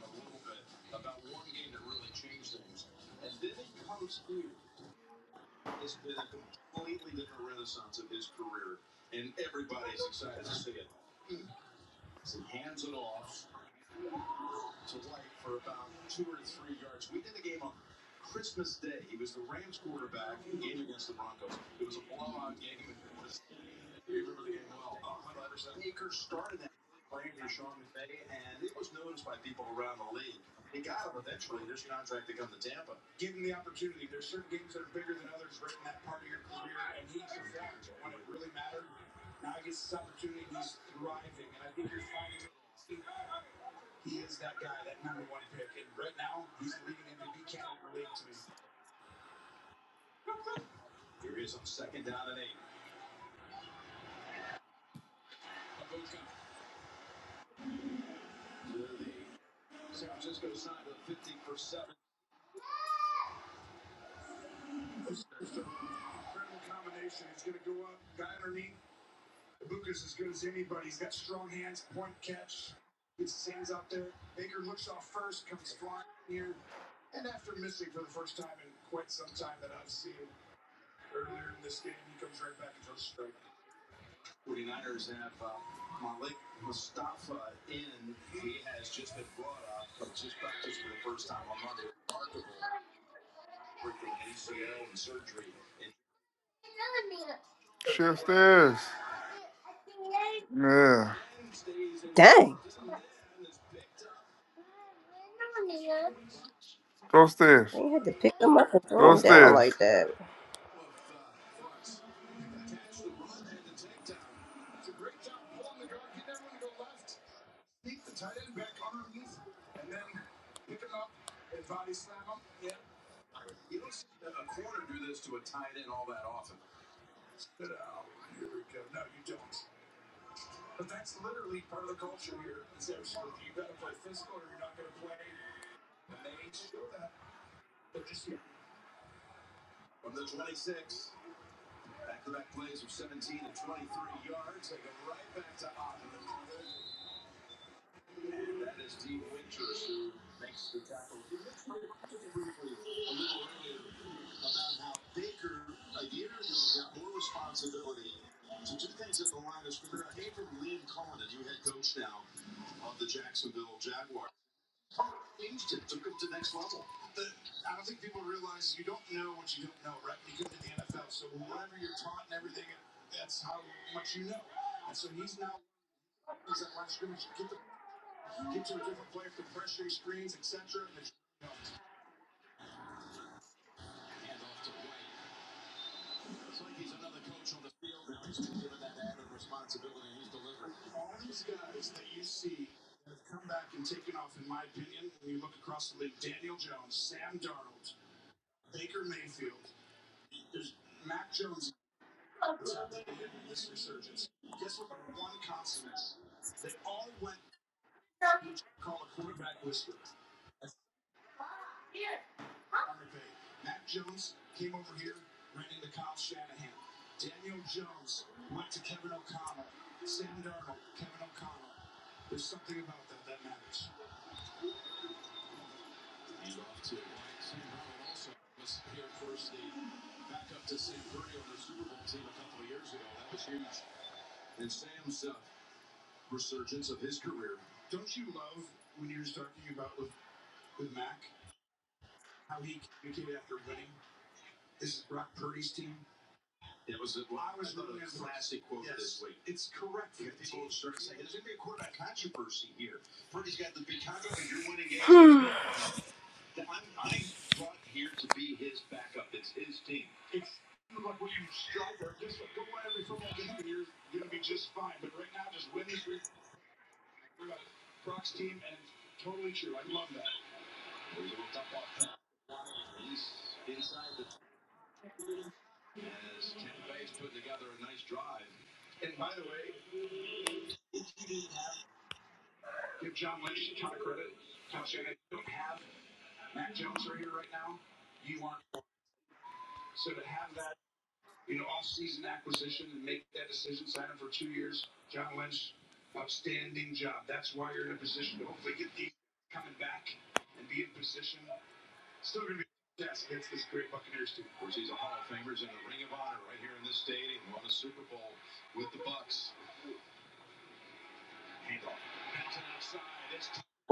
F: Shit stairs. Yeah.
A: Dang.
F: Go stairs.
A: I had to pick him up and throw
F: Go stairs.
A: like that.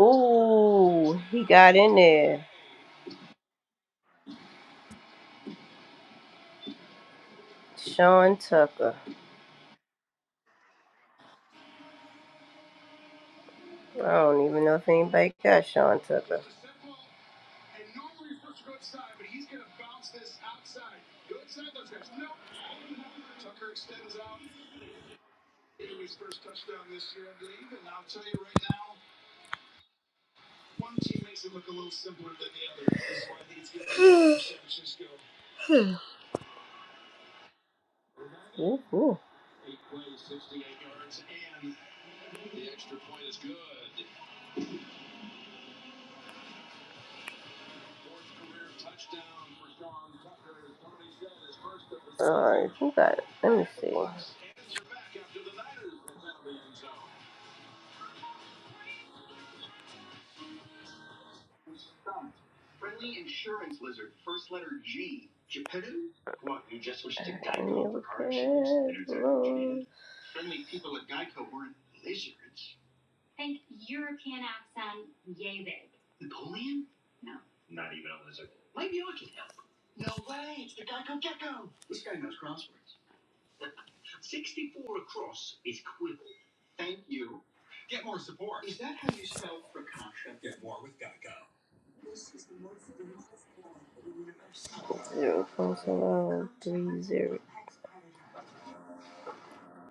A: Ooh, he got in there. Sean Tucker. I don't even know if anybody got Sean Tucker. Ooh, ooh. Alright, who got it? Let me see. Let me look at it. Zero point seven three zero.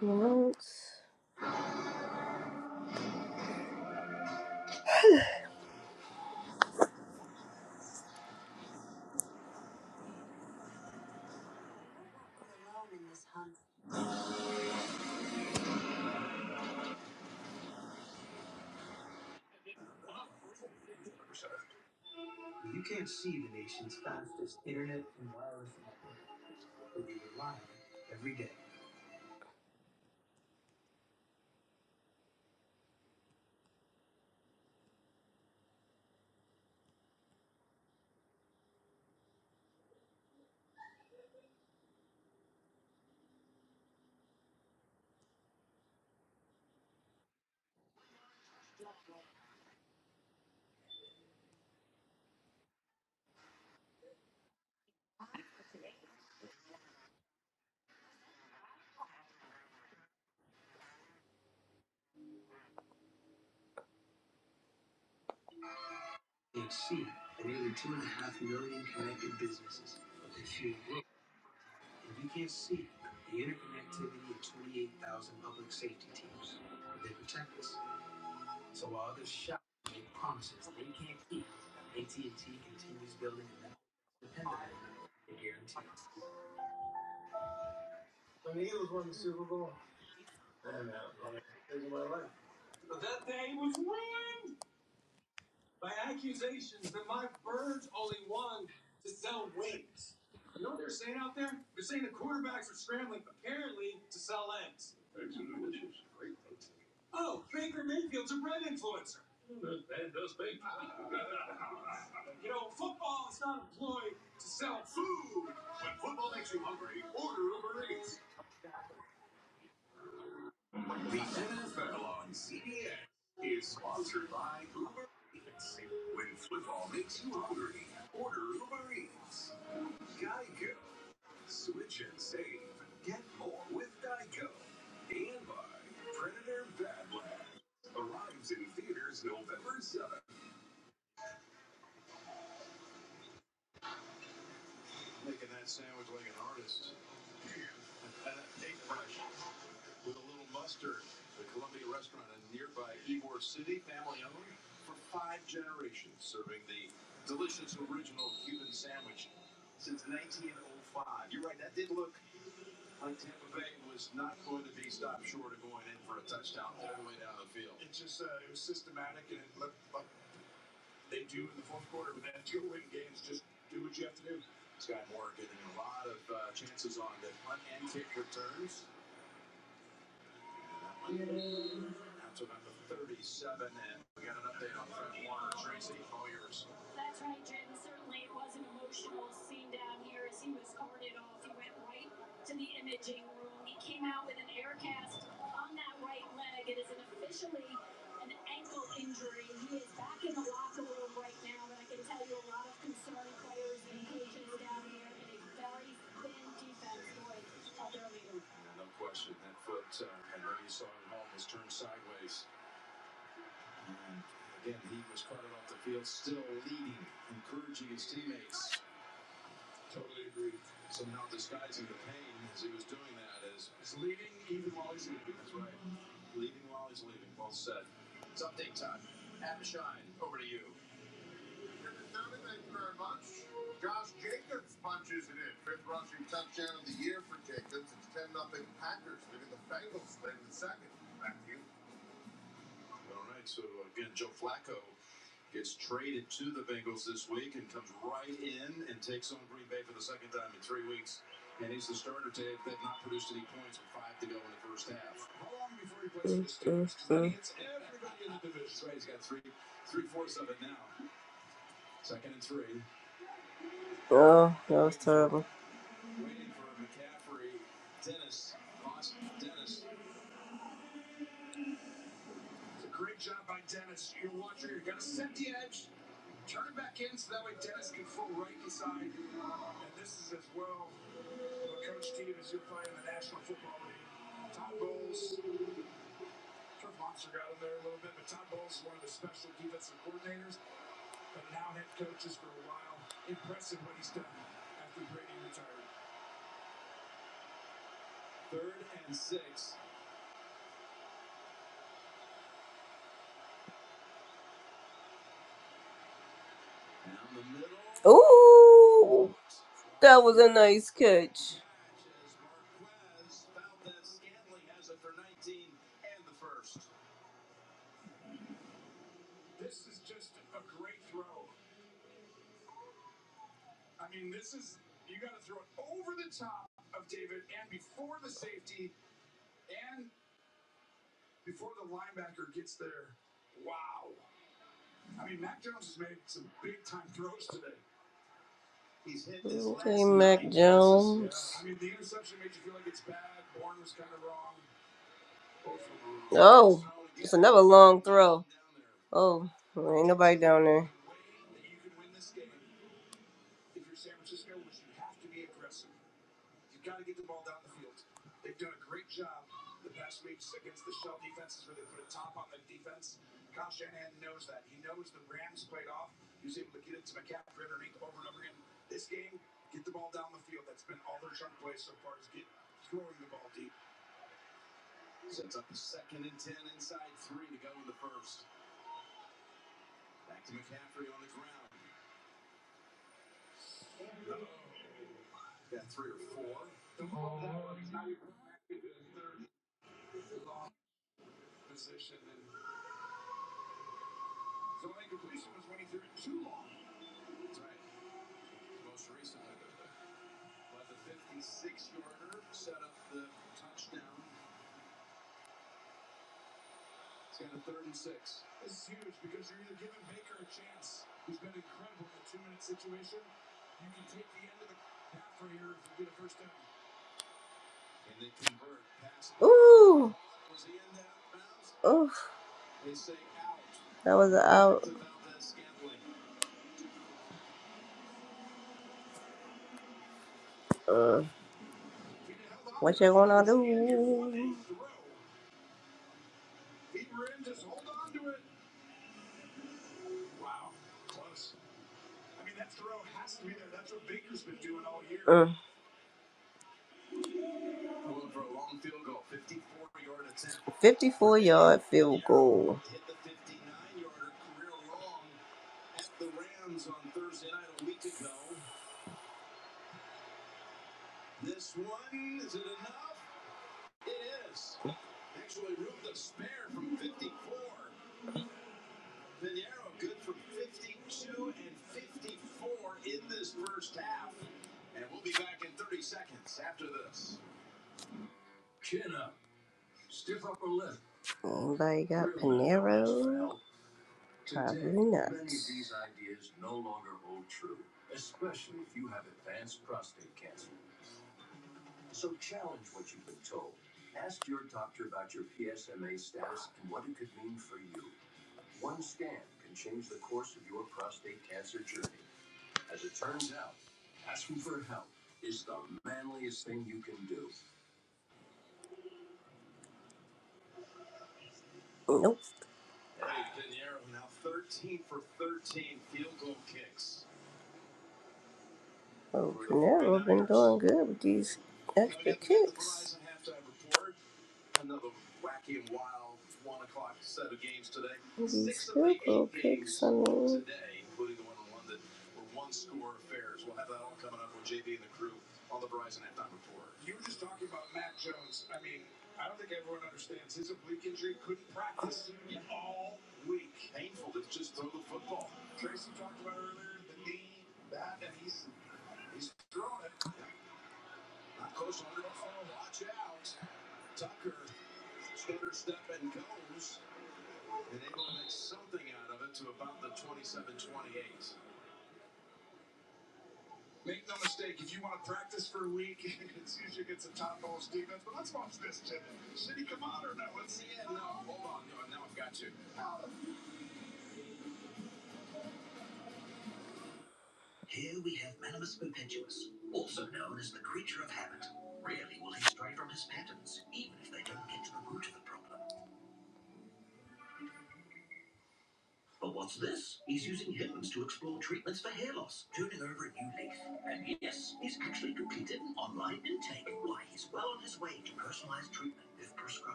A: Months. Oh, that was terrible. Ooh, that was a nice catch. Oh, it's another long throw. Oh, there ain't nobody down there. Ooh, oof, that was a out. Uh, what you gonna do? Uh, 54 yard field goal. Anybody got? Nope. I'm I'm good with these. Uh,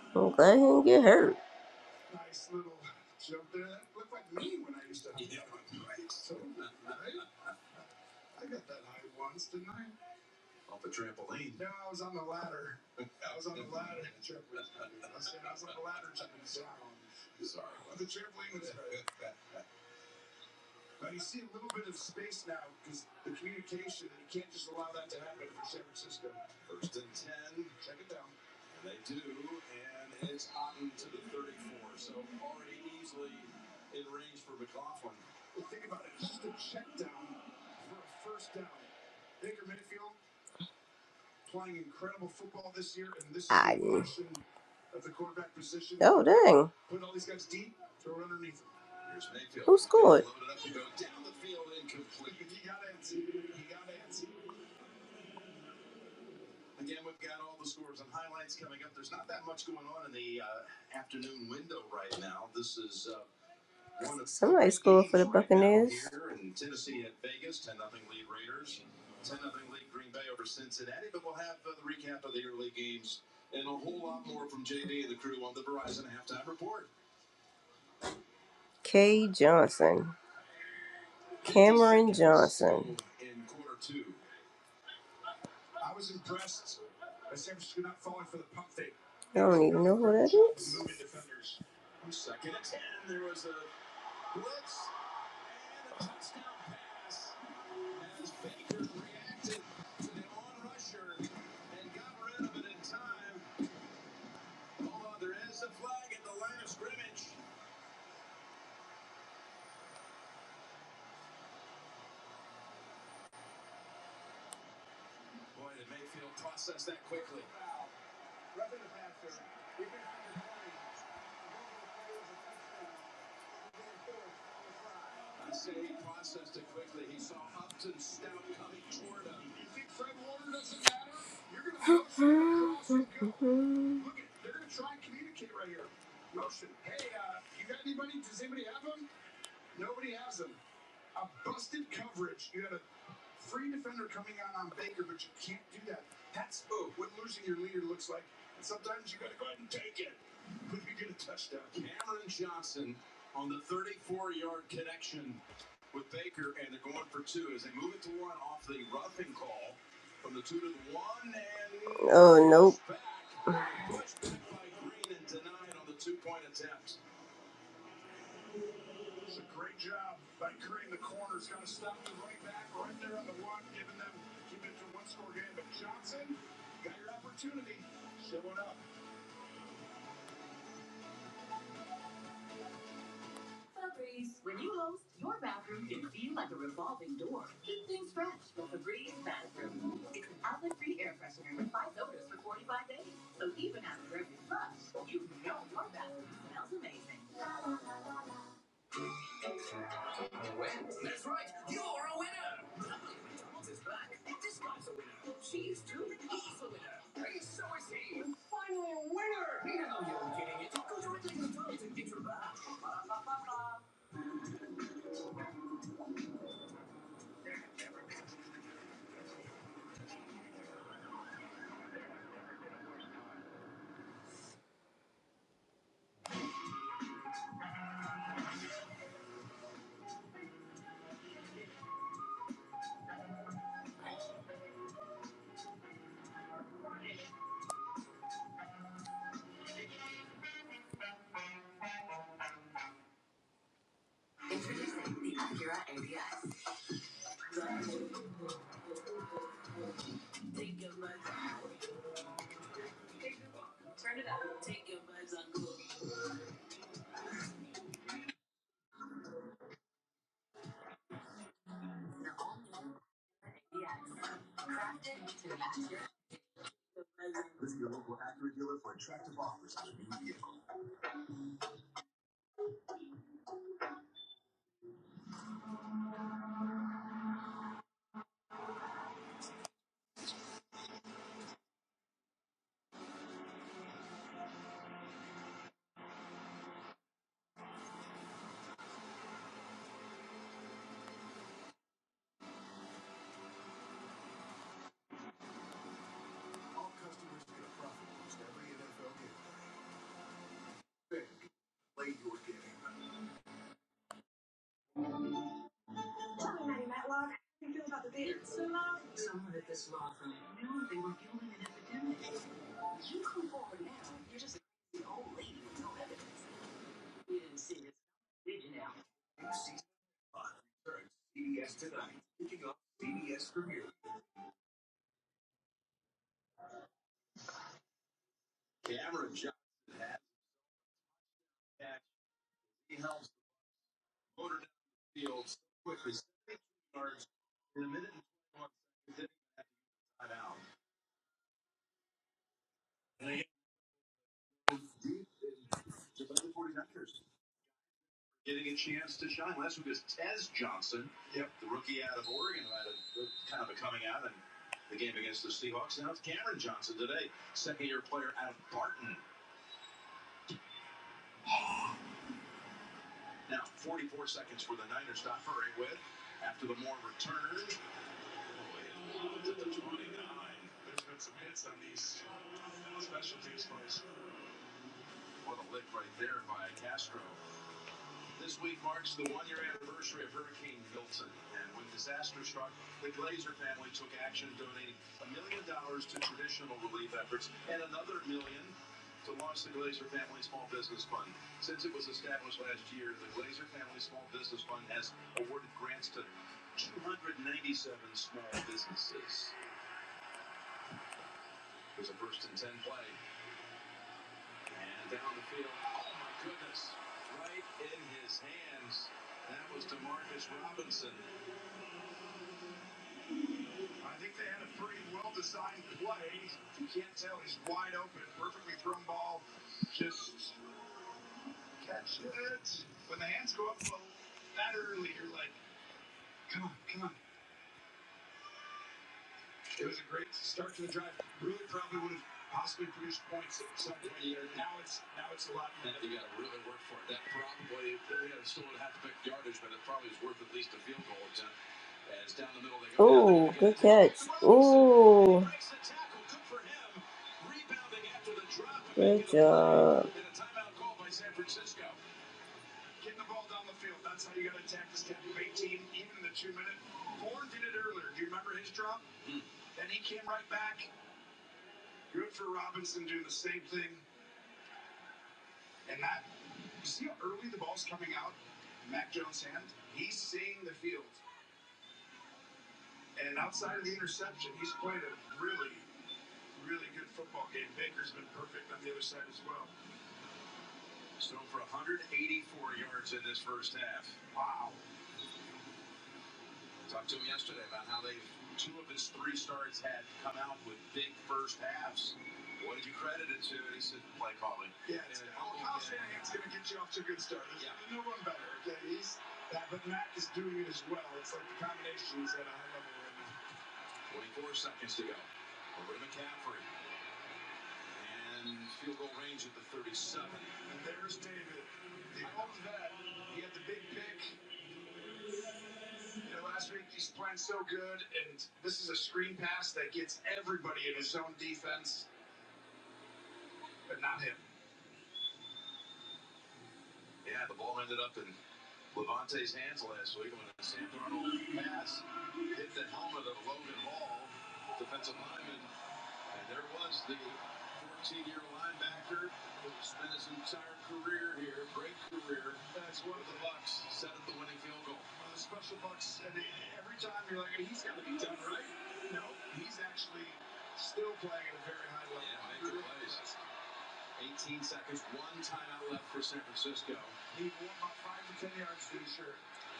A: I'm glad he didn't get hurt. K. Johnson. I don't even know who that is. Oh, nope.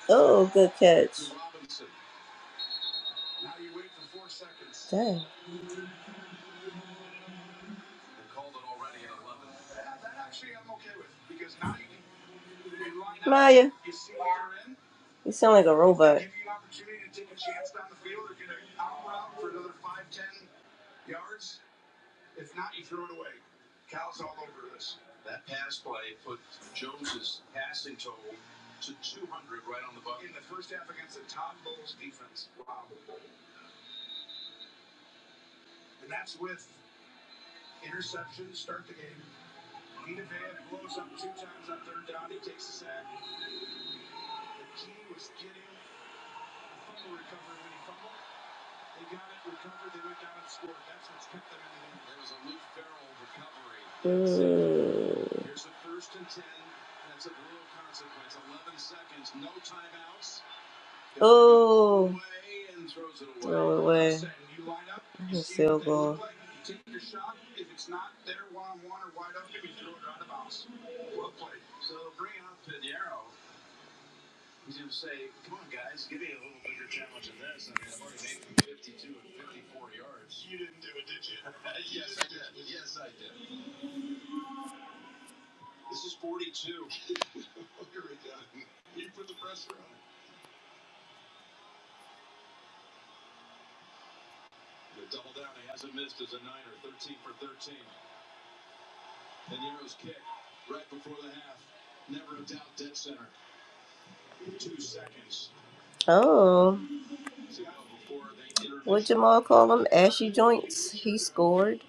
A: Oh, good catch. Dang. You sound like a robot. Mm. Oh. Throw it away. field goal. Oh. Jamal call him Ashy Joints. He scored.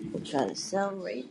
A: I'm trying to celebrate.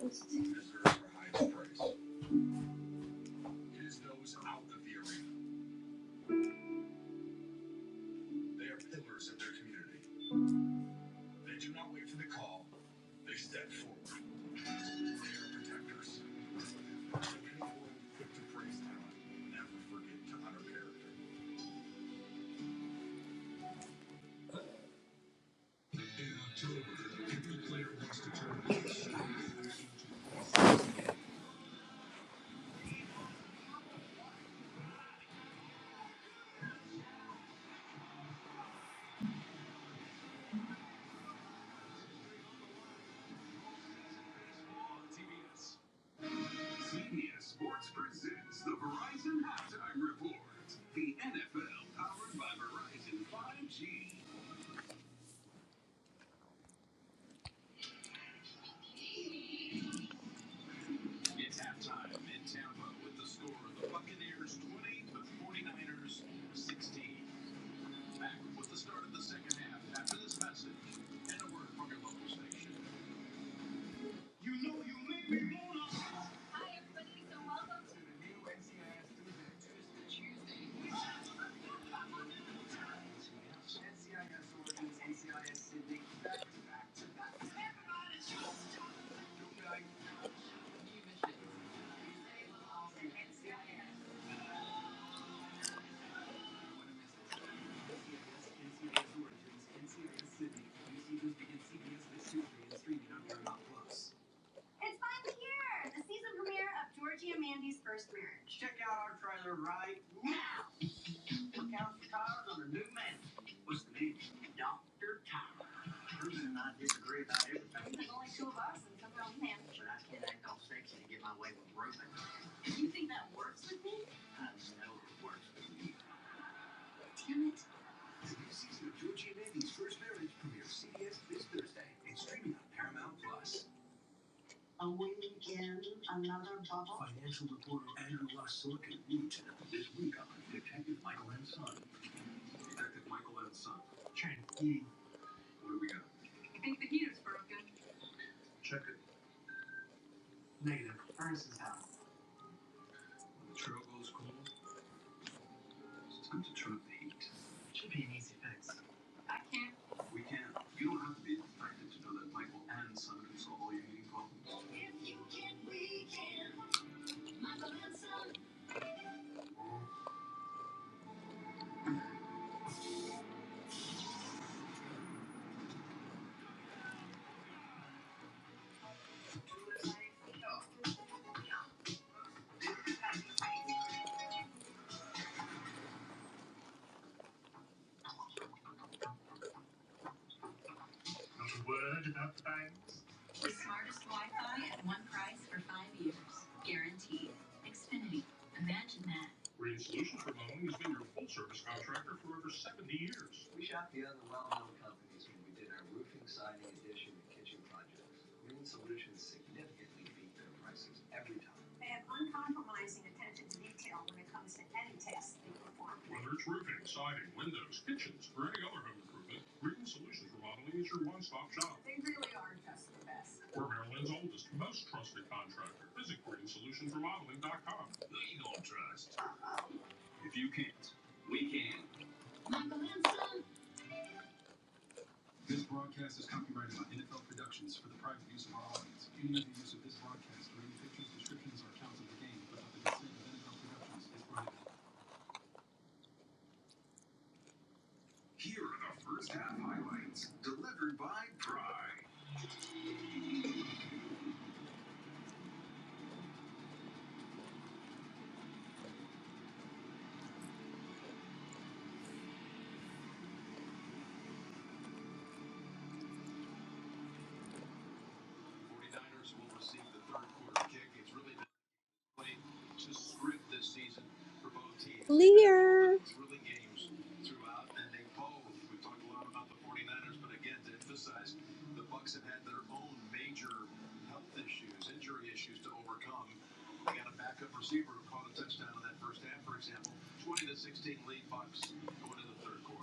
A: Lear.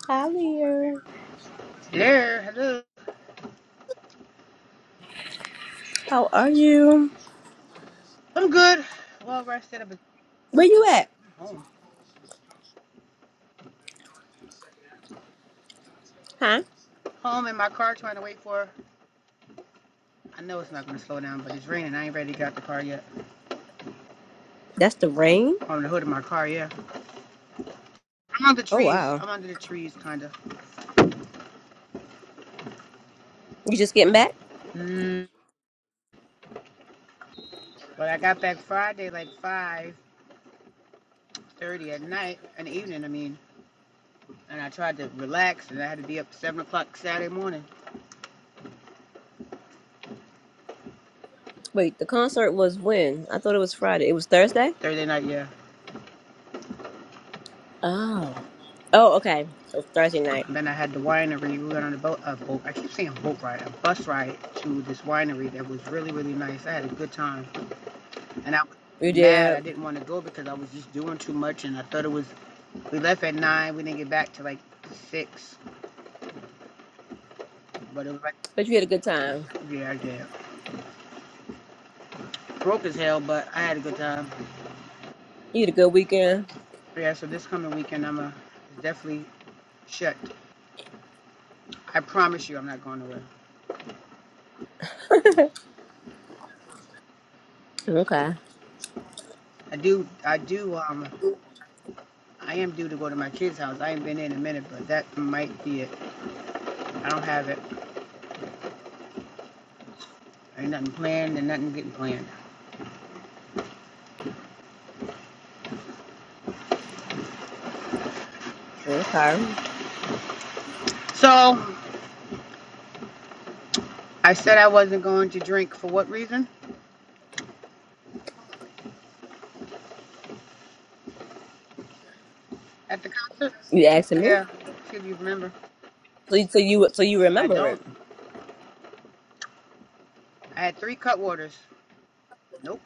A: Hi, Lear.
J: Hello, hello.
A: How are you?
J: I'm good. Well rested. I've been
A: Where you at?
J: home.
A: Huh?
J: Home in my car trying to wait for. I know it's not going to slow down, but it's raining. I ain't ready to get out the car yet.
A: That's the rain?
J: On the hood of my car, yeah. I'm under the
A: Oh
J: trees.
A: wow.
J: I'm under the trees, kind of.
A: You just getting back?
J: Mm. But I got back Friday, like 5.30 at night, in the evening, I mean. And I tried to relax, and I had to be up 7 o'clock Saturday morning.
A: Wait, the concert was when? I thought it was Friday. It was Thursday?
J: Thursday night, yeah.
A: Oh. Oh, okay. So it's Thursday night.
J: And then I had the winery. We went on a boat, a boat. I keep saying boat ride, a bus ride to this winery that was really, really nice. I had a good time. and I was
A: You
J: mad.
A: did.
J: I didn't want to go because I was just doing too much, and I thought it was. We left at nine. We didn't get back to like six, but it was like
A: But you had a good time.
J: yeah, yeah. Broke as hell, but I had a good time.
A: You had a good weekend.
J: Yeah, so this coming weekend, I'm a definitely shut. I promise you, I'm not going nowhere.
A: Okay.
J: I do, I do, um, I am due to go to my kid's house. I ain't been there in a minute, but that might be it. I don't have it. Ain't nothing planned and nothing getting planned.
A: Okay.
J: So, I said I wasn't going to drink for what reason? At the concert?
A: You asking me?
J: Yeah, see if you remember.
A: So you so you so you
J: I
A: remember
J: don't.
A: it.
J: I had three cut waters. Nope.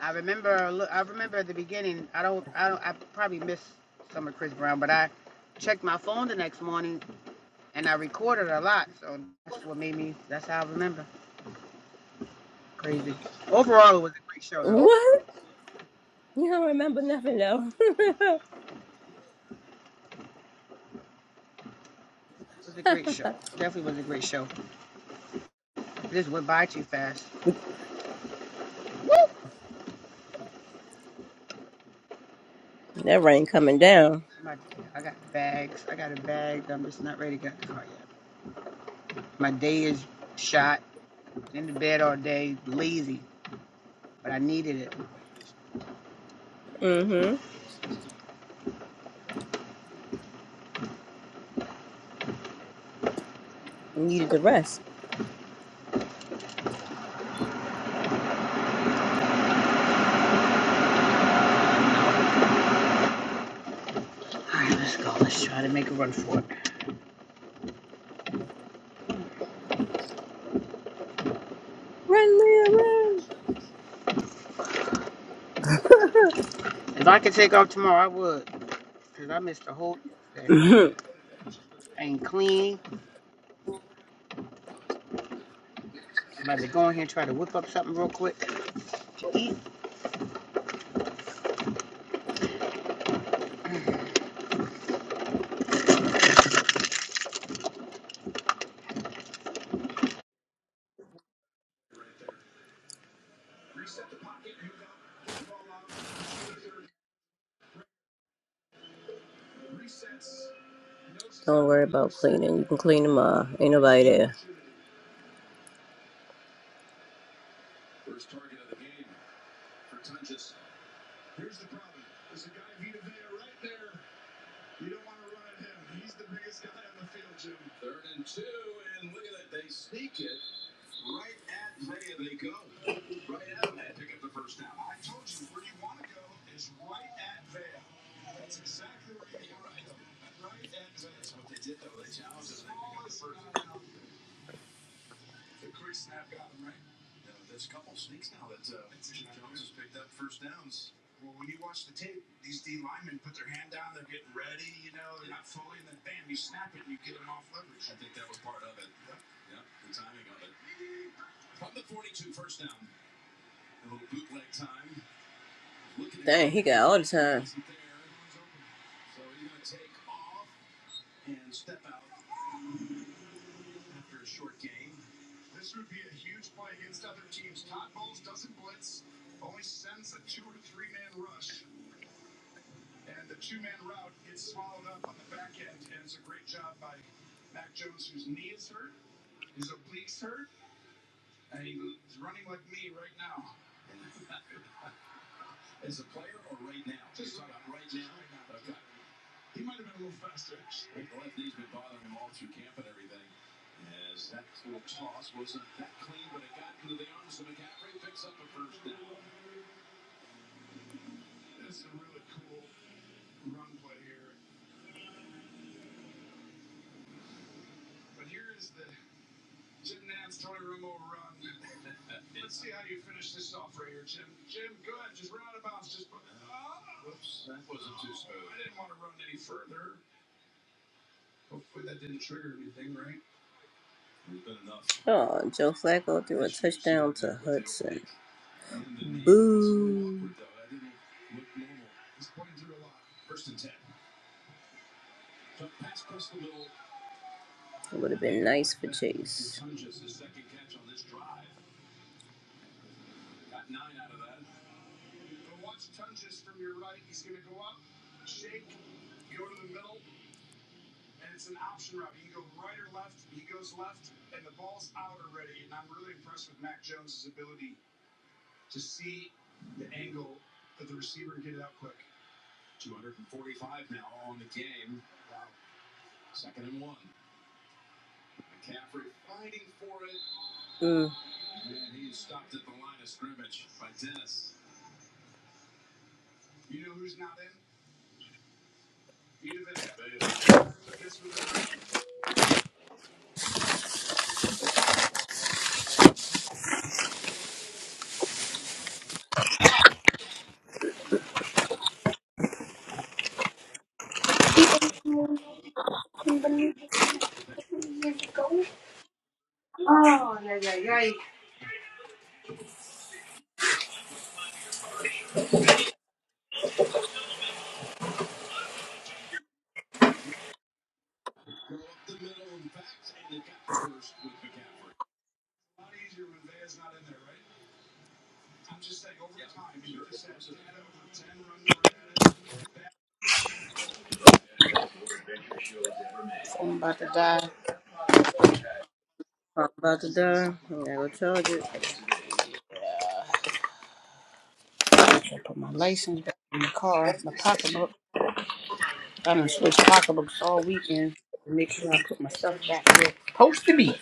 J: I remember. I remember at the beginning. I don't. I don't. I probably missed some of Chris Brown, but I checked my phone the next morning and I recorded a lot. So that's what made me. That's how I remember. Crazy. Overall, it was a great show, though.
A: What? You don't remember nothing though.
J: It was a great show. Definitely was a great show. It just went by too fast. Woo!
A: that rain coming down.
J: My, I got bags. I got a bag. I'm just not ready to get in the car yet. My day is shot. In the bed all day, lazy, but I needed it.
A: Mm-hmm. You needed the rest.
J: All right, let's go. Let's try to make a run for it.
A: Run, Leah,
J: If I could take off tomorrow, I would, because I missed the whole thing.
A: run.
J: I ain't clean. I'm about to go in here and try to whip up something real quick to eat.
A: Don't worry about cleaning. You can clean them up. Ain't nobody there. He got all the time. Oh, Joe Flacco threw a t- It would have been nice for. Mm.
J: I'm about to die.
A: I'm about to die. I'm gonna go charge it.
J: I put my license back in the car, my pocketbook. I done switched pocketbooks all weekend to make sure I put my stuff back where it's supposed to be.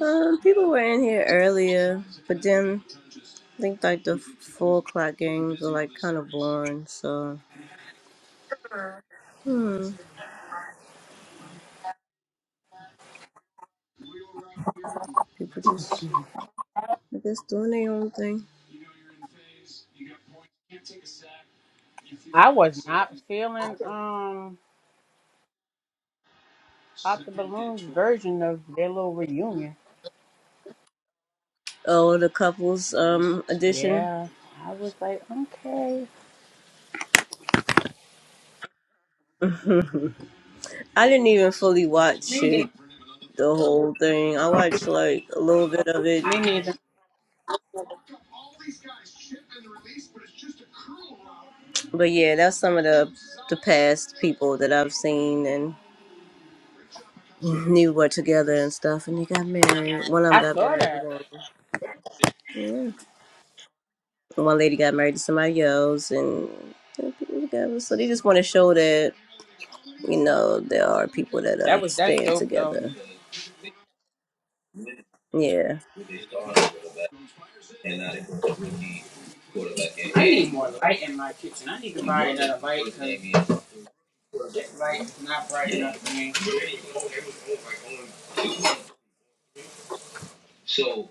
A: Um, people were in here earlier, but then I think like the four o'clock games were like kind of boring. So, hmm, people just I guess doing their own thing.
J: I was not feeling um Pop the Balloon's version of their little reunion.
A: Oh, the couples um edition.
J: Yeah, I was like, okay.
A: I didn't even fully watch
J: Me
A: it,
J: neither.
A: the whole thing. I watched like a little bit of it
J: Me neither.
A: But yeah, that's some of the the past people that I've seen and knew were together and stuff, and they got married. One of them
J: I
A: got
J: saw
A: married,
J: that.
A: and yeah, one lady got married to somebody else, and they're together. So they just want to show that you know there are people that
J: That
A: are
J: was that's
A: staying
J: dope though.
A: together. Yeah.
J: I need more light in my kitchen. I need to buy another light because that light is not bright enough for me. So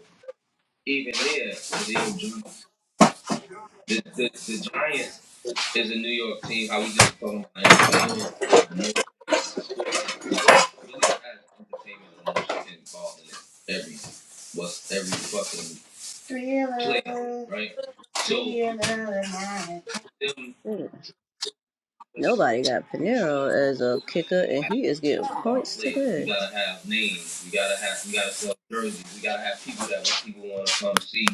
J: even there, the the the, the Giants is a New York team. How we just talking about entertainment sports, really has entertainment and emotion involved in it every, what's every fucking. player, right? So yeah. them
A: Mm. Nobody got Pinero as a kicker, and he is getting
J: our
A: points
J: players. We
A: today.
J: gotta have names. We gotta have. We gotta sell jerseys. We gotta have people that people want to come see.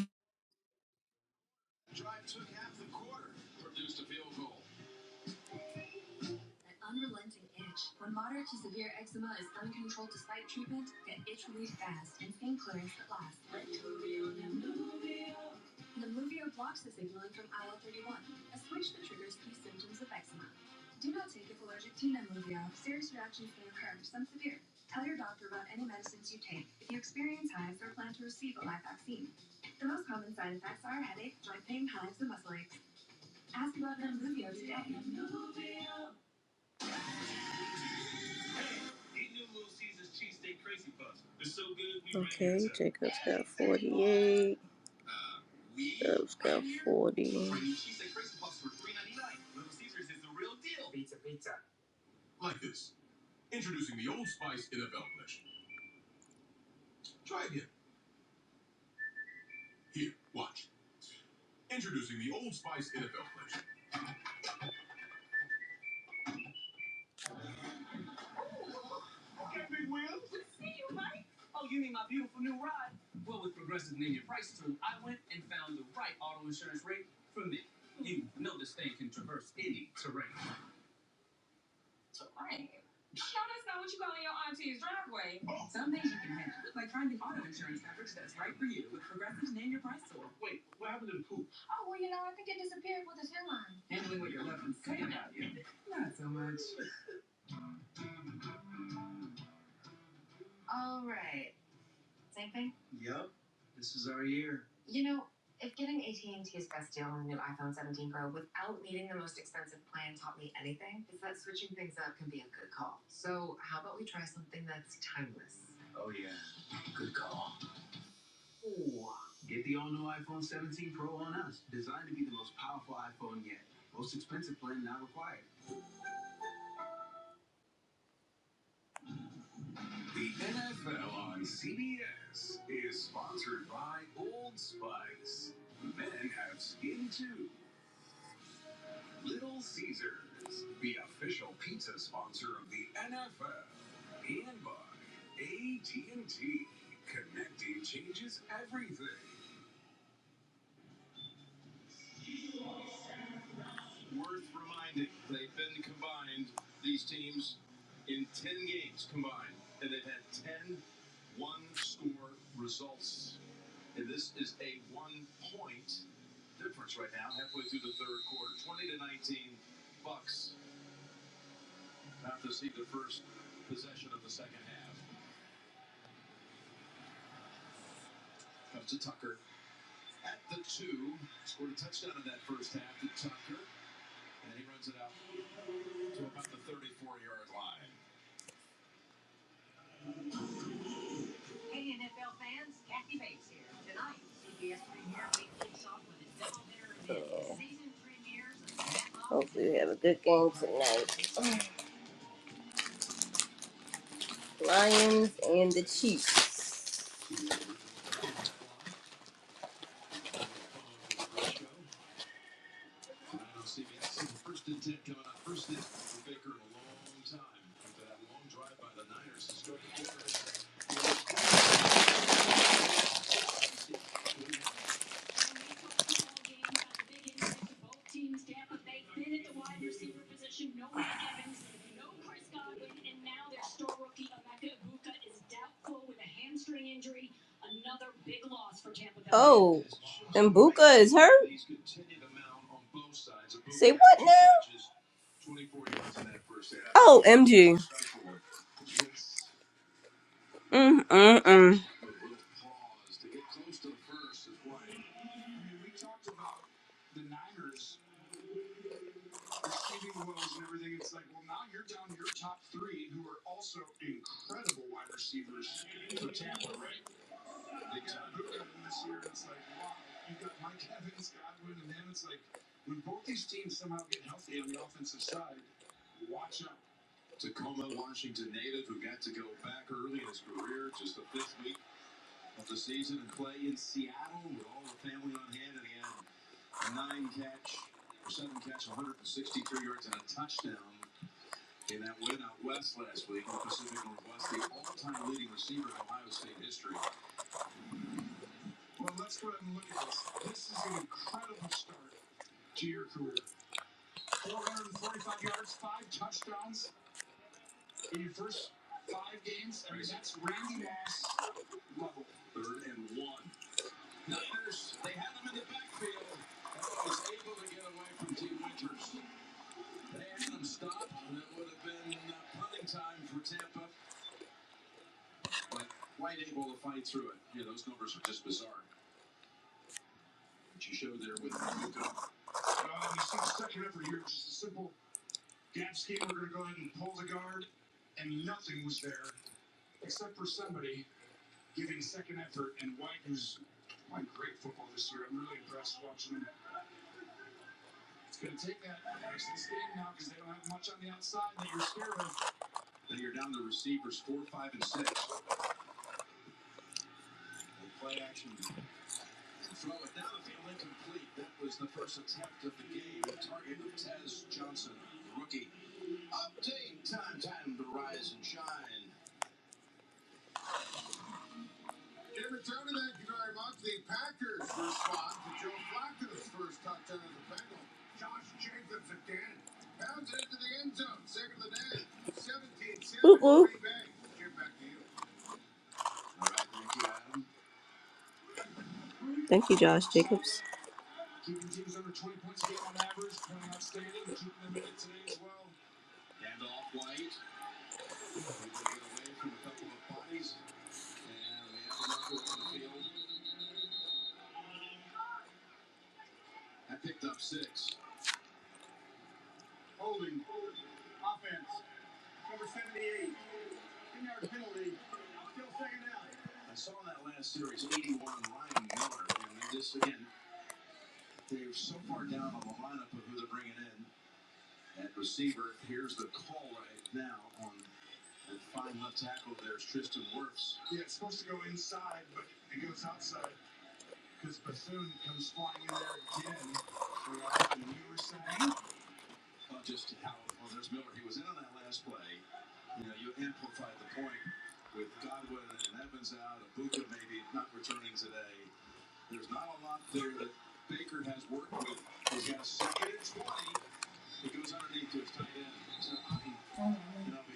A: Jacobs got 48. Jacobs got 40. Hopefully, we have a good game tonight. Lions and the Chiefs. Oh, Mbuka is hurt. Oh, MG. Mm mm mm. Oop oop. Thank you, Josh Jacobs.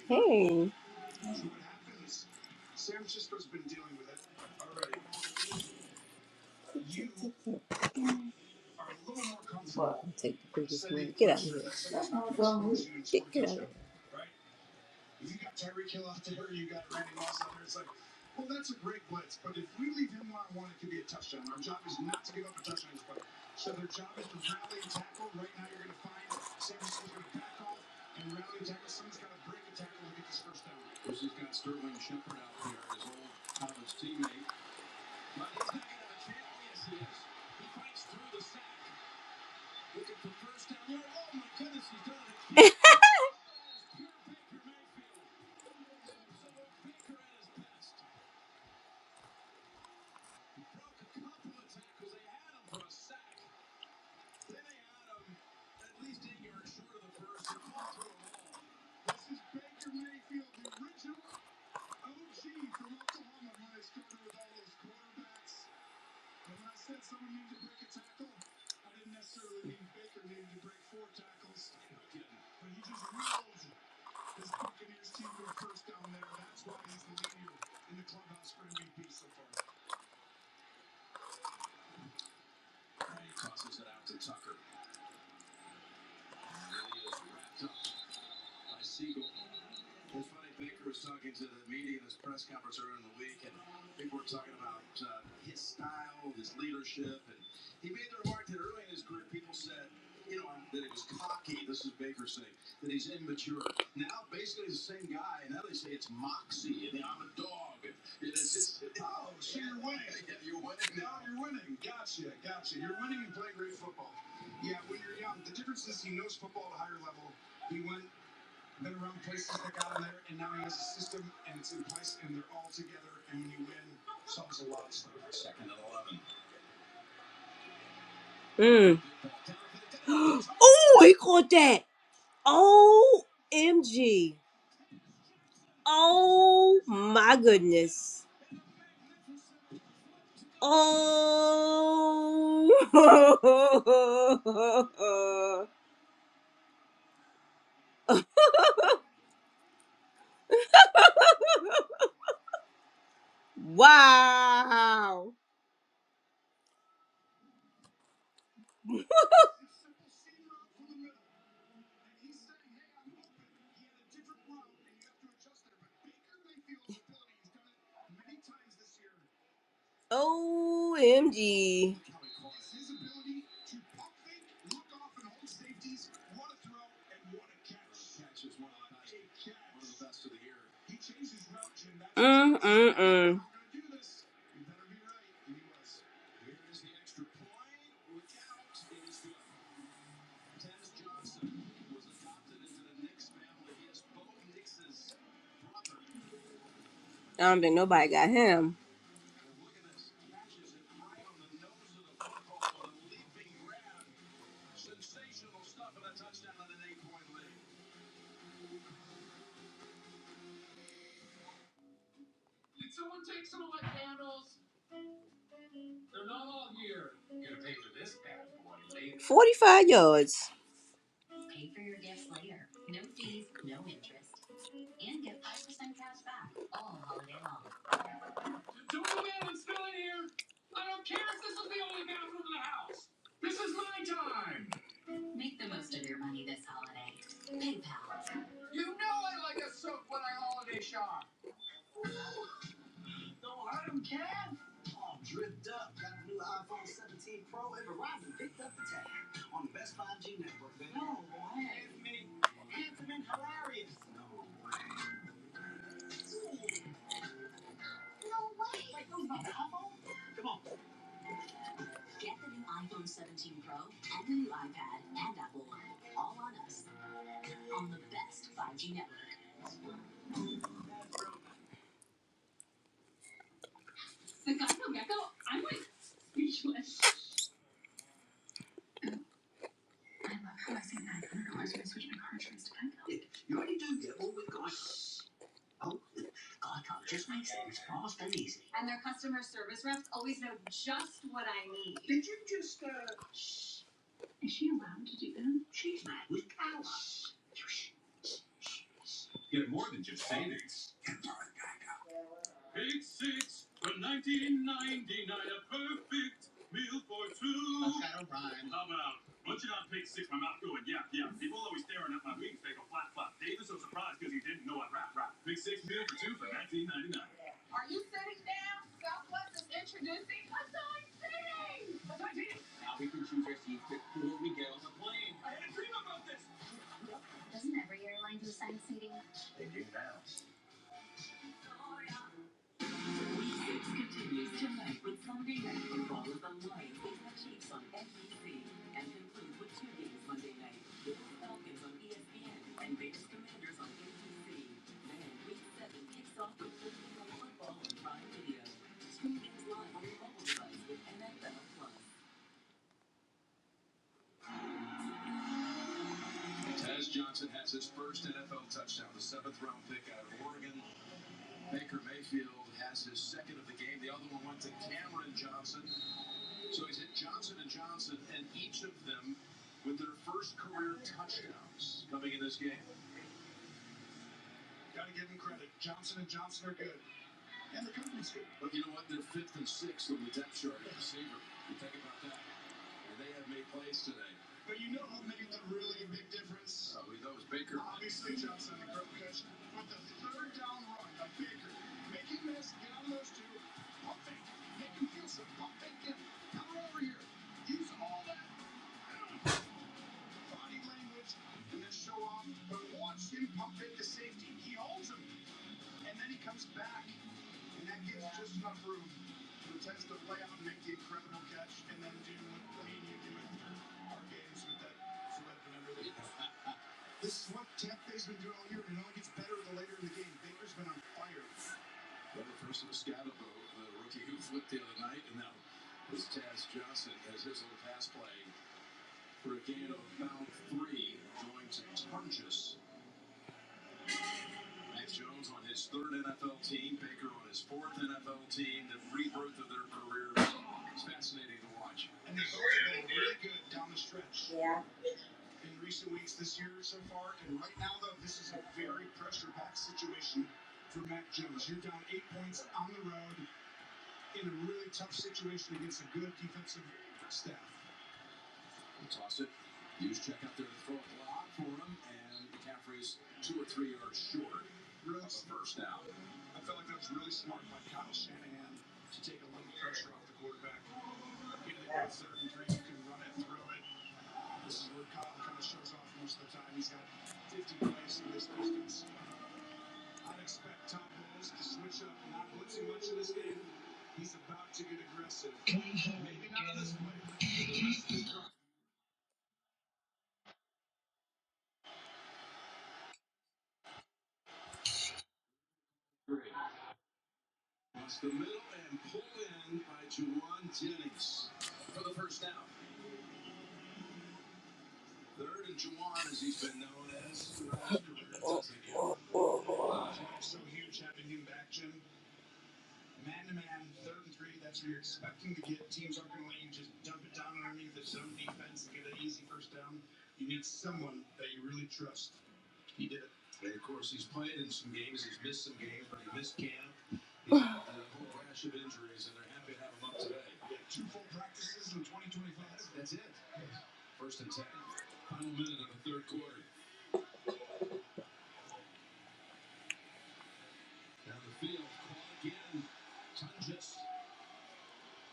A: Hey. I'll take the biggest one. Mm. Oh, he caught that. Oh, MG. Oh my goodness. Oh. wow. OMG. Mm, mm, mm. I don't think nobody got him. 45 yards.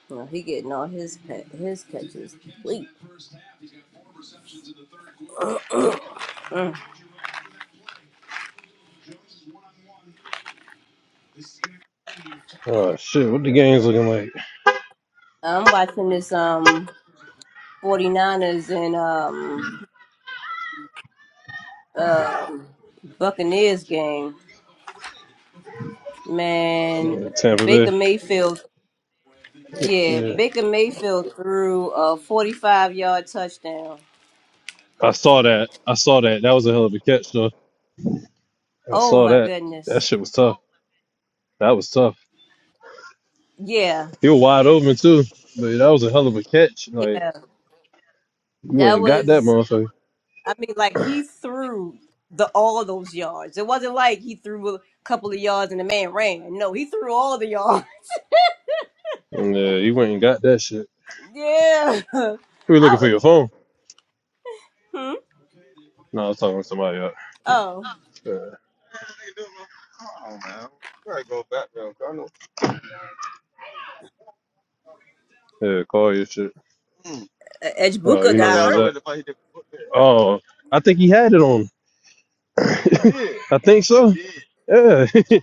A: Well, he getting all his pet, his catches. Wait. I'm
G: oh shit! What the game's looking like?
A: watching this um 49ers and um um Buccaneers game. Man,
G: Yeah, Tampa
A: Baker
G: Bay.
A: Mayfield. Yeah,
G: Yeah.
A: Baker Mayfield threw a 45-yard touchdown.
G: I saw that. I saw that. That was a hell of a catch, though. I
A: Oh
G: saw
A: my
G: that. That
A: goodness.
G: shit was tough. That was tough.
A: Yeah.
G: He was wide open too, but that was a hell of a catch. Like
A: Yeah.
G: you went
A: That
G: and got that
A: was
G: motherfucker.
A: I mean, like he threw the all of those yards. It wasn't like he threw a couple of yards and the man ran. No, he threw all the yards.
G: Yeah, you went and got that shit.
A: Yeah, I
G: You were looking for
A: was.
G: your phone.
A: Hmm?
G: No, I was talking to somebody. Else.
A: Oh,
G: Yeah, yeah, call your shit. Oh, you
A: Edgebuka
G: I know
A: got
G: what was that?
A: hurt.
G: Oh, I think he had it on. I think so. Yeah,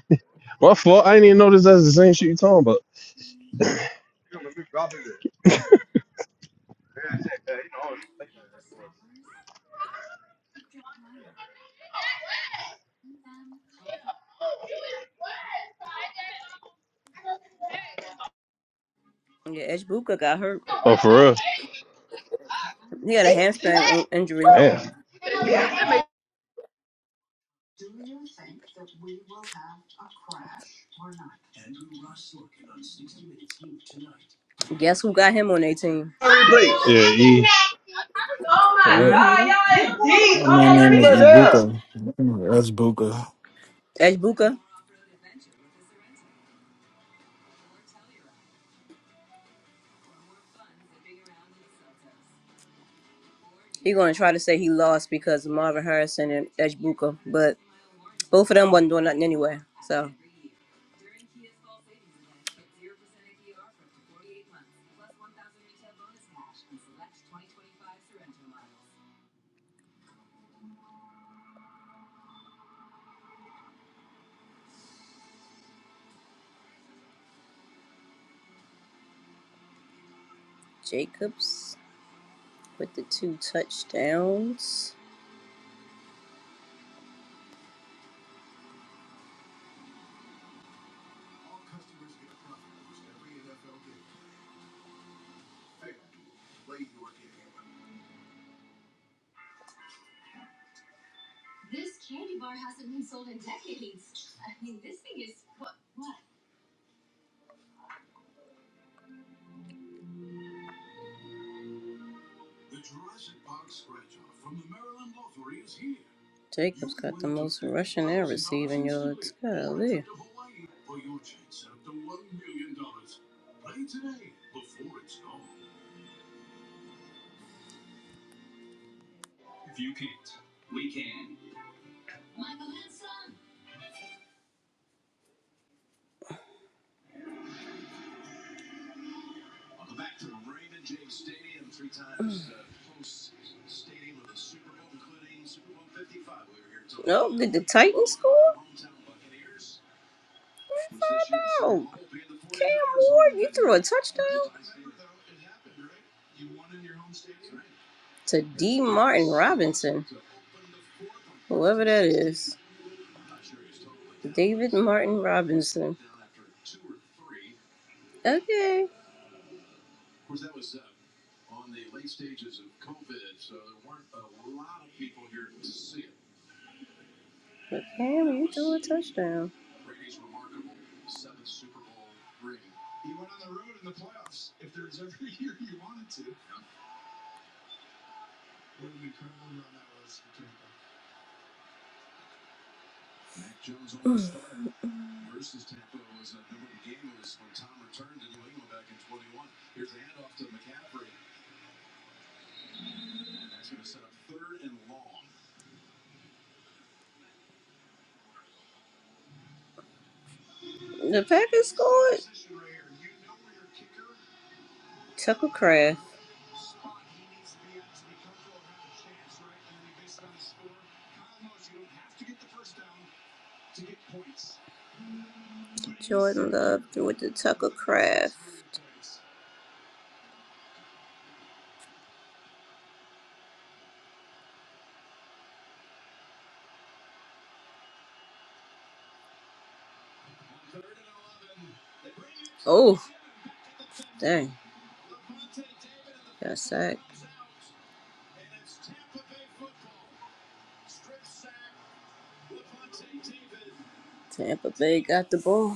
G: my fault. I didn't even notice that's the same shit you talking about.
A: Yeah, Edgebuka got hurt.
G: Oh, for real?
A: He had a hamstring in- injury.
G: Damn.
A: Guess who got him on their team?
G: Yeah, E.
A: Mm-hmm.
D: My man name is Ibuka. That's Buka.
A: Edgebuka. He gonna try to say he lost because of Marvin Harrison and Edgebuka, but both of them wasn't doing nothing anyway. So Jacobs with the two touchdowns. Jacobs got the most and receiving yards. Titans to D. Martin Robinson, whoever that is. David Martin Robinson. Okay. But Cam, you threw a touchdown. The Packers scored. Tucker Craft. Jordan Love threw it to Tucker Craft. Oh, dang. Got sacked. Tampa Bay got the ball.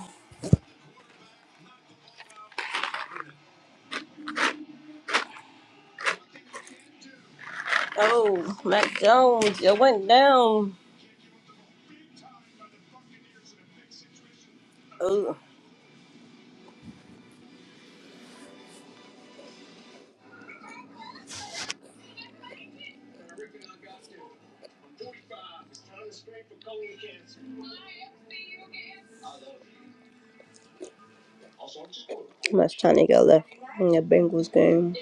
A: Oh, Mac Jones, you went down. Oh, how much time they got left in the Bengals game.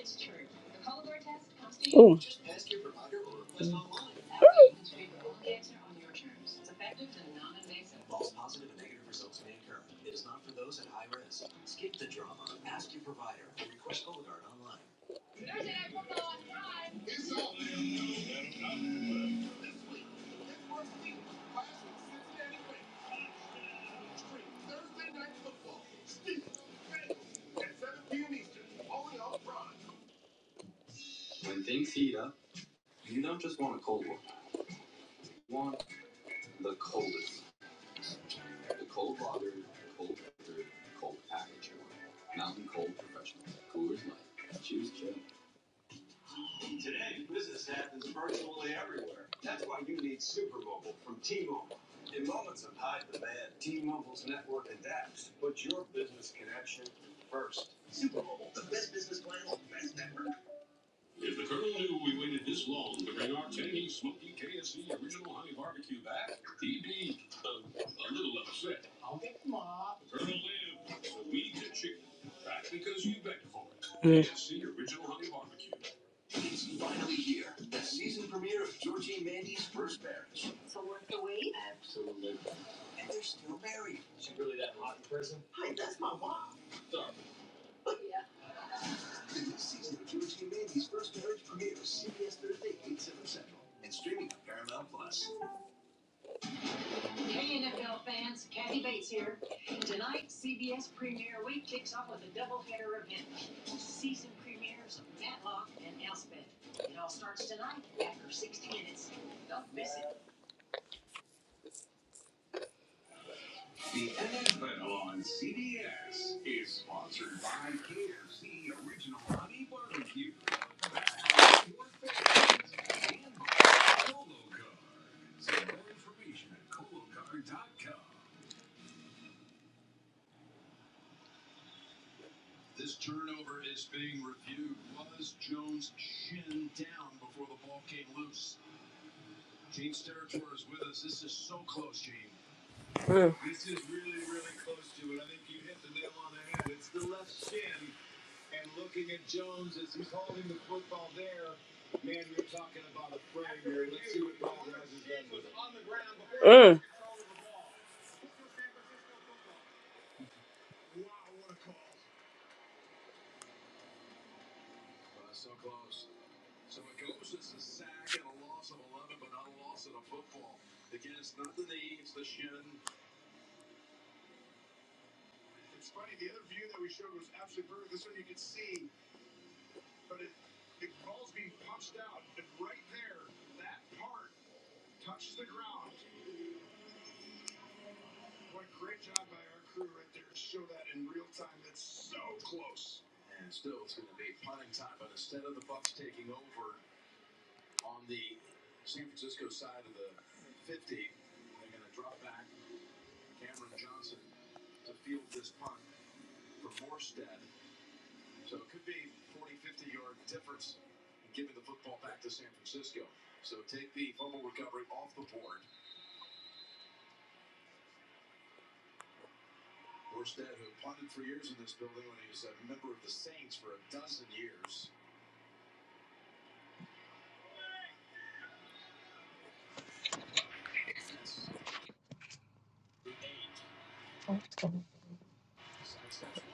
A: Mm.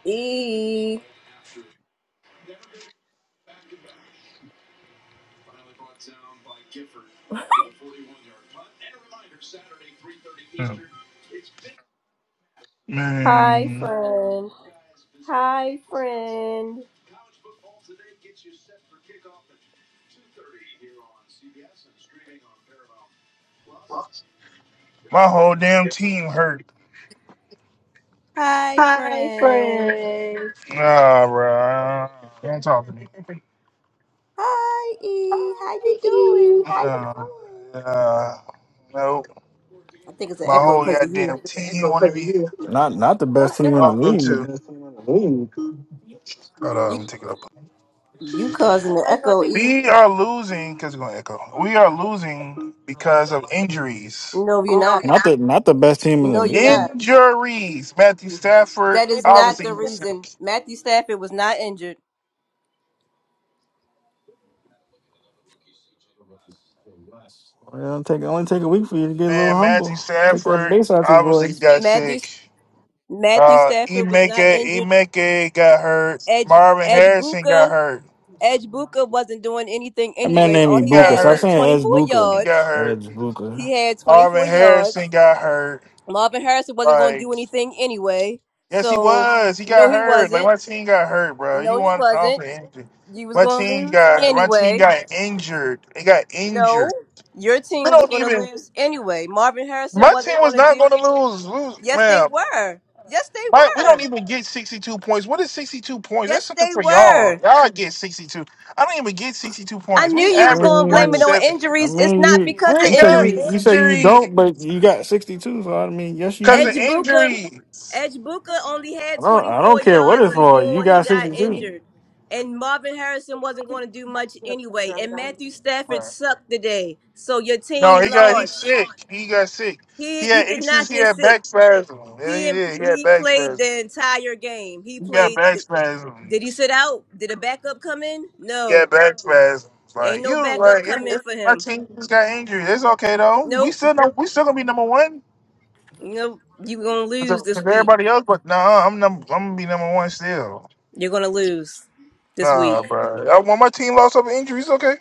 A: E.
E: Hmm.
A: Hi,
E: Man,
A: friend. Hi, friend.
E: my whole damn team hurt.
A: Hi,
E: Hey,
A: friend.
E: friend. Nah, bro. Don't talk to me.
A: Hi, E. How you
E: Hey.
A: doing?
E: Nah. Uh, nope.
A: I think it's an
E: My
A: echo
E: whole
A: because of you.
E: goddamn team want to be here.
D: Not not the
E: What
D: best
E: i the
D: team in the
E: Oh,
D: league.
E: too. Hold on,
A: You,
E: let me take it up.
A: you causing the echo, E.
E: We are losing because it's going to echo. We are losing because of injuries.
A: No, you're not.
D: Not the not the best team in the
A: No, you're
D: league.
A: not.
E: Injuries. Matthew Stafford
A: That is not
E: obviously
A: the
E: got
A: reason.
E: sick.
A: Matthew Stafford was not injured.
D: Well, it'll take only take a week for you to get a little
E: Man, Matthew
D: humble. Take that
E: Stafford
D: bass out your
E: obviously
D: voice.
E: got
A: Matthew
E: sick.
A: Matthew
E: Uh,
A: Stafford was not
E: Emeka,
A: injured.
E: Emeka got hurt.
A: Edge
E: Marvin
A: Edge
E: Harrison got
A: Buka
E: hurt.
A: Edge Buka wasn't doing anything
D: That man
A: anyway. All
E: He
D: named
A: he
E: got
D: Ibuka.
A: had
D: Stop
A: was
E: hurt.
D: saying Edge
A: 24
D: Buka.
E: He got
A: yards.
E: hurt.
D: Edge
A: He
D: Buka.
A: had
E: Marvin
A: 24 yards.
E: Harrison got hurt.
A: Marvin Harrison wasn't going to
E: Like,
A: do anything anyway.
E: yes, he
A: So,
E: was. He
A: no,
E: got
A: he
E: hurt. Like
A: wasn't.
E: my team got hurt, bro. You
A: No, he
E: want off
A: wasn't.
E: the injury?
A: You was
E: My
A: going to
E: team
A: lose
E: got my team
A: anyway.
E: got injured. They got injured.
A: No, your
E: We
A: team was
E: don't
A: going to
E: even.
A: lose anyway. Marvin Harrison
E: My team
A: wasn't
E: was
A: going to
E: not going
A: do.
E: to lose. Lose,
A: Yes, they
E: man.
A: were. Yes,
E: But we
A: they
E: don't
A: were.
E: even get 62 points. What is 62 points? That's
A: Yes,
E: something
A: they
E: for y'all.
A: were.
E: Y'all get 62. I don't even get 62
A: I
E: points.
A: knew
E: We
D: I
A: you was
E: average
A: going to blame it
D: mean,
A: on
E: 170.
D: I
A: injuries. It's
D: mean
A: not
D: you
A: because of
E: We
D: you say
E: got
D: you
A: injuries.
D: you say you
E: injury
D: don't, but you got sixty two. So I mean, yes you
E: because of
D: do.
A: Edgebuka,
E: injury.
A: Edgebuka only
D: I
A: had
D: don't I don't
A: 24
D: care what
A: yards
D: it's for. You
A: before he
D: got
A: got
D: sixty two.
A: injured. And Marvin Harrison wasn't going to do much anyway. And Matthew Stafford
E: Right.
A: sucked today. So your
E: No,
A: team
E: he got he's
A: lost.
E: sick. He got sick.
A: He
E: He
A: he
E: had
A: did
E: issues.
A: not
E: He
A: get
E: had
A: sick.
E: back spasms. Yeah, he
A: He
E: did. He had
A: he
E: back
A: played
E: spasms.
A: the entire game. He
E: He got
A: played
E: back
A: Did he
E: spasms.
A: sit out? Did a backup come in?
E: Yeah,
A: No.
E: back spasms.
A: Ain't
E: Like
A: no
E: you,
A: backup
E: like it,
A: come in
E: it,
A: for
E: my
A: him.
E: team just got injured. It's okay though. We
A: Nope.
E: still no, we still gonna be number one
A: Nope. You're going to
E: to,
A: lose
E: to
A: this week.
E: everybody else, but nah, I'm number I'm gonna be number one still.
A: You're going to lose this week.
E: Nah, bro. I, when my team lost over injuries, okay.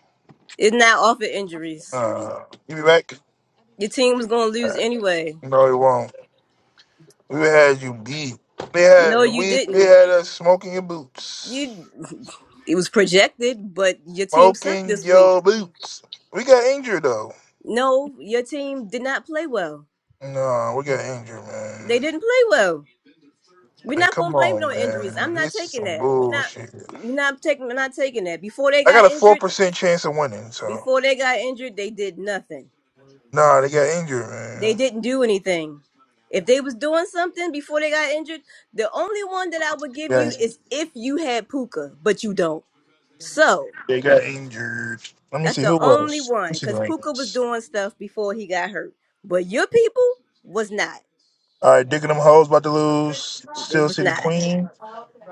A: It's not off of injuries.
E: Uh, you be back?
A: Your team was gonna lose
E: Uh,
A: anyway.
E: no, it won't. We had you beat. We
A: No,
E: had
A: you
E: we we
A: didn't.
E: had us smoking your boots,
A: You it was projected, but your team sucked
E: smoking
A: this week.
E: your boots. We got injured though.
A: No, your team did not play well.
E: No, we got injured, man.
A: They didn't play well. We're
E: Like,
A: not
E: come
A: gonna blame it
E: on,
A: on injuries.
E: man.
A: I'm not
E: This is
A: taking
E: some
A: that. We're not
E: bullshit.
A: we're not taking we're not taking that. Before they
E: I got
A: got
E: a four
A: injured,
E: percent chance of winning. So
A: before they got injured, they did nothing.
E: nah, they got injured,
A: They
E: man.
A: didn't do anything. If they was doing something before they got injured, the only one that I would give
E: Yeah,
A: you is if you had Puka, but you don't. So
E: they got injured. Let me
A: That's
E: see
A: the
E: who
A: only
E: else. Let me
A: one.
E: see the
A: Because Puka was
E: rankings.
A: doing stuff before he got hurt. But your people was not.
E: All right, digging them hoes about to lose.
A: It
E: Steel
A: was
E: City
A: not.
E: Queen.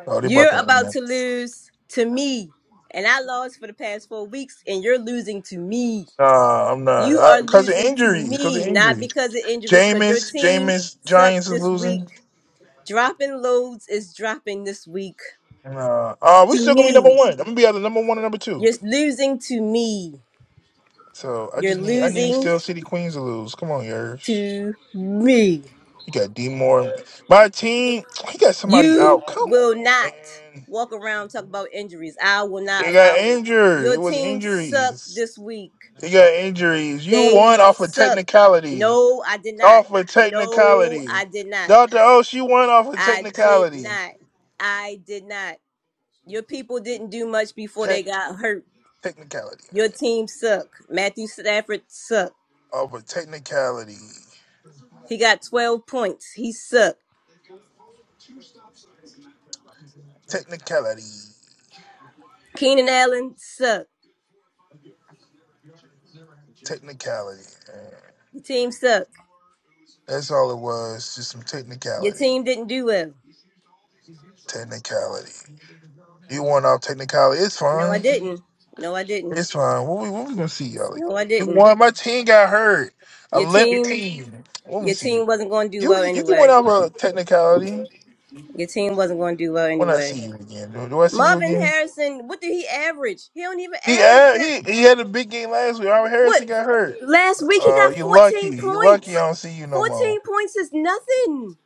E: Oh, they about
A: You're
E: to win
A: about
E: that.
A: to lose to me. And I lost for the past four weeks, and you're losing to me.
E: Nah, I'm not.
A: You
E: I,
A: are
E: Cause of
A: losing to
E: injuries. Cause of
A: me, not
E: injury.
A: because of injuries, because your
E: Jameis,
A: team
E: Jameis, Giants
A: sucked
E: is
A: this week.
E: losing.
A: Dropping loads is dropping this week.
E: And uh, uh, we
A: To
E: still gonna be number
A: me,
E: one. I'm gonna be either number one and number two.
A: you're losing to me.
E: So I
A: You're
E: just need I need
A: losing
E: Steel City Queens to lose. Come on, yours.
A: to me.
E: He got D Moore. My team, he got somebody
A: You
E: out. Come on,
A: will not
E: man.
A: walk around talk about injuries. I will not
E: It got
A: allow it.
E: injured.
A: Your
E: It was
A: team sucked
E: injuries.
A: this week.
E: It got injuries. You
A: They
E: won off of
A: suck.
E: technicality.
A: No, I did not.
E: Off of
A: No,
E: technicality.
A: I did not.
E: Dr. O, she won off of
A: I did
E: technicality.
A: not. I did not. Your people didn't do much before
E: Tech
A: they got hurt.
E: technicality,
A: Your
E: man.
A: team sucked. Matthew Stafford sucked.
E: Off of technicality.
A: He got 12 points. He sucked.
E: Technicality.
A: Keenan Allen sucked.
E: Technicality. man.
A: Your team sucked.
E: That's all it was. Just some
A: Your
E: technicality.
A: team didn't do well.
E: Technicality. You won off technicality. It's
A: No, I
E: fine.
A: didn't. No, I didn't.
E: It's fine. When we, when we gonna see y'all again?
A: No, I
E: You
A: didn't.
E: won. My team got hurt. I
A: Your
E: left the
A: team,
E: team. Let me
A: your
E: see you.
A: team wasn't going to do
E: You
A: well
E: you can win
A: anyway.
E: out of a technicality
A: Your team wasn't going to do well
E: when I
A: anyway.
E: see you again. Do, do I see you
A: Marvin
E: again?
A: Harrison, what did he average? He don't even
E: He
A: average
E: had,
A: that.
E: he he had a big game last week. Robert
A: What?
E: Harrison got hurt.
A: Last week he
E: Uh,
A: got
E: you lucky.
A: 14
E: You lucky. I
A: points.
E: don't see you no more.
A: 14 points is nothing.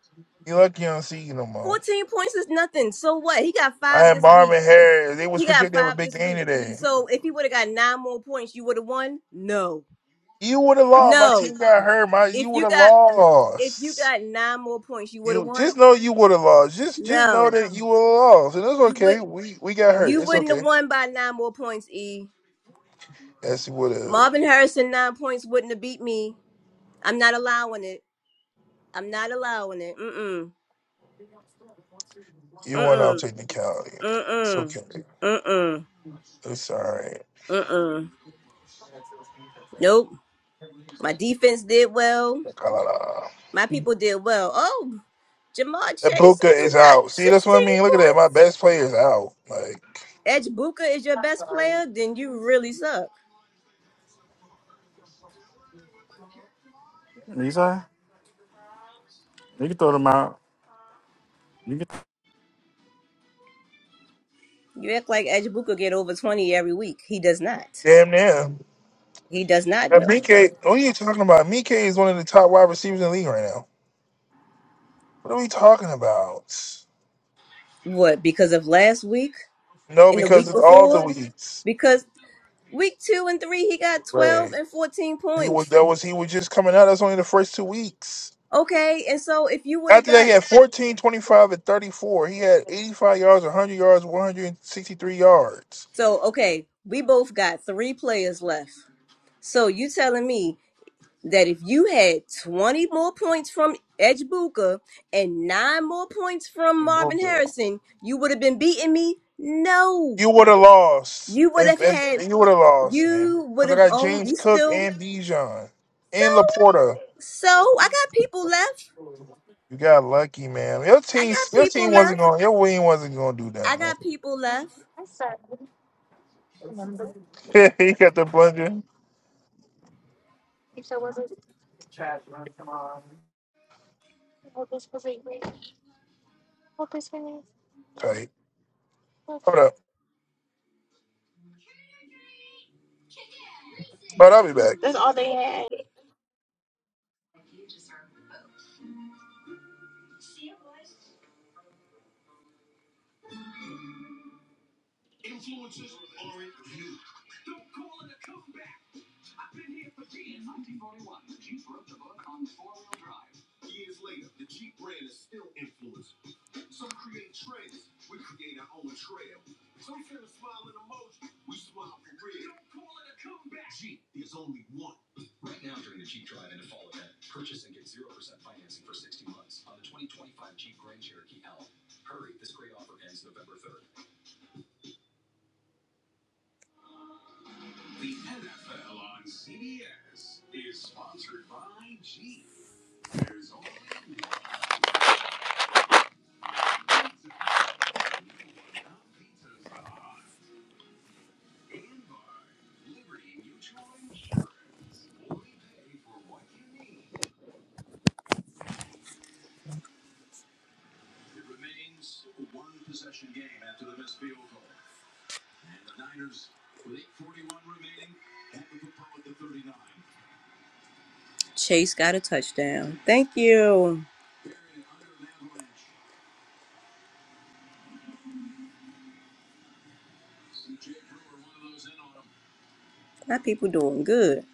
E: You lucky. I don't see you no more.
A: 14 points is nothing. So what? He got
E: I
A: five
E: had
A: this week.
E: Marvin Harris. They was
A: He got
E: projected to have a
A: five
E: big
A: this
E: game
A: week.
E: today.
A: So if he would have got nine more points, you would have won? No.
E: You would have lost. My
A: No.
E: team got hurt. My you
A: If
E: would
A: you
E: have
A: got if you
E: lost.
A: got nine more points, you would have
E: You
A: won?
E: just know you would have lost. Just just know
A: No.
E: that you would have lost, and it's
A: You
E: okay.
A: would
E: We we got hurt.
A: You
E: It's
A: wouldn't
E: okay.
A: have won by nine more points, E.
E: Yes, you would have.
A: Marvin Harrison nine points wouldn't have beat me. I'm not allowing it. I'm not allowing it. Mm mm.
E: You
A: Mm
E: went off
A: mm.
E: technicality. It's
A: Mm
E: okay.
A: mm. Mm mm.
E: It's all right.
A: Mm Nope. My defense did well. My people did well. Oh, Jamar Chase, what
E: Ibuka
A: you
E: is
A: got?
E: out. See, that's what I
A: Sixteen
E: mean. Look at that. My
A: points.
E: best player is out. Like
A: Edge Buka is your best player. Then you really suck.
D: Lisa, you can throw them out.
A: You act like Edge Buka get over twenty every week. He does not.
E: damn near.
A: He does not
E: And
A: though.
E: Mike, what are you talking about? Mike is one of the top wide receivers in the league right now. What are we talking about?
A: What? Because of last week?
E: No,
A: in the
E: because
A: week
E: it's all the
A: before
E: weeks.
A: because week two and three he got 12
E: Right.
A: and 14
E: He was
A: points
E: that was he was just coming out. That's only the first two weeks.
A: okay and so if you would have
E: After that, he
A: got
E: had 14, 25, and 34. He had 85 yards, 100 yards, 163 yards.
A: so okay we both got three players left so you telling me that if you had 20 more points from Edgebuka and nine more points from
E: He blew
A: Marvin
E: through.
A: Harrison, you would have been beating me? No.
E: You would have lost.
A: You would
E: And,
A: have
E: and,
A: had,
E: you would have lost, man.
A: you would
E: Because I
A: have
E: got
A: owned,
E: James
A: you
E: Cook
A: still,
E: and Bijan
A: so,
E: and Laporta.
A: so I got people left.
E: You got lucky, man. Your
A: I
E: team,
A: got
E: your
A: people
E: team
A: left.
E: wasn't going. Your wing wasn't going to do that,
A: I
E: man.
A: got people left.
E: I "Remember." he got the blunder. If I wasn't, I hope this was a great. Hope this was. Tight. Hold up. But I'll be back. That's all they had.
A: Chase got a touchdown. Thank you. My people doing good.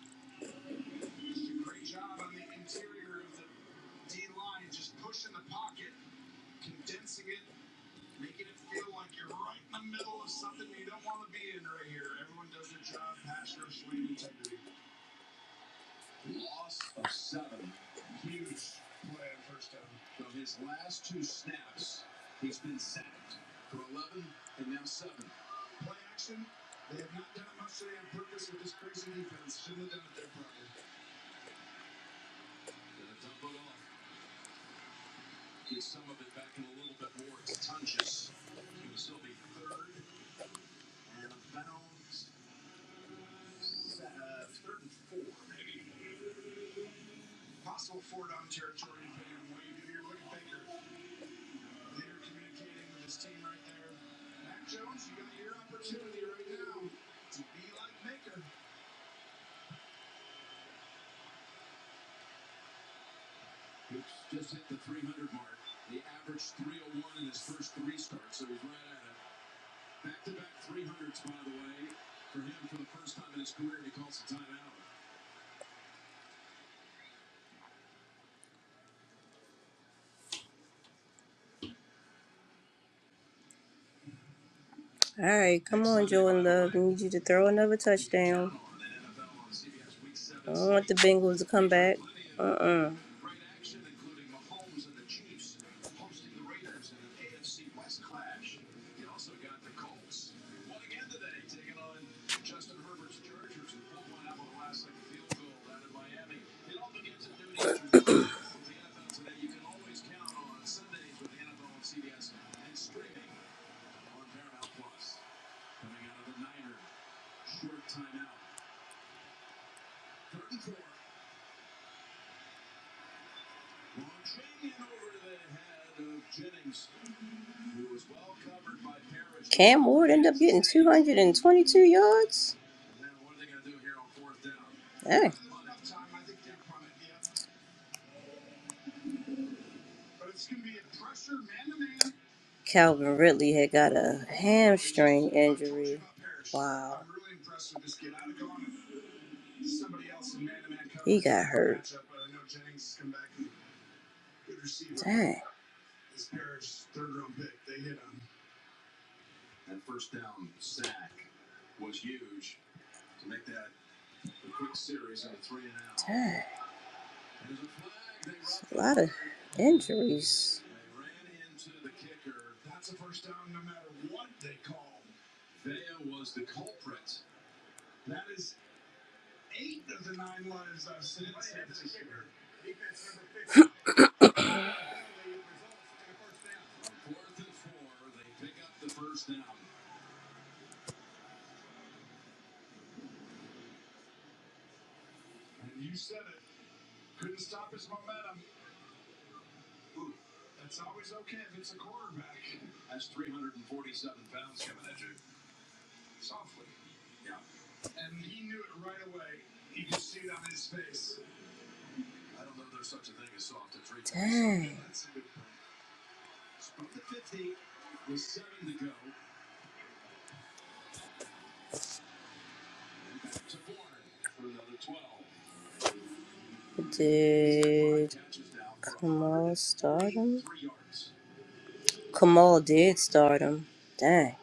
A: All right, come on, Joe and Love. I need you to throw another touchdown. I don't want the Bengals to come back. Uh-uh. Cam Ward ended up getting 222 yards. Dang. Calvin Ridley had got a hamstring injury. Dang, dang. A lot of injuries. Did Kamal start? Kamal did start him. Dang.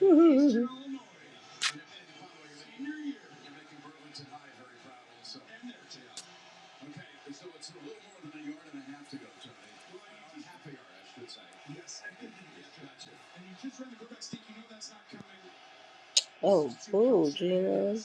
A: Oh, cool, Gino.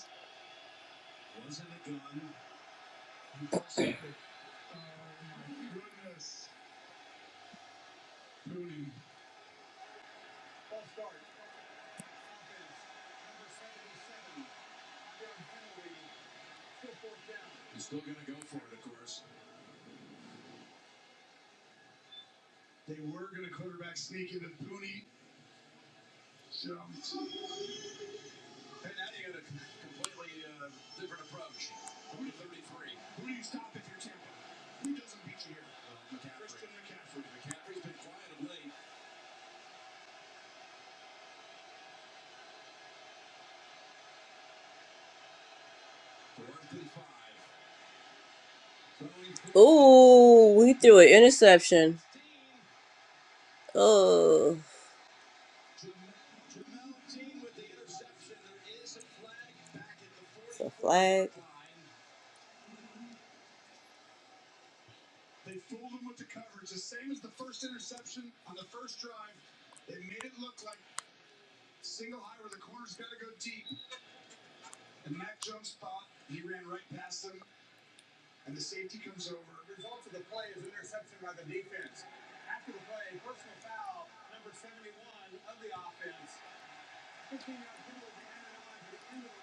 A: Ooh, we threw an interception. Oh, a flag.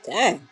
A: Dang.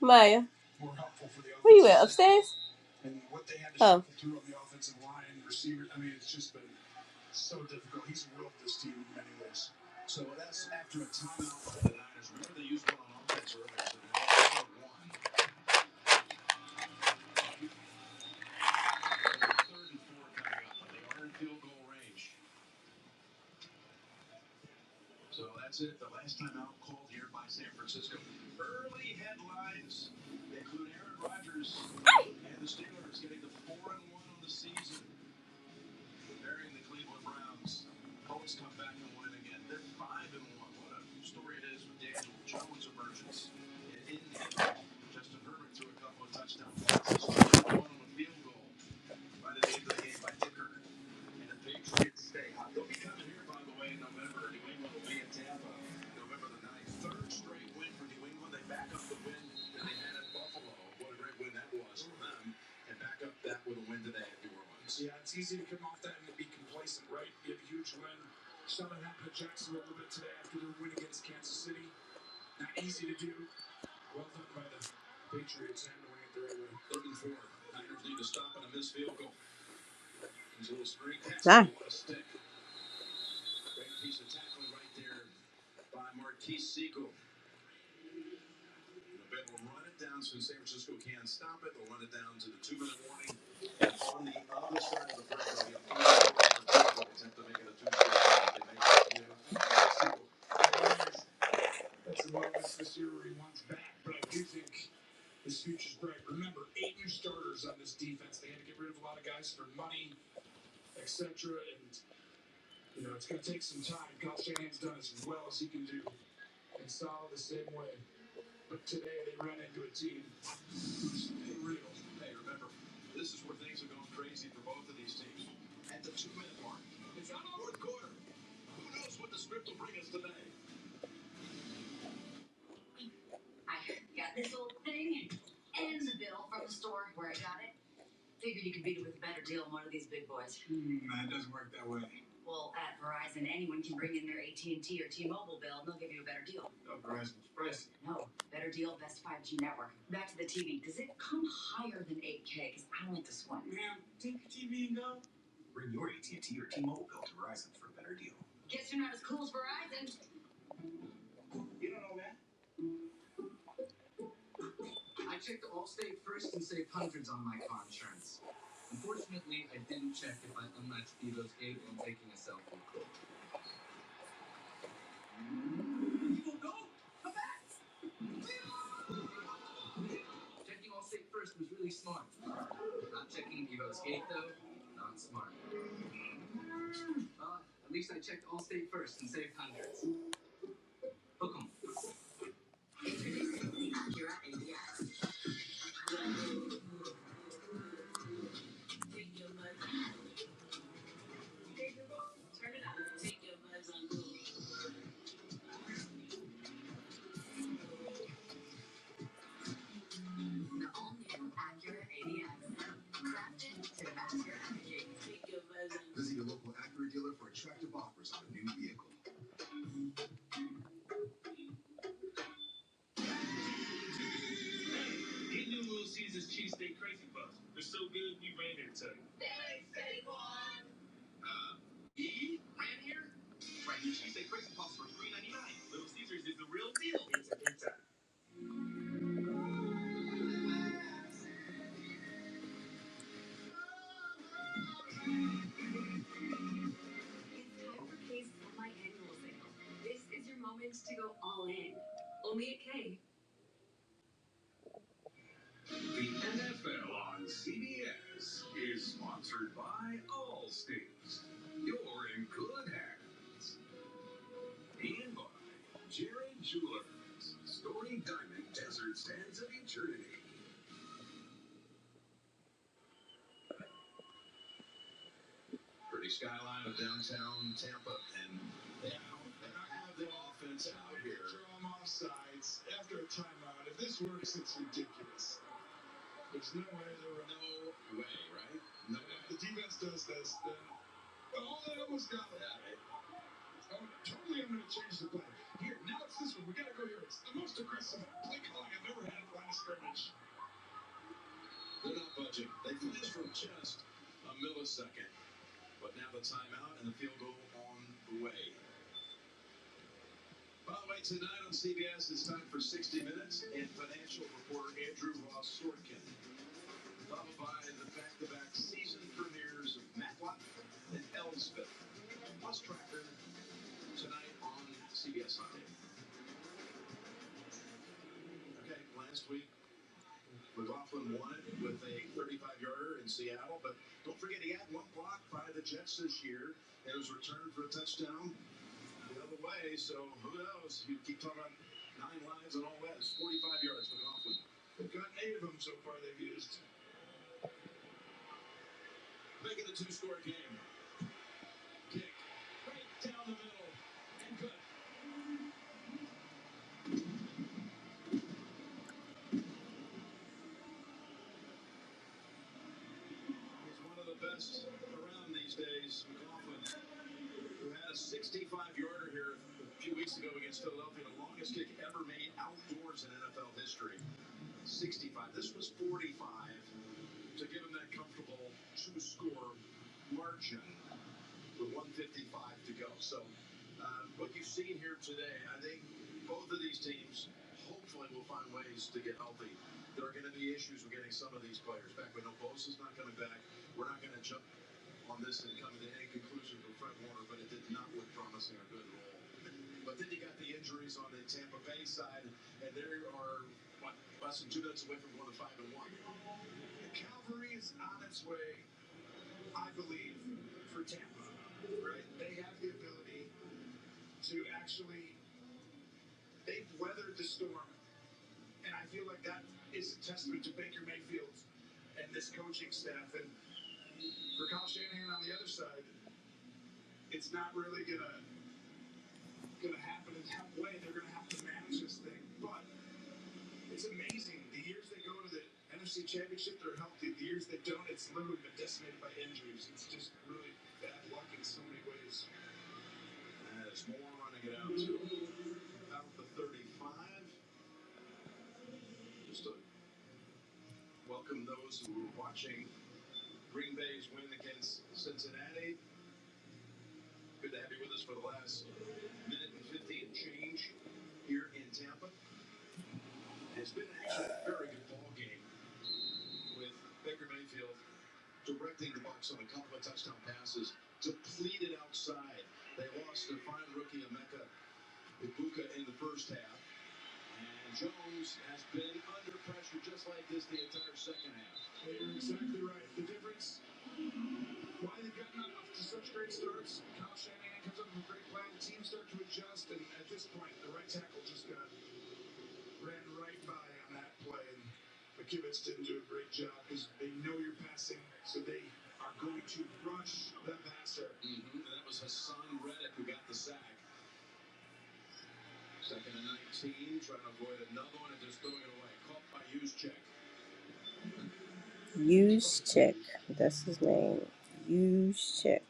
A: Maya. Yes. Use check. That's his name. Use check.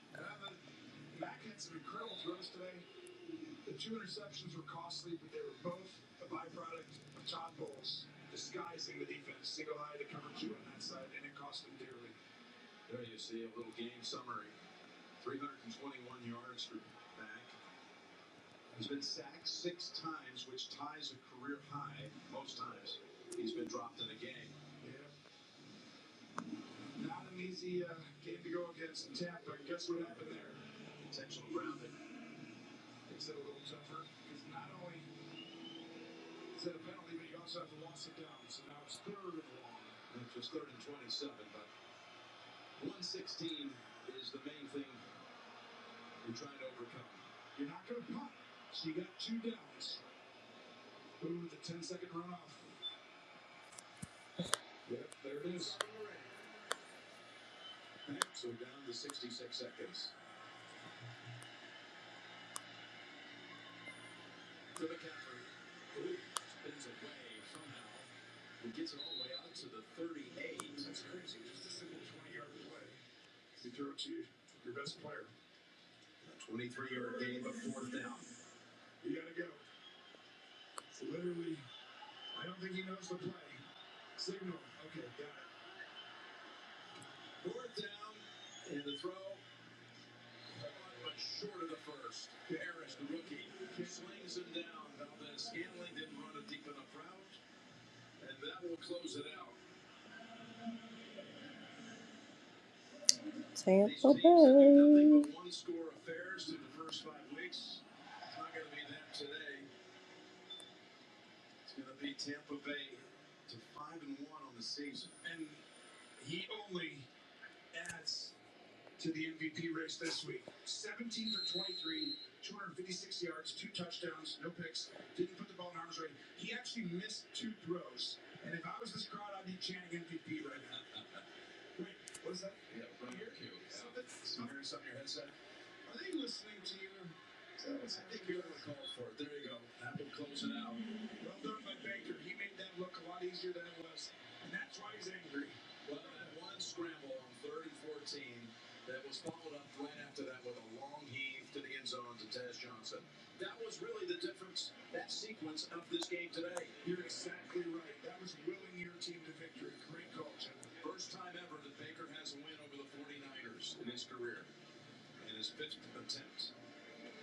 A: Sam.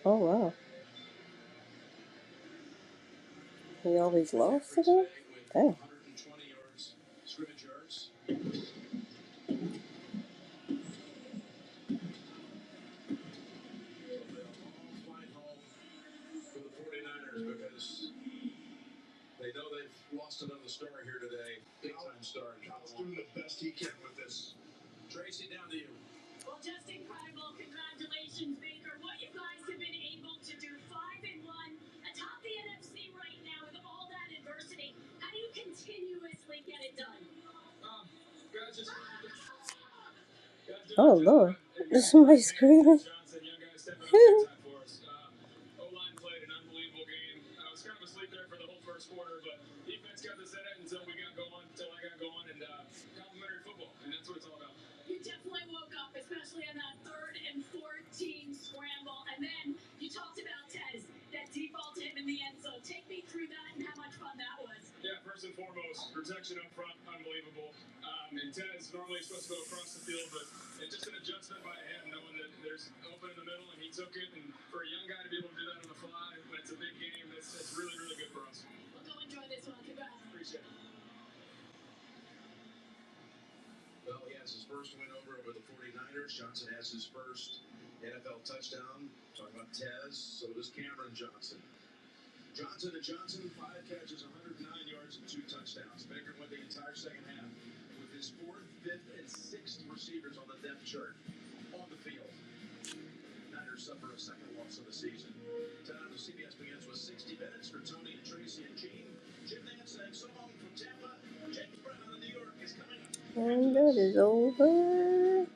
A: Oh, wow. We always love. Somebody screaming. It's over.